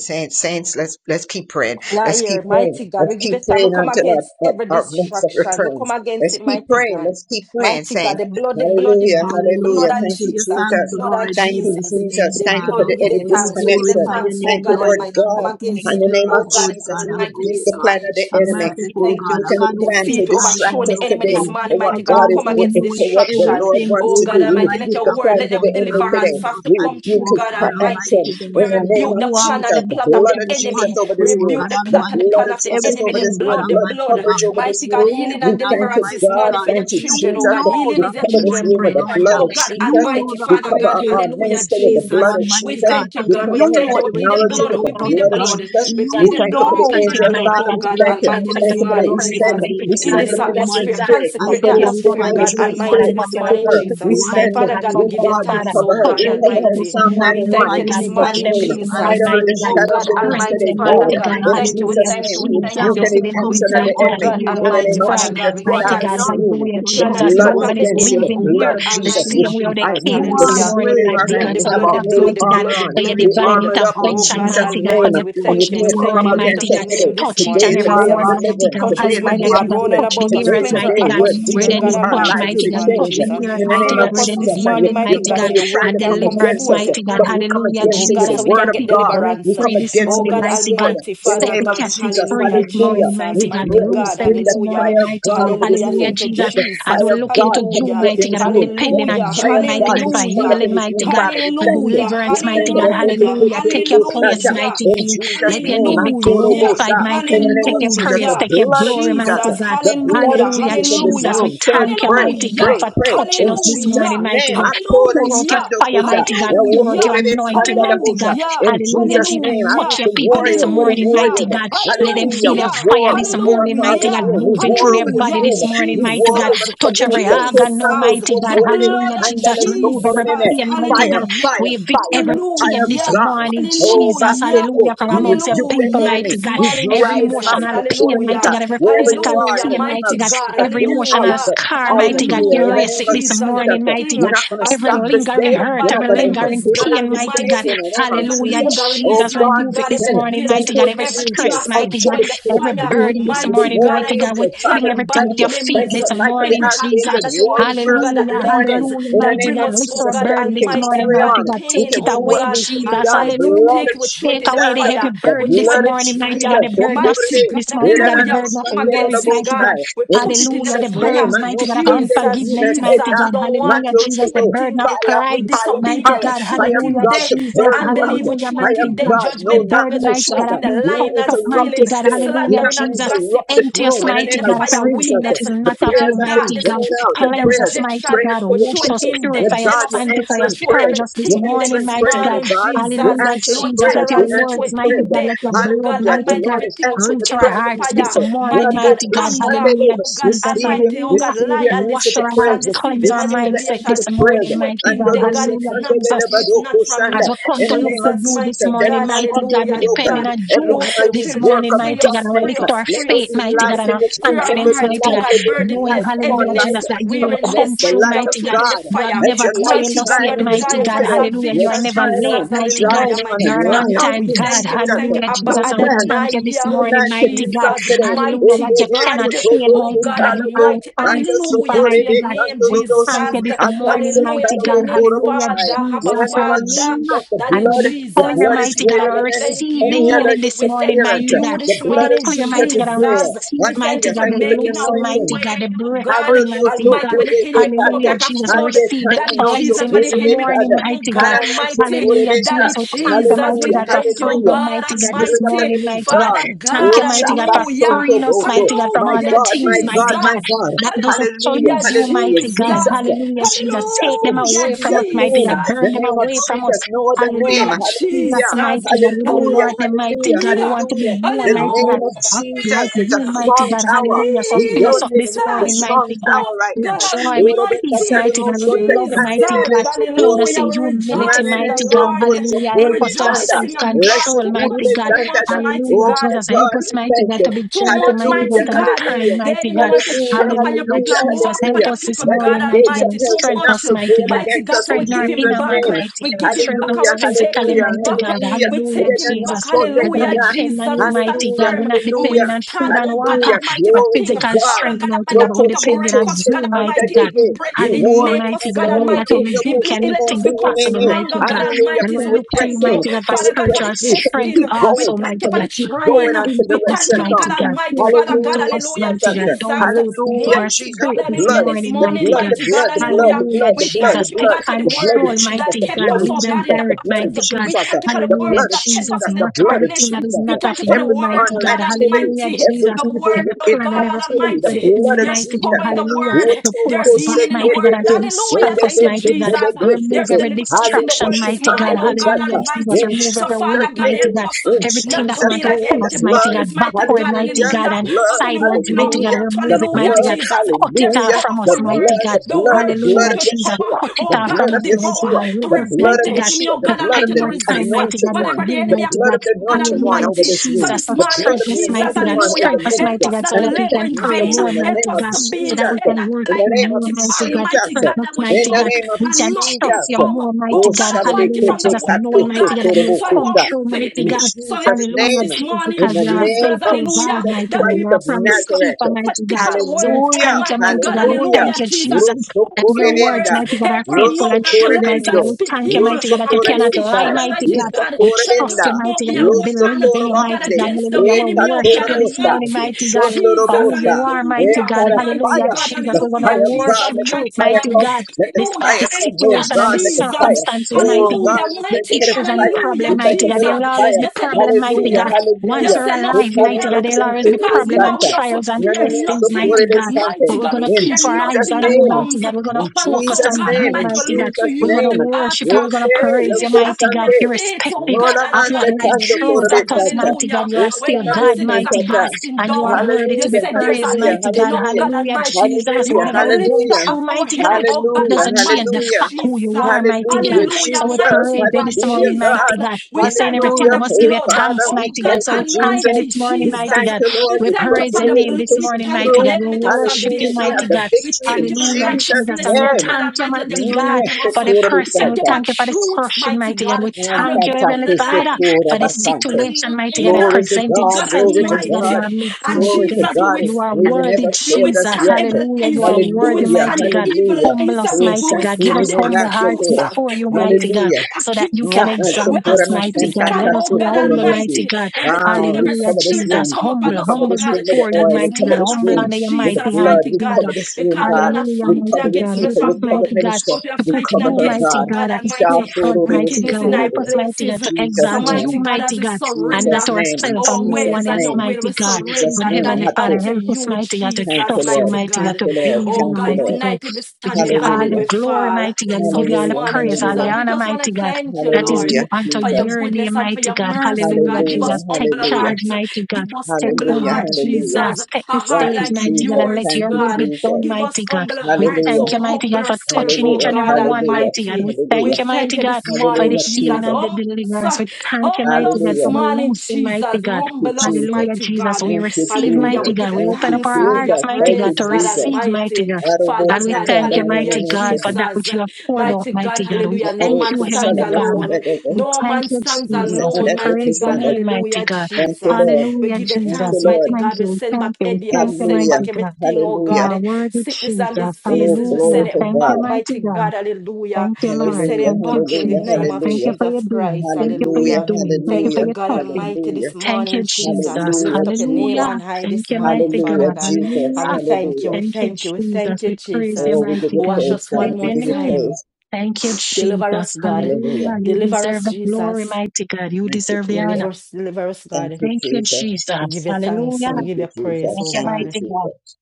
F: saints, saints, let's let's keep praying.
G: Not
F: Let's keep
G: here,
F: praying.
G: mighty God. We
F: Let's
G: give
F: keep
G: it time. We
F: praying
G: come
F: until our,
G: against
F: our,
G: every
F: our voice
G: distraction. We come
F: returns.
G: against
F: Let's
G: it,
F: keep
G: mighty
F: praying.
G: God.
F: Let's keep praying,
G: Mighty God,
F: saints.
G: the blood, the blood, the
F: Hallelujah.
G: blood, the
E: Hallelujah.
G: blood
F: Hallelujah.
G: of
E: We
F: Thank you,
E: give you
G: Jesus, the
F: Jesus.
E: thanks,
G: blood of
E: Lord.
F: Thank
E: We
F: you,
E: bless
G: Jesus,
E: your name,
F: Jesus.
G: the
F: Thank you
G: blood,
F: for
E: Father.
G: we
F: the
G: give
A: And
G: you
F: any
A: the
E: We
A: living of
G: thanks.
A: the
G: We give you
A: spirit
F: disconnection.
E: glorify
A: that
E: your
G: thanks,
A: we
G: oh
F: Thank
E: name,
G: God
F: you,
A: can
E: Lord
A: to
F: Lord
E: God
G: Almighty. We
A: make it up
G: come
F: God.
E: Almighty.
A: for the
G: against,
F: In
E: Indeed,
F: the name
E: you're a
G: oh
F: of
G: God
A: purpose
E: good
A: of
F: Jesus,
E: God,
F: we
A: the
E: a
G: Almighty,
F: rebuke
G: this
E: great
F: the
A: people.
E: God,
F: plan
A: So,
G: morning,
F: of the
E: a
G: Jesus.
F: enemy.
G: We
A: people,
E: merciful
F: We
G: thank
E: God,
G: you.
A: from
F: rebuke
E: a
F: any
E: God
G: We
E: who
F: plan to
E: sits
G: defeat, we
E: high
G: overthrow
F: distract
E: and
G: the
F: us
E: looks
G: enemy
F: today
G: this
E: low,
F: for
G: morning,
A: Hallelujah,
F: what
E: a
G: mighty God. We
F: God
E: God
F: is
G: come
E: who
A: Jesus.
G: against
E: knows
F: for what
A: sure.
F: the
A: that
G: destruction,
A: we
F: Lord
A: can
E: everything,
F: wants
A: do
G: oh
E: oh
F: to do.
G: God
E: God
F: We
G: Almighty. Let
E: Almighty,
F: rebuke
G: your
F: the
A: Jesus.
G: word, let
E: above
F: plans
G: the
F: of
E: us,
F: the enemy today.
G: deliverance
E: around
G: have
E: us,
G: to
F: We
E: and
A: Thank
G: come
E: through
G: through,
F: rebuke
A: you
E: us,
F: his
A: so
G: God
E: God
A: much,
G: Almighty.
E: Almighty.
F: action
G: We
E: God.
F: in
A: Jesus.
F: the name
G: rebuke
F: of
E: You
G: the
E: are
A: Hallelujah,
G: plan and
F: Jesus.
G: the
E: in
F: The
A: Jesus.
G: plot
A: We
G: of the
F: blood
A: can
F: of
E: total
A: praise
F: Jesus
G: enemy.
A: the
F: over
A: Lord.
G: We
F: this
A: We can
E: control,
F: room.
G: rebuke
E: God
A: thank
G: the
A: you.
F: The
G: plot
A: We
G: and the
E: Almighty,
F: blood
E: of
G: plan
F: of
G: of the
A: can
F: Jesus
G: enemy.
F: over
A: thank
G: The
A: you.
E: everything,
F: this
A: We can
E: God
F: room.
G: blood, the
A: thank you. We can thank you. We can thank you. We can thank you.
F: Blood
E: Almighty,
G: blood,
E: God.
F: coverage over
A: mighty
F: this
G: mighty God,
F: room.
E: Oh,
G: healing
F: We
G: and
E: God
F: thank
G: deliverance
F: you,
G: this
E: Almighty
F: God.
G: morning
E: God,
G: for your
F: Thank you,
G: children
E: you
A: God.
G: children, oh
F: Jesus.
G: God.
E: know
G: Healing
F: We
G: is
E: this
G: your
A: Hallelujah,
F: cover this
A: Jesus.
G: children's
F: room
E: morning,
A: And the
F: with
G: bread.
F: the
A: prayer
E: Lord.
A: to the
F: blood
E: uh,
G: Oh
F: of
A: Lord,
G: God,
E: You
A: the
F: Jesus.
E: know
G: Almighty
E: that
A: little
F: We
G: Father
E: I
A: prayer.
F: cover
G: God,
F: our,
E: take
F: our
E: in
G: hallelujah,
F: minister with
E: pay,
F: the
E: God
G: Jesus.
F: blood of
G: We
E: Almighty
A: Jesus,
F: Jesus.
A: I
E: God.
G: thank you,
A: come
F: We
A: to
G: God.
E: You
F: cover
G: We
A: mighty
F: her
G: thank
A: God
E: know
G: you.
A: to
G: We plead the
E: everything
A: worship you
F: technology
G: blood.
A: and
F: with
E: about
G: We
F: the
E: us,
G: plead the
F: blood
A: magnify
F: of
E: God.
A: you,
G: blood.
A: Lord
F: Jesus.
G: We
E: You
A: Jesus. I
G: plead
F: We
G: the
F: thank you for
G: blood. We
F: the
E: know,
A: come
G: plead the
A: to
E: God
A: the
F: angels,
G: blood.
A: mighty
F: Father.
G: Oh
E: Almighty,
A: God
F: We
A: to
E: so
G: God,
A: give you
E: this
F: thank you.
G: Almighty,
A: thanks and
F: Thank
G: this
A: to
E: morning,
F: you
A: give
F: for
A: you
F: that.
G: morning,
F: We
E: Lord,
A: praise,
E: I
F: send,
G: Jesus.
A: mighty
F: we
E: bless
A: God.
G: In
E: you.
F: send
G: this
F: the
E: This
A: Hallelujah,
F: ministering
G: atmosphere,
E: morning,
A: Jesus.
F: spirit. We
E: I
A: For
G: consecrate the
A: what
F: send
A: you
F: the
A: have done
F: spirit,
G: atmosphere,
E: glorify you.
A: already,
G: God
E: This
F: ministering
A: mighty God,
E: morning,
G: Almighty,
A: and
F: spirit
E: I
G: this
A: what you
F: to
A: have
G: morning,
F: her.
A: about to
E: praise
A: do,
E: you.
F: We
G: Jesus.
E: I
A: mighty
F: send,
E: give
G: Father
A: God.
G: God,
A: So,
F: we
E: you
G: we give you
A: Holy
F: God, we
E: thanks.
A: Father,
G: thanks,
E: uh,
F: cover
G: oh
F: her. We
G: God
A: touch
E: I
A: your
F: cover
E: lift
A: people
F: her in
E: up
A: this
G: Almighty.
E: and
F: Psalm
G: We
A: morning,
E: magnify
G: thank
F: 91
A: mighty
G: you
F: in
E: your
A: God.
G: this
E: name.
F: Jesus'
A: Touch
E: I
G: morning,
A: them
E: lift
F: name.
A: this
E: you up and
F: Hide
A: morning,
F: her
G: Jesus.
F: under the
A: mighty
E: praise
A: God.
G: Oh
E: you,
F: shadow of
G: God,
F: your
E: Father.
F: wings
A: Strengthen
G: Almighty
F: today,
A: them,
G: Father
E: Oh,
F: God.
A: mighty
G: God,
E: God
A: God.
G: we
F: In
G: thank you, we
E: Almighty
A: Hallelujah,
F: Jesus'
E: God,
G: thank you,
F: name,
G: we
E: who
F: we
A: Jesus.
G: thank
E: can
F: rebuke
G: you.
F: any
A: Yesterday they
G: We
F: action of
E: compare
F: the
G: thank
A: mighty
G: you,
A: God.
E: unto
A: You
F: enemy.
G: God
E: you
A: hear the
F: In the
E: this
G: Almighty
A: hearts
F: name of
A: cry,
E: mine
G: Father
E: in
F: Jesus,
G: God. We
F: get
A: mighty
F: out of
A: God.
F: this
G: cancel
E: None
F: room.
G: the
A: Hallelujah,
E: can
F: The
G: plan and the
A: Jesus.
E: compare
F: blood
G: plot
A: No
F: is
G: of
A: one
E: unto
G: the
A: is
E: you
F: against you.
G: enemy.
F: The
E: This
G: Oh
A: leaving here
F: blood
E: mine
G: God
F: of
A: the
F: Jesus.
G: Almighty
A: same
F: We
E: Jesus.
A: way
E: uh,
A: how they
F: I,
G: Jesus,
F: we
E: You
A: came
F: have
A: this
F: the
E: are
G: hallelujah.
F: sword
A: morning,
F: in
E: great.
G: The
F: our
A: mighty
G: blood,
E: You
A: God.
F: hand.
G: the
F: We
A: So
F: have
A: we
E: are
G: blood, the
F: our
A: ask,
F: whole
G: blood,
E: great.
G: the
A: mighty
E: You
A: God,
F: armor
G: blood, the
E: are
F: on.
A: for your
G: blood, the
E: great.
F: We're
A: divine
E: You
G: blood.
F: armored
E: are
F: up in
G: Oh
E: awesome.
A: intervention,
E: You
G: God
F: Jesus'
A: mighty
E: are
A: God, for
F: name.
G: Almighty,
A: your
G: we
E: wonderful.
F: And you
A: touch
G: thank you, we
A: this
E: You
F: can't
E: are
F: come
G: thank you.
F: up
A: morning,
G: We lift up
A: mighty
F: against us
G: your
A: God.
F: today.
G: name
E: magnificent.
G: this
A: Touch each
F: Today
G: morning,
A: and
E: You
F: is a
A: every
E: are
F: day of
A: one,
G: Jesus.
E: God and
A: mighty
F: deliverance.
A: God.
E: God
G: Touch
F: Today
G: us,
F: is
E: all
F: a
G: mighty
A: Hallelujah,
F: day of
G: God,
E: by
A: Jesus.
G: round
F: healing.
G: and
A: Touch the
G: about us.
F: Today
A: ears,
F: is a
G: Cleanse
E: yourself.
G: our
F: day
A: mighty God.
E: You
F: where the
E: need
A: Where
G: atmosphere,
A: they
F: change,
G: God
E: no
A: need
F: our
A: touch,
E: help
G: Almighty,
F: lives
E: to
G: this
A: mighty
F: be
E: be
A: God.
G: morning,
A: Touch
F: changed
E: who
A: the
G: Jesus.
E: you
A: ears,
F: in the
A: mighty
F: name
G: Free
E: are.
F: of
A: God.
G: up
A: Where
E: The
G: us
A: they
E: Lord
A: need
G: this
F: Jesus. And you,
G: morning,
E: wants
A: healing,
G: mighty
F: you're
E: to
A: mighty
G: God, so
F: coming,
A: God.
G: your
F: you're
G: word
F: trying
A: And
F: to
G: can
E: You
F: come
G: come
E: need
A: deliverance,
F: against
E: no
F: us,
G: forth.
A: mighty God.
F: but
E: help
F: we come
A: Hallelujah,
E: to be
G: Oh
F: against you
G: God,
F: with the
G: so
A: Jesus.
G: we
A: Let
G: can
A: the
F: word of
G: get
A: people
F: God.
A: break
G: deliverance.
F: We
A: free
F: come
A: this
F: against
G: Oh
F: you with
A: morning,
F: a
G: God
A: mighty
F: sword
A: God.
G: Almighty,
F: in the
A: Set
G: Father
F: name
A: the
F: of
G: God,
A: captives
F: Jesus.
A: free
G: hallelujah,
A: this
F: Hallelujah.
A: morning,
G: Jesus,
F: We
A: mighty God.
G: mighty
F: pray, we
A: Loose
G: God,
A: them
F: pray
A: this
F: the
G: hallelujah,
A: morning,
F: fire of
A: mighty
F: God
A: God.
F: over this
G: hallelujah,
A: Hallelujah,
F: room.
G: thank you,
A: Jesus.
F: Let the
A: As
G: Jesus,
F: fire
A: we
F: of
A: look into
F: God come
A: you,
G: hallelujah,
F: forth in
A: mighty God,
F: this
A: and we're
F: room. Let
A: depending
F: the
A: on
G: hallelujah,
F: fire
A: you,
F: of
A: mighty
F: God
A: God,
F: be
A: for
F: stirred up
G: hallelujah,
A: healing,
F: in this
A: mighty
F: room,
A: God,
F: Father. We
A: for
F: thank you.
G: hallelujah,
F: We
A: deliverance,
F: thank
A: mighty
F: you
A: God.
F: that every
G: hallelujah,
F: quick
A: Hallelujah.
F: little
A: Take your
F: will stand
A: place,
F: down.
G: hallelujah,
A: mighty
F: In
A: God.
F: Jesus'
A: Let your
F: name,
A: name
F: I
A: be
F: total
G: Hallelujah.
A: glorified,
F: bosa.
A: mighty
F: In the
A: God.
F: name
A: Take
F: of
A: your
F: Jesus,
A: praise,
F: the
G: Hallelujah.
A: take your
F: blood of
A: glory, mighty
G: Jesus.
F: Jesus
A: God.
F: the blood of
G: Hallelujah.
A: Hallelujah,
F: Jesus in this
A: Jesus.
G: Hallelujah.
A: We
F: room. Saying,
A: thank you,
F: pray,
A: mighty God,
G: Hallelujah.
F: pray,
A: for
F: pray.
A: touching
F: In
A: us this
G: Hallelujah.
F: Jesus'
A: morning, mighty
F: name,
A: God.
F: I call
A: Pour
F: this
A: out your
G: Hallelujah.
A: fire,
F: Sandokusa.
A: mighty God.
F: Now, will
A: Pour out
F: call
A: your
G: Hallelujah.
F: it this
A: anointing, mighty
F: Sandalabusha.
A: God.
G: Hallelujah.
F: In
A: Hallelujah,
F: Jesus'
A: Jesus.
F: name, I
G: Hallelujah.
A: Touch
F: need
A: your
F: some
A: people this
F: warriors. We're the
A: morning,
G: Hallelujah.
A: mighty
F: warriors.
A: God. Let them
F: Hallelujah.
A: feel
F: We
A: your
G: Hallelujah.
A: fire
F: war.
A: this
F: We war
A: morning,
F: for
A: mighty
F: this
A: God.
G: Hallelujah.
F: room. We
A: Moving
F: war
A: through their
F: over this
A: body
G: Hallelujah.
F: room.
A: this morning,
F: We
A: mighty
F: war
A: God.
F: over the
G: Jesus.
A: Touch every
F: minister. His
A: organ,
F: hand is
G: Jesus,
A: Almighty
F: so
A: God.
G: the blood
A: Hallelujah,
F: And
G: of
F: then
A: Jesus.
F: it's so
A: Remove
G: Jesus,
A: every pain, mighty
F: Fire,
A: God.
G: hallelujah,
A: We
F: fire,
A: evict
F: fire, the
A: every
F: fire
A: pain
F: of
A: this
G: hallelujah,
F: God.
A: morning,
F: Oh,
A: Jesus.
G: hallelujah,
A: Hallelujah,
F: Basoko,
A: from
F: we
A: amongst your
F: rebuke the
A: people,
G: hallelujah,
F: enemy.
A: mighty
G: this
A: God.
F: We
G: morning,
A: Every
F: drive them
G: Jesus,
F: out.
A: emotional pain, mighty
F: Tokorita,
G: hallelujah,
A: God. Every
F: Wherever you
A: physical
F: are, in
G: hallelujah,
A: pain,
F: the name
A: mighty
F: of
G: mighty
A: God.
G: God,
F: Jesus,
A: Every
F: get
A: emotional
F: out,
G: hallelujah.
A: scar,
F: out of
A: mighty God.
F: here. In
G: Hallelujah,
F: the
A: Erase
F: name
A: it
F: of
A: this
G: Jesus.
F: Jesus,
A: morning, mighty
G: Everything
F: you're
A: God.
F: not going to
G: has
A: Every
G: to
F: stop
G: go.
F: this
A: lingering
F: day.
G: Every
A: hurt,
F: You're
G: bad
F: not
A: every
F: going to
A: lingering
G: memories,
F: interfere
G: God
F: with
A: pain,
F: this
A: mighty
F: day.
A: God.
F: In
G: Almighty.
F: the name of
G: Every
A: Hallelujah,
F: Jesus, oh
G: lingeringness,
A: Jesus.
F: God,
G: mighty
F: we
A: Remove it
G: God.
A: this
G: Every
F: send,
A: morning,
F: send
G: guilt.
A: mighty God.
F: forth
A: Every
F: the
G: Everything
F: angels,
A: stress,
G: has to
A: mighty
G: throw
A: God.
G: in
F: angelic
G: the
F: force.
A: Every
F: We
G: fire,
A: burden
F: need
A: this
F: the
G: mighty
A: morning,
G: God.
F: warring
A: mighty
G: Every
A: God, we're
F: angels.
G: heavy
A: putting
F: Father,
G: every
F: we
A: everything
G: bad
F: thank
A: with your
F: you.
A: feet
F: Thank
G: memories,
F: you
A: this
F: for Michael the
G: every
A: morning,
G: attack that
F: archangel
A: Jesus.
G: we went
F: warring for
G: through, God,
F: us
G: that
F: this
A: Hallelujah,
F: morning.
G: lingers,
A: hallelujah,
F: In the
G: that
A: mighty
F: name
G: bring
A: God.
F: of
G: us,
A: Lift
G: oh
F: Jesus
A: our
F: so
G: God
F: that we
A: burden this
F: can
G: Almighty,
A: morning,
F: carry
G: bad
A: mighty
F: on.
A: God.
F: We
A: Take
G: pain,
A: it
F: can
G: oh
F: do what
A: away,
G: God
F: needs to be
A: Jesus.
F: done.
G: Almighty. We
A: Hallelujah.
F: Blood
G: take
F: of
G: it, we throw it
A: Take
G: in the
A: away
F: Jesus,
A: the heavy
G: fire,
F: the
G: we
A: burden
G: throw
A: this
G: it in
F: blood
G: the
F: of
A: morning, mighty
G: fire,
A: God.
F: Jesus.
A: The burden
F: Okore.
A: of
G: mighty God,
A: sickness, mighty God.
F: Erana
A: The
G: hallelujah.
F: no
A: burden of
G: We come
F: Sunday la
A: worries,
G: against it,
A: mighty
G: God,
A: God.
F: boshai.
G: we
F: In
G: put it in the
A: Hallelujah. The
F: Jesus' name,
G: fire,
A: burdens,
F: I
A: mighty
F: know
A: God, of
F: Sunday de
G: Jesus,
A: unforgiveness, mighty
G: Jesus.
F: Gita.
G: We
A: God.
G: don't want
A: Hallelujah,
G: it,
F: Mando
G: we
A: Jesus.
G: throw
A: The
G: it
F: soto.
A: burden
G: in
A: of
G: there,
F: Fire,
G: we're
A: pride,
F: fire,
A: mighty
G: disobedient, we
F: fire,
A: God.
G: throw it
F: fire of
G: in
A: Hallelujah,
F: God
G: there,
F: to
A: Jesus.
G: the
F: burn you out.
G: unbelief, we
A: Hallelujah,
G: throw it
F: Fire
A: mighty
F: of
G: in there,
A: God.
F: God,
A: The
F: no,
G: judgmental
F: not
A: burden,
G: ways, we
A: mighty
G: throw it
A: God, of
G: in
F: Koshada.
A: being
G: the
F: You
G: lying
F: won't
A: puffed
G: and
A: up,
F: interrupt
A: mighty
G: stealing,
F: this
A: God.
F: day.
G: slander
F: You're
A: Hallelujah,
F: not
G: slandering
F: going to
G: and
A: Jesus.
G: gossip.
F: interrupt this
A: Empty
G: We
F: room.
A: us,
G: throw
F: In
G: it
F: the
G: in
A: mighty
G: the
F: name of
A: God, of
G: fire,
A: everything
F: Jesus,
A: that
G: weakness,
A: is
F: the
A: not of
G: fear
A: you,
F: prayers
G: of
F: have been
A: mighty
G: darkness. We
A: God.
F: going
G: throw it
F: out. The
G: in the
A: Cleanse us,
F: prayers.
A: mighty
G: rejection.
A: God.
F: Prayers for
G: We
F: the
G: throw
A: Wash
G: it
A: us,
F: people.
G: in the
F: Lord
A: purify us,
F: God, you're
G: jealousy.
A: sanctify
G: We
A: us,
F: answering
G: throw
A: purge
F: prayers.
A: us this
G: everything
F: You're
G: in there
A: morning,
F: answering
G: this
A: mighty
F: prayers, oh
A: God.
G: morning,
F: God. You're
G: Jesus.
A: Hallelujah,
F: answering
G: Low
A: Jesus.
F: prayers.
A: Let your
F: You're
G: tolerance, we throw
A: words,
F: answering
G: it
A: mighty
G: in
F: prayers.
A: God,
G: there.
A: let your
G: Oh
A: blood,
G: God
F: Hallelujah. The
A: mighty
G: Almighty,
A: God,
F: Lord is
G: everything we
F: answering
G: put
A: reach
F: the
G: in
A: our
G: the
F: prayers of his
A: hearts this
G: fire.
F: people.
A: morning,
F: Lord,
G: Mighty
F: do
G: God,
A: mighty God.
F: push
G: anger.
F: Sunday,
A: Hallelujah,
F: baby.
G: Oh God
A: Jesus.
F: Receive your,
G: Almighty, oh
A: Hallelujah.
G: God,
F: receive
G: lie
F: your
G: and
F: answer
A: Wash
F: to
A: our
G: deception,
A: hearts,
F: prayers.
A: cleanse
G: deceiving,
A: our
F: Receive the
A: mindset
F: answer to
G: manipulation.
A: this
G: We
A: morning,
F: prayers.
G: throw it
A: mighty
G: in
A: God.
G: there,
F: Andolo
G: God. It's
A: Hallelujah,
G: not
F: Sikandele
G: of you,
A: Jesus.
G: it's
F: Badoko
G: not from
A: As
F: Shanda.
G: you.
A: we come
F: In
A: to
F: the
A: look
F: name
A: to
F: of
G: Jesus,
A: you
F: Jesus,
A: this
G: mighty
A: morning,
F: every
G: God,
A: mighty
F: shadow
A: God, we're
G: hallelujah,
F: broken,
A: depending
G: God.
A: on
F: every
A: you
G: Loose your
F: every
A: this
G: children.
F: work
A: morning,
F: of
G: Free
A: mighty God.
G: us,
A: we
F: darkness,
G: free
A: lift our
G: us,
F: let
G: free
F: there
A: faith,
F: be
G: us,
A: mighty
G: free
A: God,
F: light
G: us.
A: and
F: in
A: our
F: this
G: Free
F: room.
G: our
F: Let there
A: confidence,
F: be
G: heart,
A: mighty
G: oh
F: light.
A: God,
F: Let
G: God.
F: there be
A: knowing,
F: light.
G: Burdenness,
F: Come on,
A: hallelujah,
G: heaviness,
F: light.
A: Jesus, that you
F: Come
A: will
F: on, let
A: come
G: weariness,
F: the
A: through,
G: mighty
F: light
G: God. We
F: of
A: mighty
G: throw
A: God.
G: it in the
F: God.
A: You have
G: fire.
F: Let
A: never
F: your light
A: failed
G: Mighty
A: us
G: God, you
A: yet,
F: shine
G: are the
F: in this
G: joy
A: mighty
F: room
G: of
A: God,
G: our
F: today.
A: hallelujah. You are
G: salvation,
F: Let's
A: never
F: shine on,
A: late,
G: Jesus.
A: mighty God.
F: shine
G: Hallelujah,
F: on,
A: You
G: mighty
F: and
A: are an
G: God.
A: on
F: light on
G: We
A: time
F: to
A: God,
G: thank you. We
F: Jesus.
G: thank you,
A: hallelujah,
G: Abba
A: Jesus.
F: No
A: And we
F: man,
A: thank
G: Adonai.
A: you this
F: no
A: morning,
F: man can
A: mighty
F: hinder
A: God,
F: us
G: Jesus,
F: today.
A: hallelujah,
G: mighty
A: that you cannot
G: God.
A: fail,
G: Oh
A: mighty
G: God
A: God. You are
G: Almighty.
A: a promise
F: Under
A: keeper,
G: Hallelujah
F: Sotori
G: to your
A: mighty
F: de
A: God.
G: name,
A: We
G: Jesus.
F: Kandodoshi,
A: Thank you this morning,
F: Atatse
G: Hallelujah
A: mighty
G: to your
A: God.
F: Terrible
G: name,
A: Hallelujah,
F: Koroboshai.
G: Father.
A: Jesus.
F: In
G: Abba,
F: the name of
G: Father.
A: Hallelujah.
F: Jesus, the
G: Daddy
A: And we
F: blood,
G: Jesus.
F: the
G: Jesus,
A: declare,
F: blood is
G: mighty
A: mighty God,
F: greater
G: God.
A: I
G: We
F: than any,
G: thank
A: receive the
F: any
G: you.
F: other
A: healing this
G: We
A: morning,
G: thank
F: interference.
A: mighty
G: you
A: God.
F: The
G: this
A: We
F: blood of
G: morning,
A: declare,
F: Jesus
A: mighty
F: is
A: God, I
F: greater.
G: Jesus.
A: receive,
G: We thank
A: mighty
G: you
F: Hallelujah.
A: God,
G: for
F: Thank
A: the
F: you for the
G: making a
A: loosing,
G: way,
F: anointing.
A: mighty God, the
G: oh
A: breath
F: I
G: God.
A: free,
F: will do
A: mighty
F: so
G: Almighty,
A: God.
F: for
G: when
F: the
G: the enemy come up
F: Bekande.
A: Hallelujah,
G: like a
A: Jesus. I
F: I
G: flood,
F: said,
A: receive the
G: Daddy
F: no so
G: Jesus,
A: cleansing
G: when
F: for
A: this
G: the
F: the
G: enemy
A: morning,
G: come,
F: Tana.
G: oh
A: mighty
G: God
A: God.
F: no so
G: Almighty,
F: for
A: Hallelujah,
F: the
A: Jesus.
G: Daddy
F: Ta-
A: We thank you,
G: Jesus,
A: mighty
G: we
F: Hallelujah,
A: God, for
G: thank you, oh
F: hallelujah.
A: freedom,
G: God
A: mighty God, this
F: Spirit of the
G: Almighty,
A: morning,
F: living
A: mighty God.
F: God.
G: Father
A: Thank
G: God,
F: Oh,
A: you, mighty God,
F: Shaka
A: for
G: hallelujah,
F: Sonto
A: freeing us,
F: Goto.
A: mighty God, from
F: My
A: all the
G: hallelujah,
F: God, my
A: things,
F: God,
A: mighty God.
F: my
G: Jesus,
F: God.
A: That doesn't
F: Hallelujah,
G: hallelujah,
A: please you,
F: hallelujah.
A: mighty God.
F: Jesus,
G: Jesus,
A: Hallelujah, Jesus.
F: Jesus,
A: Take them
F: in
G: hallelujah,
A: away from us,
F: Jesus'
A: mighty
F: name,
A: God. Burn
F: the
A: them
G: Jesus.
F: name of
A: away from us.
F: Jesus, no other
G: Hallelujah,
F: name.
A: Hallelujah, Jesus,
F: Hallelujah,
G: Jesus.
A: mighty God. We don't
F: hallelujah,
G: Hallelujah.
A: want them, mighty
F: hallelujah,
A: God. We want to be
F: hallelujah.
A: more,
F: The
A: mighty
G: Hallelujah.
F: name
A: God.
F: of
A: Up
F: Jesus
A: like
F: is a
A: you, mighty
F: strong
A: God.
F: tower.
A: Hallelujah. So
F: We
A: fill us
F: don't
A: up this
F: in the
G: Jesus.
A: morning,
F: strong
A: mighty God.
G: Oh,
F: tower right
A: With
G: God
F: now.
A: joy, with peace,
G: Almighty.
A: mighty God. With love,
G: Jesus.
A: mighty God. Clothe us
G: Hallelujah.
A: in
G: We
A: humility,
G: rejoice in the
A: mighty God.
G: Lord.
A: Hallelujah.
G: We
A: Help us to have
G: rejoice in your God.
A: self-control,
G: Too
A: mighty
G: much,
A: God.
G: too much, mighty
A: Hallelujah,
F: Oh
G: God.
F: my
A: Jesus. Help
F: God,
A: us,
F: we
A: mighty
F: thank
A: God, to
F: you.
A: be
G: Too
A: gentle,
G: much,
A: mighty
F: Hallelujah,
A: God,
G: mighty
A: to be
G: God.
A: kind,
F: hallelujah.
G: The
A: mighty
G: enemy
A: God.
G: want to
F: Hallelujah,
G: shut up on your
A: Hallelujah,
G: people
F: hallelujah,
G: and
A: Jesus.
G: walk
A: Help
G: upon
F: hallelujah.
G: your
A: us this
G: people,
F: Let the
G: God
A: morning, mighty
F: gates
A: God,
F: of
A: and
G: Almighty.
F: hell
G: Too
F: shall
A: strengthen
F: not
G: much,
A: us, mighty
F: prevail
A: God.
G: mighty
F: against
G: God.
F: us
G: So
F: in
G: we
A: Strengthen
G: give
A: our
G: him
A: inner
F: Jesus'
A: man,
G: back.
F: name.
A: mighty
G: We
A: God.
G: give him
A: Strengthen
G: back and
A: us
F: Hallelujah,
G: we take
A: physically,
F: hallelujah,
G: him
A: mighty
G: back.
A: God.
F: hallelujah.
G: We
A: Hallelujah,
G: take
F: Let that
G: him
F: no
A: Jesus.
G: back.
F: stone they
A: As we
G: Hallelujah,
F: cannot.
A: depend on
G: Jesus.
A: you,
G: We stand
A: mighty God,
F: Hallelujah,
A: we're
G: firm.
A: not
G: We
F: hallelujah,
A: depending on food
G: withstand,
A: and
G: oh God
A: water
F: hallelujah.
G: Almighty,
A: for
F: Glory to
G: everything.
A: physical
G: Oh
F: God.
G: Lord
A: strength,
G: God
A: mighty
G: Almighty,
A: God,
F: No
G: that
A: but
F: to
A: we're
G: come to
F: shit
A: depending
G: break
F: to
A: on you,
G: us,
F: shit
G: God
F: under
A: mighty
G: Almighty.
F: the
G: It
A: God.
F: day.
G: break,
F: We
G: it
A: Hallelujah,
G: make
F: warring
G: us,
A: mighty
F: against
A: God,
F: the
G: God
A: knowing
F: enemy.
A: that
G: Almighty.
A: only you
G: It, it
A: can make
G: let us
A: things
G: become
A: possible,
F: Kunobusumokunene.
A: mighty
G: stronger, God
A: God.
F: Hallelujah.
A: And
G: Almighty.
A: we
F: Can
G: So
F: you
G: we
A: look to
F: press
A: you,
G: thank
F: in?
G: you,
A: mighty God, for
F: Can you
G: Father God, for
F: press
A: spiritual
G: the
F: through? Can you
A: strength
F: keep
G: testing. We
F: going?
A: also,
G: Thank you
A: mighty
F: Can
A: God.
G: for
F: we
G: the
F: keep
A: Pour
F: going
G: shrine.
F: until
A: into
G: We
A: us,
G: thank
F: direction
G: you, God
A: mighty
F: comes?
A: God.
G: Almighty,
A: Pour
G: Father God,
A: into
F: Hallelujah,
A: us,
G: hallelujah,
A: mighty
F: Jesus.
A: God.
G: Jesus.
A: Download into
F: Hallelujah,
A: our
G: Mighty
F: Jesus.
G: God,
A: spirit
F: The
A: this
G: hallelujah,
F: blood,
G: this
A: morning,
F: the
G: morning,
A: mighty
F: blood,
A: God.
F: the
G: mighty God,
F: blood, the blood,
G: hallelujah.
F: the
A: Hallelujah,
F: blood, the
G: We
F: blood, the
G: thank
A: Jesus.
G: you,
A: Take
F: blood,
G: God, for the
F: the blood of
G: word
A: control,
G: that
F: Jesus,
A: mighty
F: the
G: kept
A: God.
F: blood
G: us,
F: of
A: Lead
G: oh
A: and
G: God, in
F: Jesus
G: the
F: the
A: direct,
F: blood of
G: battles.
A: mighty God.
G: We
F: Jesus, uh,
G: thank you for the
F: the
G: word
A: Hallelujah,
F: blood of
G: that kept us
A: Jesus.
F: Jesus,
G: in the
F: the
A: Match up
F: blood of
A: everything
G: darkness.
A: that is
F: Jesus.
G: We
A: not
F: uh,
A: of
G: thank you for the
A: you,
F: Every
G: word,
A: mighty
G: oh
F: carnal
A: God.
G: God
F: activity,
A: Hallelujah,
G: Almighty.
F: every
A: Jesus.
G: The
F: evil
G: word,
A: Every
G: oh
F: wicked
A: plan
G: God
A: and every plot
F: activity,
A: for
F: the
A: the
G: Almighty.
F: blood
A: enemy,
F: of
G: There's
A: mighty
G: power
A: God.
F: Jesus.
G: in
F: uh,
G: the
A: Hallelujah.
G: word.
A: To pull
G: There's
A: us back,
G: healing in the
A: mighty God,
G: word.
A: and to
F: Otokosekedede,
G: Hallelujah.
A: distract us,
G: Thank you,
A: mighty
G: Jesus.
A: God. Remove
G: There's
F: endedesekededeseke,
A: every
G: deliverance in the
A: distraction,
G: word this
A: mighty God.
G: morning, oh God
A: Hallelujah,
F: alokushikandadechata.
A: Jesus.
G: Almighty.
F: In
A: Remove
G: So,
A: every
G: Father
A: weight,
F: Jesus'
G: God,
A: mighty
F: name,
G: help
A: God.
G: us
F: in
A: Everything
G: not
A: that
G: to
F: Jesus'
A: want
G: be
A: to
G: like
F: name,
A: pull
F: the
G: empty
A: us, mighty
F: blood,
A: God,
G: barrels, mighty
A: backward,
G: God.
A: mighty
F: hallelujah,
A: God,
F: the
G: Hallelujah.
A: and
G: But
F: blood
G: when you
A: sideways,
G: open our
A: mighty God,
F: hallelujah.
G: mouth,
F: The
A: remove it,
G: hallelujah,
A: mighty God.
F: blood,
G: Jesus.
A: Cut it
G: There's
A: off
F: hallelujah.
A: from us,
F: The
G: powerful
A: mighty
F: blood,
G: word.
A: God.
F: the
G: The
F: blood,
G: word
F: the blood
G: shoot
A: Hallelujah,
F: of
G: with
A: Jesus.
G: power,
F: Yeshua,
A: Cut it
F: the
G: oh
A: off
G: God,
F: blood
A: from
G: to
F: of
A: us,
G: devour
A: mighty
F: Yeshua,
A: God.
G: power to
F: the
A: Help us,
F: blood
G: rebuke
F: of
A: mighty
G: the
A: God,
G: enemy,
F: Yeshua,
G: oh
F: the
A: to
G: God
F: blood of
A: spend
G: Almighty,
F: the
G: to
A: more time,
G: resist uh,
A: mighty
F: anointed
A: God, with
G: whatever
F: one,
G: the
A: you,
F: the
G: enemy are
A: mighty
F: blood
A: God.
F: of
G: coming,
F: the
G: oh God
F: anointed one
A: Hallelujah,
F: over
G: Almighty.
F: this
G: So
F: room,
A: Jesus.
G: this
A: Of
F: the
G: morning,
F: blood
A: strength
F: of the
A: us,
G: Jesus,
A: mighty
F: anointed
A: God.
F: one
G: hallelujah,
F: over
A: Strength us,
G: help
F: ministry.
A: mighty
G: us
A: God,
G: not
A: so
G: to
F: and
A: that
F: the
A: we
G: labor
A: can
G: in
A: pray
G: vain.
F: technology
A: more,
F: in the
G: Help
A: mighty
F: name
G: us
F: of
A: God.
G: to be
A: So that
F: Jesus,
A: we
G: and
A: can
G: not
F: in
A: worship
G: like
F: the
A: you
F: name of
A: more,
G: empty
A: mighty
G: barrel,
A: God.
F: Jesus,
G: mighty God,
A: Strength us,
G: that will
F: in
A: mighty
F: the
A: God.
G: shout
F: name of
A: We
G: and
A: can
G: nothing
A: trust
F: Jesus.
A: you
G: come.
A: more, mighty
G: Oh
F: Oh,
G: God
A: God.
G: Almighty,
A: Hallelujah,
G: from the
A: Jesus.
G: word,
A: Knowing,
G: oh
A: mighty
G: God,
A: God, that you
G: so
A: will
G: it
A: come
G: won't
F: Shalabekepekatosotorobokosha.
G: move
A: true,
G: the
A: mighty
F: In
A: God.
G: enemy. So help
F: Jesus'
G: us
A: Hallelujah,
F: name,
G: this
A: Jesus,
G: morning,
F: in
A: because
F: the
A: you're a
G: Jesus,
F: name of
A: faithful God,
G: hallelujah,
F: Jesus
A: mighty
G: that
A: God.
G: we
F: Christ
A: You're a
F: of
A: promise
G: speak.
A: keeper,
F: Nazareth.
A: mighty God.
G: Practical
A: So we
G: words, Almighty
A: thank
F: Hallelujah.
A: you, mighty
G: God,
A: God. We
F: Hallelujah.
G: hallelujah,
A: thank you,
G: Jesus.
A: Jesus,
F: Rosso
A: that
F: Rosso
A: your
G: Powerful
A: words,
G: words,
A: mighty God, are
G: help our
A: faithful
G: mouth
F: Rosso
A: and
G: not to
A: true,
G: lies
A: mighty God.
G: and
A: We
F: correndo,
G: speak
F: Rosokorebenda. Rosokorebendo.
A: thank you,
G: evil
A: mighty God, that you
G: against
A: cannot
G: each
F: Rosokorebenda.
A: lie,
G: other,
A: mighty
G: mighty
A: God.
G: God.
A: We
G: So let
A: trust
F: Isakorebenda.
A: you,
G: our mouth
A: mighty
G: be
A: God.
G: a
A: We
G: weapon,
A: believe in you,
G: oh God,
A: mighty
F: Rosokorobande.
A: God.
G: against the
A: Hallelujah. We
G: enemy, oh
A: worship
G: God
A: you this
F: Ekatorobosa.
A: morning,
G: Almighty.
A: mighty God.
G: Jesus,
A: For who
F: Sondorobosa.
A: you are, mighty
G: hallelujah,
A: God.
F: Ekara
G: mighty
A: Hallelujah,
F: fire.
G: God,
A: Jesus.
F: The
A: We're going to
G: hallelujah,
F: fire of God.
G: Jesus,
A: worship
F: Let the
A: through it,
G: mighty
F: fire
A: mighty
G: God,
F: come.
A: God.
F: Let the
G: hallelujah,
A: Despite the
F: fire come, Lord
G: hallelujah,
A: situation and the
F: God. Let the
G: Jesus,
F: fire.
A: circumstances,
F: Oh
A: mighty God
G: hallelujah,
F: God, we
A: the
F: thank you
G: mighty
F: for the
G: God,
A: issues and the
F: fire.
A: problem,
G: hallelujah,
F: We thank
A: mighty
F: you
A: God.
F: for the
A: There
G: Jesus.
A: will always
F: fire.
A: be
G: Yes, said, Don't
A: problem, mighty
F: Hallelujah,
A: God.
G: fear. You
A: Once
F: hallelujah.
A: we're
G: said, No
A: alive, mighty
G: fear,
A: God, there will always be
G: because
A: problem
G: you are
A: and
F: Epanemosokoredesata.
G: with us. We
A: trials and
G: fear
A: testings,
G: nothing.
A: mighty God.
F: Nanemesokoredesante.
A: But
G: Mighty
A: we're
G: God,
A: going
G: we
A: to
F: In
G: fear
A: keep our eyes
F: Jesus'
G: nothing
A: on
G: that
A: you,
F: name,
A: mighty
G: comes
A: God. We're going to
F: in
G: upon us,
A: focus
G: oh
F: Jesus'
A: on
G: God
F: name,
A: you,
F: in
G: Almighty. We
A: mighty God.
G: look to
F: Jesus'
A: We're
G: you,
A: going to
G: the
F: name.
A: worship you.
G: author,
A: We're going to
F: Ose
G: the
A: praise you,
G: finisher of
A: mighty God,
G: our
F: lokosande.
G: faith, oh
A: irrespective
G: God
A: of what life
G: Almighty
A: throws at
G: Jesus.
A: us,
F: Nolamasekandokoredesata.
A: mighty God.
G: Hallelujah.
A: You are still
G: When man
A: God,
G: said there's a
A: mighty God,
F: Osalabosantata.
G: casting
A: and you are
G: down,
A: worthy
G: you
A: to be
F: Hallelujah,
G: said there's a
A: praised,
F: hallelujah,
A: mighty
G: lifting
A: God.
G: up,
F: hallelujah.
G: God
A: Hallelujah,
G: Almighty.
A: Jesus.
G: You
F: Hallelujah,
G: are
A: Whatever
G: the
A: we're going
G: lifter
F: hallelujah.
G: of
A: through,
G: our
A: mighty
G: head,
A: God,
G: oh
A: it
G: God
F: Hallelujah,
A: doesn't change the
G: Almighty
F: hallelujah.
A: fact who you
G: Jesus.
A: are, mighty God.
F: Hallelujah,
G: Hallelujah,
A: So we
F: Jesus.
G: mighty
A: praise you
G: God,
A: this
F: Hallelujah,
A: morning,
G: Jesus.
A: mighty
F: God.
A: God.
G: We
A: You're saying
G: thank you for
A: everything. We
F: Hallelujah.
G: the
A: must give
F: Oh,
A: you
G: blood.
F: Father,
A: thanks,
G: Oh
F: we
A: mighty
G: God,
A: God.
F: thank
A: So
F: you,
A: we thank you
F: Jesus.
G: almighty
A: this morning,
F: We
A: mighty
G: Jesus.
F: thank
A: God.
F: you,
G: We
F: Lord.
A: We
F: We're
G: thank you
A: praise
G: for
F: pressing
A: your
G: the
A: name
F: in,
G: blood.
F: we're
A: this
G: We
F: pushing
A: morning,
G: thank you
A: mighty
G: for the
F: through.
A: God. We
G: helmet of
A: worship you,
F: Hallelujah. We
A: mighty
F: have
G: salvation.
F: the
A: God.
G: We
F: victory
G: thank
F: in
G: you for the
A: Hallelujah,
F: Jesus'
A: Jesus.
G: righteousness,
A: And we
G: oh
F: name.
G: God
A: thank you,
G: almighty, that you've
A: mighty
G: given
A: God,
G: unto
A: for
G: us.
A: the
G: We
A: person.
G: thank
A: We
G: you
F: Mm,
G: for
A: thank you for the
G: truth,
A: crushing,
G: mighty
A: mighty God.
G: God.
A: We
G: And a
A: thank you,
G: gird
A: Heavenly
G: the
A: Father,
G: line,
A: for the
G: a gird of
F: Antatakisokorobatsante.
G: the
A: situation, mighty God,
G: mind.
A: that
F: Glory to
A: presents
G: Oh
F: God,
G: God
A: itself,
F: glory to
A: mighty God, in
G: almighty.
F: God,
A: our midst,
G: And
A: mighty
F: glory to
A: God.
G: Jesus, we
F: God. His
A: You are
G: withstand.
F: glory
A: worthy,
F: never
G: We
F: failed
G: withstand
F: us
A: Jesus.
F: yet.
G: withstand evil
A: Hallelujah. You
G: eyes.
A: are
G: We
A: worthy,
F: Hallelujah,
G: withstand
A: mighty
G: the
A: God.
G: evil
F: hallelujah.
A: Humble
G: eyes.
A: us,
F: Oh,
G: We
A: mighty God. Give
G: withstand
A: us
G: the
F: Shankurine
A: humble hearts
G: accuser.
A: before you,
G: We
A: mighty
G: withstand
A: God,
F: Hallelujah.
G: the
A: so that you can
F: Ah,
G: accuser. We
A: exalt us,
G: ask
F: Sokorama
G: you to
A: mighty God.
F: Santata
G: stand,
A: Let us
G: oh
A: be
G: God
A: humble,
F: Sotoromosi.
A: mighty
G: Almighty,
A: God.
G: everything,
F: Ah, we
G: every
A: Hallelujah,
F: cover this
G: spirit that
A: Jesus.
F: room.
G: come
F: We
G: upon
A: Humble,
G: us,
F: cover
G: oh
A: humble
F: this
G: God,
F: room with the
A: before you,
G: that
F: oil.
G: is
F: We
A: mighty
F: cover
A: God.
G: not
F: this
G: of
A: Humble
G: you,
F: room
A: under your
F: with the
A: mighty
G: Jesus,
A: hand,
F: blood.
G: mighty
F: We
G: God,
A: Jesus.
F: cover this room,
G: because we are
F: God.
G: not
A: Hallelujah,
F: We
G: fighting
F: cover
A: mighty
F: your
G: against
A: God.
G: flesh
A: Help
F: people. We
A: us,
G: and
F: cover
G: blood,
A: mighty God,
F: minister.
G: but we are
A: to
F: We
A: put
G: fighting
F: cover
A: you,
F: her,
G: against,
A: mighty
G: oh
F: God.
G: God
A: God, at the
G: Almighty,
A: forefront,
F: Shakororo
A: mighty
G: wickedness in
A: God.
G: our
A: Help
F: Sokororo.
A: us, mighty
G: places.
A: God, to
F: Jesus'
G: So,
A: exalt you,
G: mighty
F: name.
G: God, as
A: mighty
G: we
A: God, and
F: Jesus'
A: not
G: surrender
F: name. In
A: ourselves
G: our
A: and no
F: Jesus'
G: ways
A: one
G: and
A: else,
G: your
F: name.
G: will we
A: mighty God.
F: Jesus'
A: But
G: surrender,
F: name.
A: Heavenly
G: Daddy,
A: Father,
F: Hatu.
G: unto
A: help us,
G: you,
A: mighty God, to
F: Thank
G: Jesus,
F: you,
A: trust you,
F: Lord.
G: mighty
A: mighty God,
F: Thank
G: God.
A: to
F: you, Lord.
A: believe in
G: Oh
F: Thank
A: you,
F: you,
G: God,
A: mighty
F: Lord.
A: God.
G: united we
A: We
G: stand,
A: give you all
G: divided
A: the
G: we
F: Hallelujah.
A: glory,
G: fall.
A: mighty God. We
G: So
A: give you
G: this
A: all the
F: Hallelujah.
G: morning,
A: praise, all the
G: Jesus,
F: Hallelujah.
G: we
A: honor,
G: just want to
A: mighty God.
G: thank you,
A: That is
F: Hallelujah.
A: due
G: Lord,
A: unto
G: for your
F: Jesus.
A: your name,
G: goodness and for
A: mighty
G: your
A: God.
G: mercy,
A: Hallelujah,
G: God. Give
F: Hallelujah,
A: Jesus.
G: us
A: Take
G: humble
F: hallelujah,
A: charge,
G: hearts.
A: mighty God.
G: Give us
A: Take
G: humble
F: hallelujah,
A: over,
G: heart,
F: hallelujah.
G: Jesus.
A: Jesus. Take
G: A
A: the
F: Thank
G: heart
A: stage,
F: you,
G: like
A: mighty God,
F: Jesus.
A: and let
G: yours,
F: Thank
A: your
F: you,
A: will
G: God.
A: be
F: Jesus.
A: done,
G: Give us
A: mighty God.
G: humble
A: We
G: hearts,
A: thank
F: Hallelujah,
A: you,
G: oh
A: mighty
G: humble
A: God, for
G: ourselves,
A: touching
G: oh
A: each
F: hallelujah,
A: and every
G: God
A: one,
F: hallelujah,
A: mighty God.
G: Almighty.
A: We
G: We
A: thank
F: hallelujah,
A: you,
G: thank
A: mighty
G: you
A: God,
G: this
A: for
G: morning,
A: the
F: hallelujah,
A: healing
G: Jesus.
A: and
F: Jesus.
A: the
G: Humble
A: deliverance. We
G: us.
A: thank you,
G: Humble
A: mighty
G: us
A: God,
G: this
A: for
F: Hallelujah.
A: the
G: morning,
A: loosing, mighty
G: Jesus.
A: God.
F: Thank you,
G: Humble us,
F: Jesus.
A: Hallelujah,
G: mighty
A: Jesus.
G: God.
A: We
F: Thank you,
A: receive,
G: Hallelujah.
F: Jesus.
A: mighty
G: We give
A: God.
G: you
A: We
F: Thank
A: open
F: you,
A: up
G: thanks.
A: our
G: We give you
F: Jesus.
A: hearts, mighty
F: Thank you,
A: God,
G: praise,
A: to
G: God
F: Jesus.
A: receive, mighty
G: Almighty.
A: God.
F: Adobo
G: Father
A: And we
G: God,
F: chanda
A: thank you,
F: dana
G: hallelujah,
A: mighty
F: nene
A: God, for
F: choko.
A: that
G: Jesus.
A: which you have poured out,
G: Mighty God,
A: mighty God. We
G: hallelujah. No
A: thank
F: Adobo
G: man
A: you,
G: stands
F: kushala
A: Heavenly Father.
F: mosenda
G: alone.
F: dada.
A: We
G: No
A: thank
G: man
A: you,
G: stands
A: Jesus. We
G: alone,
F: Adobo
G: mighty
A: praise your
G: God,
F: kushanda.
A: name, mighty
G: hallelujah,
A: God.
F: Thank you,
G: Jesus.
F: Lord.
G: We
A: Hallelujah,
G: give you
F: Thank
A: Jesus.
G: thanks,
F: you,
A: We
G: mighty
F: Lord.
A: thank
G: God. We
A: you. We
G: send
A: thank
G: back
A: you. We
G: headache. We
A: thank you,
G: send
F: Hallelujah.
A: mighty
G: back
A: God.
G: everything, oh
A: You
F: Hallelujah.
A: are
G: God.
A: worthy,
G: Sickness and
A: Jesus.
F: Oh,
G: diseases. We
F: glory
G: send
A: Hallelujah.
G: it
F: to
A: Thank
F: God.
G: back,
A: you, mighty
G: mighty
A: God.
G: God, hallelujah.
A: Thank you,
G: We
A: Lord.
G: send
F: Hallelujah,
G: it
A: Thank you,
G: back in the
F: hallelujah,
G: name
A: Jesus.
G: of
A: Thank you
F: hallelujah,
A: for
G: Jesus
A: your doing.
G: Christ,
A: Thank you for your
G: hallelujah.
F: hallelujah,
A: doing. Thank you
G: Thank
A: for
G: you,
A: your
G: God
A: touching.
G: Almighty,
F: hallelujah,
G: this
A: Thank
G: morning,
A: you,
G: Jesus. We
A: Jesus.
G: lift
F: hallelujah, hallelujah,
G: up your name
A: Hallelujah.
F: Jesus,
G: on high
A: Thank
G: this
A: you,
G: morning,
A: mighty
F: hallelujah,
G: Father
A: God.
G: God.
F: Jesus,
G: And we
A: Hallelujah.
G: thank you,
F: hallelujah.
G: we
A: Thank you,
G: thank you, we thank
A: Jesus.
G: you,
A: We praise your
G: Jesus.
F: Oh, we give
A: mighty
F: you
A: God.
G: Wash
A: We
F: praise,
G: us one
F: God,
A: praise
F: we
G: more
A: your
F: give you
A: name.
G: time.
F: praise,
A: Thank you,
G: Deliver us,
A: Jesus.
G: God.
A: Hallelujah.
F: hallelujah.
A: You
G: Deliver
A: deserve
G: us,
A: the glory,
G: Jesus.
A: mighty God. You
F: Thank you,
A: deserve the
G: Deliver
F: Jesus,
A: honor.
G: us, deliver us,
F: thank
G: God.
F: you,
A: Thank you,
F: Jesus,
G: We
A: Jesus.
G: give you thanks
A: Hallelujah.
G: and we
F: thank
G: give you
F: you,
G: praise,
A: Thank
F: Jesus,
G: oh
A: you,
F: thank
G: God.
F: you,
G: In
A: mighty God.
F: Jesus.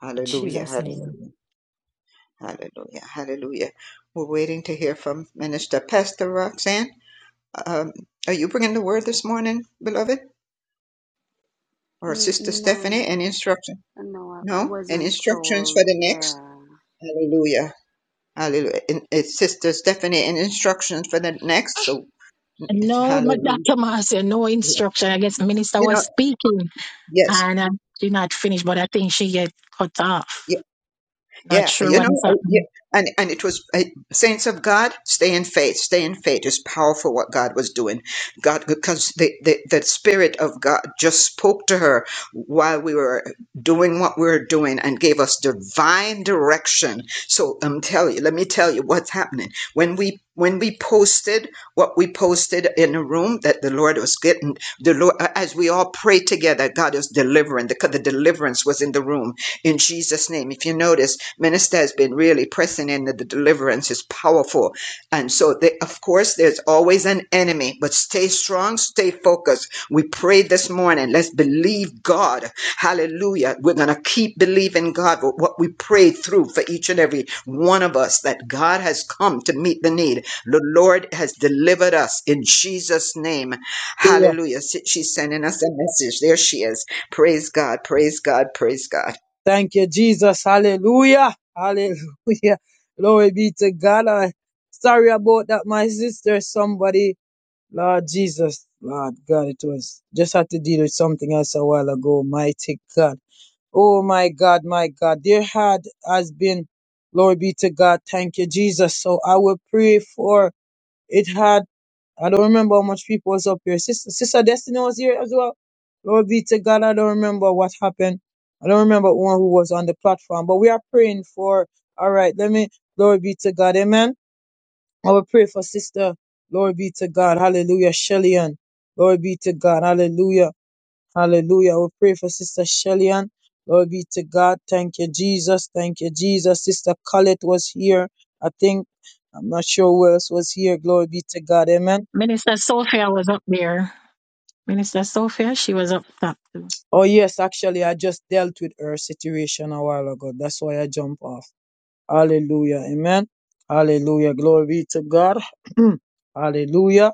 F: Hallelujah,
G: Jesus' name.
F: hallelujah, hallelujah, hallelujah. We're waiting to hear from Minister Pastor Roxanne. Um, are you bringing the word this morning, beloved? Or Sister
H: No,
F: Stephanie, any instruction?
H: no, I, I
F: No? And
H: wasn't
F: instructions for
H: told.
F: the next?
H: Yeah.
F: Hallelujah. Hallelujah. And it's Sister Stephanie and instructions for the next. So,
A: And No, but
F: hallelujah.
A: Dr. Marcia, no
F: You
A: instruction. I guess the minister
F: know,
A: was speaking
F: yes.
A: and I did not finish, but I think she get cut
F: yes.
A: off. Not
F: Yeah,
A: sure
F: you
A: what is
F: know, I- yeah,
A: happening.
F: and and it was I, saints of God, stay in faith. Stay in faith is powerful. What God was doing, God, because the, the the Spirit of God just spoke to her while we were doing what we were doing and gave us divine direction. So I'm telling you, let me tell you what's happening when we when we posted what we posted in the room that the Lord was getting the Lord as we all prayed together, God was delivering because the deliverance was in the room in Jesus' name. If you notice, minister has been really pressing in that the deliverance is powerful. And so they, of course there's always an enemy, but stay strong, stay focused focus. We pray this morning. Let's believe God. Hallelujah. We're going to keep believing God with what we prayed through for each and every one of us that God has come to meet the need. The Lord has delivered us in Jesus' name. Hallelujah. She's sending us a message. There she is. Praise God. Praise God. Praise God.
D: Thank you, Jesus. Hallelujah. Hallelujah. Glory be to God. I, sorry about that, my sister. Somebody, Lord Jesus, Lord God, it was just had to deal with something else a while ago. Mighty God. Oh my God, my God. There had has been, glory be to God. Thank you, Jesus. So I will pray for it had. I don't remember how much people was up here. Sister, Sister Destiny was here as well. Lord be to God. I don't remember what happened. I don't remember one who was on the platform, but we are praying for. All right, let me. Glory be to God. Amen. I will pray for Sister. Glory be to God. Hallelujah. Shellyan. Glory be to God. Hallelujah. Hallelujah. I will pray for Sister Shellyan. Glory be to God. Thank you, Jesus. Thank you, Jesus. Sister Colette was here. I think. I'm not sure who else was here. Glory be to God. Amen.
A: Minister Sophia was up there. Minister Sophia, she was up top.
D: Oh yes, actually I just dealt with her situation a while ago. That's why I jump off. Hallelujah. Amen. Hallelujah. Glory be to God. Hallelujah.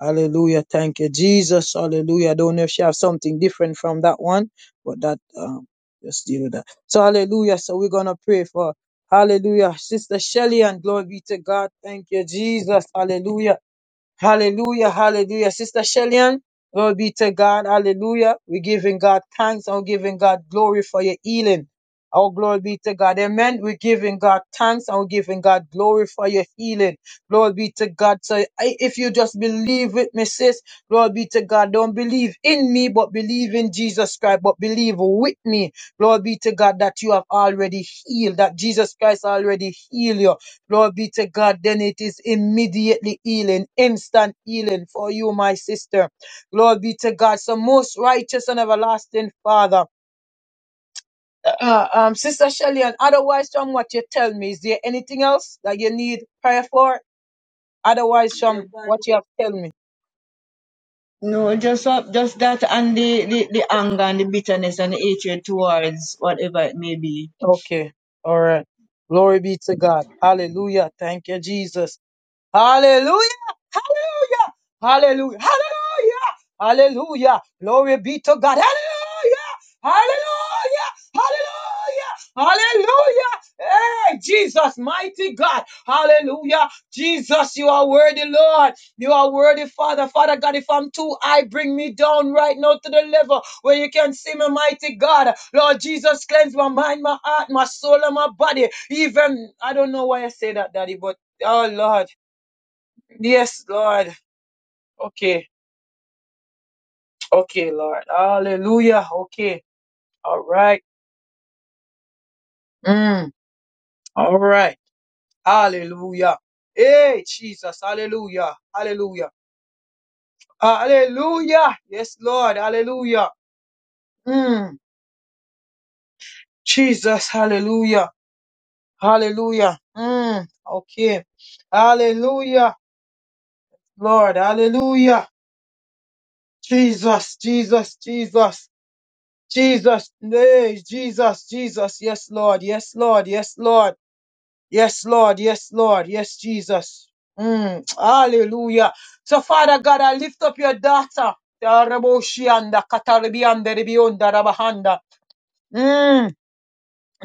D: Hallelujah. Thank you, Jesus. Hallelujah. I don't know if she have something different from that one, but that um just deal with that. So hallelujah. So we're gonna pray for Hallelujah. Sister Shelly and glory be to God. Thank you, Jesus. Hallelujah. Hallelujah, hallelujah. Sister Shellyan, glory be to God, hallelujah. We're giving God thanks and we're giving God glory for your healing. Oh, glory be to God. Amen. We're giving God thanks and we're giving God glory for your healing. Glory be to God. So I- if you just believe with me, sis, glory be to God. Don't believe in me, but believe in Jesus Christ, but believe with me. Glory be to God that you have already healed, that Jesus Christ already healed you. Lord be to God. Then it is immediately healing, instant healing for you, my sister. Lord be to God. So most righteous and everlasting Father. Uh, um, Sister Shelley, and otherwise from what you tell me, is there anything else that you need prayer for? Otherwise from what you have tell me.
I: No, just up, just that and the, the, the anger and the bitterness and the hatred towards whatever it may be.
D: Okay. All right. Glory be to God. Hallelujah. Thank you, Jesus. Hallelujah. Hallelujah. Hallelujah. Hallelujah. Hallelujah. Glory be to God. Hallelujah. Hallelujah. Hallelujah. Hallelujah. Hey, Jesus, mighty God. Hallelujah. Jesus, you are worthy, Lord. You are worthy, Father. Father God, if I'm too high, bring me down right now to the level where you can see me, mighty God. Lord Jesus, cleanse my mind, my heart, my soul, and my body. Even, I don't know why I say that, Daddy, but Oh Lord, Yes, Lord. Okay. Okay, Lord. Hallelujah. Okay. All right. Mm. All right. Hallelujah. Hey, Jesus. Hallelujah. Hallelujah. Hallelujah. Yes, Lord. Hallelujah. Mm. Jesus. Hallelujah. Hallelujah. Mm. Okay. Hallelujah. Lord. Hallelujah. Jesus. Jesus. Jesus. Jesus. Hey, Jesus. Jesus. Yes, Lord. Yes, Lord. Yes, Lord. Yes, Lord. Yes, Lord. Yes, Jesus. Mm, hallelujah. So, Father God, I lift up your daughter. Daraboshianda, Katarbianda, Rebionda, Rabahanda. Mm.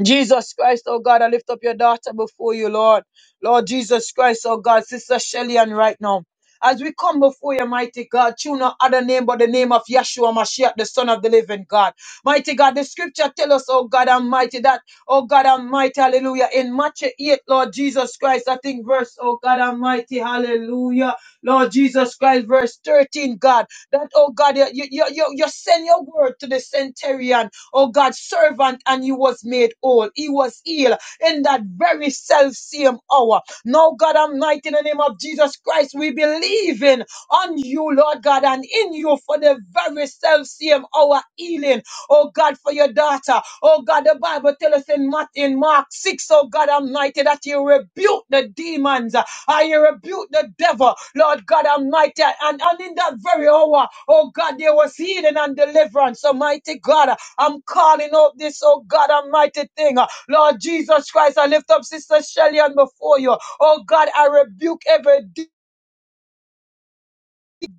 D: Jesus Christ, oh God, I lift up your daughter before you, Lord. Lord Jesus Christ, oh God, Sister Shelly, and right now. As we come before you, mighty God, choose no other name but the name of Yeshua Mashiach, the Son of the Living God. Mighty God, the scripture tell us, oh God Almighty, that, oh God Almighty, hallelujah. In Matthew 8, Lord Jesus Christ, I think verse, oh God Almighty, hallelujah. Lord Jesus Christ, verse 13, God, that, oh God, you, you, you, you send your word to the centurion oh God, servant, and he was made whole. He was healed in that very self same hour. Now, God Almighty, in the name of Jesus Christ, we believe in on you, Lord God, and in you for the very self same hour healing. Oh God, for your daughter. Oh God, the Bible tells us in Matthew, in Mark 6, oh God Almighty, that you rebuke the demons. I rebuke the devil, Lord God Almighty. And, and in that very hour, oh God, there was healing and deliverance. Almighty God, I'm calling out this, oh God, almighty thing. Lord Jesus Christ, I lift up Sister Shelly on before you. Oh God, I rebuke every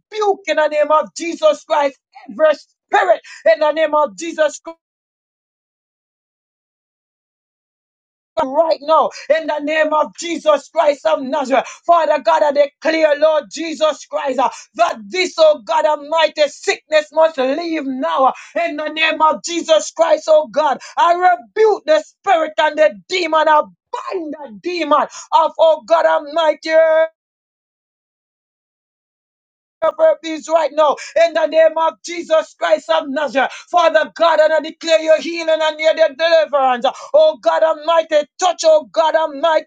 D: rebuke in the name of Jesus Christ, every spirit in the name of Jesus Christ. right now in the name of Jesus Christ of Nazareth. Father God, I declare, Lord Jesus Christ, uh, that this, oh God Almighty, sickness must leave now uh, in the name of Jesus Christ, oh God. I rebuke the spirit and the demon. I bind the demon of, oh God Almighty. Is right now in the name of Jesus Christ of Nazareth, Father God, and I declare your healing and your deliverance. Oh God Almighty, touch, oh God Almighty,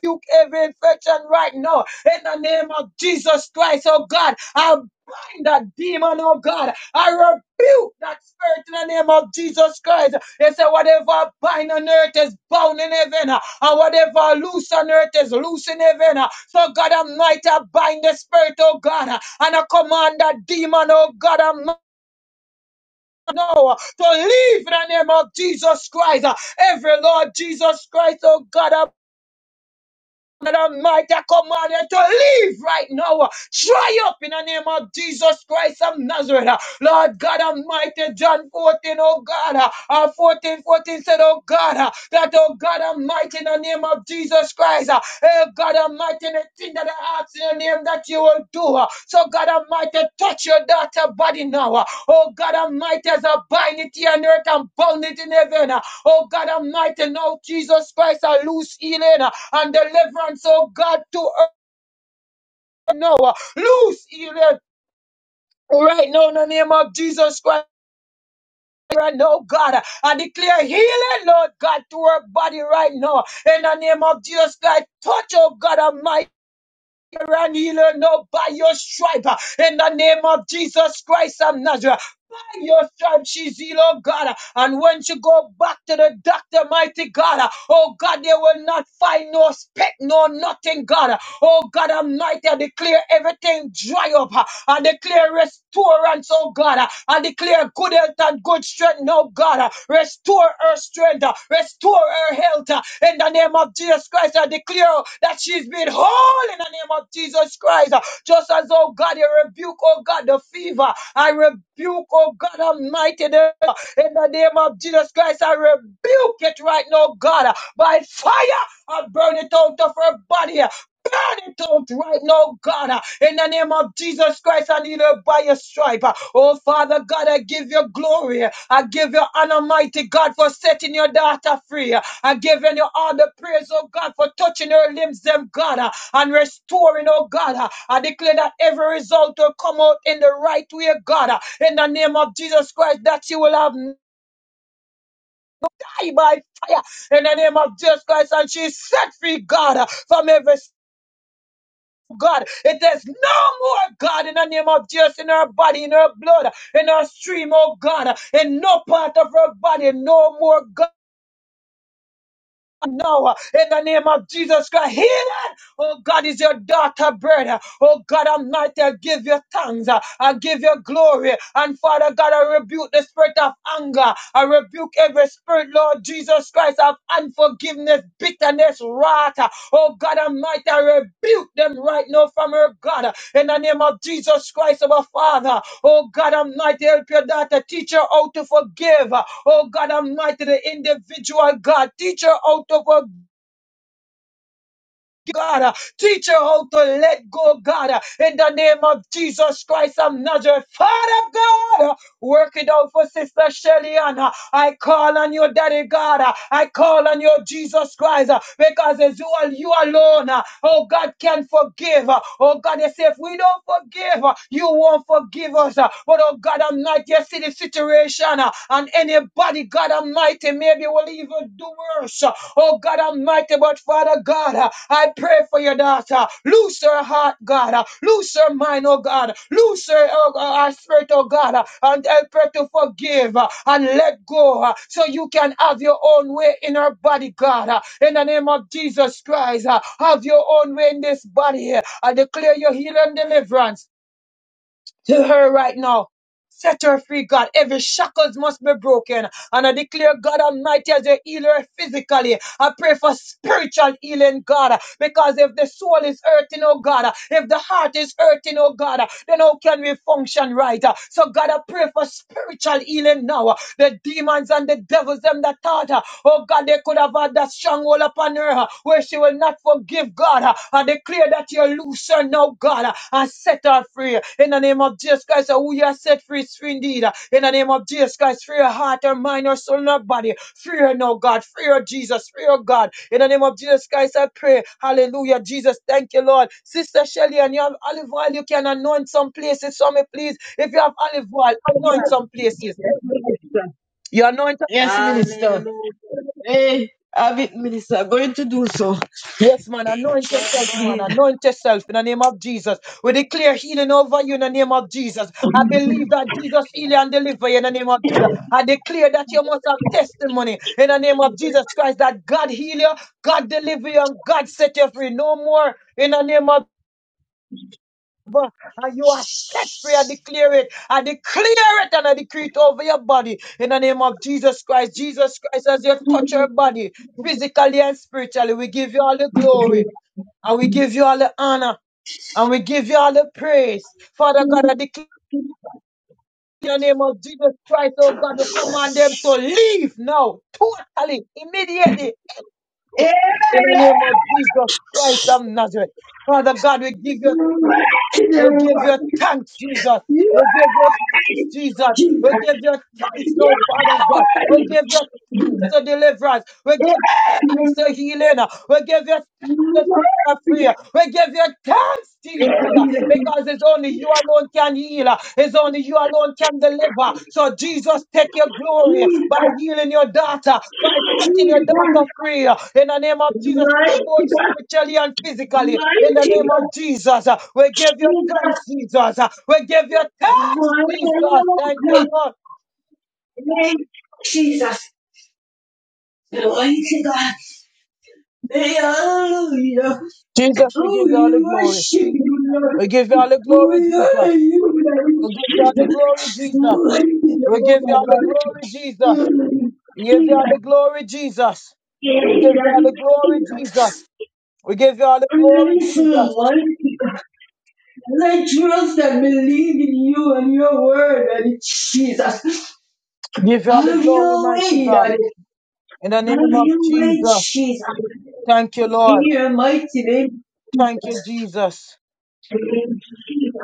D: rebuke every infection right now in the name of Jesus Christ, oh God. I bind that demon, oh God. I rebuke that spirit in the name of Jesus Christ. They say, whatever I bind on earth is bound in heaven, uh, and whatever I loose on earth is loose in heaven. uh. So, God Almighty, I bind the spirit, oh God, uh, and I command that demon, oh God Almighty. Now, uh, to leave in the name of Jesus Christ. uh. Every Lord Jesus Christ, oh God, I. Lord Almighty, I command you to leave right now. Try up in the name of Jesus Christ of Nazareth. Lord God Almighty, John 14, oh God, uh, 14, 14 said, oh God, uh, that oh God Almighty, in the name of Jesus Christ, uh, eh, God Almighty, the thing that I ask in your name that you will do. uh, So God Almighty, touch your daughter body now. uh, Oh God Almighty, as I bind it here on earth and bound it in heaven. uh, Oh God Almighty, now Jesus Christ, I loose healing. uh, and deliverance, oh God, to her now. Loose healing. Right now, in the name of Jesus Christ, right now, God, I declare healing, Lord God, to her body right now. In the name of Jesus Christ, touch, oh God, Almighty, and healer, no, by your stripe. In the name of Jesus Christ of Nazareth. your stripes she's healed, oh God. And when she go back to the doctor, mighty God, oh God, they will not find no speck, no nothing, God. Oh God, i Almighty, I declare everything dry up. I declare restorance, oh God. I declare good health and good strength, oh God. Restore her strength, restore her health. In the name of Jesus Christ, I declare that she's been whole in the name of Jesus Christ. Just as, oh God, you rebuke, oh God, the fever. I rebuke, oh God Almighty, the in the name of Jesus Christ, I rebuke it right now, God. By fire, I burn it out of her body. Burn it out right now, God. uh, In the name of Jesus Christ, I need her by your stripe. uh. Oh, Father God, I give you glory. I give you honor, mighty God, for setting your daughter free. uh. I give you all the praise, oh God, for touching her limbs, them God. uh and restoring, oh God. Uh, I declare that every result will come out in the right way, God. Uh, In the name of Jesus Christ, that she will have nigh by fire. In the name of Jesus Christ, and she set free, God, uh, from every God, it is no more God in the name of Jesus in her body, in her blood, in her stream, oh God, in no part of her body, no more God. now in the name of Jesus Christ. Healing, oh God, is your daughter, brother. Oh God Almighty, I give you thanks. uh, I give you glory. And Father God, I rebuke the spirit of anger. I rebuke every spirit, Lord Jesus Christ, of unforgiveness, bitterness, wrath. uh, Oh God Almighty, I rebuke them right now from her God. uh, In the name of Jesus Christ, our Father. Oh God Almighty, help your daughter. Teach her how to forgive. Oh God Almighty, the individual God, teach her out of her God. Uh, Teach her how to let go, God. Uh, In the name of Jesus Christ of Nazareth. Father God, uh, work it out for Sister Shelly Ann. Uh, I call on you, Daddy God. Uh, I call on you, Jesus Christ, uh, because it's you, al- you alone, uh, oh God, can forgive. Uh, Oh God, you say if we don't forgive, uh, you won't forgive us. Uh, But oh God, I'm not yet see the situation, uh, and anybody, God Almighty, maybe will even do worse curse. Oh God Almighty, but Father God, uh, I pray for your daughter. Loose her heart, God. uh, Loose her mind, oh God. Loose her, oh, uh, her spirit, oh God. uh, And help her to forgive uh, and let go uh, so you can have your own way in her body, God. uh, In the name of Jesus Christ, uh, have your own way in this body. I declare your healing deliverance to her right now. Set her free, God. Every shackles must be broken. And I declare, God Almighty, as you heal her physically, I pray for spiritual healing, God. Because if the soul is hurting, oh God, if the heart is hurting, oh God, then how can we function right? So, God, I pray for spiritual healing now. The demons and the devils, them that thought uh, Oh God, they could have had that stronghold upon her uh, where she will not forgive God. uh, I declare that you loose her now, God, uh, and set her free. In the name of Jesus Christ, uh, who you have set free is free indeed. uh, In the name of Jesus Christ, free her heart, her mind, her soul, and her body. Free her now, God. Free her, Jesus. Free her, God. In the name of Jesus Christ, I pray. Hallelujah, Jesus. Thank you, Lord. Sister Shelly, and you have olive oil, you can anoint some places for me, please. If you have olive oil, anoint some places. You anoint
I: Yes, Minister. Hey, have it, Minister. Going to do so.
D: Yes, man, anoint yourself, man. Anoint yourself in the name of Jesus. We declare healing over you in the name of Jesus. I believe that Jesus heal you and deliver you in the name of Jesus. I declare that you must have testimony in the name of Jesus Christ that God heal you, God deliver you, and God set you free. No more in the name of Jesus. and you are set free. I declare it. I declare it and I decree it over your body in the name of Jesus Christ. Jesus Christ, as you touch your body physically and spiritually, we give you all the glory. And we give you all the honor and we give you all the praise. Father God, I declare in the name of Jesus Christ, oh God, we command them to leave now, totally, immediately,
I: Hey!
D: in the name of Jesus Christ of Nazareth. Father God, we give you thanks. We give you thanks, Jesus.
I: Jesus,
D: We give you thanks, Jesus. We give you thanks, no Father God. We give you thanks to deliver us. We give thanks, uh, healing. uh, We give you thanks. uh, Free. We give you thanks, Jesus, uh, because it's only you alone can heal. uh, It's only you alone can deliver. So, Jesus, take your glory by healing your daughter, by setting your daughter free. uh, In the name of Jesus, Christ, both spiritually and
I: mighty
D: physically. In the name of Jesus, uh, we give you thanks, Jesus. uh, We give you thanks, Jesus. Thank you, Lord.
I: God, hallelujah.
D: Jesus, we
I: Oh,
D: give you all the
I: you
D: glory.
I: worship you, Lord.
D: We give you all the glory,
I: We
D: Jesus.
I: honor you,
D: we give you all the
I: Lord.
D: glory, Jesus.
I: Lord, you
D: we
I: are
D: give
I: my
D: you all the
I: God.
D: glory, Jesus.
I: Mm,
D: We give you all
I: Jesus,
D: the glory, Jesus. We give you all
I: Jesus,
D: the glory, Jesus.
I: Jesus.
D: We give you all the glory,
I: Listen,
D: Jesus.
I: Lord. I trust and believe in you and your word, and Jesus.
D: We give you all the
I: Have
D: glory,
I: your
D: mighty
I: way,
D: God.
I: Daddy.
D: In the name
I: Have
D: of
I: your way,
D: Jesus.
I: Jesus.
D: Thank you,
I: In
D: Lord.
I: your mighty name,
D: Thank
I: Jesus.
D: you, Jesus.
I: Thank you,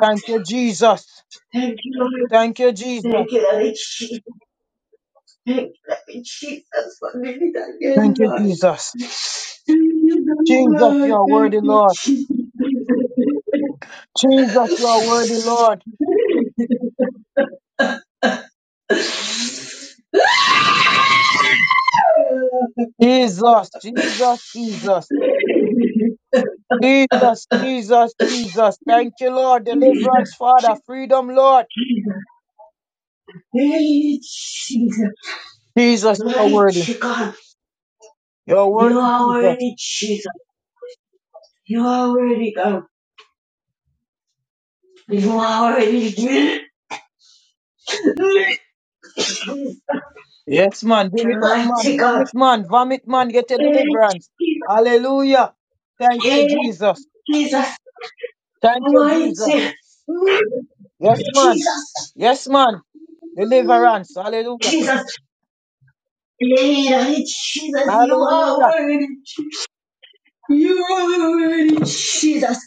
D: Thank you, Jesus.
I: Thank you, Lord.
D: Thank you, Jesus.
I: Thank you, Lord Jesus. Thank you, Lord Jesus, for doing again,
D: Thank you,
I: Lord.
D: Jesus.
I: Thank you,
D: Jesus, you
I: Lord.
D: are
I: Thank
D: worthy,
I: you,
D: Lord.
I: Jesus.
D: Jesus, you are worthy, Lord. Jesus, Jesus, Jesus. Jesus, Jesus, Jesus. Thank you, Lord.
I: Jesus,
D: Deliverance, Father. Freedom, Lord.
I: Jesus. Hey, Jesus.
D: Jesus, you're
I: Mighty
D: worthy.
I: God,
D: You're
I: you
D: worthy,
I: are
D: Jesus.
I: already Jesus. You are already God. You are already Jesus.
D: Yes, man. Bring it up, man.
I: Mighty God.
D: Vomit, man. Vomit, man. Get a
I: Hey,
D: deliverance.
I: Jesus.
D: Hallelujah. Thank you,
I: Hey,
D: Jesus.
I: Jesus.
D: Thank you, Jesus.
I: Mighty.
D: Yes, man.
I: Jesus.
D: Yes, man. Deliverance. Hallelujah.
I: Jesus. Lead Jesus. You are
D: Hallelujah.
I: worthy. You are worthy, Jesus.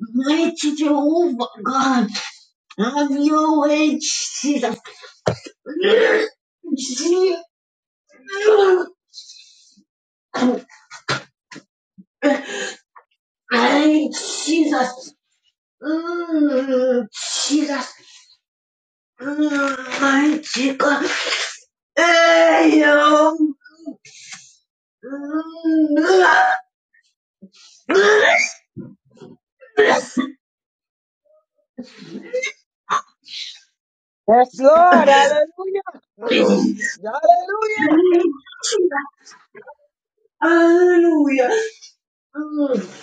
I: Mighty Jehovah God. Have your way, Jesus. Jesus. Jesus. Mm, Jesus. Mm, Mighty God. Hey, yo. Mm, mm,
D: Yes, Lord. Hallelujah.
I: mm.
D: Hallelujah.
I: Hallelujah. Mm.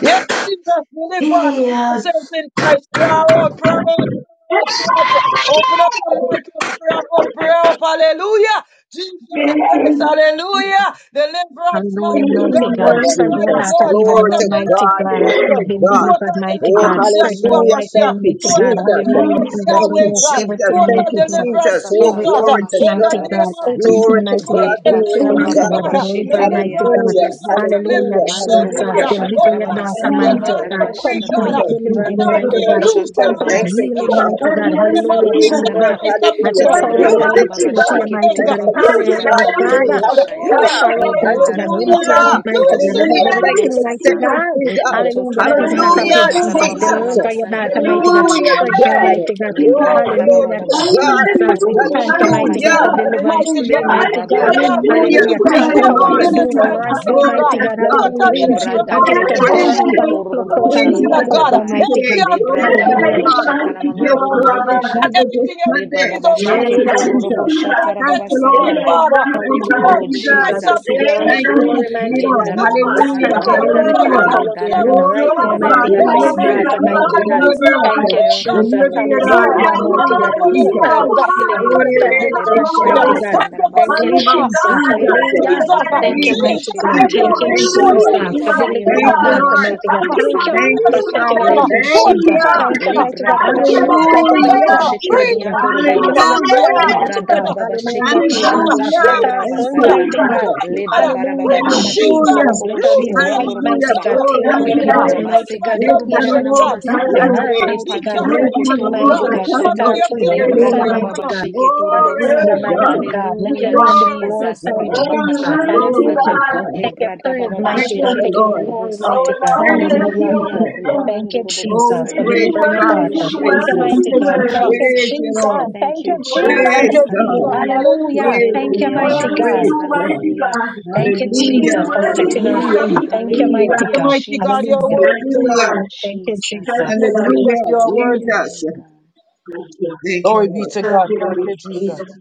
D: Yes, Jesus, deliver. Come on, saints in Christ. Prayer out, prayer out, prayer out, prayer out. Open up your mic and prayer up, prayer up. Hallelujah. Jesus Christ, hallelujah. Deliverance,
A: Hallelujah,
D: mighty
A: mighty
D: God,
F: of
A: God.
D: deliverance,
A: Strengthen us
F: Jesus.
A: to
D: Lord,
A: even
F: Glory
D: total
A: know,
F: to
A: mighty
F: God.
D: deliverance,
A: God, as
F: Glory
A: we've
F: to
D: Jesus.
A: been
F: God.
A: delivered,
D: total
A: mighty
F: Oh,
A: God.
D: deliverance,
A: Strengthen
D: Yeshua
A: us
F: hallelujah.
A: right now,
D: Mashiach,
F: Thank you,
A: mighty God.
D: total
F: Jesus.
A: Hallelujah,
D: deliverance,
A: Jesus.
F: Thank you,
D: Yahweh
A: Remove
D: God,
F: Jesus.
A: everything,
F: Thank
D: total
F: you,
A: mighty God.
D: deliverance,
F: Jesus. Oh,
A: Every
H: Dabababasatari
D: Jesus,
F: glory
A: oath,
F: to
D: in the
A: mighty
F: God.
A: God,
D: name of
H: namashandarabasai.
A: every king,
F: Glory
D: Jesus
F: to
A: mighty God,
D: Christ,
F: God. Glory
A: empire,
F: to
D: deliverance,
A: mighty
F: God.
A: God,
D: God,
A: deliver, mighty
D: deliverance,
A: God.
F: Hallelujah.
D: Jesus,
H: Ekatorababashitiribiandorobosata.
D: deliverance,
A: Hallelujah,
F: Hallelujah.
D: oh
A: Jesus,
D: God,
F: Hallelujah.
A: deliver
D: oh
A: your
D: God,
A: daughter,
F: Thank
D: set
F: you,
D: your
A: mighty
H: Mandorobokoshatarababasadabahanda
F: Lord.
D: daughter
A: God.
F: Thank you,
D: free,
H: rabasharabahai.
A: Complete
F: Jesus.
D: God, set
A: deliverance,
D: her
F: Thank you,
A: mighty
D: free,
A: God.
F: Lord
D: loose
H: Lipratokoshata
F: Jesus.
D: her,
A: Complete
F: Thank
D: mighty
F: you,
H: rababaseke
A: healing,
D: God,
F: God.
A: mighty
D: in
A: God.
D: the
F: We
D: name of
H: shotorobobosana
A: Hallelujah,
F: Praise you,
H: mamanda
D: Jesus
A: Jesus.
F: Lord.
D: Christ of
A: As you
F: Hallelujah.
D: Nazareth.
F: Thank you
H: Lebra
F: for the
A: surrender
D: loose
H: dada
F: victory,
H: baba
A: everything to your
F: God.
H: sheke
A: mighty
D: end.
F: Thank
H: tura
A: God,
F: you
A: I
F: for
H: baba
A: pray,
F: setting
D: Loose
F: your
H: setara
D: her,
A: Heavenly
F: daughter
D: Lord of
H: mamandoro
F: free.
A: Father,
D: God.
H: boshaya.
D: Loose
A: flush
F: Hallelujah.
A: her
D: her
H: Li
A: out, mighty
H: dandara
A: God,
D: everlasting
H: baba
A: empty
F: Hallelujah.
D: Father.
A: her out,
H: kashete
A: mighty
D: Loose
A: God,
D: her,
A: remove
F: Hallelujah.
H: ribiandoro
F: Thank you
A: everything,
F: for
A: mighty
H: sata.
F: setting me
I: Yeah.
A: God.
F: free,
H: Le
F: God.
I: The
H: patoto
A: Hallelujah, that is
H: korodo
A: not
I: mighty
A: of you,
F: Hallelujah,
I: Jehovah,
H: boshata raba
A: Jesus.
H: mana
F: Jesus.
H: mama
A: Deliver your
H: santara
A: daughter,
I: you
H: mama
A: mighty God,
I: are
H: sandoro
F: Hallelujah,
A: strengthen her,
I: worthy,
H: boshai.
F: God.
A: mighty God.
I: Jesus.
H: Libra
F: Oh,
H: dada baba
F: glory
A: Hallelujah,
F: to
I: I
H: baba
A: Jesus.
H: baba
F: God.
I: thank you,
H: katoro
A: We thank you,
H: shana
I: mighty
H: mama
A: mighty God,
F: Hallelujah.
A: for
I: God.
H: sandara bahai.
A: deliverance
D: mighty
A: today,
D: God.
H: Le
F: Hallelujah.
I: I
A: mighty
H: baba
A: God.
H: baba
I: trust
D: Thank
I: in
H: baba
D: you,
F: Hallelujah.
I: you,
H: baba
A: Hallelujah.
D: Jesus.
A: Thank
F: Thank
H: kosho
A: you
F: you,
I: right,
A: for
H: toro
D: Total
A: what you're
F: Lord.
A: doing
H: bosata
I: Jesus.
D: deliverance,
H: mama
A: right now,
D: mighty
H: sandara
F: Glory
D: God.
A: mighty
F: to
H: bahai.
A: God.
F: God.
A: Hallelujah,
D: Total
A: Jesus.
F: Praise
H: Lebra
F: you,
H: da
D: deliverance,
H: ba
F: Lord.
A: Continue
H: ba
A: to
H: ba ba
D: Jesus.
F: Praise
A: burn out
F: you.
I: Hey,
A: and
H: toro
A: flush
H: robo
F: We
D: Deliver
A: out
D: us,
A: and
F: praise
H: shana
F: you
A: wash
D: Father
F: for
I: Jesus.
F: the
H: mamanda
A: out,
D: God,
H: ba
F: victory
H: ai.
A: almighty God.
D: empty
F: today.
D: us
H: Lebra
F: Glory
H: da
F: to
H: ba ba
I: Hey,
A: Hallelujah,
H: ba
F: God.
H: shata na
I: mighty
F: This
H: mamando robo
F: Lord,
I: Jehovah.
D: and
H: shata.
F: this
D: everything else
H: Le ba
D: this
F: Sunday.
H: ba
D: is,
H: ba
D: oh God.
F: Thank
H: sheke
F: you,
I: Hey,
H: toro
D: Empty
H: robo
F: Jesus.
D: us,
I: Jesus.
H: shata
D: God, and
H: ra
F: Thank
D: set
F: you,
D: us
H: sara
I: Hey,
H: ba
D: free,
F: Lord.
D: Father.
I: mighty
F: Thank
D: Set
F: you,
D: us
A: Hallelujah,
H: Oh
I: God.
D: free,
A: Jesus.
D: Prince
A: We
F: Jesus.
D: of
H: Jesus,
I: Thank
A: give you
D: Peace.
A: all
H: Lepa
A: the
D: Lord,
F: Thank you
D: God,
H: Shoto,
F: for
D: let
A: glory,
D: us go
A: mighty
D: and
A: God.
F: freedom.
D: slap
H: Lendara Mama
A: We
D: that,
F: Hallelujah.
A: thank
H: Sandara
A: you,
D: God,
H: Bahai,
A: Heavenly
D: and you
F: Hallelujah.
A: Father, for
D: can
H: Lord
A: what
D: fill
A: you're
D: her
A: doing
D: up,
H: Dadadaba,
F: Glory
A: right
F: to
H: fire
A: now,
H: of
D: Jesus.
H: the
A: mighty
F: God.
H: Holy
A: God,
D: In
A: for
D: the
A: your
H: Ghost,
D: mighty
F: Deliverance,
H: fire
A: daughter,
H: of the
F: God.
D: name
A: mighty
D: of
H: Holy
A: God.
H: Ghost,
F: Deliver
D: Jesus.
A: Thank you,
F: us.
D: Oh
H: fire of
D: God,
H: the
A: Jesus.
H: Holy
F: Deliver
D: thank
F: your
D: you,
H: Ghost,
F: daughter.
D: Lord.
A: Hallelujah,
H: fire of the
D: Thank
A: mighty
H: Holy
D: you
A: God.
F: Hallelujah.
D: for the
H: Ghost,
F: Jesus.
A: Total
D: God.
A: healing,
H: fire of
F: Glory
A: total
D: Thank
H: God,
D: you for
F: to
H: Leba
A: deliverance,
D: the Lord.
H: Shadama
A: mighty God.
F: God.
D: Thank you
H: Sandara
D: for
A: Thank
F: In
D: the
F: the
A: you,
H: Basaya,
F: name of
D: Lord.
A: Jesus.
H: fire
F: Jesus.
H: of
A: Hallelujah.
H: God,
D: Jesus.
A: Thank you,
H: Librandorobo
F: Jesus.
A: mighty
D: Jesus,
A: God.
D: let
A: Thank
F: Jesus.
D: us
A: you,
D: be
F: Thank you,
H: Sheterebiandorobosa,
A: Jesus,
D: total
F: Lord.
A: for
D: healing.
H: fire of
F: Thank
A: delivering your
D: Total
F: you,
H: God,
A: daughter,
F: Lord.
A: mighty God.
H: Mashatana
A: Thank you
H: Masandara
F: Thank
A: for
F: you,
H: Mahai,
A: setting
D: healing.
A: her
F: Father.
D: Total
A: free,
H: Lebush
F: Thank
A: Jesus.
F: you.
H: Katai,
A: Thank you,
D: healing.
A: mighty God,
H: Lebrada
A: for your blood.
H: bashata.
A: Thank you for
D: Total
A: your
D: healing.
H: Makoshe
A: touch,
F: Hallelujah.
D: Free
A: mighty
D: the
A: God.
H: terebiando
D: God.
A: Thank you for your
H: robobosa.
D: Free
A: God
F: Hallelujah.
A: Almighty
H: Lebrada
A: God.
D: the spirit.
H: bababa
D: Free
A: Hallelujah,
D: my
H: sheketo
I: you,
A: Jesus.
D: heart.
F: Hallelujah.
A: Set
D: Free
H: roboshianda
A: her
D: my
F: Thank
A: free,
H: rababasara
D: soul.
F: you,
I: Jesus.
A: mighty
H: bahai.
D: Free
A: God.
D: my
F: Jesus.
D: God.
H: Lebabara
A: Hallelujah,
D: Free my
H: bababa
I: Jesus.
H: kashoto
D: Jesus.
F: Hallelujah.
A: Jesus. Let her
H: roboboshe
A: be
D: Loose our
A: light,
H: terebiando
D: mighty
F: Hallelujah.
A: mighty
H: robosa.
A: God.
D: God. In
A: Take
F: Glory
D: the
F: to
I: Thank
A: away
I: you,
A: the
D: name of
F: God.
I: Alex.
A: burden,
D: Jesus
A: mighty
H: Ekebarabaseka
A: God,
D: Christ
A: the
F: Yes,
D: of
A: pain,
D: Nazareth,
H: turubushana
A: everything,
D: God.
H: mama
F: hallelujah.
A: the
I: Thank
H: sanda
I: you,
D: Loose
A: hurt,
D: our
H: le
A: mighty God,
D: Jesus
H: patoto
I: Thank
F: Yes,
I: you,
D: Christ
A: everything,
D: of
H: kotoro de
A: mighty
D: God.
I: Jesus.
A: God. Set
D: Not
F: hallelujah.
H: boboshata
D: for
A: her
D: your
A: free,
D: glory
H: le
D: and
I: Amen.
A: loose
D: all
A: her,
H: brada
D: for
I: Amen,
F: Glory.
D: your
I: Jesus.
H: baba
A: mighty
D: honor.
A: God.
H: basheke
F: Glory
I: Amen,
H: turubosa
F: to
A: Hallelujah,
I: God.
A: mighty
F: God.
A: God. Let
I: Thank
A: your
H: hallelujah
I: you.
A: name be
F: Glory to
H: jesus
A: glorified,
F: God.
H: Ribaba
A: Jesus.
H: kashana mama
F: Glory to
H: sanda
A: Hallelujah.
F: God.
H: le
A: Take your
H: brada
A: praise,
H: baba
A: mighty
F: Thank
A: God.
H: basheke
F: you,
A: Take your
F: Lord.
A: glory,
I: Oh,
A: mighty
H: turubobosaya
A: God.
I: Lord,
F: Thank you,
I: let
A: Hallelujah.
I: your
H: Hallelujah.
F: Jesus.
I: kingdom.
A: Thank you,
F: Oh,
A: Jesus,
F: we
A: for
I: It
H: Ribabandorobobosaya.
I: is
F: praise
A: delivering
F: you,
A: your
I: well,
H: Thank
F: Father.
H: you,
I: it
F: We
A: daughter.
I: is
A: Thank
F: praise
I: well,
A: you,
F: you.
H: Jesus.
I: it
D: Thank
I: is
A: mighty
D: you,
H: Thank
A: God.
H: you,
F: We
I: well.
D: Jesus.
A: Thank you,
H: Jesus.
F: praise you,
A: Jesus.
F: Lord.
I: It
H: Thank
A: Thank you,
H: you,
I: is well,
A: Jesus.
I: that
D: Thank
H: Jesus.
F: Praise
D: you,
I: it is.
F: God.
D: Jesus.
H: Hallelujah.
D: Hallelujah.
A: Hallelujah.
F: Praise
I: It
A: Thank
F: you,
A: you,
I: is
H: Hallelujah,
F: God.
A: mighty
I: well with
A: God.
H: Jesus.
F: Praise
I: you, mighty
F: God.
H: Hallelujah.
I: God.
A: Thank you,
I: It is
H: Hallelujah.
F: Hallelujah.
A: Jesus, for
I: well with
A: setting her
I: you,
H: Hallelujah.
I: that
F: Hallelujah.
A: free.
I: it
A: Thank you,
F: Hallelujah.
A: mighty
D: The
H: Hallelujah,
I: is.
A: God.
D: mighty God, you
H: Jesus.
D: are
A: Hallelujah.
I: Thank
D: worthy,
I: you,
H: Thank
D: Jesus.
I: Lord.
H: you,
A: Thank you,
F: Hallelujah.
H: Jesus.
I: Thank you,
D: Thank
A: Jesus.
D: you,
I: buddy.
H: We
D: Jesus, you
F: Hallelujah.
D: are
H: glorify
D: worthy.
H: your name,
F: Jesus.
H: God.
I: Thank you,
F: Thank you,
D: Glory be
F: Lord.
D: to God. Thank you,
I: Jesus.
D: Jesus.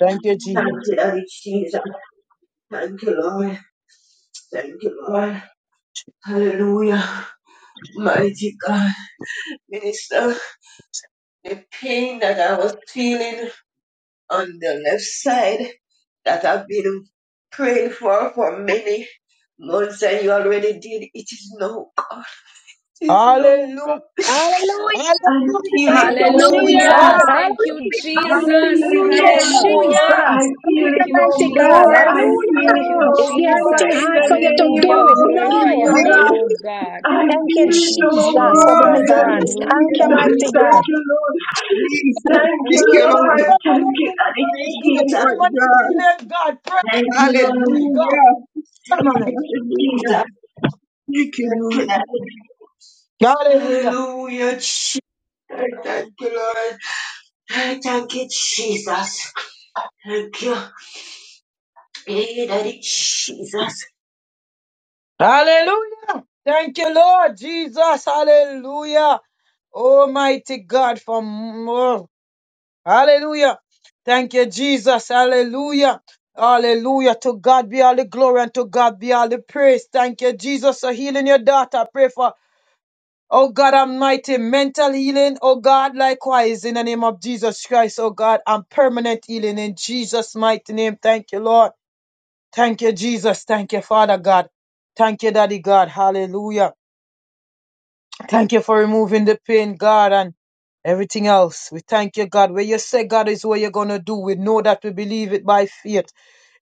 D: Thank you, Jesus.
I: Thank you, Lord. Thank you, Lord. Hallelujah. Mighty God. Minister, the pain that I was feeling on the left side that I've been praying for for many months and you already did. It is no God. It is no
D: Hallelujah.
I: God.
A: Hallelujah.
I: I
D: Hallelujah.
I: feel
A: Thank
I: it
A: you,
I: no
F: Hallelujah.
I: more.
H: Hallelujah.
A: Jesus. Hallelujah.
H: Thank you,
I: I feel
H: Jesus.
I: it
A: Thank you,
I: no
F: Hallelujah.
I: more.
H: Hallelujah.
I: I
A: Jesus. Thank
I: feel
A: you,
I: it
H: Thank you,
I: no
A: mighty
I: more.
A: God.
I: I
H: Jesus.
A: Hallelujah.
I: feel
H: Thank
I: it
F: Hallelujah.
I: no
H: you,
A: Is there
I: more.
A: anything
I: In
H: Jesus.
A: hard
I: the
A: for you to
I: name
H: Hallelujah.
I: of
A: do?
H: We
F: Oh,
H: glorify
A: No.
H: your
F: hallelujah.
H: name,
I: Jesus.
H: oh
A: Hallelujah.
H: God.
I: I
A: Thank you,
I: feel
H: Thank
I: it
H: you,
I: no
A: Jesus, for
I: more
H: Jesus.
F: Glory.
I: than
A: deliverance.
H: Hallelujah.
A: Thank you,
F: Hallelujah.
I: Jesus.
A: mighty
I: Thank
A: God.
D: Jesus,
I: you, Lord.
F: Jesus.
I: Thank you,
F: Thank you,
I: Lord.
D: pray
F: Lord.
D: for
I: Thank
D: that
I: you, Daddy
D: deliverance,
F: Thank
D: God.
F: you,
D: Pray
I: Jesus.
F: Lord
D: for that
F: God.
D: healing, God. Pray
I: Thank
D: for
I: you,
D: that
I: Lord.
D: free, God.
F: Hallelujah.
D: Pray
I: Thank
D: for it.
I: you,
F: Hallelujah.
I: Jesus.
F: Thank you,
I: Thank
F: Lord.
I: you, Daddy.
D: Hallelujah.
I: Hallelujah, Jesus. Thank you, Lord. Thank you, Jesus. Thank you, Hey, Daddy Jesus.
D: Hallelujah. Thank you, Lord Jesus. Hallelujah. Almighty God for more. Hallelujah. Thank you, Jesus. Hallelujah. Hallelujah. To God be all the glory and to God be all the praise. Thank you, Jesus, for healing your daughter. I pray for Oh God Almighty, mental healing, oh God, likewise in the name of Jesus Christ, oh God, and permanent healing in Jesus' mighty name. Thank you, Lord. Thank you, Jesus. Thank you, Father God. Thank you, Daddy God. Hallelujah. Thank you for removing the pain, God, and everything else. We thank you, God. Where you say God is what you're gonna do. We know that we believe it by faith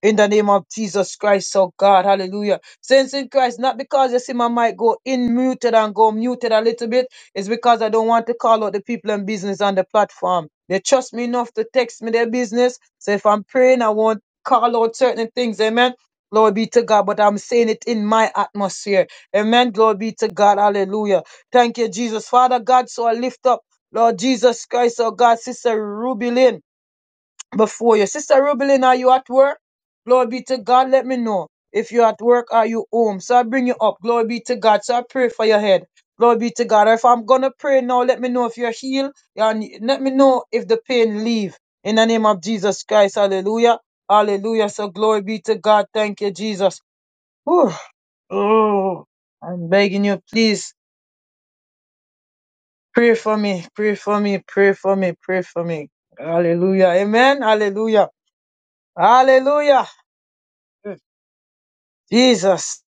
D: in the name of Jesus Christ, oh God, hallelujah. Saints in Christ, not because you see my mic go in muted and go muted a little bit, it's because I don't want to call out the people and business on the platform. They trust me enough to text me their business. So if I'm praying, I won't call out certain things, amen. Glory be to God, but I'm saying it in my atmosphere. Amen. Glory be to God. Hallelujah. Thank you, Jesus. Father God, so I lift up, Lord Jesus Christ, oh God, Sister Ruby Lynn before you. Sister Rubelin, are you at work? Glory be to God. Let me know if you're at work are you home. So I bring you up. Glory be to God. So I pray for your head. Glory be to God. If I'm gonna pray now, let me know if you're healed. And let me know if the pain leave. In the name of Jesus Christ. Hallelujah. Hallelujah. So glory be to God. Thank you, Jesus. Whew. Oh, I'm begging you, please pray for me. Pray for me. Pray for me. Pray for me. Hallelujah. Amen. Hallelujah. Hallelujah. Jesus.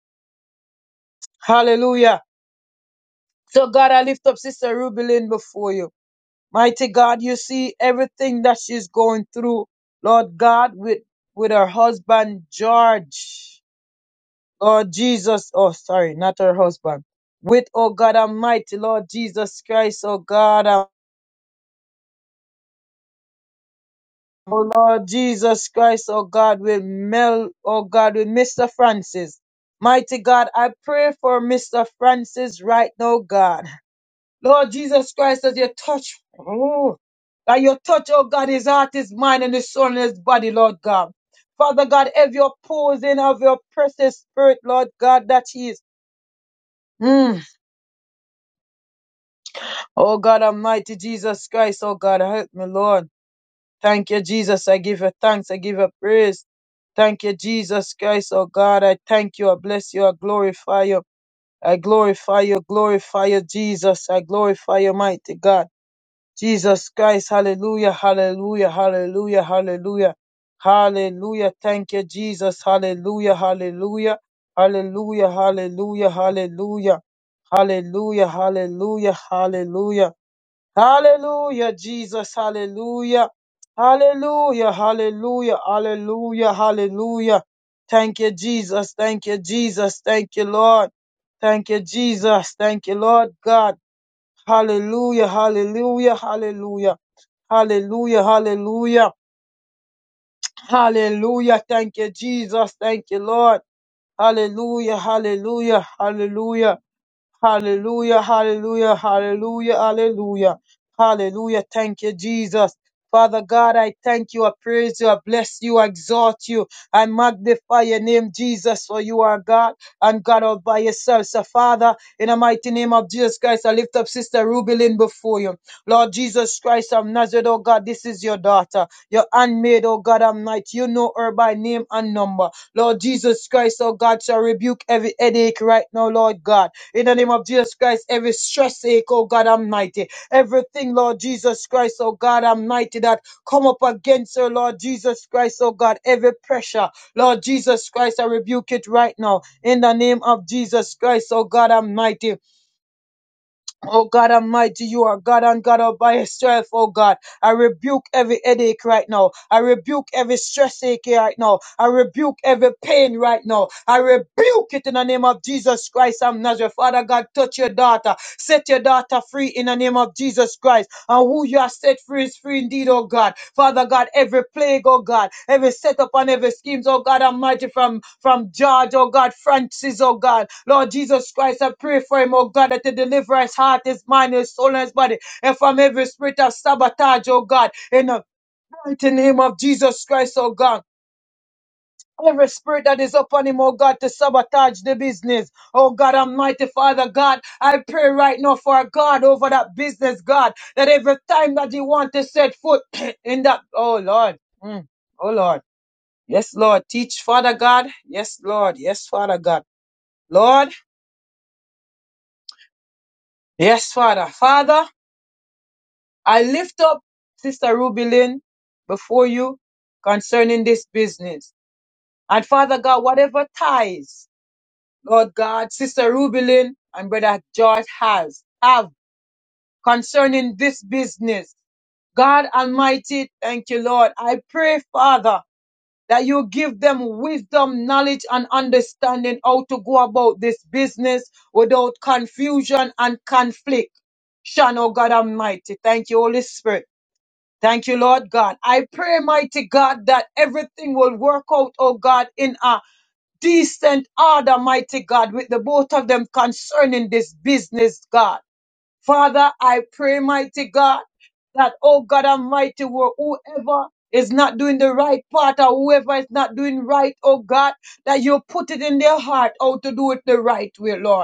D: Hallelujah. So, God, I lift up Sister Ruby Lynn before you. Mighty God, you see everything that she's going through, Lord God, with, with her husband, George. Lord Jesus, oh, sorry, not her husband. With, oh God Almighty, Lord Jesus Christ, oh God, um, oh Lord Jesus Christ, oh God, with Mel, oh God, with Mr. Francis. Mighty God, I pray for Mr. Francis right now, God. Lord Jesus Christ, as your touch, oh, that your touch, oh God, his heart, his mind, and his soul, and his body, Lord God. Father God, have your posing of your precious spirit, Lord God, that he is. Mm. Oh God, Almighty Jesus Christ, oh God, help me, Lord. Thank you, Jesus. I give you thanks. I give you praise. Thank you, Jesus Christ, oh God. I thank you. I bless you. I glorify you. I glorify you. Glorify you, Jesus. I glorify you, mighty God. Jesus Christ, hallelujah, hallelujah, hallelujah, hallelujah, hallelujah. Thank you, Jesus, hallelujah, hallelujah, hallelujah, hallelujah, hallelujah, hallelujah, hallelujah, hallelujah, hallelujah, Jesus, hallelujah, hallelujah, hallelujah, hallelujah, hallelujah. Thank you, Jesus, thank you, Jesus, thank you, Lord, thank you, Jesus, thank you, Lord God. Hallelujah, hallelujah, hallelujah. Hallelujah, hallelujah, hallelujah. Thank you, Jesus. Thank you, Lord. Hallelujah, hallelujah, hallelujah. Hallelujah, hallelujah, hallelujah, hallelujah, hallelujah. Thank you, Jesus. Father God, I thank you, I praise you, I bless you, I exalt you, I magnify your name, Jesus, for you are God and God all by yourself. So, Father, in the mighty name of Jesus Christ, I lift up Sister Ruby Lynn before you. Lord Jesus Christ of Nazareth, oh God, this is your daughter, your handmaid, oh God, I'm not. You know her by name and number. Lord Jesus Christ, oh God, shall rebuke every headache right now, Lord God. In the name of Jesus Christ, every stress ache, oh God Almighty, everything, Lord Jesus Christ, oh God Almighty, that come up against her, Lord Jesus Christ, oh God, every pressure, Lord Jesus Christ, I rebuke it right now. In the name of Jesus Christ, oh God Almighty, Oh God Almighty, you are God and God all by yourself, oh God. I rebuke every headache right now. I rebuke every stress ache right now. I rebuke every pain right now. I rebuke it in the name of Jesus Christ of Nazareth. Father God, touch your daughter. Set your daughter free in the name of Jesus Christ. And who you have set free is free indeed, oh God. Father God, every plague, oh God, every setup and every schemes, oh God Almighty, from, from George, oh God, Francis, oh God. Lord Jesus Christ, I pray for him, oh God, that He deliver his heart, his mind, his soul, and his body, and from every spirit of sabotage, oh God, in the mighty name of Jesus Christ, oh God. Every spirit that is upon him, oh God, to sabotage the business. Oh God, Almighty Father God, I pray right now for God over that business, God, that every time that he want to set foot in that, oh Lord, Mm. oh Lord, yes Lord, teach Father God, yes Lord, yes Father God, Lord, yes Father, Father, I lift up Sister Ruby Lynn before you concerning this business. And Father God, whatever ties Lord God, Sister Ruby Lynn and Brother George has have concerning this business. God Almighty, thank you, Lord. I pray, Father, that you give them wisdom, knowledge, and understanding how to go about this business without confusion and conflict. Shan, oh God Almighty. Thank you, Holy Spirit. Thank you, Lord God. I pray, mighty God, that everything will work out, oh God, in us decent order, mighty God, with the both of them concerning this business, God. Father, I pray, mighty God, that, oh God Almighty, who- whoever is not doing the right part or whoever is not doing right, oh God, that you put it in their heart, oh, to do it the right way, Lord.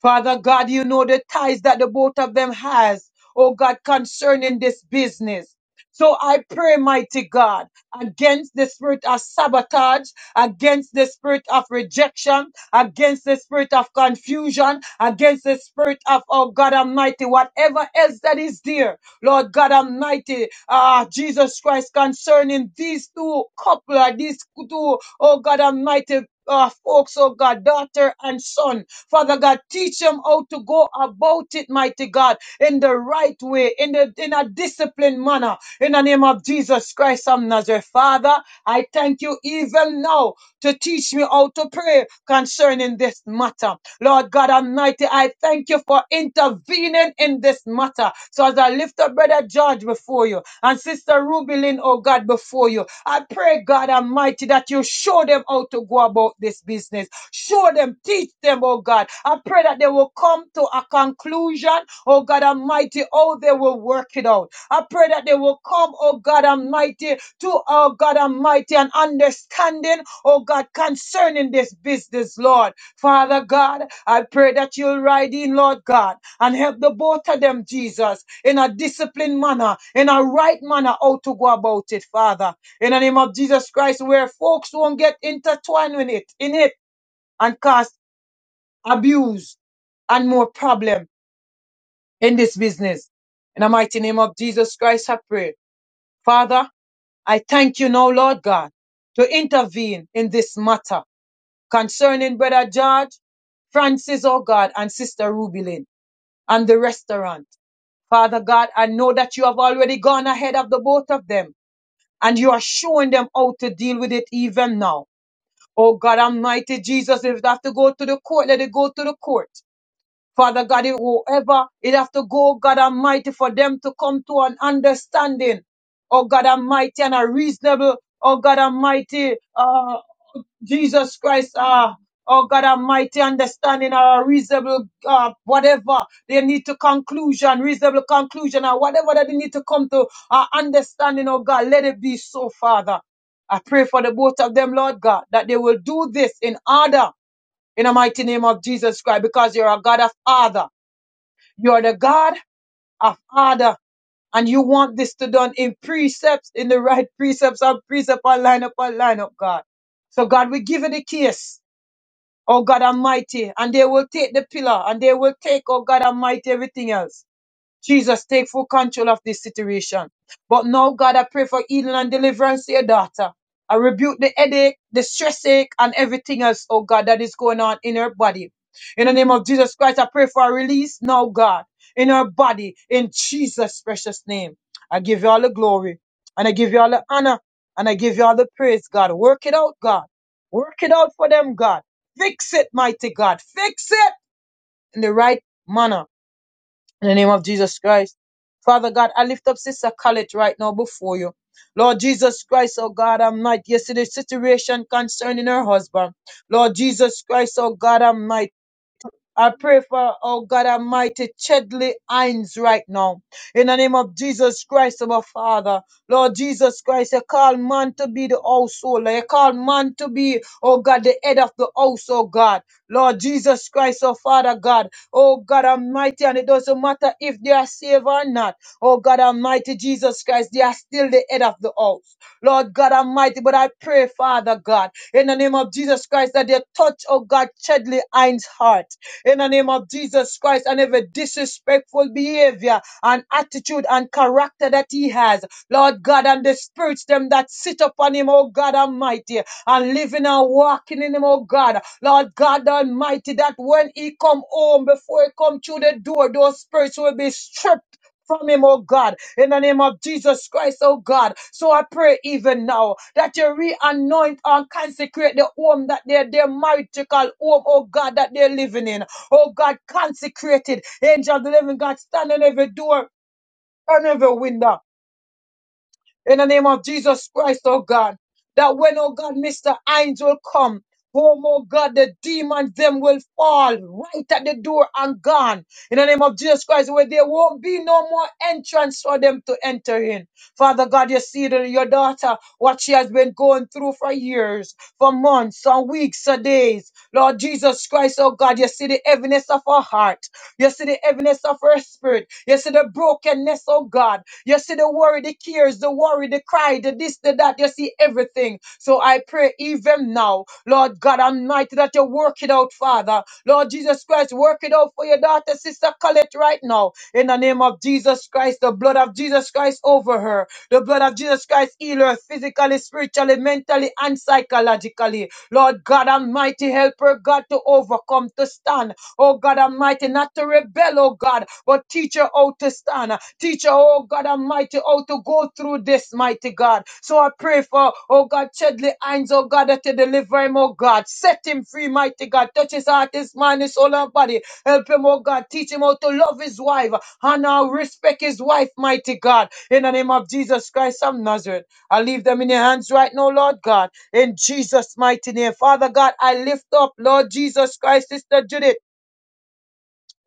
D: Father God, you know the ties that the both of them has, oh God, concerning this business. So I pray, mighty God, against the spirit of sabotage, against the spirit of rejection, against the spirit of confusion, against the spirit of, oh God Almighty, whatever else that is there, Lord God Almighty, ah, Jesus Christ, concerning these two couple, these two, oh God Almighty, uh, folks, oh God, daughter and son, Father God, teach them how to go about it, mighty God, in the right way, in the in a disciplined manner. In the name of Jesus Christ of Nazareth, Father, I thank you even now to teach me how to pray concerning this matter. Lord God Almighty, I thank you for intervening in this matter. So as I lift up Brother George before you and Sister Rubilin, oh God, before you. I pray, God Almighty, that you show them how to go about this business. Show them, teach them, oh God. I pray that they will come to a conclusion, oh God Almighty, how they will work it out. I pray that they will come, oh God Almighty, to, oh God Almighty, an understanding, oh God, concerning this business, Lord. Father God, I pray that you'll ride in, Lord God and help the both of them, Jesus, in a disciplined manner, in a right manner, how to go about it, Father. In the name of Jesus Christ, where folks won't get intertwined in it, in it, and cause abuse and more problem in this business. In the mighty name of Jesus Christ, I pray. Father, I thank you now, Lord God, to intervene in this matter concerning Brother George, Francis, oh God, and Sister Rubilin and the restaurant. Father God, I know that you have already gone ahead of the both of them and you are showing them how to deal with it even now. Oh God Almighty Jesus, if they have to go to the court, let it go to the court. Father God, if whoever it have to go, God Almighty, for them to come to an understanding. Oh God Almighty, and a reasonable, oh God Almighty, uh, Jesus Christ, uh, oh God Almighty, understanding or reasonable, uh, whatever they need to conclusion, reasonable conclusion, or whatever that they need to come to uh, understanding, oh God, let it be so, Father. I pray for the both of them, Lord God, that they will do this in order, in the mighty name of Jesus Christ, because you're a God of order. You're the God of order. And you want this to done in precepts, in the right precepts, and precept, and line up, and line up, God. So God, we give you the case oh God Almighty, and they will take the pillar and they will take, oh God Almighty, everything else. Jesus, take full control of this situation. But now, God, I pray for healing and deliverance to your daughter. I rebuke the headache, the stress ache, and everything else, oh God, that is going on in her body. In the name of Jesus Christ, I pray for a release now, God, in her body, in Jesus' precious name. I give you all the glory, and I give you all the honor, and I give you all the praise, God. Work it out, God. Work it out for them, God. Fix it, mighty God. Fix it in the right manner in the name of Jesus Christ. Father God, I lift up Sister Khaled right now before you. Lord Jesus Christ, oh God, I'm not. Yes, it is situation concerning her husband. Lord Jesus Christ, oh God, I'm I pray for, oh God Almighty, Chedley Hines right now. In the name of Jesus Christ, our Father. Lord Jesus Christ, you call man to be the householder. You call man to be, oh God, the head of the house, oh God. Lord Jesus Christ, oh Father God. Oh God Almighty, and it doesn't matter if they are saved or not. Oh God Almighty, Jesus Christ, they are still the head of the house. Lord God Almighty, but I pray, Father God, in the name of Jesus Christ, that you touch, oh God, Chedley Hines' heart in the name of Jesus Christ and every disrespectful behavior and attitude and character that he has. Lord God, and the spirits them that sit upon him, oh God Almighty, and living and walking in him, oh God. Lord God Almighty, that when he come home, before he come through the door, those spirits will be stripped from him, oh God, in the name of Jesus Christ, oh God. So I pray even now that you re-anoint and consecrate the home that they're, they're married to call home, oh God, that they're living in. Oh God, consecrated. Angel of the living God, stand on every door, on every window in the name of Jesus Christ, oh God. That when, oh God, Mr. Angel come home, oh God, the demons them will fall right at the door and gone. In the name of Jesus Christ, where there won't be no more entrance for them to enter in. Father God, you see that your daughter, what she has been going through for years, for months, or weeks, or days. Lord Jesus Christ, oh God, you see the heaviness of her heart. You see the heaviness of her spirit. You see the brokenness, oh God. You see the worry, the cares, the worry, the cry, the this, the that. You see everything. So I pray even now, Lord God Almighty, that you work it out, Father. Lord Jesus Christ, work it out for your daughter, Sister Colette, right now. In the name of Jesus Christ, the blood of Jesus Christ over her. The blood of Jesus Christ heal her physically, spiritually, mentally, and psychologically. Lord God Almighty, help her, God, to overcome, to stand oh God Almighty, not to rebel, oh God, but teach her how to stand. Teach her, oh God Almighty, how to go through this, mighty God. So I pray for, oh God, Chedley Hines, oh God, that you deliver him, oh God. Set him free, mighty God. Touch his heart, his mind, his soul and body. Help him, oh God. Teach him how to love his wife, and how respect his wife, mighty God. In the name of Jesus Christ of Nazareth. I leave them in your hands right now, Lord God. In Jesus' mighty name. Father God, I lift up, Lord Jesus Christ, Sister Judith.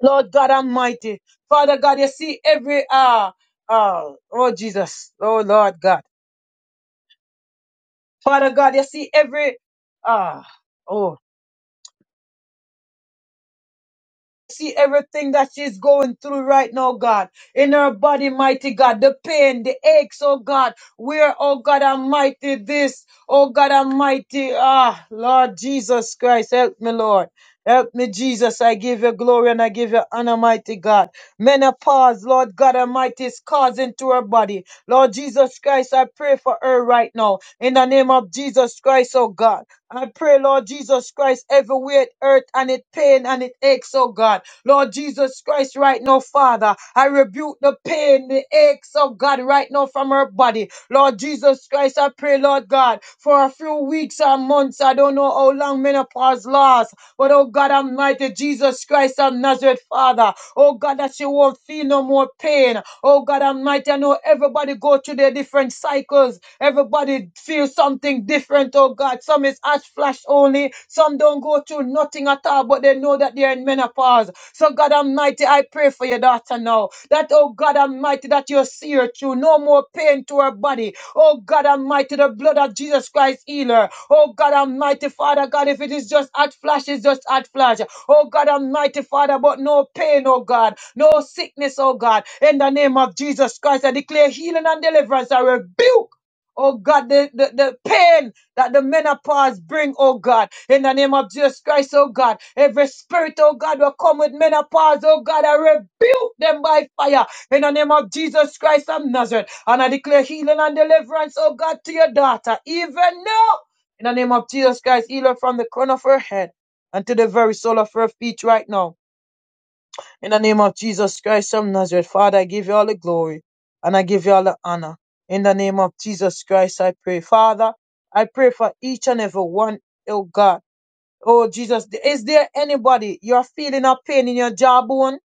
D: Lord God Almighty. Father God, you see every uh uh oh Jesus, oh Lord God. Father God, you see every ah oh. see everything that she's going through right now, God, in her body, mighty God, the pain, the aches, oh God, where, oh God Almighty, this, oh God Almighty, ah, Lord Jesus Christ, help me, Lord. Help me, Jesus. I give you glory and I give you honor, mighty God. Menopause, Lord God Almighty, is causing to her body. Lord Jesus Christ, I pray for her right now. In the name of Jesus Christ, oh God. I pray, Lord Jesus Christ, everywhere it hurt and it pain and it aches, oh God. Lord Jesus Christ, right now, Father, I rebuke the pain, the aches, oh God, right now from her body. Lord Jesus Christ, I pray, Lord God, for a few weeks or months, I don't know how long menopause lasts, but oh God Almighty, Jesus Christ of Nazareth, Father, Oh God, that she won't feel no more pain. Oh God Almighty, I know everybody go through their different cycles. Everybody feel something different, oh God. Some is ash flash only. Some don't go through nothing at all, but they know that they're in menopause. So God Almighty, I pray for your daughter now. That, oh God Almighty, that you see her through. No more pain to her body. Oh God Almighty, the blood of Jesus Christ healer. Oh God Almighty, Father God, if it is just hot flash, it's just hot flash. Oh God Almighty, Father, but no pain, oh God, no sickness, oh God. In the name of Jesus Christ, I declare healing and deliverance. I rebuke. Oh God, the, the, the pain that the menopause bring, oh God, in the name of Jesus Christ, oh God, every spirit, oh God, will come with menopause, oh God, I rebuke them by fire in the name of Jesus Christ of Nazareth. And I declare healing and deliverance, oh God, to your daughter, even now, in the name of Jesus Christ, heal her from the crown of her head and to the very sole of her feet right now. In the name of Jesus Christ of Nazareth, Father, I give you all the glory and I give you all the honor. In the name of Jesus Christ, I pray. Father, I pray for each and every one, oh God. Oh Jesus, is there anybody you're feeling a pain in your jawbone?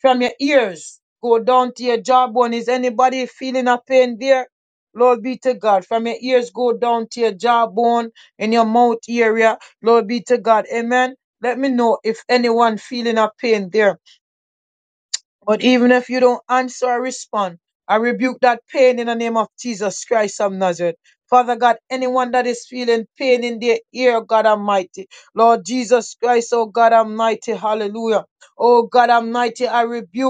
D: from your ears, go down to your jawbone. Is anybody feeling a pain there? Lord be to God. From your ears, go down to your jawbone in your mouth area. Lord be to God. Amen. Let me know if anyone feeling a pain there. But even if you don't answer or respond, I rebuke that pain in the name of Jesus Christ of Nazareth. Father God, anyone that is feeling pain in their ear, oh God Almighty. Lord Jesus Christ, oh God Almighty, hallelujah. Oh God Almighty, I rebuke.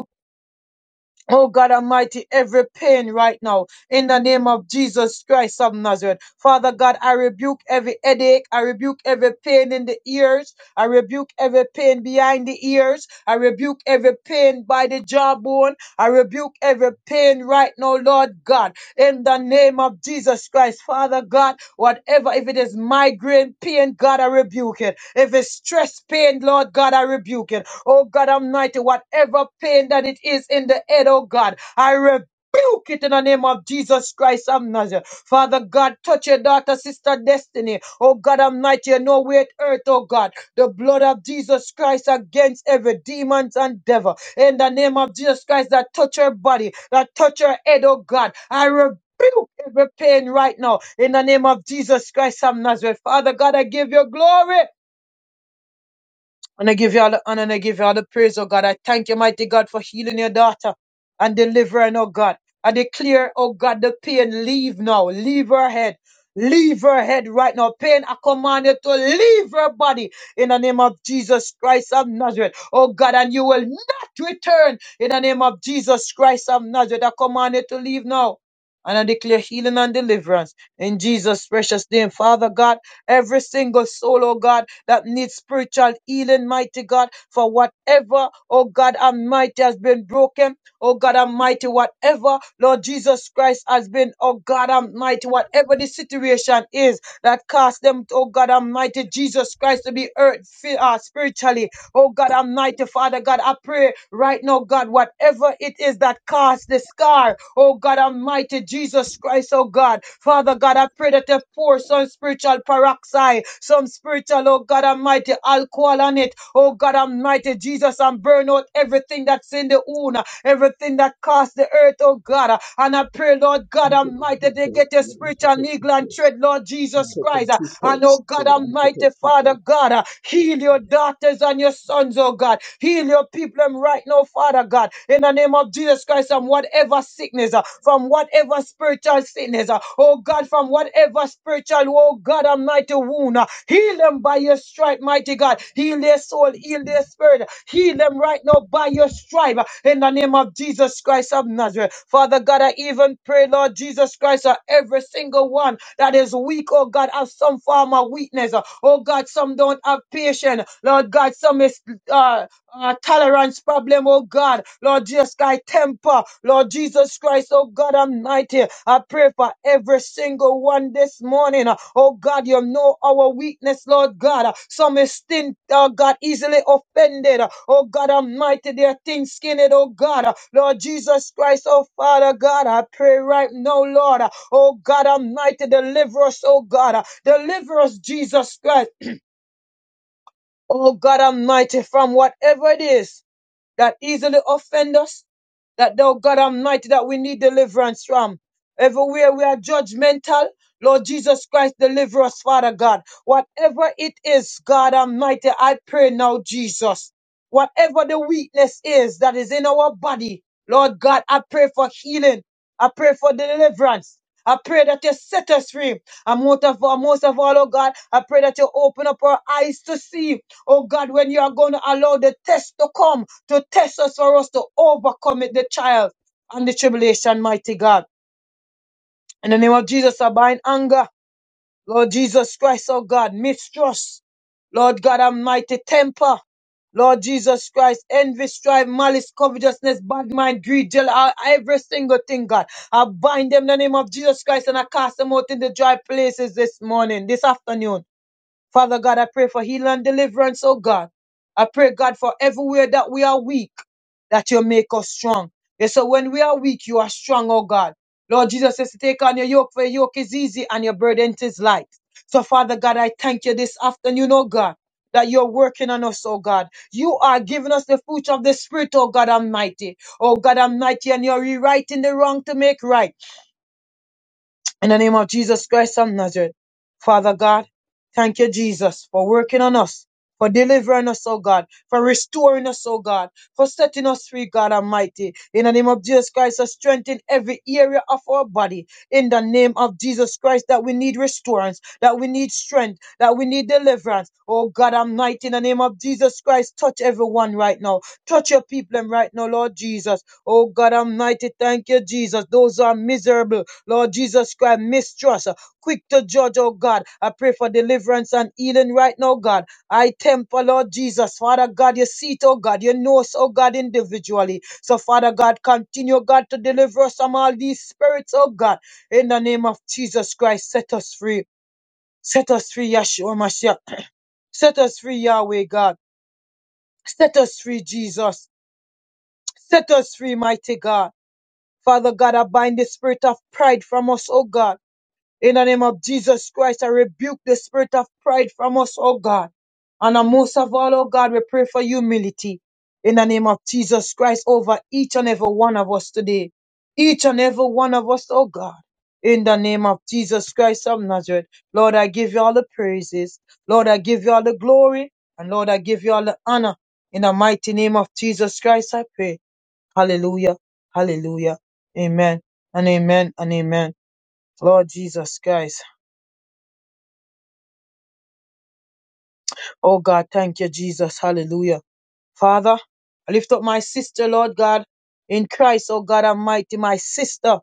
D: Oh God Almighty, every pain right now, in the name of Jesus Christ of Nazareth. Father God, I rebuke every headache. I rebuke every pain in the ears. I rebuke every pain behind the ears. I rebuke every pain by the jawbone. I rebuke every pain right now, Lord God in the name of Jesus Christ. Father God, whatever, if it is migraine pain, God, I rebuke it. If it's stress pain, Lord God, I rebuke it. Oh God Almighty, whatever pain that it is in the head, oh God, I rebuke. Rebuke it in the name of Jesus Christ of Nazareth. Father God, touch your daughter, sister Destiny. Oh God Almighty, you know where it earth. oh God. The blood of Jesus Christ against every demons and devil in the name of Jesus Christ that touch her body, that touch her head, oh God. I rebuke Every pain right now in the name of Jesus Christ of Nazareth. Father God, I give you glory. And I give you all the honor and I give you all the praise, oh God. I thank you, mighty God, for healing your daughter and delivering, oh God. I declare, oh God, the pain leave now. Leave her head. Leave her head right now. Pain, I command you to leave her body in the name of Jesus Christ of Nazareth. Oh God, and you will not return in the name of Jesus Christ of Nazareth. I command you to leave now. And I declare healing and deliverance in Jesus' precious name. Father God, every single soul, oh God, that needs spiritual healing, mighty God, for whatever, oh God, Almighty has been broken, oh God Almighty, whatever, Lord Jesus Christ has been, oh God Almighty, whatever the situation is that caused them, oh God Almighty, Jesus Christ to be hurt fi- uh, spiritually, Oh God Almighty, Father God, I pray right now, God, whatever it is that caused the scar, oh God Almighty, Jesus Christ, oh God, Father God, I pray that you pour some spiritual peroxide, some spiritual, oh God Almighty, alcohol on it, oh God Almighty, Jesus, and burn out everything that's in the wound, everything that casts the earth, oh God. And I pray, Lord God Almighty,
F: two
D: they
F: poles
D: get your
F: and then you have to
D: spiritual
F: click two
D: eagle and
F: poles.
D: tread, Lord
F: You
D: Jesus
F: click on
D: Christ.
F: two
D: And oh
F: poles so
D: God
F: you don't have to
D: Almighty,
F: click two
D: Father
F: poles.
D: God, heal your daughters and your sons, oh God. Heal your people um, right now, Father God, in the name of Jesus Christ, from whatever sickness, uh, from whatever spiritual sickness, uh, oh God, from whatever spiritual, oh God Almighty, wound wound. Heal them by your stripe, mighty God. Heal their soul, heal their spirit. Heal them right now by your stripe in the name of Jesus Christ of Nazareth. Father God, I even pray, Lord Jesus Christ, for every single one that is weak, oh God, has some form of weakness. Oh God, some don't have patience. Lord God, some is uh, uh, tolerance problem, oh God. Lord Jesus Christ, temper. Alpha, Lord Jesus Christ, oh God Almighty, I pray for every single one this morning. Oh God, you know our weakness, Lord God. Some is thin, oh God, easily offended. Oh God Almighty, they are thin skinned, oh God. Lord Jesus Christ, oh Father God, I pray right now, Lord. Oh God Almighty, deliver us, oh God. Deliver us, Jesus Christ. Oh God Almighty, from whatever it is that easily offend us, that thou God Almighty, that we need deliverance from. Everywhere we are judgmental, Lord Jesus Christ, deliver us, Father God. Whatever it is, God Almighty, I pray now, Jesus. Whatever the weakness is that is in our body, Lord God, I pray for healing. I pray for deliverance. I pray that you set us free. And most of all, most of all, oh God, I pray that you open up our eyes to see Oh God, when you are going to allow the test to come to test us for us to overcome it, the trial and the tribulation, mighty God. In the name of Jesus, I bind anger. Lord Jesus Christ, oh God, mistrust. Lord God, almighty temper. Lord Jesus Christ, envy, strife, malice, covetousness, bad mind, greed, jeal, uh, every single thing, God. I bind them in the name of Jesus Christ and I cast them out in the dry places this morning, this afternoon. Father God, I pray for healing and deliverance, oh God. I pray, God, for everywhere that we are weak, that you make us strong. Yes, so when we are weak, you are strong, oh God. Lord Jesus says to take on your yoke, for your yoke is easy and your burden is light. So, Father God, I thank you this afternoon, oh God, that you're working on us, oh God. You are giving us the fruit of the Spirit, oh God Almighty. Oh God Almighty, and you're rewriting the wrong to make right. In the name of Jesus Christ of Nazareth, Father God, thank you, Jesus, for working on us, for delivering us, oh God, for restoring us, oh God, for setting us free, God Almighty. In the name of Jesus Christ, to strengthen every area of our body. In the name of Jesus Christ, that we need restorance, that we need strength, that we need deliverance. Oh God Almighty, in the name of Jesus Christ, touch everyone right now. Touch your people right now, Lord Jesus. Oh God Almighty, thank you, Jesus. Those who are miserable. Lord Jesus Christ, mistrust, uh, quick to judge, oh God. I pray for deliverance and healing right now, God. I temper, Lord Jesus, Father God, you see it, oh God, you know us, oh God, individually. So, Father God, continue, God, to deliver us from all these spirits, oh God. In the name of Jesus Christ, set us free. Set us free, Yeshua Mashiach. Set us free, Yahweh God. Set us free, Jesus. Set us free, mighty God. Father God, I bind the spirit of pride from us, oh God. In the name of Jesus Christ, I rebuke the spirit of pride from us, oh God. And uh, most of all, oh God, we pray for humility. In the name of Jesus Christ, over each and every one of us today. Each and every one of us, oh God. In the name of Jesus Christ of Nazareth. Lord, I give you all the praises. Lord, I give you all the glory. And Lord, I give you all the honor. In the mighty name of Jesus Christ, I pray. Hallelujah. Hallelujah. Amen. And amen and amen. Lord Jesus Christ. Oh God, thank you, Jesus. Hallelujah. Father, I lift up my sister, Lord God, in Christ, oh God Almighty, my sister.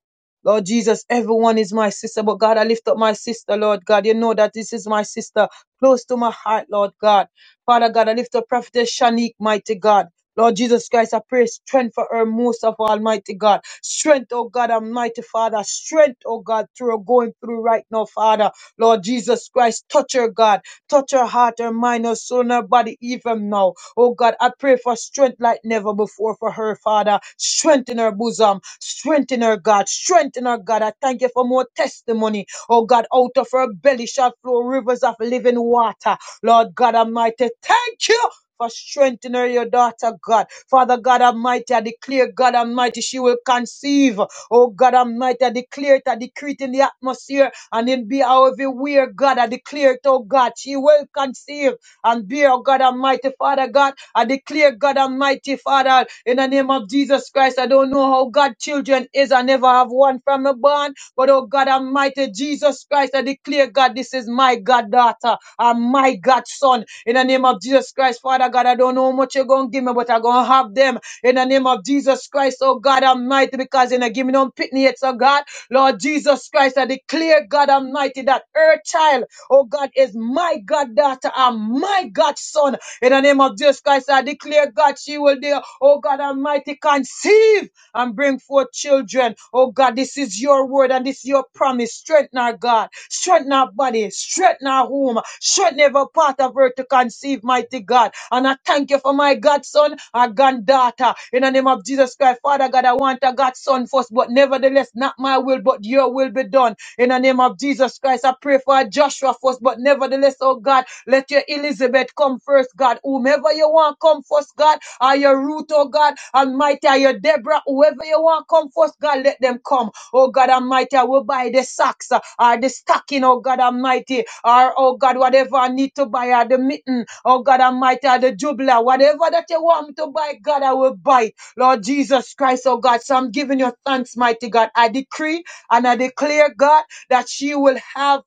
D: Lord Jesus, everyone is my sister, but God, I lift up my sister, Lord God. You know that this is my sister, close to my heart, Lord God. Father God, I lift up Prophetess Shanique, mighty God. Lord Jesus Christ, I pray strength for her most of all, mighty God. Strength, oh God, almighty Father. Strength, oh God, through her going through right now, Father. Lord Jesus Christ, touch her, God. Touch her heart, her mind, her soul, and her body, even now. Oh God, I pray for strength like never before for her, Father. Strengthen her bosom. Strengthen her, God. Strengthen her, God. I thank you for more testimony. Oh God, out of her belly shall flow rivers of living water. Lord God Almighty, thank you for strengthening her, your daughter, God. Father God Almighty, I declare, God Almighty, she will conceive. Oh God Almighty, I declare it, I decree it in the atmosphere and in be out everywhere, God. I declare it, oh God, she will conceive and bear, oh God Almighty, Father God. I declare, God Almighty, Father, in the name of Jesus Christ, I don't know how God children is. I never have one from a barn. But oh God Almighty, Jesus Christ, I declare, God, this is my God daughter and my God son. In the name of Jesus Christ, Father God, I don't know how much you're going to give me, but I'm going to have them. In the name of Jesus Christ, oh God Almighty, because you're not giving them pitney yet, so God, Lord Jesus Christ, I declare, God Almighty, that her child, oh God, is my God daughter and my God son. In the name of Jesus Christ, I declare, God, she will, dear, oh God Almighty, conceive and bring forth children. Oh God, this is your word and this is your promise. Strengthen our God, strengthen our body, strengthen our home, strengthen every part of her to conceive, mighty God. And I thank you for my godson, our granddaughter. In the name of Jesus Christ, Father God, I want a godson on first, but nevertheless, not my will, but your will be done. In the name of Jesus Christ, I pray for Joshua first, but nevertheless, oh God, let your Elizabeth come first, God. Whomever you want come first, God, or your Ruth, oh God, Almighty, or your Deborah, whoever you want come first, God, let them come. Oh God Almighty, I will buy the socks uh, or the stocking, oh God Almighty, or oh God, whatever I need to buy, or the mitten, oh God Almighty, or the jubilee, whatever that you want me to buy, God, I will buy Lord Jesus Christ, oh God. So I'm giving you thanks, mighty God. I decree and I declare, God, that she will have.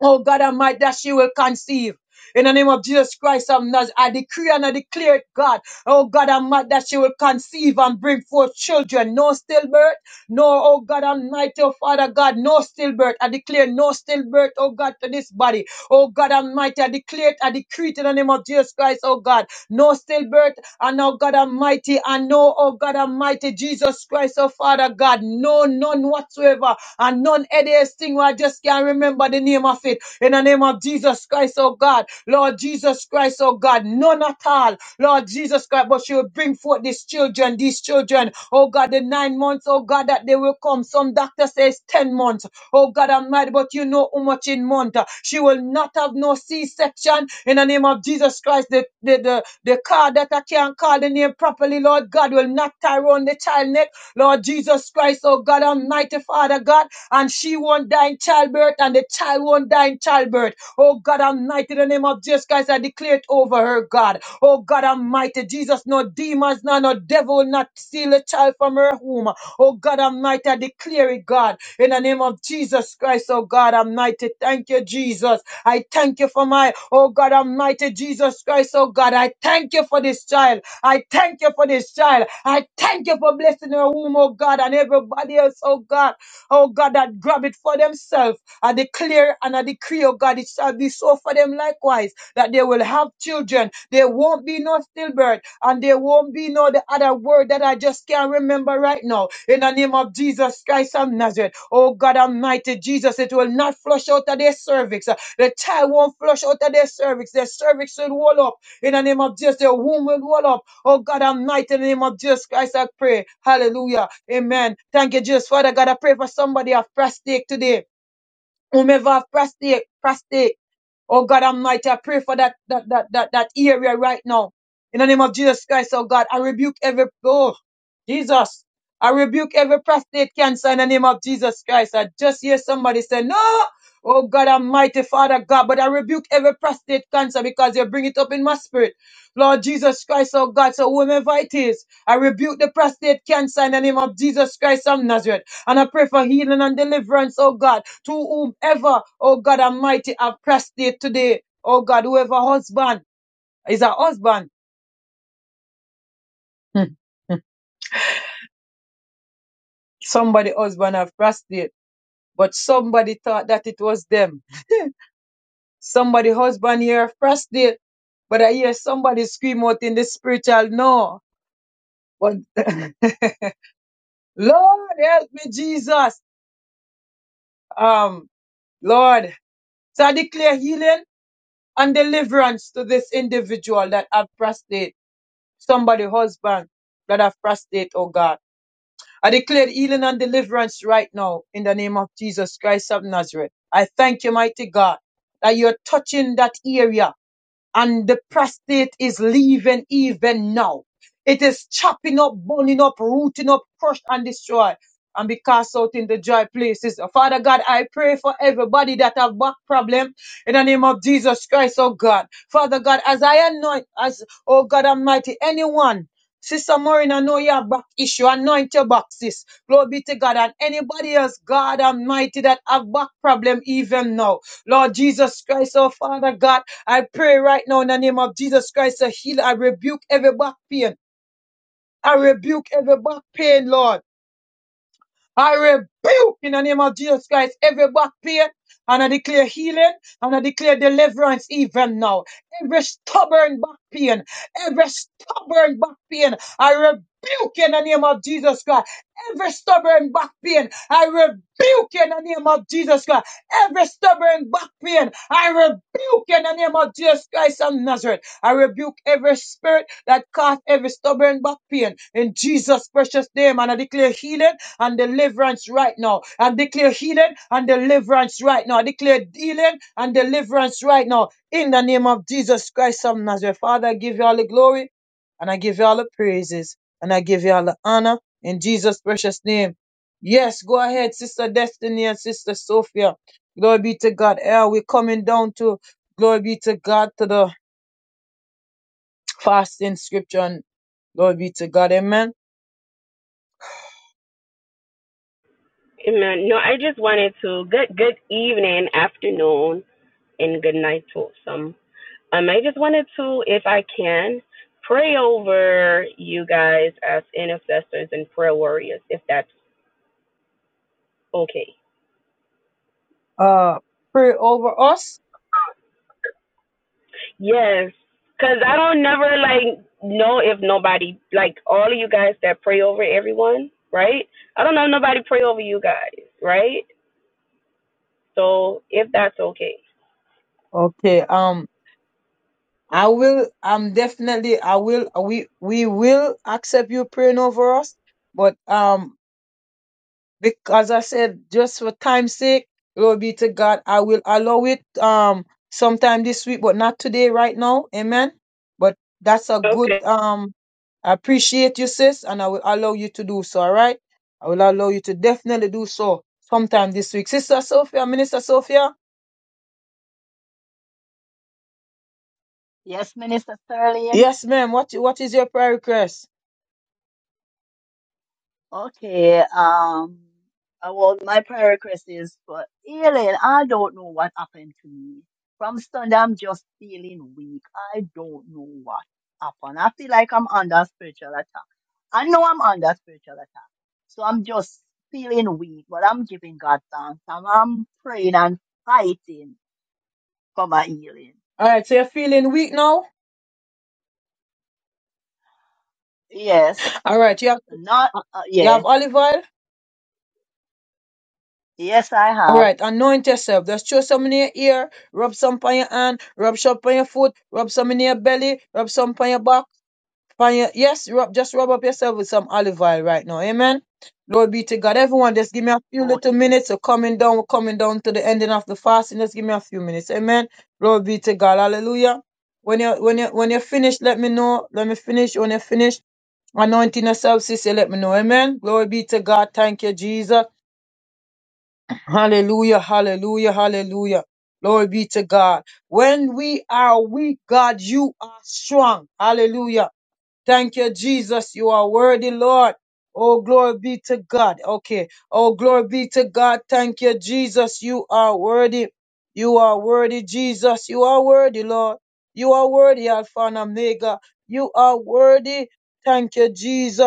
D: Oh God Almighty, that she will conceive. In the name of Jesus Christ of Nazareth, I decree and I declare it, God. Oh God Almighty, that she will conceive and bring forth children. No stillbirth, no, oh God Almighty, oh Father God, no stillbirth. I declare no stillbirth, oh God, to this body. Oh God Almighty, I declare it, I decree it in the name of Jesus Christ, oh God. No stillbirth, and oh God Almighty, I know, oh God Almighty, Jesus Christ, oh Father God, no, none whatsoever whatsoever, and none hideous thing where I just can't remember the name of it. In the name of Jesus Christ, oh God, Lord Jesus Christ, oh God, none at all, Lord Jesus Christ, but you will bring forth these children, these children, oh God, the nine months, oh God, that they will come. Some doctor says 10 months, oh God, I'm mad, but you know how much in month. She will not have no C section in the name of Jesus Christ. The, the, the, the car that I can't call the name properly, Lord God, will not tie around the child neck Lord Jesus Christ, oh God Almighty Father God, and she won't die in childbirth and the child won't die in childbirth. Oh God Almighty, in the name of Jesus Christ, I declare it over her, God. Oh God Almighty, Jesus, no demons, no, no devil will not steal a child from her womb. Oh God Almighty, I declare it, God, in the name of Jesus Christ, oh God Almighty. Thank you, Jesus. I thank you for my, oh God Almighty, Jesus Christ, oh God. I thank you for this child. I thank you for this child. I thank you for blessing her womb, oh God, and everybody else, oh God, oh God, that grab it for themselves. I declare and I decree, oh God, it shall be so for them likewise, that they will have children. There won't be no stillbirth, and there won't be no the other word that I just can't remember right now. In the name of Jesus Christ of Nazareth, oh God Almighty Jesus, it will not flush out of their cervix. The child won't flush out of their cervix. Their cervix will wall up. In the name of Jesus, their womb will wall up. Oh God, I'm in the name of Jesus Christ. I pray. Hallelujah. Amen. Thank you, Jesus. Father God, I pray for somebody of prostate today. Whomever have prostate, prostate. Oh God Almighty, I pray for that that that that, that area right now. In the name of Jesus Christ, oh God, I rebuke every oh Jesus. I rebuke every prostate cancer in the name of Jesus Christ. I just hear somebody say, No, oh God Almighty, Father God, but I rebuke every prostate cancer because you bring it up in my spirit. Lord Jesus Christ, oh God, so whomever it is, I rebuke the prostate cancer in the name of Jesus Christ of Nazareth. And I pray for healing and deliverance, oh God, to whomever, oh God Almighty, have prostate today. Oh God, whoever husband is a husband. somebody husband have prostate, but somebody thought that it was them. Somebody husband here have prostate, but I hear somebody scream out in the spiritual no. But Lord help me, Jesus. Um, Lord. So I declare healing and deliverance to this individual that have prostate somebody husband that have prostate, oh God. I declare healing and deliverance right now in the name of Jesus Christ of Nazareth. I thank you, mighty God, that you're touching that area and the prostate is leaving even now. It is chopping up, burning up, rooting up, crushed and destroyed, and be cast out in the dry places. Oh, Father God, I pray for everybody that have back problem in the name of Jesus Christ, oh God. Father God, as I anoint, as oh God Almighty, anyone. Sister Maureen, I know you have back issue. Anoint your back, sis. Glory be to God. And anybody else, God Almighty, that have back problem even now. Lord Jesus Christ, oh Father God, I pray right now in the name of Jesus Christ, a healer. I rebuke every back pain. I rebuke every back pain, Lord. I rebuke in the name of Jesus Christ every back pain and I declare healing and I declare deliverance even now. Every stubborn back pain, every stubborn back pain, I rebuke in the name of Jesus Christ. Every stubborn back pain, I rebuke in the name of Jesus Christ. Every stubborn back pain, I rebuke in the name of Jesus Christ of Nazareth. I rebuke every spirit that caused every stubborn back pain in Jesus' precious name and I declare healing and deliverance right now. I declare healing and deliverance right now. I declare healing and deliverance right now. In the name of Jesus Christ of Nazareth. Father, I give you all the glory and I give you all the praises and I give you all the honor in Jesus' precious name. Yes, go ahead, Sister Destiny and Sister Sophia. Glory be to God. Eh, we're coming down to glory be to God to the fasting scripture and glory be to God. Amen.
J: Amen. No, I just wanted to good good evening, afternoon, and good night to some. Um, I just wanted to, if I can, pray over you guys as intercessors and prayer warriors, if that's okay.
D: Uh pray over us.
J: Yes, cause I don't never like know if nobody like all of you guys that pray over everyone, right? I don't know if nobody pray over you guys, right? So if that's okay.
D: Okay. Um I will, I'm definitely, I will, we, we will accept you praying over us, but, um, because I said, just for time's sake, glory be to God, I will allow it, um, sometime this week, but not today, right now. Amen. But that's a
J: Okay.
D: good, um, I appreciate you, sis, and I will allow you to do so. All right. I will allow you to definitely do so sometime this week. Sister Sophia, Minister Sophia.
E: Yes, Minister Sterling.
D: Yes, ma'am. What, what is your prayer request?
E: Okay, um, uh, well, my prayer request is for healing. I don't know what happened to me. From Sunday, I'm just feeling weak. I don't know what happened. I feel like I'm under spiritual attack. I know I'm under spiritual attack. So I'm just feeling weak, but I'm giving God thanks. And I'm praying and fighting for my healing.
D: All right. So you're feeling weak now?
E: Yes,
D: All right, you have
E: not, uh,
D: you
E: yeah,
D: have olive oil.
E: yes, I
D: All
E: have.
D: right, anoint yourself. Just throw some in your ear, rub some on your hand, rub some on your foot, rub some in your belly, rub some on your back. On your yes, rub just rub up yourself with some olive oil right now. Amen. Lord be to God. Everyone, just give me a few little
E: Okay,
D: minutes. So coming down, we're coming down to the ending of the fasting. Just give me a few minutes. Amen. Lord be to God. Hallelujah. When you when you when you're finished, let me know. Let me finish. When you're finished, anointing yourself, sister, let me know. Amen. Glory be to God. Thank you, Jesus. Hallelujah, hallelujah, hallelujah. Glory be to God. When we are weak, God, you are strong. Hallelujah. Thank you, Jesus. You are worthy, Lord. Oh, glory be to God. Okay. Oh, glory be to God. Thank you, Jesus. You are worthy. You are worthy, Jesus. You are worthy, Lord. You are worthy, Alpha and Omega. You are worthy. Thank you, Jesus.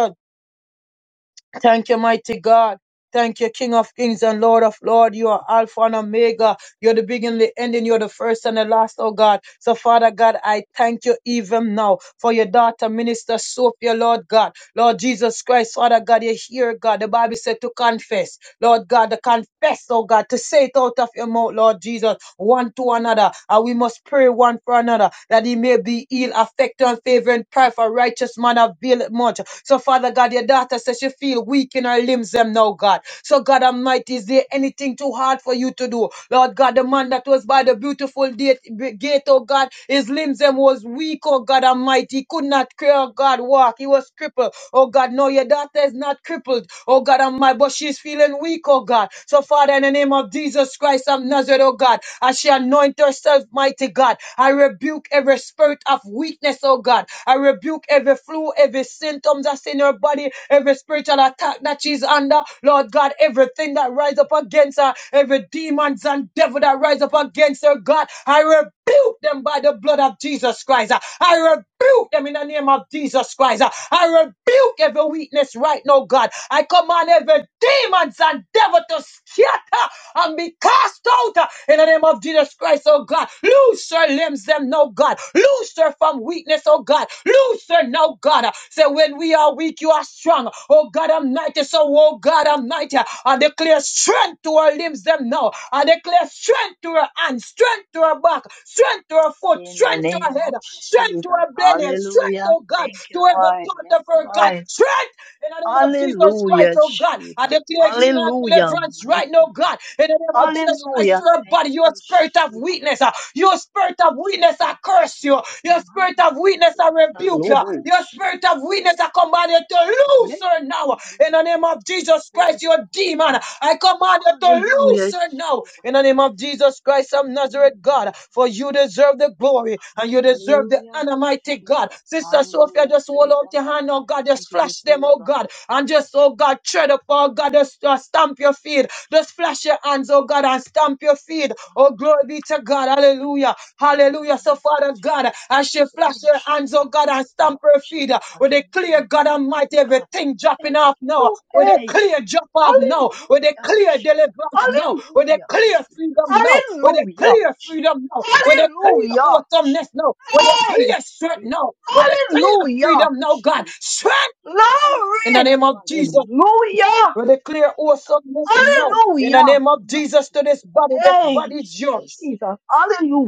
D: Thank you, mighty God. Thank you, King of Kings and Lord of Lords. You are Alpha and Omega. You're the beginning, the ending. You're the first and the last, oh God. So, Father God, I thank you even now for your daughter, Minister Sophia, Lord God. Lord Jesus Christ, Father God, you hear God. The Bible said to confess. Lord God, to confess, oh God, to say it out of your mouth, Lord Jesus, one to another. And we must pray one for another that he may be healed, affected, and favor and prayer for righteous man availeth much. So, Father God, your daughter says she feel weak in her limbs, them now, God. So, God Almighty, is there anything too hard for you to do? Lord God, the man that was by the beautiful gate, gate oh God, his limbs them was weak, oh God Almighty. He could not, clear, oh God, walk. He was crippled. Oh God, no, your daughter is not crippled. Oh God Almighty my, but she's feeling weak, oh God. So, Father, in the name of Jesus Christ of Nazareth, oh God, as she anoint herself, mighty God, I rebuke every spirit of weakness, oh God. I rebuke every flu, every symptoms that's in her body, every spiritual attack that she's under, Lord God, everything that rise up against her, every demons and devil that rise up against her, God, I rebuke them by the blood of Jesus Christ. I rebuke them in the name of Jesus Christ. I rebuke every weakness right now, God. I command every demons and devil to scatter and be cast out in the name of Jesus Christ, oh God. Loose her limbs, them, no God. Loose her from weakness, oh God. Loose her, no God. God. Say, when we are weak, you are strong. Oh God Almighty. So, oh God Almighty, I declare strength to our limbs them now. I declare strength to our hands, strength to our back, strength to our foot,
E: In the
D: strength to
E: name
D: our
E: of
D: head, strength
E: Jesus.
D: to our belly, strength,
E: Hallelujah.
D: oh God,
E: Thank you,
D: to every
E: Lord. Yes,
D: part of her God.
E: Lord.
D: Strength in the name of Jesus Christ,
E: Hallelujah,
D: oh God, I
E: Jesus.
D: declare healing and
E: Hallelujah,
D: deliverance
E: mighty
D: right now,
E: God.
D: God. In the name of Jesus Christ, to
E: Hallelujah.
D: your
E: Thank
D: body, your
E: you,
D: spirit of
E: Jesus.
D: weakness, uh, your spirit of weakness, I curse you. Your spirit of weakness, I rebuke you.
E: Salobo.
D: Your spirit of weakness, I command you to loose
E: Yes,
D: her now. In the name of Jesus
E: Lord.
D: Christ, your demon, I command you to
E: Hallelujah,
D: loose her now.
E: Jesus.
D: In the name of Jesus Christ of Nazareth, God, for you deserve the glory and you deserve the
E: Hallelujah,
D: honor, mighty God.
E: Jesus.
D: Sister Sophia,
E: Hallelujah.
D: just hold
E: Praise the
D: out your
E: Lord.
D: hand, oh God,
E: We
D: just
E: give
D: flash
E: you
D: touch them,
E: praise,
D: oh
E: Lord.
D: God, and just, oh God, tread up, oh God, just uh, stamp your feet, just flash your hands, oh God, and stamp your feet. Oh, glory be to God. Hallelujah. Hallelujah. So,
E: Hallelujah.
D: Father God, as she flash
E: Thank you,
D: her hands, oh
E: Jesus.
D: God, and
E: Lord.
D: stamp her
E: Jesus.
D: feet, uh, we clear
E: Hallelujah.
D: God Almighty, everything
E: Thank
D: dropping off now.
E: you,
D: We clear
E: H.
D: drop off now. We
E: Hallelujah.
D: clear deliverance now. We
E: Hallelujah.
D: clear freedom now. We
E: Hallelujah.
D: clear freedom now. We clear
E: Hallelujah. H
D: awesomeness now. We clear strength now. With a clear
E: Hallelujah.
D: freedom, now, God. Strength in the
E: Glory.
D: name of Jesus,
E: Hallelujah.
D: we declare awesomeness now. In the
E: Hallelujah.
D: name of
E: My
D: Jesus to this body, this
E: hey,
D: body is yours.
E: Jesus.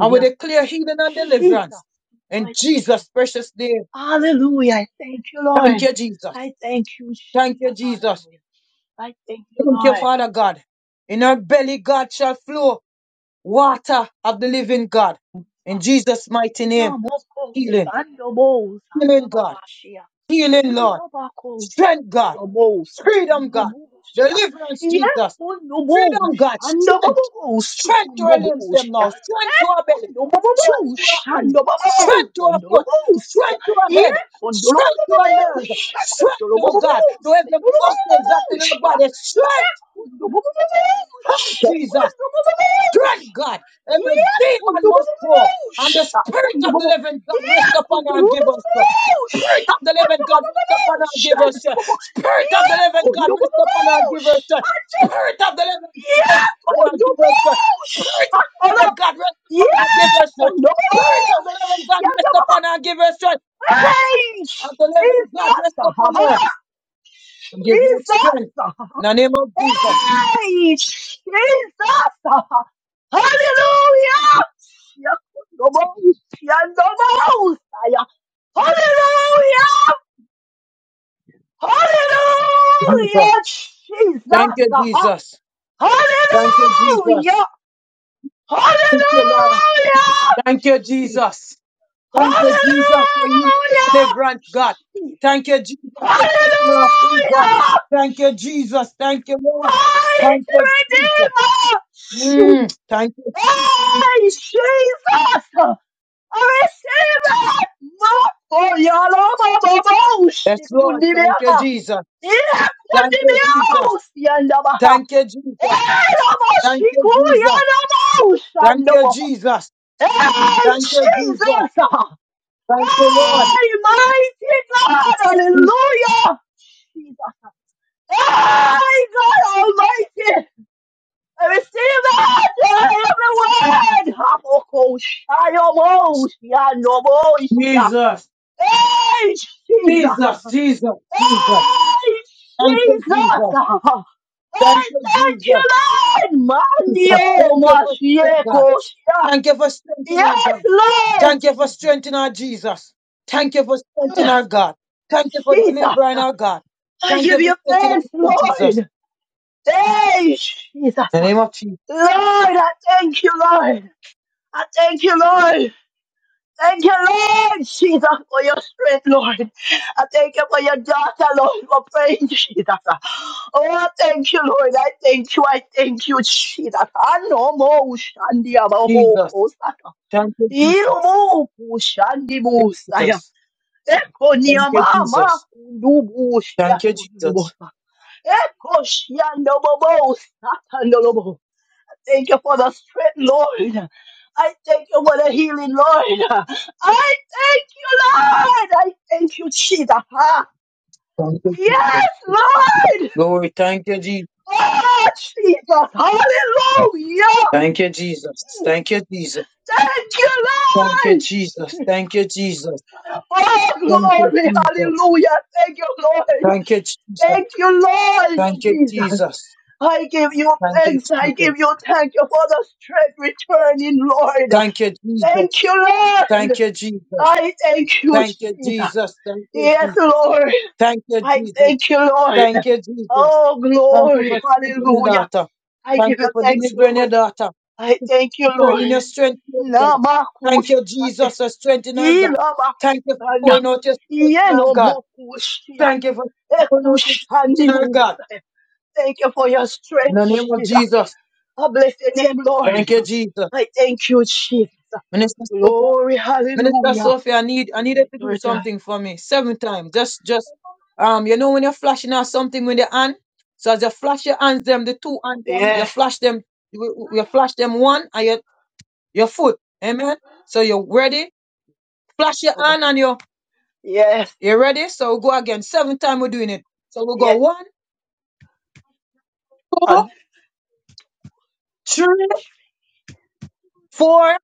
D: And we declare healing and
E: Jesus.
D: deliverance. In
E: Mighty God.
D: Jesus' precious name.
E: Hallelujah. I thank you,
D: Thank
E: Lord.
D: you, Jesus.
E: I thank you,
D: Thank you,
E: Jesus.
D: Jesus.
E: Hallelujah. I thank you,
D: Thank you,
E: Lord.
D: Father God. In our belly, God shall flow water of the living God. In Jesus' mighty name,
E: Namoko
D: healing,
E: Shandobo
D: healing, God,
E: Santababashia.
D: healing, Lord,
E: Ilabako
D: strength, God,
E: Shandobo
D: freedom, God,
E: Sikundoboshia.
D: deliverance, Jesus.
E: Yakundobo
D: Freedom, God. Strength.
E: Shandobo
D: Strength to our limbs them
E: Sikundoboshia.
D: now. Strength to our belly. Strength
E: Kondobobobo,
D: to our hands.
E: shandobobo,
D: Strength to our foot.
E: kondorobo, se-
D: Strength to our head.
E: yeah,
D: Strength to our
E: kondorobobobo,
D: nerves. Strength, oh God,
E: shakondorobobobo,
D: to every muscles that's
E: sedorobobobo,
D: in our
E: shia,
D: body.
E: yeah,
D: Strength.
E: kondobobobo,
D: Strength, Jesus
E: shakondorobobo,
D: strength,
E: shia,
D: God. Every
E: yeah,
D: demon must go.
E: kondobobobo,
D: And the spirit of the
E: shakondobobo,
D: living God
E: yeah,
D: rest upon her and give us strength.
E: kondorobobobo,
D: Spirit of the living God, rest upon
E: shakondobobobo,
D: her and give her strength.
E: shandobo,
D: Spirit of
E: yeah,
D: the living God, rest upon her
E: kondobobobo,
D: and give her strength.
E: shandobobo.
D: Spirit of the living God,
E: Yeah,
D: rest upon her and give her
E: kondobo,
D: strength. Spirit
E: shut
D: of the
E: up.
D: living God, rest upon her and
E: Yeah,
D: give her strength.
E: kondobo,
D: Spirit of the living God,
E: yeah,
D: rest
E: yeah,
D: upon
E: mama.
D: her and give her strength. Spirit
E: Hey,
D: of the living God,
E: Jesus,
D: rest
E: ha
D: upon her
E: ha,
D: and give her
E: Jesus,
D: strength.
E: ha ha.
D: In the name of Jesus.
E: Hey, Jesus, ha ha. Hallelujah. Yeah, kondobo, yeah, kondobo, yeah. Hallelujah,
D: Jesus.
E: hallelujah,
D: Thank
E: Jesus,
D: you,
E: ha ha.
D: Jesus. Thank you, Jesus.
E: Hallelujah, hallelujah.
D: Thank you, Lord. Thank you, Jesus. Thank you, Jesus, for you,
E: Hallelujah!
D: deliverance, God. Thank you, Jesus, for setting our free, God.
E: Hallelujah!
D: Thank you, Jesus. Thank you, Lord.
E: My
D: Thank you, Jesus.
E: Redeemer! She-
D: Mm, thank you.
E: Hey, Jesus! I receive it! No! Oh, Yalama Baba! She
D: Yes,
E: could
D: Lord.
E: be there.
D: Thank you, Jesus.
E: Yeah, could
D: Thank
E: be
D: you, Jesus.
E: there. Yandabaha.
D: Thank you, Jesus.
E: Hey, Lama,
D: Thank
E: she
D: you,
E: could.
D: Jesus.
E: Yandabaha.
D: Thank you,
E: Shandabaha.
D: Jesus.
E: Hey,
D: Thank you, Jesus.
E: Jesus!
D: Thank you, Lord.
E: Hey, mighty God! Hallelujah! Oh My God Almighty! I receive that! Every word! Hamoko shayomo shanomo shia.
D: Jesus.
E: Hey, Jesus!
D: Jesus, Jesus, Jesus.
E: Hey,
D: Thank you, Jesus.
E: Jesus! Hey,
D: Thank you,
E: thank
D: Jesus.
E: you, Lord!
D: Jesus.
E: Manio
D: Thank you for strength, God.
E: mashieko shia.
D: Thank you for strength in our
E: Yes,
D: God. Thank you
E: Lord!
D: for strength in our Jesus. Thank you for strength in
E: Mm,
D: our God. Thank you for delivering
E: Jesus!
D: our God.
E: I
D: Thank
E: give
D: you for
E: you
D: setting us
E: thanks,
D: free, Jesus.
E: Lord! Hey, Jesus!
D: In the
E: Lord,
D: name of Jesus.
E: I thank you, Lord! I thank you, Lord. Thank you, Lord Jesus, for your strength, Lord. I thank you for your daughter, Lord, for praying, Jesus. Oh, I thank you, Lord. I thank you. I thank you, Jesus. I know more Shandi Abaho
D: Jesus.
E: Kosaka.
D: Thank you, Jesus.
E: Irumu Shandi Musaya.
D: Jesus.
E: Eko
D: Thank you,
E: Niamama
D: Jesus.
E: Kundubu Shia
D: Thank you, Jesus.
E: Kundubosa. Eko Shiando Bobo Satandolobo thank you for the strength, Lord. I thank you for the healing, Lord. I thank you, Lord. I thank you, Jesus. Ah,
D: Thank you, Jesus.
E: Yes, Lord.
D: Glory. Thank you, Jesus.
E: Oh, Jesus. Hallelujah.
D: Thank you, Jesus. Thank you, Jesus.
E: Thank you,
D: Thank you,
E: Lord.
D: Jesus. Thank you, Jesus.
E: Oh,
D: Thank you,
E: glory.
D: Jesus.
E: Hallelujah. Thank you, Lord.
D: Thank you, Jesus.
E: Thank you, Lord
D: Thank you,
E: Jesus.
D: Jesus.
E: I give you
D: Thank you,
E: thanks. I
D: Jesus.
E: give you thank you for the strength returning, Lord.
D: Thank you, Jesus.
E: Thank you, Lord.
D: Thank you, Jesus.
E: I thank you,
D: Thank you,
E: Jesus.
D: Jesus. Thank you,
E: Yes,
D: Jesus.
E: Lord.
D: Thank you,
E: I
D: Jesus.
E: thank you, Lord.
D: Thank you, Jesus.
E: Oh,
D: Thank you
E: glory.
D: for strengthening your
E: Hallelujah.
D: daughter.
E: I
D: Thank
E: give you
D: you for
E: thanks,
D: delivering your
E: Lord.
D: daughter.
E: I thank you,
D: Turning your
E: Lord.
D: strength to your God. Thank
E: Namakusha.
D: you, Jesus, for strengthening our God. Thank you for
E: Ilabakusana.
D: pouring out your strength in our God.
E: Yenomokushia.
D: Thank you for pouring out your strength in our God.
E: Ekushandibusa. Thank you for your
D: In
E: strength,
D: the name of
E: Jesus.
D: Jesus.
E: I bless your name,
D: Thank
E: Lord.
D: you, Jesus.
E: I thank you, Jesus.
D: Minister spoke
E: Glory,
D: Minister
E: hallelujah.
D: Sophie, I need I
E: Your
D: needed to do
E: daughter.
D: something for me. Seven times. Just just um, you know when you're flashing out something with your hand. So as you flash your hands them, the two hands them, you
E: Yes,
D: flash them, you, you flash them one and your your foot. Amen. So you're ready. Flash your hand and
E: okay.
D: you're
E: Yes,
D: you're ready. So we go again. Seven times we're doing it. So we go
E: Yeah.
D: one, two,
E: And
D: three, four,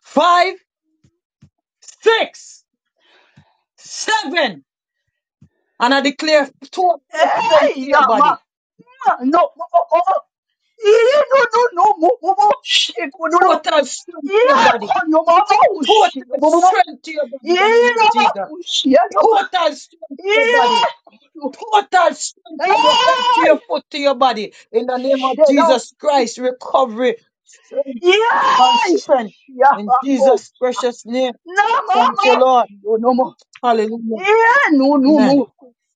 D: five, six, seven. And I declare total
E: hey,
D: strength to
E: yeah,
D: your
E: ma,
D: body.
E: ma, no, ma, oh, oh, oh. Yeah, no, no, no, mo, mo, mo, shit, no, no, no.
D: Total strength to your
E: Yeah,
D: body
E: con, no, ma, no,
D: Total
E: shit, no, mo, mo, mo.
D: strength to your body in
E: Yeah,
D: the name
E: no,
D: of
E: ma,
D: Jesus.
E: mo, shit, no, ma.
D: Total strength to your
E: Yeah,
D: body.
E: no.
D: Total strength
E: Yeah.
D: from your head to your
E: hey,
D: foot to your body. In the name of
E: shit, no.
D: Jesus Christ, recovery, strength and
E: Yeah,
D: strength.
E: yeah,
D: In
E: ma, co.
D: Jesus' precious name.
E: No, ma,
D: Thank you,
E: ma,
D: Lord.
E: no, no, mo.
D: Hallelujah.
E: Yeah, no, no,
D: Amen.
E: mo,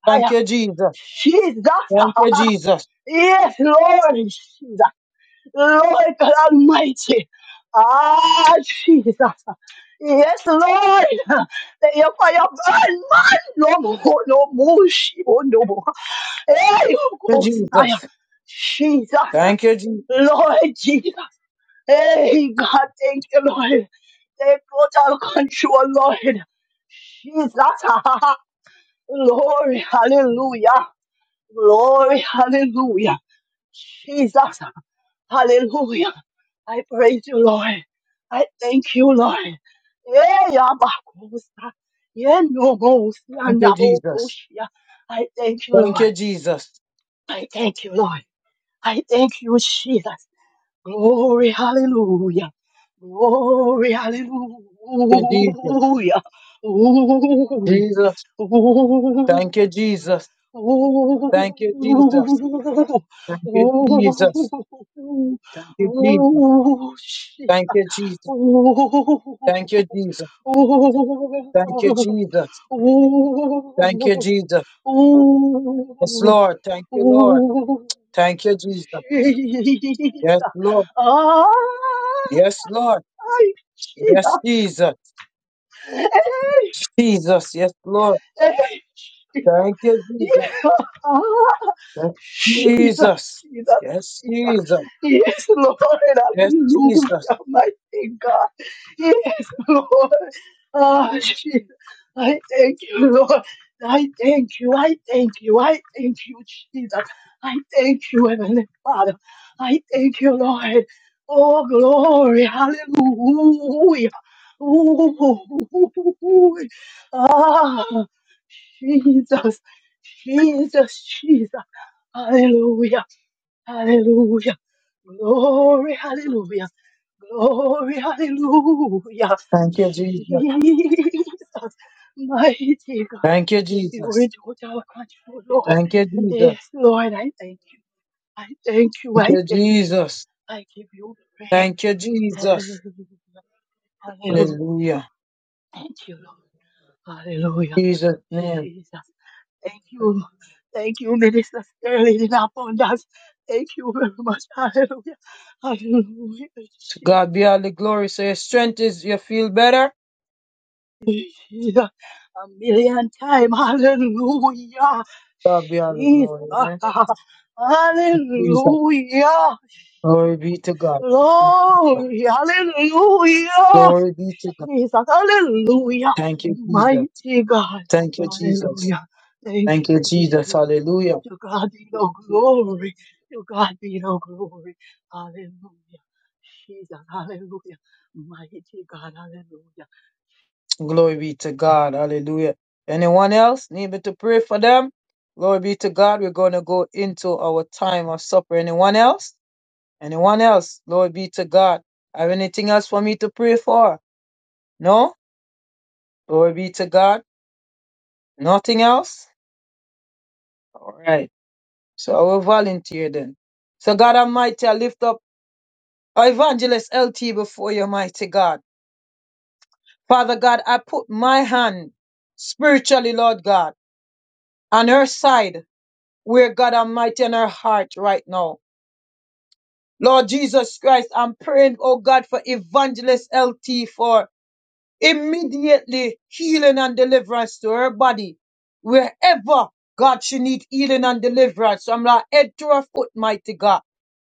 D: Thank
E: fire.
D: you, Jesus.
E: Jesus,
D: Thank you, Jesus.
E: yes, Lord, Jesus. Lord God Almighty. Ah, Jesus. Yes, Lord. Let your fire burn, man. No more, no more, she- oh, no more. Hey,
D: Thank
E: oh,
D: you,
E: Messiah.
D: Jesus.
E: Jesus.
D: Thank you, Jesus.
E: Lord Jesus. Hey, God, thank you, Lord. Take total control, Lord. Jesus. Glory, hallelujah. Glory, hallelujah. Jesus. Hallelujah. I praise you, Lord. I thank you, Lord. Eh, yabakusa. Yeah, no, go, see,
D: Thank you, Jesus.
E: I thank you,
D: Thank
E: Lord.
D: you, Jesus.
E: I thank you, Lord. I thank you, Jesus. Glory, hallelujah. Glory, hallelujah.
D: Thank you, Jesus.
E: Ooh.
D: Jesus.
E: Oh,
D: Thank you, Jesus. Thank you, Jesus. Thank you, Jesus. Thank you, Jesus.
E: shit.
D: Thank you, Jesus.
E: Oh,
D: Thank you, Jesus. Thank you, Jesus. Thank you, Jesus. Yes, Lord. Thank you, Lord. Thank you, Jesus.
E: Jesus.
D: Yes, Lord.
E: Ah,
D: Yes, Lord. Yes,
E: Jesus.
D: Jesus. Jesus. Yes, Lord.
E: Jesus.
D: Thank you, Jesus.
E: Yeah. Ah.
D: Yes,
E: Jesus,
D: Jesus.
E: Jesus,
D: Yes,
E: Jesus.
D: Jesus.
E: Yes, Lord,
D: Yes, Jesus.
E: hallelujah, mighty God. Yes, Lord. Ah, Jesus. I thank you, Lord. I thank you. I thank you. I thank you, Jesus. I thank you, Heavenly Father. I thank you, Lord. Oh, glory. Hallelujah. Ooh. Ah, Jesus. Jesus, Jesus. Hallelujah. Hallelujah. Glory, hallelujah. Glory, hallelujah.
D: Thank you, Jesus.
E: Jesus, mighty God.
D: Thank you,
E: You were
D: Jesus.
E: in total control, Lord.
D: Thank you, Jesus.
E: Yes, Lord, I thank you. I thank you.
D: Thank
E: I
D: you,
E: thank you.
D: Jesus.
E: I give you praise.
D: Thank you,
E: Hallelujah.
D: Jesus.
E: Hallelujah.
D: Hallelujah.
E: Thank you, Lord. Hallelujah.
D: Jesus' name.
E: Jesus. Thank you. Thank you, Minister Sterling, in abundance. Thank you very much. Hallelujah. Hallelujah.
D: To
E: Jesus.
D: God be all the glory. So your strength is you feel better?
E: A million times. Hallelujah.
D: God be all the
E: Jesus.
D: glory, man. Jesus.
E: Hallelujah.
D: Glory be to God.
E: Glory. Hallelujah.
D: Glory be to God.
E: Jesus. Hallelujah.
D: Thank you, Jesus.
E: Mighty God.
D: Thank you, Jesus.
E: Hallelujah. Thank
D: Thank
E: you,
D: you, Jesus.
E: Jesus.
D: Hallelujah.
E: To God be the glory. To God be the glory. Hallelujah. Jesus. Hallelujah. Mighty God. Hallelujah.
D: Glory be to God. Hallelujah. Anyone else need me to pray for them? Glory be to God. We're going to go into our time of supper. Anyone else? Anyone else? Glory be to God. Have anything else for me to pray for? No? Glory be to God. Nothing else? All right. So I will volunteer then. So God Almighty, I lift up our evangelist L T before you, mighty God. Father God, I put my hand spiritually, Lord God, on her side where God Almighty in her heart right now. Lord Jesus Christ, I'm praying, oh God, for evangelist L T for immediately healing and deliverance to her body. Wherever God she need healing and deliverance from her head to her foot, mighty God.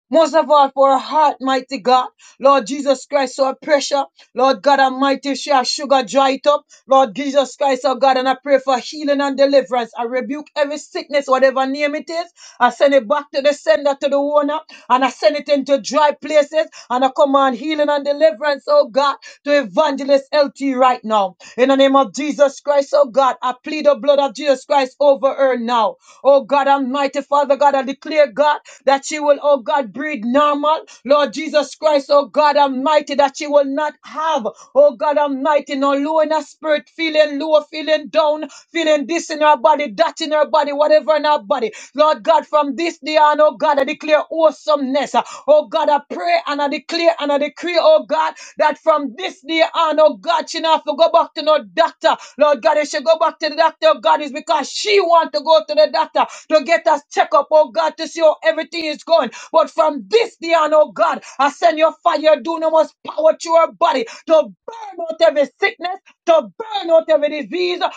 D: Most of all for her heart, mighty God. Lord Jesus Christ, so I pressure. Lord God Almighty, if she has sugar, dry it up. Lord Jesus Christ, oh God, and I pray for healing and deliverance. I rebuke every sickness, whatever name it is. I send it back to the sender, to the owner, and I send it into dry places. And I command healing and deliverance, oh God to Evangelist LT right now. In the name of Jesus Christ, oh God, I plead the blood of Jesus Christ over her now. Oh God, Almighty Father God, I declare, God, that she will, oh God, breathe normal. Lord Jesus Christ, oh God, Almighty, that she will not have, oh God, Almighty, no low in her spirit, feeling low, feeling down, feeling this in her body, that in her body, whatever in her body. Lord God, from this day on, oh God, I declare awesomeness. Oh God, I pray and I declare and I decree, oh God, that from this day on, oh God, she not have to go back to no doctor. Lord God, if she go back to the doctor, oh God, is because she want to go to the doctor to get us check up, oh God, to see how everything is going. But from this day on, oh God, I send your fire, your dunamis power to her body to burn out every sickness, to burn out every disease, to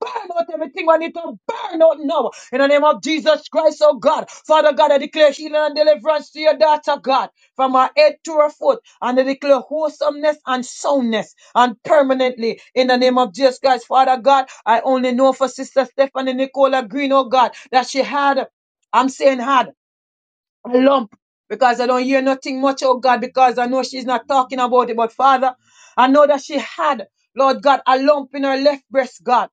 D: burn out everything we need to burn out now. In the name of Jesus Christ, oh God, Father God, I declare healing and deliverance to your daughter, God, from her head to her foot and I declare wholesomeness and soundness and permanently in the name of Jesus Christ. Father God, I only know for Sister Stephanie Nicola Green, oh God, that she had, I'm saying had a lump because I don't hear nothing much, oh God, because I know she's not talking about it. But Father, I know that she had, Lord God, a lump in her left breast, God.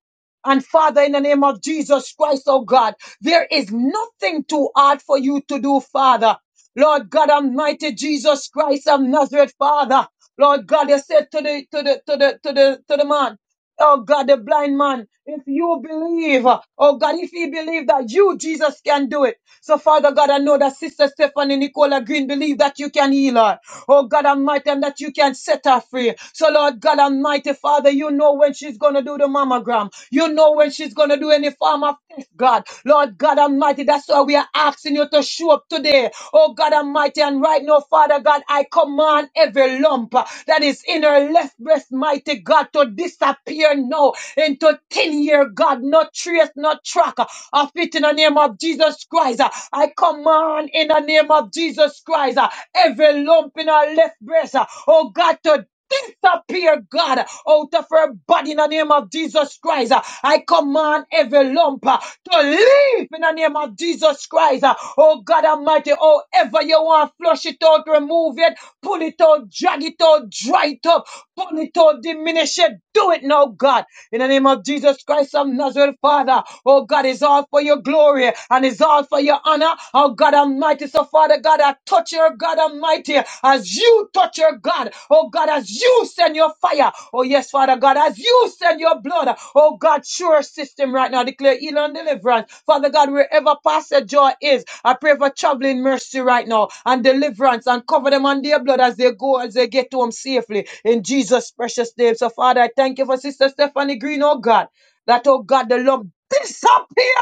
D: And Father, in the name of Jesus Christ, oh God, there is nothing too hard for you to do, Father. Lord God Almighty, Jesus Christ of Nazareth, Father. Lord God, you said to the to the to the to the to the man, Oh God, the blind man, if you believe, oh God, if he believe that you, Jesus, can do it. So, Father God, I know that Sister Stephanie Nicola Green believe that you can heal her. Oh, God Almighty, and that you can set her free. So, Lord God Almighty, Father, you know when she's going to do the mammogram. You know when she's going to do any form of test, God. Lord God Almighty, that's why we are asking you to show up today. Oh, God Almighty, and right now, Father God, I command every lump uh, that is in her left breast, mighty God, to disappear now into 10 year God, no trace, no track of it in the name of Jesus Christ. Uh, I command in the name of Jesus Christ uh, every lump in her left breast, uh, oh God, to disappear, God, out of her body in the name of Jesus Christ. I command every lump uh, to leave in the name of Jesus Christ. Oh God Almighty, however you want, flush it out, remove it, pull it out, drag it out, dry it up, pull it out, diminish it. Do it now, God. In the name of Jesus Christ of Nazareth, Father, oh God, it's all for your glory and it's all for your honor. Oh God Almighty, so Father God, I touch your God Almighty as you touch your God. Oh God, as you send your fire. Oh yes, Father God, as you send your blood. God. Oh God, sure system right now. Declare healing and deliverance. Father God, wherever Pastor Joy is, I pray for traveling mercy right now and deliverance and cover them on their blood as they go, as they get home safely. In Jesus' precious name. So Father, I thank you for Sister Stephanie Green, oh God. That, oh God, the lump disappear.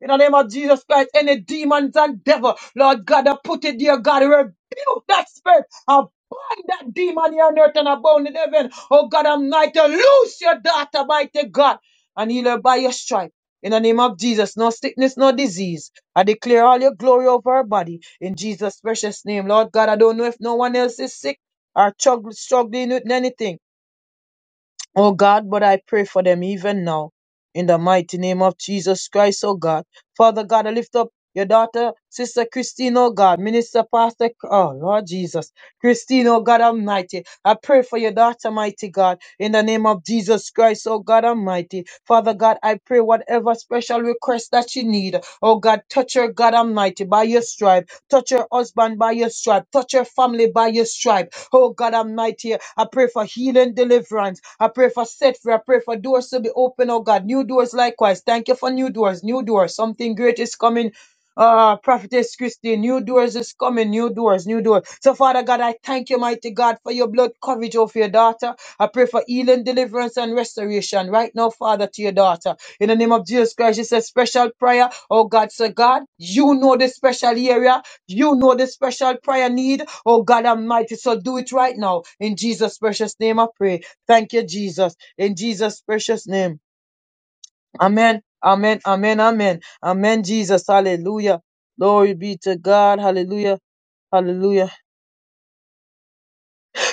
D: In the name of Jesus Christ, any demons and devil, Lord God, I put it, dear God, rebuke that spirit. I bind that demon here on earth and abound in heaven. Oh God Almighty, loose your daughter, mighty God, and heal her by your stripe. In the name of Jesus, no sickness, no disease. I declare all your glory over her body. In Jesus' precious name, Lord God, I don't know if no one else is sick or chug- struggling with anything. Oh God, but I pray for them even now. In the mighty name of Jesus Christ, oh God. Father God, I lift up your daughter, Sister Christine, oh God, Minister Pastor, oh Lord Jesus. Christine, oh God Almighty. I pray for your daughter, mighty God, in the name of Jesus Christ, oh God Almighty. Father God, I pray whatever special request that you need, oh God, touch her, God Almighty, by your stripe. Touch her husband by your stripe. Touch her family by your stripe Oh God Almighty, I pray for healing, deliverance. I pray for set free. I pray for doors to be open, oh God. New doors likewise. Thank you for new doors, new doors. Something great is coming. Ah, Prophetess Christine, new doors is coming, new doors, new doors. So, Father God, I thank you, mighty God, for your blood coverage over your daughter. I pray for healing, deliverance, and restoration right now, Father, to your daughter. In the name of Jesus Christ, it's a special prayer. Oh God, so God, you know the special area. You know the special prayer need. Oh God Almighty. So do it right now. In Jesus' precious name, I pray. Thank you, Jesus. In Jesus' precious name. Amen. Amen. Amen. Amen. Amen, Jesus. Hallelujah. Glory be to God. Hallelujah. Hallelujah.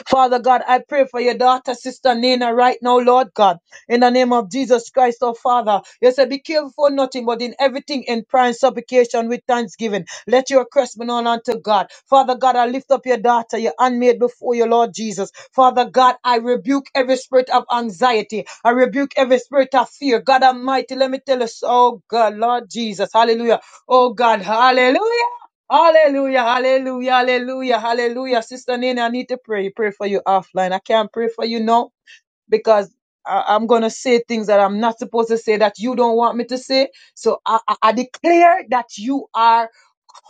D: Father God, I pray for your daughter, Sister Nina, right now, Lord God, in the name of Jesus Christ, oh Father. You said, Be careful for nothing, but in everything, in prayer and supplication with thanksgiving. Let your request be known unto God. Father God, I lift up your daughter, your handmaid before you, Lord Jesus. Father God, I rebuke every spirit of anxiety. I rebuke every spirit of fear. God Almighty, let me tell us, oh God, Lord Jesus, hallelujah. Oh God, hallelujah. Hallelujah, hallelujah, hallelujah, hallelujah. Sister Nene, I need to pray. Pray for you offline. I can't pray for you now because I, I'm going to say things that I'm not supposed to say that you don't want me to say. So I, I, I declare that you are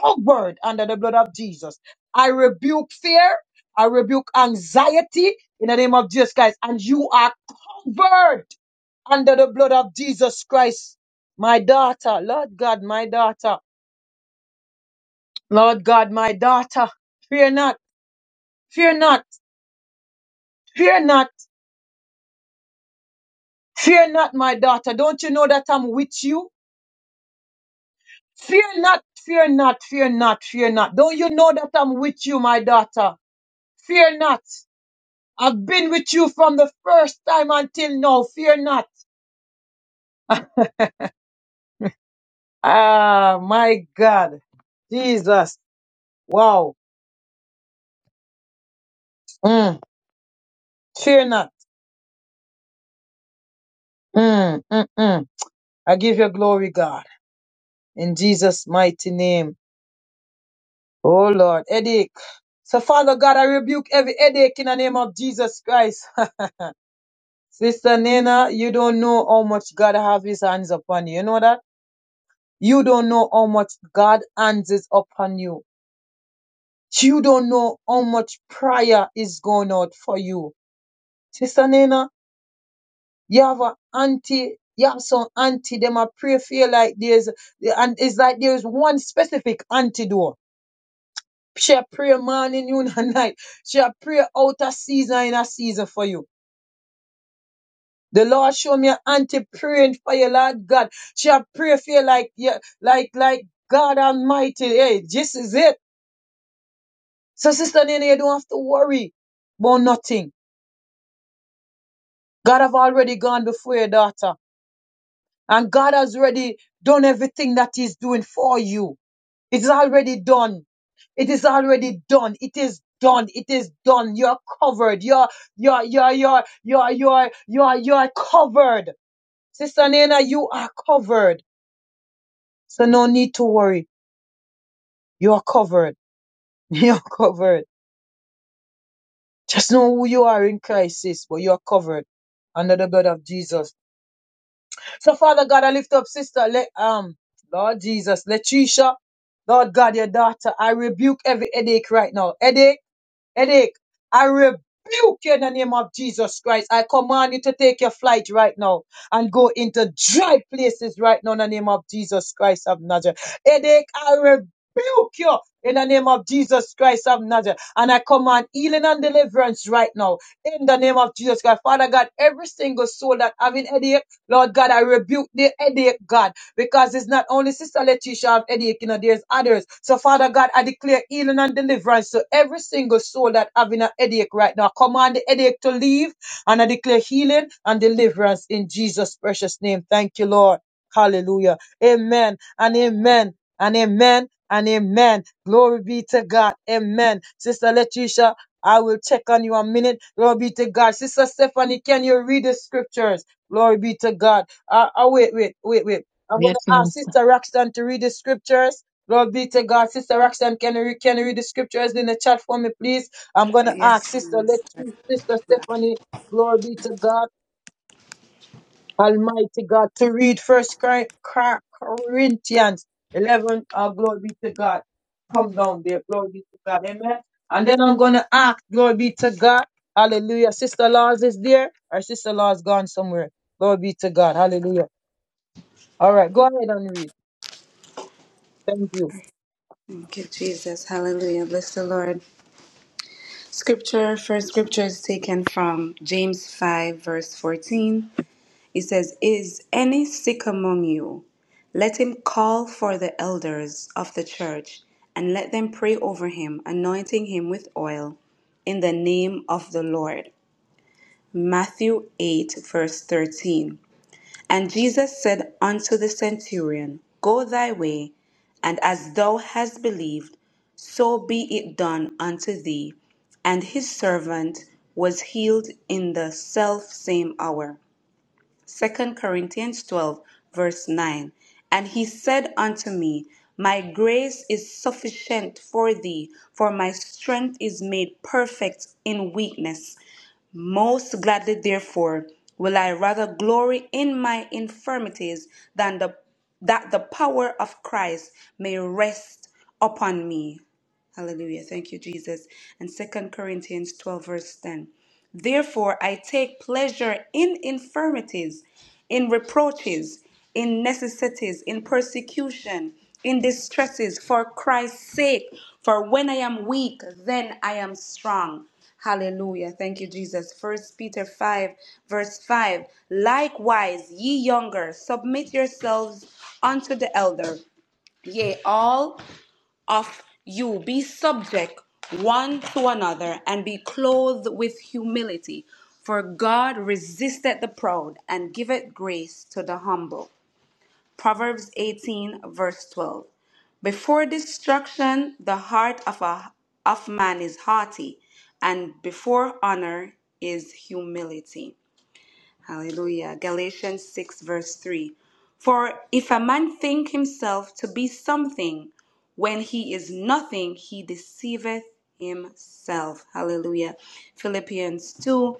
D: covered under the blood of Jesus. I rebuke fear. I rebuke anxiety in the name of Jesus Christ. And you are covered under the blood of Jesus Christ. My daughter, Lord God, my daughter. Lord God, my daughter, fear not, fear not, fear not, fear not, my daughter. Don't you know that I'm with you? Fear not, fear not, fear not, fear not. Don't you know that I'm with you, my daughter? Fear not. I've been with you from the first time until now. Fear not. Ah, my God. Jesus. Wow. Mm. Fear not. Mm, mm, mm. I give you glory, God. In Jesus' mighty name. Oh Lord, headache. So Father God, I rebuke every headache in the name of Jesus Christ. Sister Nina, you don't know how much God have his hands upon you. You know that? You don't know how much God hands is upon you. You don't know how much prayer is going out for you. Sister Nina, you have a auntie, you have some auntie, them a pray for you like there's, and it's like there's one specific antidote Shall pray morning, noon, and night. Shall pray out a season in a season for you. The Lord show me an auntie praying for you, Lord God. Shall pray for you like you, like like God Almighty. Hey, this is it. So, Sister Nene, you don't have to worry about nothing. God have already gone before your daughter, and God has already done everything that He's doing for you. It is already done. It is already done. It is done. It is done. You're covered. You're you're you're you're you're you're you're you're covered. Sister Nena, you are covered. So no need to worry. You are covered. You're covered. Just know who you are in Christ, sis, but you're covered under the blood of Jesus. So Father God, I lift up sister Let um Lord Jesus, Letitia. Lord God, your daughter, I rebuke every headache right now. Headache. headache. I rebuke you in the name of Jesus Christ. I command you to take your flight right now and go into dry places right now in the name of Jesus Christ of Nazareth. Headache, I rebuke you in the name of Jesus Christ of Nazareth. And I command healing and deliverance right now in the name of Jesus Christ. Father God, every single soul that having headache, Lord God, I rebuke the headache, God because it's not only Sister Letitia of headache, you know, there's others. So, Father God, I declare healing and deliverance to every single soul that having a headache right now. I Command the headache to leave, and I declare healing and deliverance in Jesus' precious name. Thank you, Lord. Hallelujah. Amen and amen and amen and amen. Glory be to God. Amen. Sister Letitia, I will check on you a minute. Glory be to God. Sister Stephanie, can you read the scriptures? Glory be to God. Uh, uh, wait, wait, wait, wait. I'm going
A: Yes,
D: to ask
A: Minister.
D: Sister Roxanne to read the scriptures. Glory be to God. Sister Roxanne, can you, re- can you read the scriptures in the chat for me, please? I'm going to ask Sister Let Sister Stephanie, glory be to God, Almighty God, to read First Corinthians 11. Oh, glory be to God. Come down there. Glory be to God. Amen. And then I'm going to ask, glory be to God. Hallelujah. Sister Laws is there. Our sister Laws gone somewhere. Glory be to God. Hallelujah. All right. Go ahead and read. Thank you.
H: Thank you, Jesus. Hallelujah. Bless the Lord. Scripture, first scripture is taken from James 5, verse 14. It says, Is any sick among you? Let him call for the elders of the church and let them pray over him, anointing him with oil in the name of the Lord. Matthew 8, verse 13. And Jesus said unto the centurion, Go thy way, and as thou hast believed, so be it done unto thee. And his servant was healed in the self same hour. Second Corinthians 12, verse 9. And he said unto me, My grace is sufficient for thee, for my strength is made perfect in weakness. Most gladly, therefore, will I rather glory in my infirmities than the, that the power of Christ may rest upon me. Hallelujah. Thank you, Jesus. And Second Corinthians 12, verse 10. Therefore, I take pleasure in infirmities, in reproaches, in necessities, in persecution, in distresses for Christ's sake. For when I am weak, then I am strong. Hallelujah. Thank you, Jesus. First Peter 5, verse 5. Likewise, ye younger, submit yourselves unto the elder. Yea, all of you be subject one to another and be clothed with humility. For God resisteth the proud and giveth grace to the humble. Proverbs 18, verse 12. Before destruction, the heart of, a, of man is haughty, and before honor is humility. Hallelujah. Galatians 6, verse 3. For if a man think himself to be something when he is nothing, he deceiveth himself. Hallelujah. Philippians 2,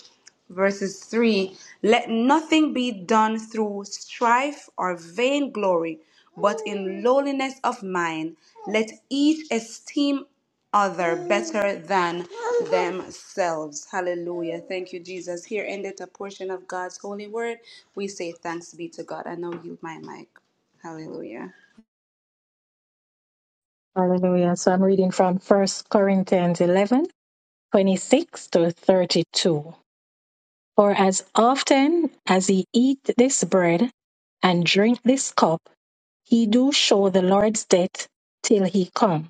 H: verses 3. Let nothing be done through strife or vainglory, but in lowliness of mind, let each esteem other better than themselves. Hallelujah. Thank you, Jesus. Here ended a portion of God's holy word. We say thanks be to God. I now yield my mic. Hallelujah.
A: Hallelujah. So I'm reading from First Corinthians 11, 26 to 32. For as often as ye eat this bread and drink this cup, ye do show the Lord's death till he come.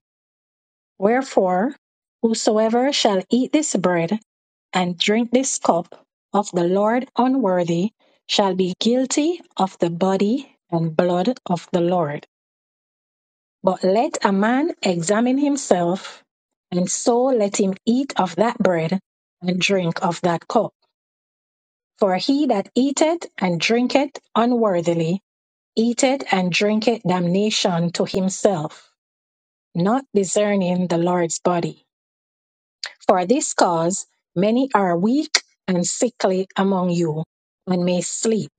A: Wherefore, whosoever shall eat this bread and drink this cup of the Lord unworthy shall be guilty of the body and blood of the Lord. But let a man examine himself, and so let him eat of that bread and drink of that cup. For he that eateth and drinketh unworthily eat it and drink it damnation to himself, not discerning the Lord's body. For this cause many are weak and sickly among you, and may sleep.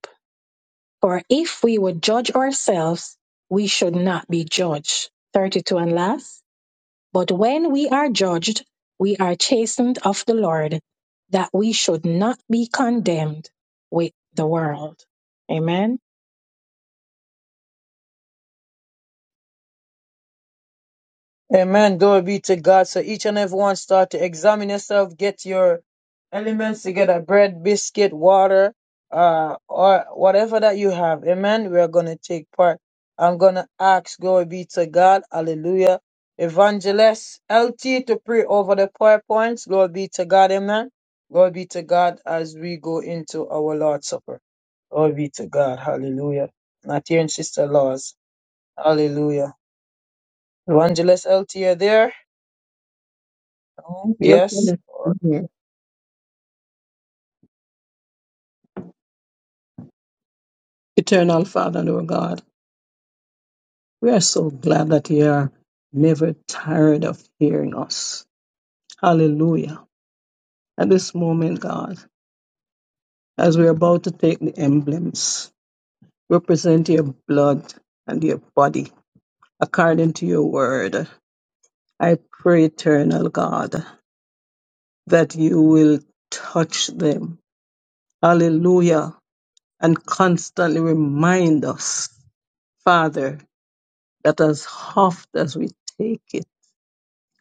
A: For if we would judge ourselves, we should not be judged. 32 and last. But when we are judged, we are chastened of the Lord, that we should not be condemned with the world. Amen.
D: Amen. Glory be to God. So each and everyone start to examine yourself. Get your elements together. Bread, biscuit, water, uh, or whatever that you have. Amen. We are going to take part. I'm going to ask, glory be to God. Hallelujah. Evangelist LT to pray over the prayer points. Glory be to God. Amen. Glory be to God as we go into our Lord's Supper. Glory be to God. Hallelujah. Not here in Sister Laws. Hallelujah. Evangelist LT, are there? Oh,
C: Yes,
D: Yes.
C: Lord.
D: All
C: Mhm. Eternal Father, Lord God, we are so glad that you are never tired of hearing us. Hallelujah. At this moment, God, as we're about to take the emblems, represent your blood and your body according to your word. I pray, eternal God, that you will touch them. Hallelujah. and constantly remind us, Father, that as oft as we take it,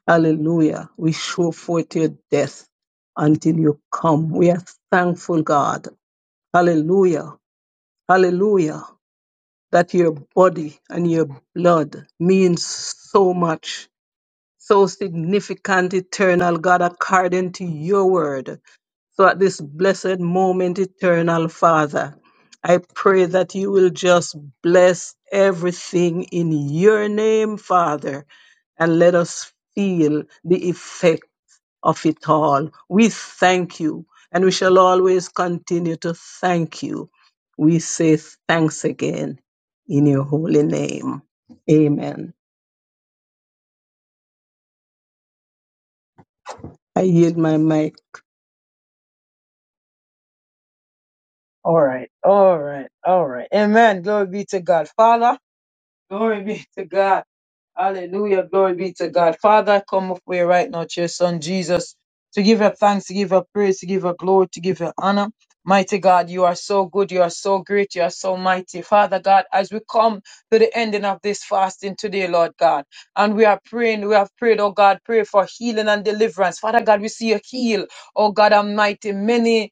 C: hallelujah, we show forth your death until you come. We are thankful, God. Hallelujah. Hallelujah. That your body and your blood means so much. so significant, eternal God, according to your word. So at this blessed moment, eternal Father, I pray that you will just bless everything in your name, Father, and let us feel the effect of it all. We thank you, and we shall always continue to thank you. We say thanks again in your holy name. Amen. I yield my mic
D: right. All right. All right. Amen. Glory be to God. Father, glory be to God. Hallelujah. Glory be to God. Father, I come up way right now to your son Jesus to give her thanks, to give her praise, to give her glory, to give her honor. Mighty God, you are so good. You are so great. You are so mighty. Father God, as we come to the ending of this fasting today, Lord God, and we are praying, we have prayed, oh God, pray for healing and deliverance. Father God, we see you heal, oh God Almighty, many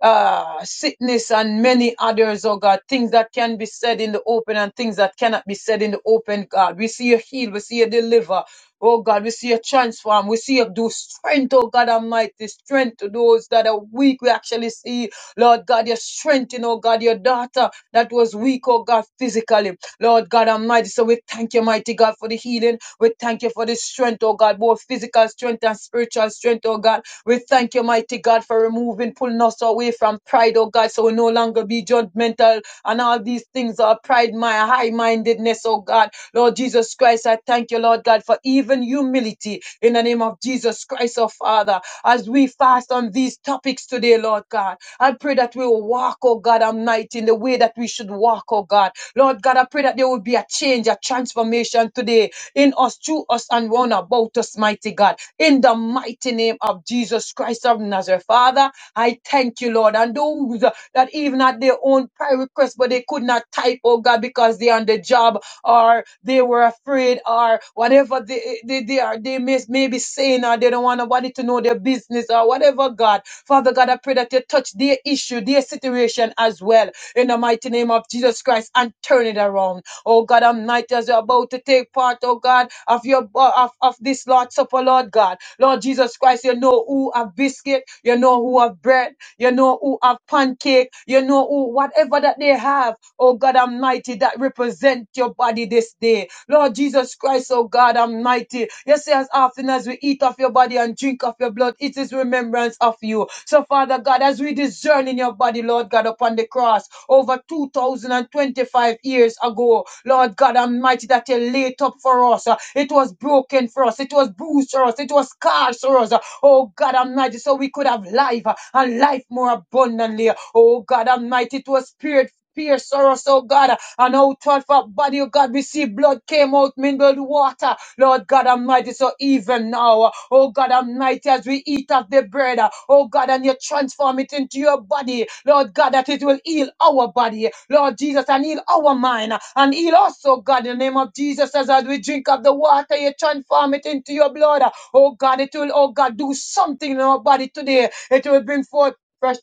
D: uh, sickness and many others, oh God, things that can be said in the open and things that cannot be said in the open, God. We see you heal, we see you deliver, oh God, we see you transform, we see you do strength, oh God Almighty, strength to those that are weak. We actually see, Lord God, your strength in, oh God, your daughter that was weak, oh God, physically, Lord God Almighty. So we thank you, mighty God, for the healing. We thank you for the strength, oh God, both physical strength and spiritual strength, oh God. We thank you, mighty God, for removing, pulling us away from pride, oh God, so we no longer be judgmental and all these things are pride, my high mindedness, oh God. Lord Jesus Christ, I thank you, Lord God, for even humility in the name of Jesus Christ, oh Father, as we fast on these topics today, Lord God. I pray that we will walk, oh God, Almighty, in the way that we should walk, oh God. Lord God, I pray that there will be a change, a transformation today in us, through us, and round about us, mighty God in the mighty name of Jesus Christ of Nazareth. Father, I thank you, Lord. And those that even at their own prayer request, but they could not type, oh God, because they're on the job or they were afraid or whatever they, they, they are, they may, may be saying or they don't want nobody to know their business or whatever, God. Father God, I pray that you touch their issue, their situation as well in the mighty name of Jesus Christ and turn it around. Oh God Almighty, as you're about to take part, oh God, of your uh, of, of this Lord Supper, Lord God. Lord Jesus Christ, you know who have biscuit, you know who have bread, you know who have pancake, you know who whatever that they have, oh God Almighty, that represent your body this day. Lord Jesus Christ, oh God Almighty, you say as often as we eat of your body and drink of your blood, it is remembrance of you. So Father God, as we discern in your body, Lord God, upon the cross, over 2025 years ago. Lord God Almighty, that you laid up for us. Uh, It was broken for us. It was bruised for us. It was scarred for us. Uh, Oh God Almighty, so we could have life uh, and life more abundantly. Oh God Almighty, it was spirit. Pierce for us, oh God, and out of our body, oh God, we see blood came out, mingled water. Lord God Almighty, so even now, oh God Almighty, as we eat of the bread, oh God, and you transform it into your body, Lord God, that it will heal our body, Lord Jesus, and heal our mind, and heal also, God, in the name of Jesus, as, as we drink of the water, you transform it into your blood. Oh God, it will, oh God, do something in our body today. It will bring forth fresh,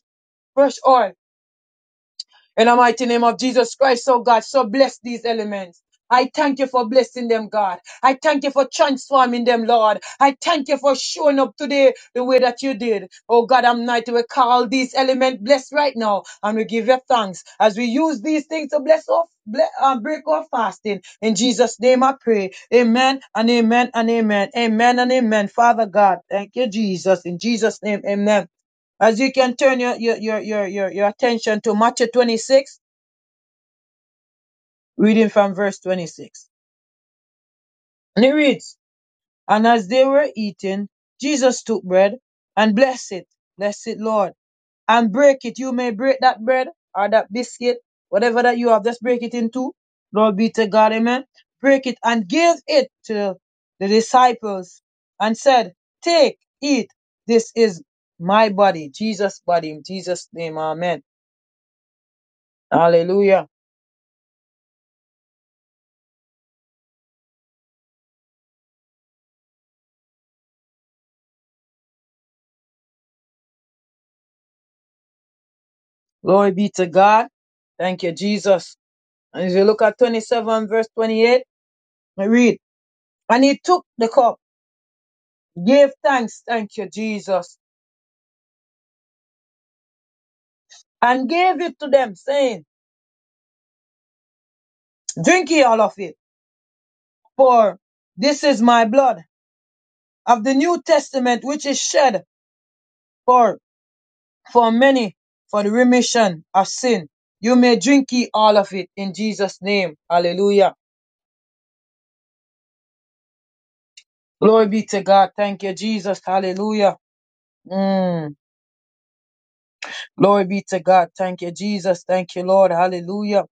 D: fresh oil. In the mighty name of Jesus Christ, oh God, so bless these elements. I thank you for blessing them, God. I thank you for transforming them, Lord. I thank you for showing up today the way that you did. Oh God, I'm not to call these elements blessed right now, and we give you thanks as we use these things to bless off, ble- uh, break off fasting. In Jesus' name, I pray. Amen and amen and amen. Amen and amen. Father God, thank you, Jesus. In Jesus' name, amen. As you can turn your, your, your, your, your, your attention to Matthew 26, reading from verse 26. And it reads, And as they were eating, Jesus took bread and blessed it. Bless it, Lord. And break it. You may break that bread or that biscuit, whatever that you have, just break it in two. Lord be to God, amen. Break it and give it to the disciples and said, Take, eat. This is my body, Jesus' body, in Jesus' name, amen. Hallelujah. Glory be to God. Thank you, Jesus. And if you look at 27 verse 28, we read, And he took the cup, gave thanks, thank you, Jesus, and gave it to them, saying, Drink ye all of it, for this is my blood of the New Testament, which is shed for, for many for the remission of sin. You may drink ye all of it in Jesus' name. Hallelujah. Glory be to God. Thank you, Jesus. Hallelujah. Mm. Glory be to God. Thank you, Jesus. Thank you, Lord. Hallelujah.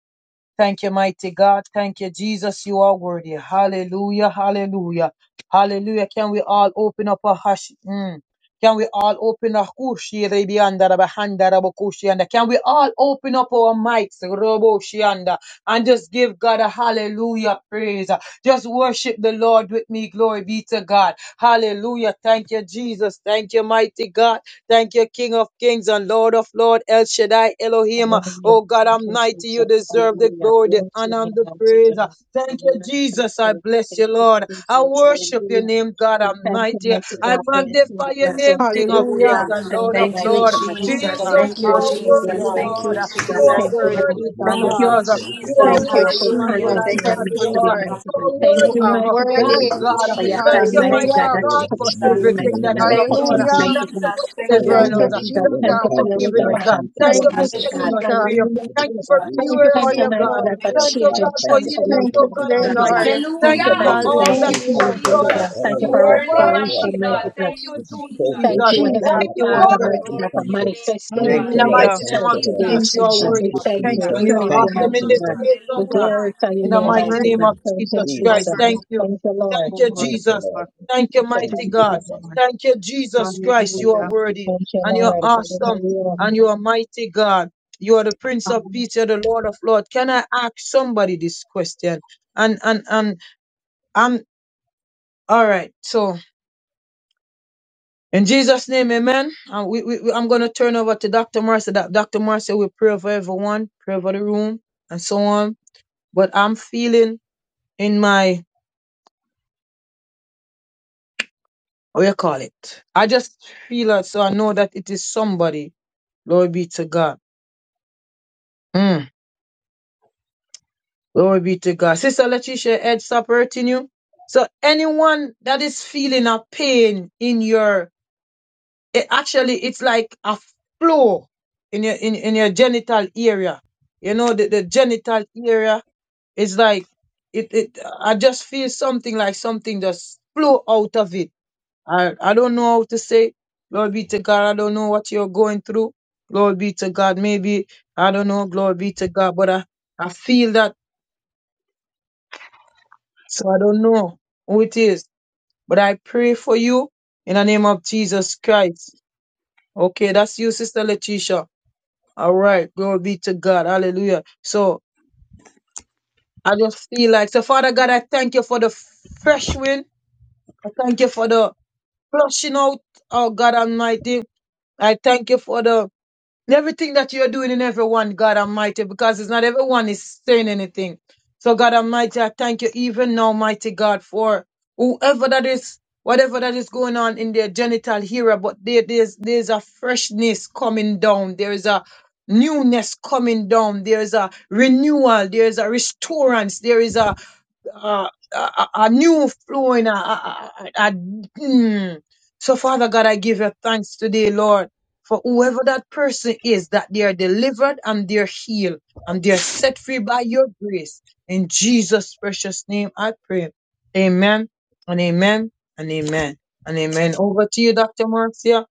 D: Thank you, mighty God. Thank you, Jesus. You are worthy. Hallelujah. Hallelujah. Hallelujah. Can we all open up our hush? Mm. Can we all open our kushi rebianda rabahanda rabokushianda? Can we all open up our mics roboshianda and just give God a hallelujah praise? Just worship the Lord with me. Glory be to God. Hallelujah. Thank you, Jesus. Thank you, mighty God. Thank you, King of Kings and Lord of Lords. El Shaddai Elohim.
A: Hallelujah.
D: Oh God
A: Thank you,
D: Almighty, you
A: Jesus.
D: deserve the
A: Hallelujah.
D: glory, the
A: Glory to your
D: honor, and
A: name
D: the
A: on
D: praise.
A: today. The
D: Thank you,
A: Lord we
D: Jesus. I
A: pray.
D: bless
A: Thank
D: you,
A: you,
D: Lord. I
A: Jesus.
D: worship your
A: Hallelujah.
D: name, God
A: We thank you,
D: Almighty.
A: mighty
F: Then
D: I
F: you
A: God, for
F: can
A: everything
D: magnify
A: that we
D: your
A: have done
D: name, King
A: today.
D: of Kings
B: Hallelujah.
A: Jesus.
D: and
A: Thank
D: Lord
A: you,
D: of
A: mighty
B: Thank
D: Lords.
F: that's
B: you,
A: God.
F: fine.
B: Jesus.
A: For your
D: Jesus, you
A: healing
D: are
A: and your
F: That's
D: worthy,
B: Hallelujah.
F: what
A: deliverance,
F: it is.
D: Lord.
A: mighty
D: You
A: God.
F: It's
B: You are
D: are
A: Thank you,
B: worthy,
A: Heavenly
F: so
D: worthy,
B: mighty
F: really
A: God.
B: God.
F: your
D: Jesus.
F: pole for
D: You
A: They
D: are
A: are
B: Thank you,
D: worthy,
A: powerful
F: You
D: Emmanuel,
F: play
B: Jesus.
A: content
D: I
A: that
F: what
A: are
F: else
D: God
B: Thank
A: meant
F: and
B: you,
A: to
F: have
D: with
A: be
D: us.
F: these
B: Lord.
F: lots
A: mighty
D: You
F: of
A: God.
D: are
F: these
A: Thank
B: You
F: lots
D: worthy,
A: you,
F: of-
B: are
D: never
A: mighty
F: where
A: God.
F: we
D: failing,
B: worthy.
F: do this
D: God.
A: For
F: play,
A: your
D: Thank
F: that's
A: hand,
D: you,
A: mighty
D: mighty
A: God,
B: Hallelujah.
A: that
F: really-
D: God,
F: and
D: for
A: touched
F: then the
A: me,
F: phone,
D: everything
A: mighty
F: and
A: God,
D: that
F: then
A: that
D: you have
F: every
A: touches,
D: done.
B: Hallelujah.
A: mighty
D: Thank you
A: God.
D: for
F: Lord,
D: delivering
B: Thank you,
A: Hallelujah,
D: us.
A: Jesus.
F: hallelujah.
D: Thank you
F: I
A: Thank
D: for
A: you
B: Jesus.
A: for
F: Thank
A: your
F: you,
D: forgiving
F: God.
D: us.
A: resurrection
F: Thank you,
D: Thank
A: power,
D: you
B: Thank
D: for
B: you,
A: mighty
F: Jesus.
D: setting
A: God.
D: us
B: Jesus.
D: free.
F: Thank you
A: Hallelujah,
F: for the
D: Thank you for
F: you.
A: Jesus.
B: Thank
F: Thank
B: you
D: renewing
F: you
D: us,
B: for
F: for
A: Thank you,
D: oh
F: what
B: your
F: you
A: mighty
D: God.
F: do
A: God,
B: blood.
A: for
F: for us,
D: Thank you,
A: change
F: God.
A: and
D: God, for
F: Thank you for
D: healing
F: your
D: us,
B: Thank you
D: oh
A: transformation,
D: God
B: today,
A: mighty
F: provisions.
A: God.
D: Almighty.
B: Lord.
A: Thank
D: Thank
A: you,
D: you for
A: mighty
F: Hallelujah.
D: all
A: God,
F: We
A: for
D: that
F: say
D: you have
F: thank
A: healing,
B: Hallelujah.
F: you,
D: done.
F: Lord,
A: deliverance. Thank
D: And
F: all
A: you
F: that
B: You
A: for
B: are
D: oh
F: you've
D: God
F: done for us,
A: restoration,
B: worthy.
D: Almighty,
F: God.
A: mighty God.
D: how to
F: You've been
D: do
F: so
D: Jesus.
A: Thank
F: good
A: you,
F: to us,
B: Jesus,
A: Heavenly
D: Thank
F: God.
D: you,
B: you are
F: Good
A: Father,
D: Lord.
A: mighty
F: God. We
B: worthy.
A: God, for
F: thank you.
A: manifesting
F: Thank
D: In
F: you,
D: the mighty
F: Lord.
B: Hallelujah.
D: name
F: Thank
A: yourself
D: of
F: you, Lord.
A: today,
D: Jesus,
B: Thank
D: you
B: you,
D: are
A: Jesus.
F: Thank
A: We
D: worthy.
F: you,
B: Jesus.
A: thank you,
B: Thank
A: we
F: Jesus.
D: And
B: you,
D: you're
A: praise
B: Lord.
A: you,
F: Thank
B: Thank
F: you,
D: awesome in
B: you,
A: mighty
D: this
A: God.
F: Jesus.
B: Jesus.
D: place,
A: We
D: oh God.
A: glorify your
D: In
B: You
D: the
B: are
A: name,
D: mighty
A: mighty
D: name
A: God.
D: of
F: Hallelujah.
B: worthy.
A: Thank you,
D: Jesus
B: You are
F: Jesus'
D: Christ. Thank
F: name.
A: Jesus.
D: you.
B: worthy.
A: Thank you,
B: You
A: Lord.
D: Thank
B: are
D: you,
F: Thank you,
D: Jesus.
F: Lord.
B: worthy.
D: Thank you,
A: Thank you,
F: Thank
B: Thank
D: mighty
F: you,
A: mighty God.
D: God.
B: you,
F: Jesus.
B: Lord.
D: Thank you, Jesus Christ.
F: Thank
D: You are
B: Hallelujah.
F: you,
D: worthy
A: Thank
F: Jesus.
A: you,
D: and you're
F: Thank
A: Lord.
F: you, Jesus.
D: awesome and you are mighty God. You are the Prince of
B: from
D: Peace. You're the Lord of Lords. Can I ask somebody this question? And and and I'm all right. So in Jesus' name, Amen. And we, we, we- I'm gonna turn over to Dr. Marcia. Doc- Dr. Marcia will pray for everyone, pray for the room, and so on. But I'm feeling in my what you call it. I just feel it, so I know that it is somebody. Glory be to God. Mm, glory be to God. Sister Letitia, heads up hurting you. So anyone that is feeling a pain in your, it actually it's like a flow in your in, in your genital area. You know the, the genital area is like it, it. I just feel something like something just flow out of it I, I don't know how to say, glory be to God. I don't know what you're going through. Glory be to God. Maybe, I don't know, glory be to God. But I, I feel that, so I don't know who it is. But I pray for you in the name of Jesus Christ. Okay, that's you, Sister Letitia. All right, glory be to God. Hallelujah. So I just feel like, so Father God, I thank you for the fresh wind. I thank you for the flushing out, oh God Almighty. I thank you for the everything that you're doing in everyone, God Almighty, because it's not everyone is saying anything. So, God Almighty, I thank you even now, mighty God, for whoever that is, whatever that is going on in their genital here, but there, there's there's a freshness coming down. There is a newness coming down. There is a renewal. There is a restorance. There is a uh, a, a new flow in a, a, a- a- mm. so father god i give you thanks today lord for whoever that person is that they are delivered and they're healed and they're set free by your grace in jesus precious name i pray amen and amen and amen and amen over to you dr marcia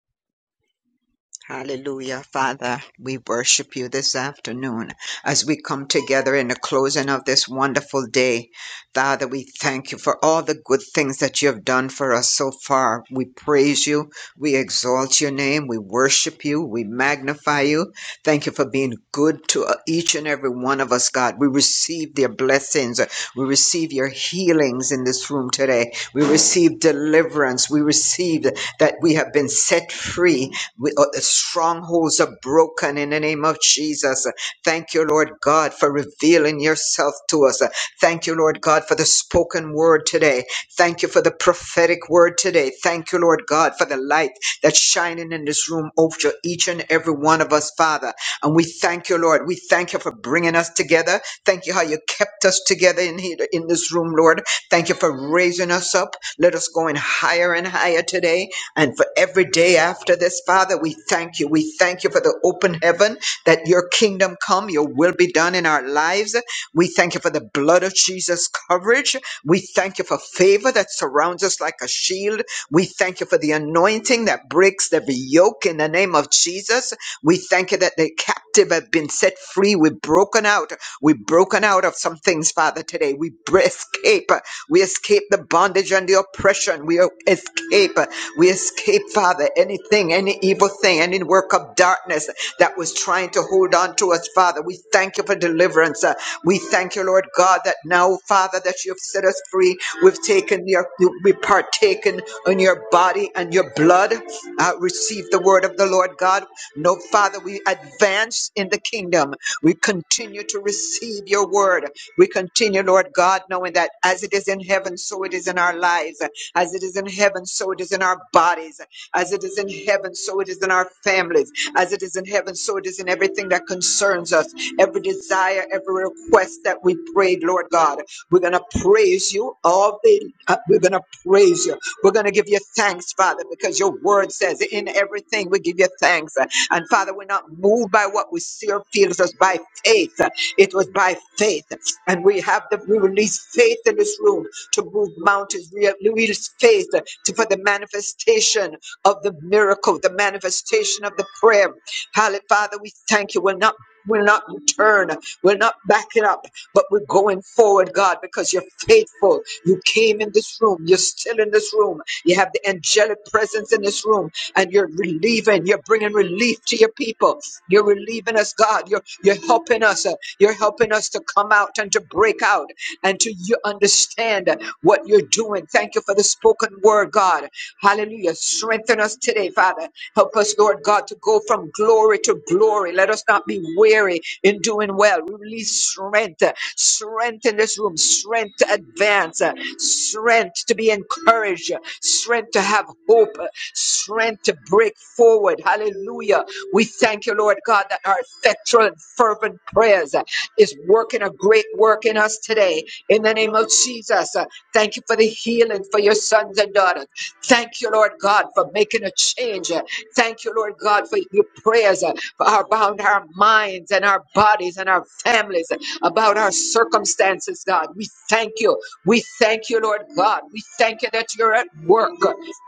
F: Hallelujah, Father. We worship you this afternoon as we come together in the closing of this wonderful day. Father, we thank you for all the good things that you have done for us so far. We praise you. We exalt your name. We worship you. We magnify you. Thank you for being good to uh, each and every one of us, God. We receive your blessings. We receive your healings in this room today. We receive deliverance. We receive that we have been set free we, uh, the strongholds are broken in the name of Jesus. Thank you, Lord God, for revealing yourself to us. Thank you, Lord God, for the spoken word today. Thank you for the prophetic word today. Thank you, Lord God, for the light that's shining in this room over each and every one of us, Father. And we thank you, Lord. We thank you for bringing us together. Thank you how you kept us together in here in this room, Lord. Thank you for raising us up. Let us go in higher and higher today. And for every day after this, Father, we thank you. We thank you for the open heaven that your kingdom come, your will be done in our lives. We thank you for the blood of Jesus coverage. We thank you for favor that surrounds us like a shield. We thank you for the anointing that breaks every yoke in the name of Jesus. We thank you that the captive have been set free. We've broken out. We've broken out of some things, Father, today. We br- escape. We escape the bondage and the oppression. We escape. We escape, Father, anything, any evil thing, any work of darkness that was trying to hold on to us, Father. We thank you for deliverance. Uh, We thank you, Lord God, that now, Father, that you have set us free. We've taken your, we partaken in your body and your blood. Uh, receive the word of the Lord God. No, Father, we advance in the kingdom. We continue to receive your word. We continue, Lord God, knowing that as it is in heaven, so it is in our lives. As it is in heaven, so it is in our bodies. As it is in heaven, so it is in our families. As it is in heaven, so it is in everything that concerns us. Every desire, every request that we prayed, Lord God. We're going to praise you all day. uh, We're going to praise you. We're going to give you thanks, Father, because your word says in everything we give you thanks. And Father, we're not moved by what we see or feel. It was by faith. It was by faith. And we have the, we release faith in this room to move mountains. We have we use faith to, for the manifestation of the miracle, the manifestation of the prayer. Hallelujah. Father, we thank you. We'll not We'll not return. We're not backing up, but we're going forward, God, because you're faithful. You came in this room. You're still in this room. You have the angelic presence in this room, and you're relieving, you're bringing relief to your people. You're relieving us, God. You're, you're helping us. uh, You're helping us to come out and to break out and to you understand what you're doing. Thank you for the spoken word, God. Hallelujah. Strengthen us today, Father. Help us, Lord God, to go from glory to glory. Let us not be weary in doing well. We release strength, uh, strength in this room, strength to advance, uh, strength to be encouraged, uh, strength to have hope, uh, strength to break forward. Hallelujah. We thank you, Lord God, that our effectual and fervent prayers uh, is working a great work in us today. In the name of Jesus, uh, thank you for the healing for your sons and daughters. Thank you, Lord God, for making a change. Thank you, Lord God, for your prayers, uh, for our bound our minds and our bodies and our families about our circumstances, God. We thank you. We thank you, Lord God. We thank you that you're at work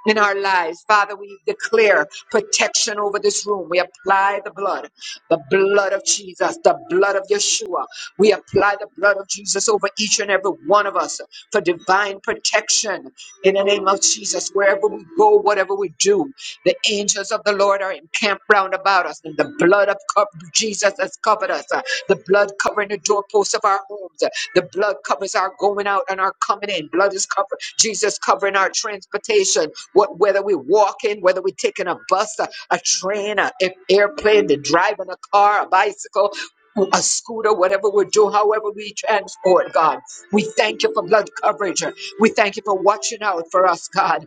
F: in our lives. Father, we declare protection over this room. We apply the blood, the blood of Jesus, the blood of Yeshua. We apply the blood of Jesus over each and every one of us for divine protection in the name of Jesus. Wherever we go, whatever we do, the angels of the Lord are encamped round about us. The blood of co- Jesus has covered us. Uh, The blood covering the doorposts of our homes. Uh, The blood covers our going out and our coming in. Blood is covered. Jesus covering our transportation. What whether we walk in, whether we're taking a bus, a, a train, a a airplane, the driving a car, a bicycle. A scooter, whatever we do, however we transport, God. We thank you for blood coverage. We thank you for watching out for us, God.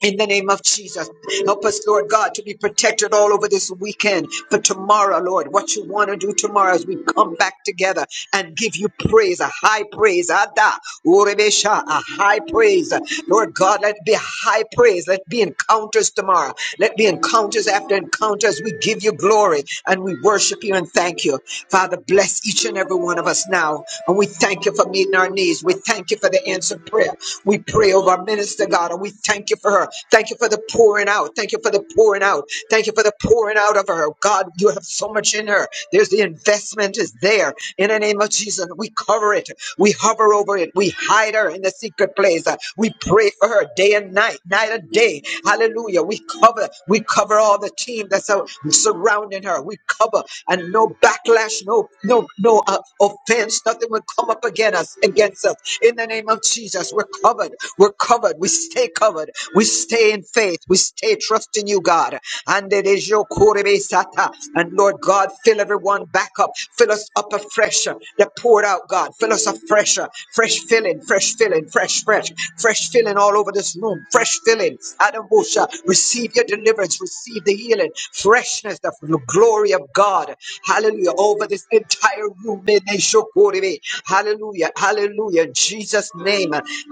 F: In the name of Jesus, help us, Lord God, to be protected all over this weekend for tomorrow, Lord. What you want to do tomorrow as we come back together and give you praise, a high praise, Ada, Urebesha, a high praise. Lord God, let it be a high praise. Let it be encounters tomorrow. Let be encounters after encounters. We give you glory and we worship you and thank you. Father, bless each and every one of us now. And we thank you for meeting our needs. We thank you for the answered prayer. We pray over our minister, God, and we thank you for her. Thank you for the pouring out. Thank you for the pouring out. Thank you for the pouring out of her. God, you have so much in her. There's the investment is there. In the name of Jesus, we cover it. We hover over it. We hide her in the secret place. Uh, We pray for her day and night, night and day. Hallelujah. We cover, we cover all the team that's out surrounding her. We cover and no backlash, no, no, no uh, offense. Nothing will come up against us, against us. In the name of Jesus, we're covered. We're covered. We stay covered. We stay in faith. We stay trusting you, God. And it is your Korebe Sata. And Lord God, fill everyone back up. Fill us up afresh. That poured out, God. Fill us afresh. Fresh filling, fresh filling, fresh, fresh, fresh filling all over this room. Fresh filling. Adam Busha, receive your deliverance. Receive the healing. Freshness, the glory of God. God. Hallelujah. Over this entire room. in Neshokoribe. Hallelujah. Hallelujah. In Jesus' name.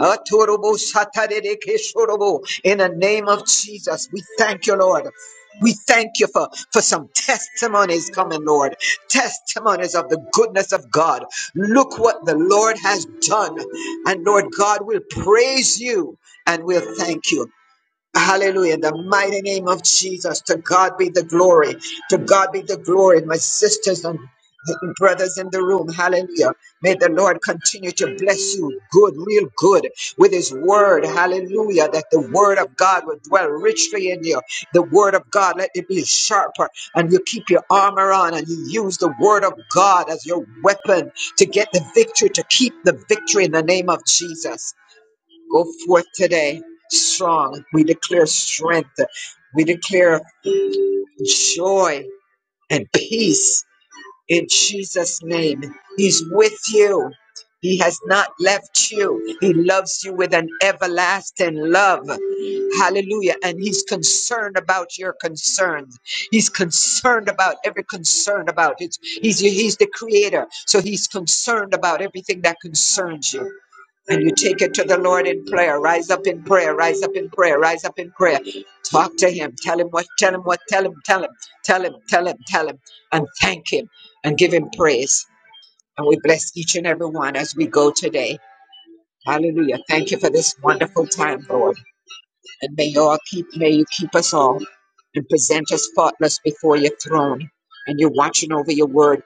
F: Atorobo Satarereke-shorobo. In the name of Jesus, we thank you, Lord. We thank you for, for some testimonies coming, Lord. Testimonies of the goodness of God. Look what the Lord has done. And Lord God will praise you and we'll thank you. Hallelujah. The mighty name of Jesus. To God be the glory. To God be the glory. My sisters and brothers in the room. Hallelujah. May the Lord continue to bless you. Good, real good with his word. Hallelujah. That the word of God will dwell richly in you. The word of God, let it be sharper and you keep your armor on and you use the word of God as your weapon to get the victory, to keep the victory in the name of Jesus. Go forth today strong. We declare strength. We declare joy and peace in Jesus' name. He's with you. He has not left you. He loves you with an everlasting love. Hallelujah. And he's concerned about your concerns. He's concerned about every concern about it. He's, he's the creator. So he's concerned about everything that concerns you and you take it to the Lord in prayer. Rise up in prayer. Rise up in prayer. Rise up in prayer. Talk to Him. Tell Him what. Tell Him what. Tell Him. Tell Him. Tell Him. Tell Him. Tell Him. And thank Him and give Him praise. And we bless each and every one as we go today. Hallelujah. Thank you for this wonderful time, Lord. And may you all keep may you keep us all and present us faultless before your throne. And you're watching over your word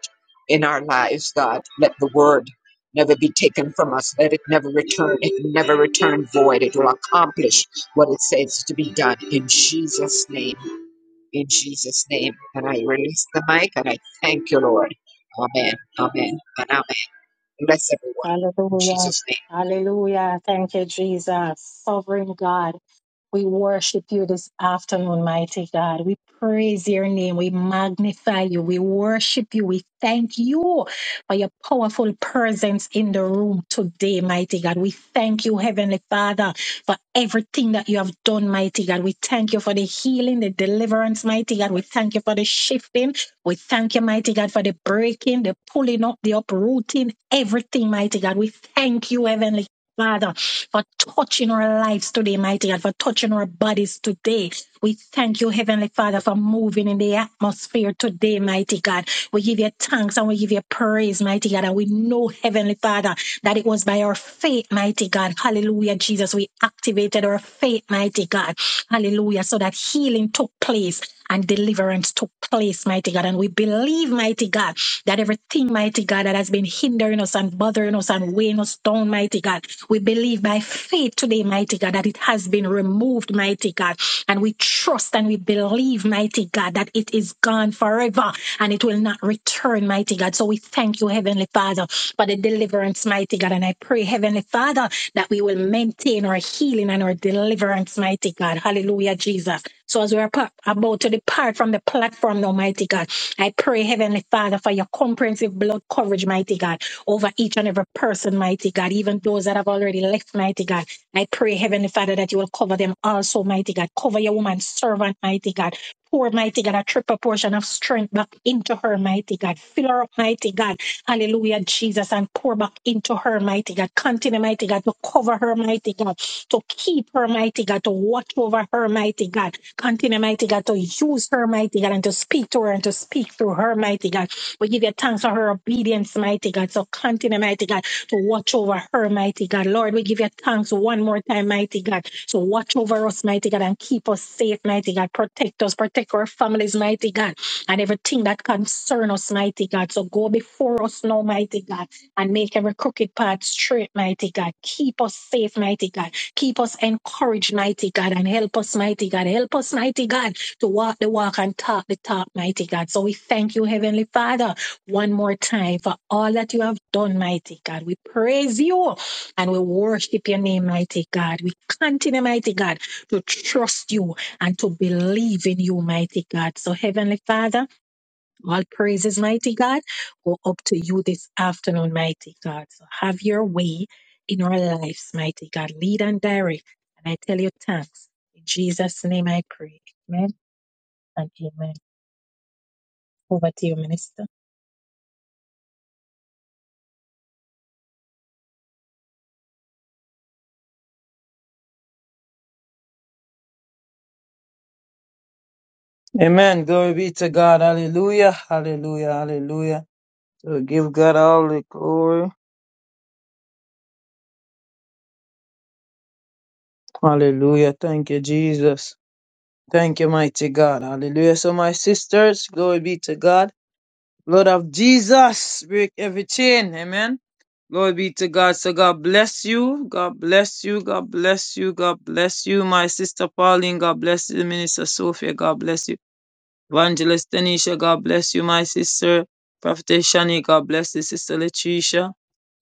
F: in our lives, God. Let the word never be taken from us. Let it never return. It will never return void. It will accomplish what it says to be done. In Jesus' name. In Jesus' name. And I release the mic and I thank you, Lord. Amen. Amen. And amen. Bless
A: Hallelujah.
F: everyone. In
A: Hallelujah.
F: Jesus' name.
A: Hallelujah. Thank you, Jesus. Sovereign God. We worship you this afternoon, mighty God. We praise your name. We magnify you. We worship you. We thank you for your powerful presence in the room today, mighty God. We thank you, Heavenly Father, for everything that you have done, mighty God. We thank you for the healing, the deliverance, mighty God. We thank you for the shifting. We thank you, mighty God, for the breaking, the pulling up, the uprooting, everything, mighty God. We thank you, Heavenly Father for touching our lives today, mighty God, for touching our bodies today. We thank you, Heavenly Father, for moving in the atmosphere today, mighty God. We give you thanks and we give you praise, mighty God. And we know, Heavenly Father, that it was by our faith, mighty God. Hallelujah, Jesus. We activated our faith, mighty God. Hallelujah. So that healing took place and deliverance took place, mighty God. And God. And we believe, mighty God, that everything, mighty God, that has been hindering us and bothering us and weighing us down, mighty God, we believe by faith today, mighty God, that it has been removed, mighty God. And we trust and we believe, mighty God, that it is gone forever and it will not return, mighty God. So we thank you, Heavenly Father, for the deliverance, mighty God. And I pray, Heavenly Father, that we will maintain our healing and our deliverance, mighty God. Hallelujah, Jesus. So as we are about to depart from the platform, Almighty God. I pray, Heavenly Father, for your comprehensive blood coverage, mighty God, over each and every person, mighty God, even those that have already left, mighty God. I pray, Heavenly Father, that you will cover them also, mighty God. Cover your woman servant, mighty God. Pour, mighty God, a triple portion of strength back into her, mighty God. Fill her up, mighty God. Hallelujah, Jesus, and pour back into her, mighty God. Continue, mighty God, to cover her, mighty God to keep her mighty God, to watch over her mighty God, continue mighty God, to use her mighty God, and to speak to her and to speak through her mighty God. We give you thanks for her obedience, mighty God. So continue mighty God, to watch over her mighty God. Lord, we give you thanks one more time, mighty God. So watch over us, mighty God, and keep us safe, mighty God. Protect us, protect our families, mighty God, and everything that concerns us, mighty God. So go before us now, mighty God and make every crooked path straight, mighty God. Keep us safe, mighty God. Keep us encouraged, mighty God, and help us, mighty God. Help us, mighty God, to walk the walk and talk the talk, mighty God. So we thank you, Heavenly Father, one more time for all that you have done, mighty God. We praise you and we worship your name, mighty God. We continue, mighty God, to trust you and to believe in you, mighty God. So, Heavenly Father, all praises, mighty God, go up to you this afternoon, mighty God. So have your way in our lives, mighty God. Lead and direct. And I tell you thanks. In Jesus' name I pray. Amen and amen. Over to you, minister.
D: Amen. Glory be to God. Hallelujah. Hallelujah. Hallelujah. So give God all the glory. Hallelujah. Thank you, Jesus. Thank you, mighty God. Hallelujah. So, my sisters, glory be to God. Lord of Jesus, break every chain. Amen. Glory be to God. So, God bless you. God bless you. God bless you. God bless you. My sister Pauline, God bless you. Minister Sophia, God bless you. Evangelist Tanisha, God bless you, my sister. Prophetess Shani, God bless you. Sister Letitia.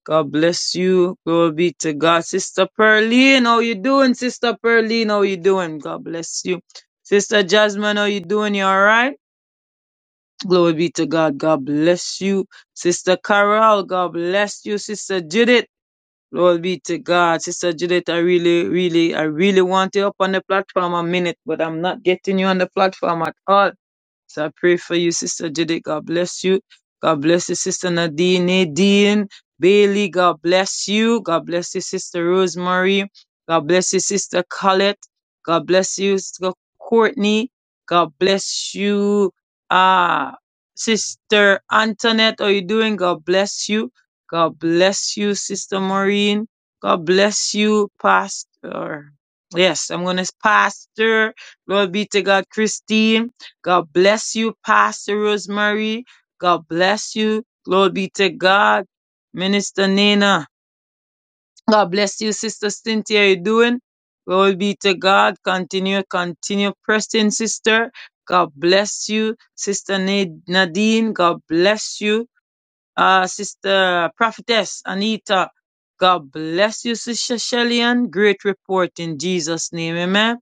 D: God bless you. Glory be to God. Sister Pearline, how you doing? Sister Pearline, how you doing? God bless you. Sister Jasmine, how you doing? You alright? Glory be to God. God bless you. Sister Carol, God bless you. Sister Judith, glory be to God. Sister Judith, I really, really, I really want you up on the platform a minute, but I'm not getting you on the platform at all. So I pray for you, Sister Judy. God bless you. God bless you, Sister Nadine. Nadine Bailey, God bless you. God bless you, Sister Rosemary. God bless you, Sister Colette. God bless you, Sister Courtney. God bless you, uh, Sister Antoinette. How are you doing? God bless you. God bless you, Sister Maureen. God bless you, Pastor. Yes, I'm going to Pastor. Lord be to God, Christine. God bless you, Pastor Rosemary. God bless you. Glory be to God. Minister Nina. God bless you, Sister Cynthia. How You doing? Glory be to God. Continue, continue pressing, sister. God bless you, Sister Nadine. God bless you, uh, Sister Prophetess Anita. God bless you, Sister Shellyan. Great report in Jesus' name. Amen.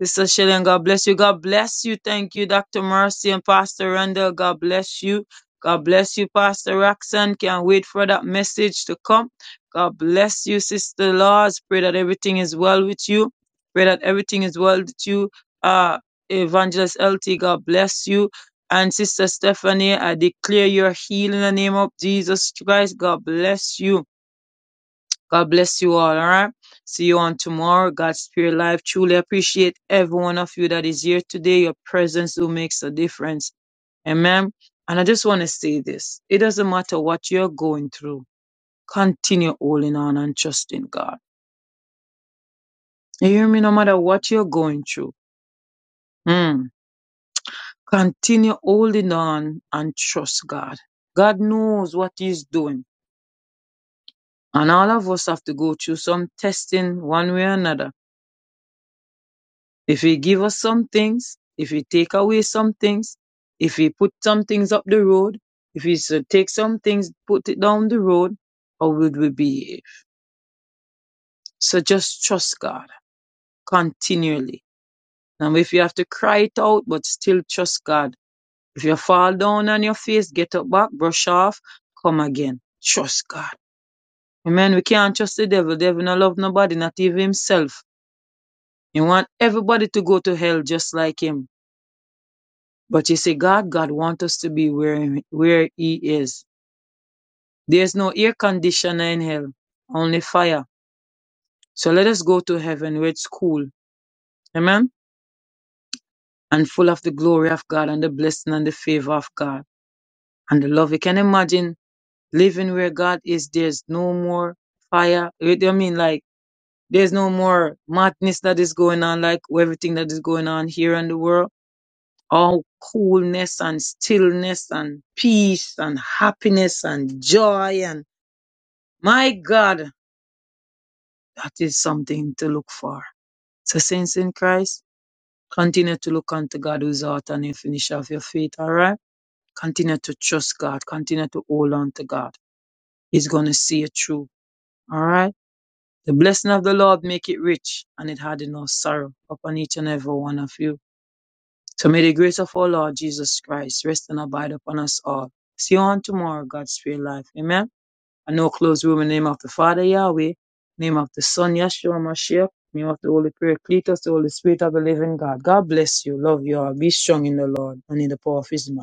D: Sister Shilling, God bless you. God bless you. Thank you, Dr. Mercy and Pastor Randall. God bless you. God bless you, Pastor Roxanne. Can't wait for that message to come. God bless you, Sister Laws. Pray that everything is well with you. Pray that everything is well with you. Uh, Evangelist LT, God bless you. And Sister Stephanie, I declare your healing in the name of Jesus Christ. God bless you. God bless you all. All right. See you on tomorrow. God's Spirit Live. Truly appreciate every one of you that is here today. Your presence who makes a difference. Amen. And I just want to say this. It doesn't matter what you're going through. Continue holding on and trusting God. You hear me? No matter what you're going through. Mm. Continue holding on and trust God. God knows what He's doing. And all of us have to go through some testing one way or another. If he give us some things, if he take away some things, if he put some things up the road, if he should take some things, put it down the road, how would we behave? So just trust God continually. And if you have to cry it out, but still trust God. If you fall down on your face, get up back, brush off, come again. Trust God. Amen. We can't trust the devil. The devil not love nobody, not even himself. He want everybody to go to hell just like him. But you see, God, God wants us to be where, where He is. There's no air conditioner in hell, only fire. So let us go to heaven where it's cool. Amen. And full of the glory of God and the blessing and the favor of God and the love. You can imagine living where God is. There's no more fire. I mean, like, there's no more madness that is going on, like everything that is going on here in the world. All coolness and stillness and peace and happiness and joy and My God, that is something to look for. So, saints in Christ, continue to look unto God who's the author and finisher of your faith, all right? Continue to trust God. Continue to hold on to God. He's going to see you through, all right? The blessing of the Lord make it rich, and it had enough sorrow upon each and every one of you. So may the grace of our Lord Jesus Christ rest and abide upon us all. See you on tomorrow, God's free life. Amen. I know close the room in the name of the Father Yahweh, name of the Son Yeshua Mashiach, name of the Holy Paracletus, the Holy Spirit of the Living God. God bless you. Love you all. Be strong in the Lord and in the power of His might.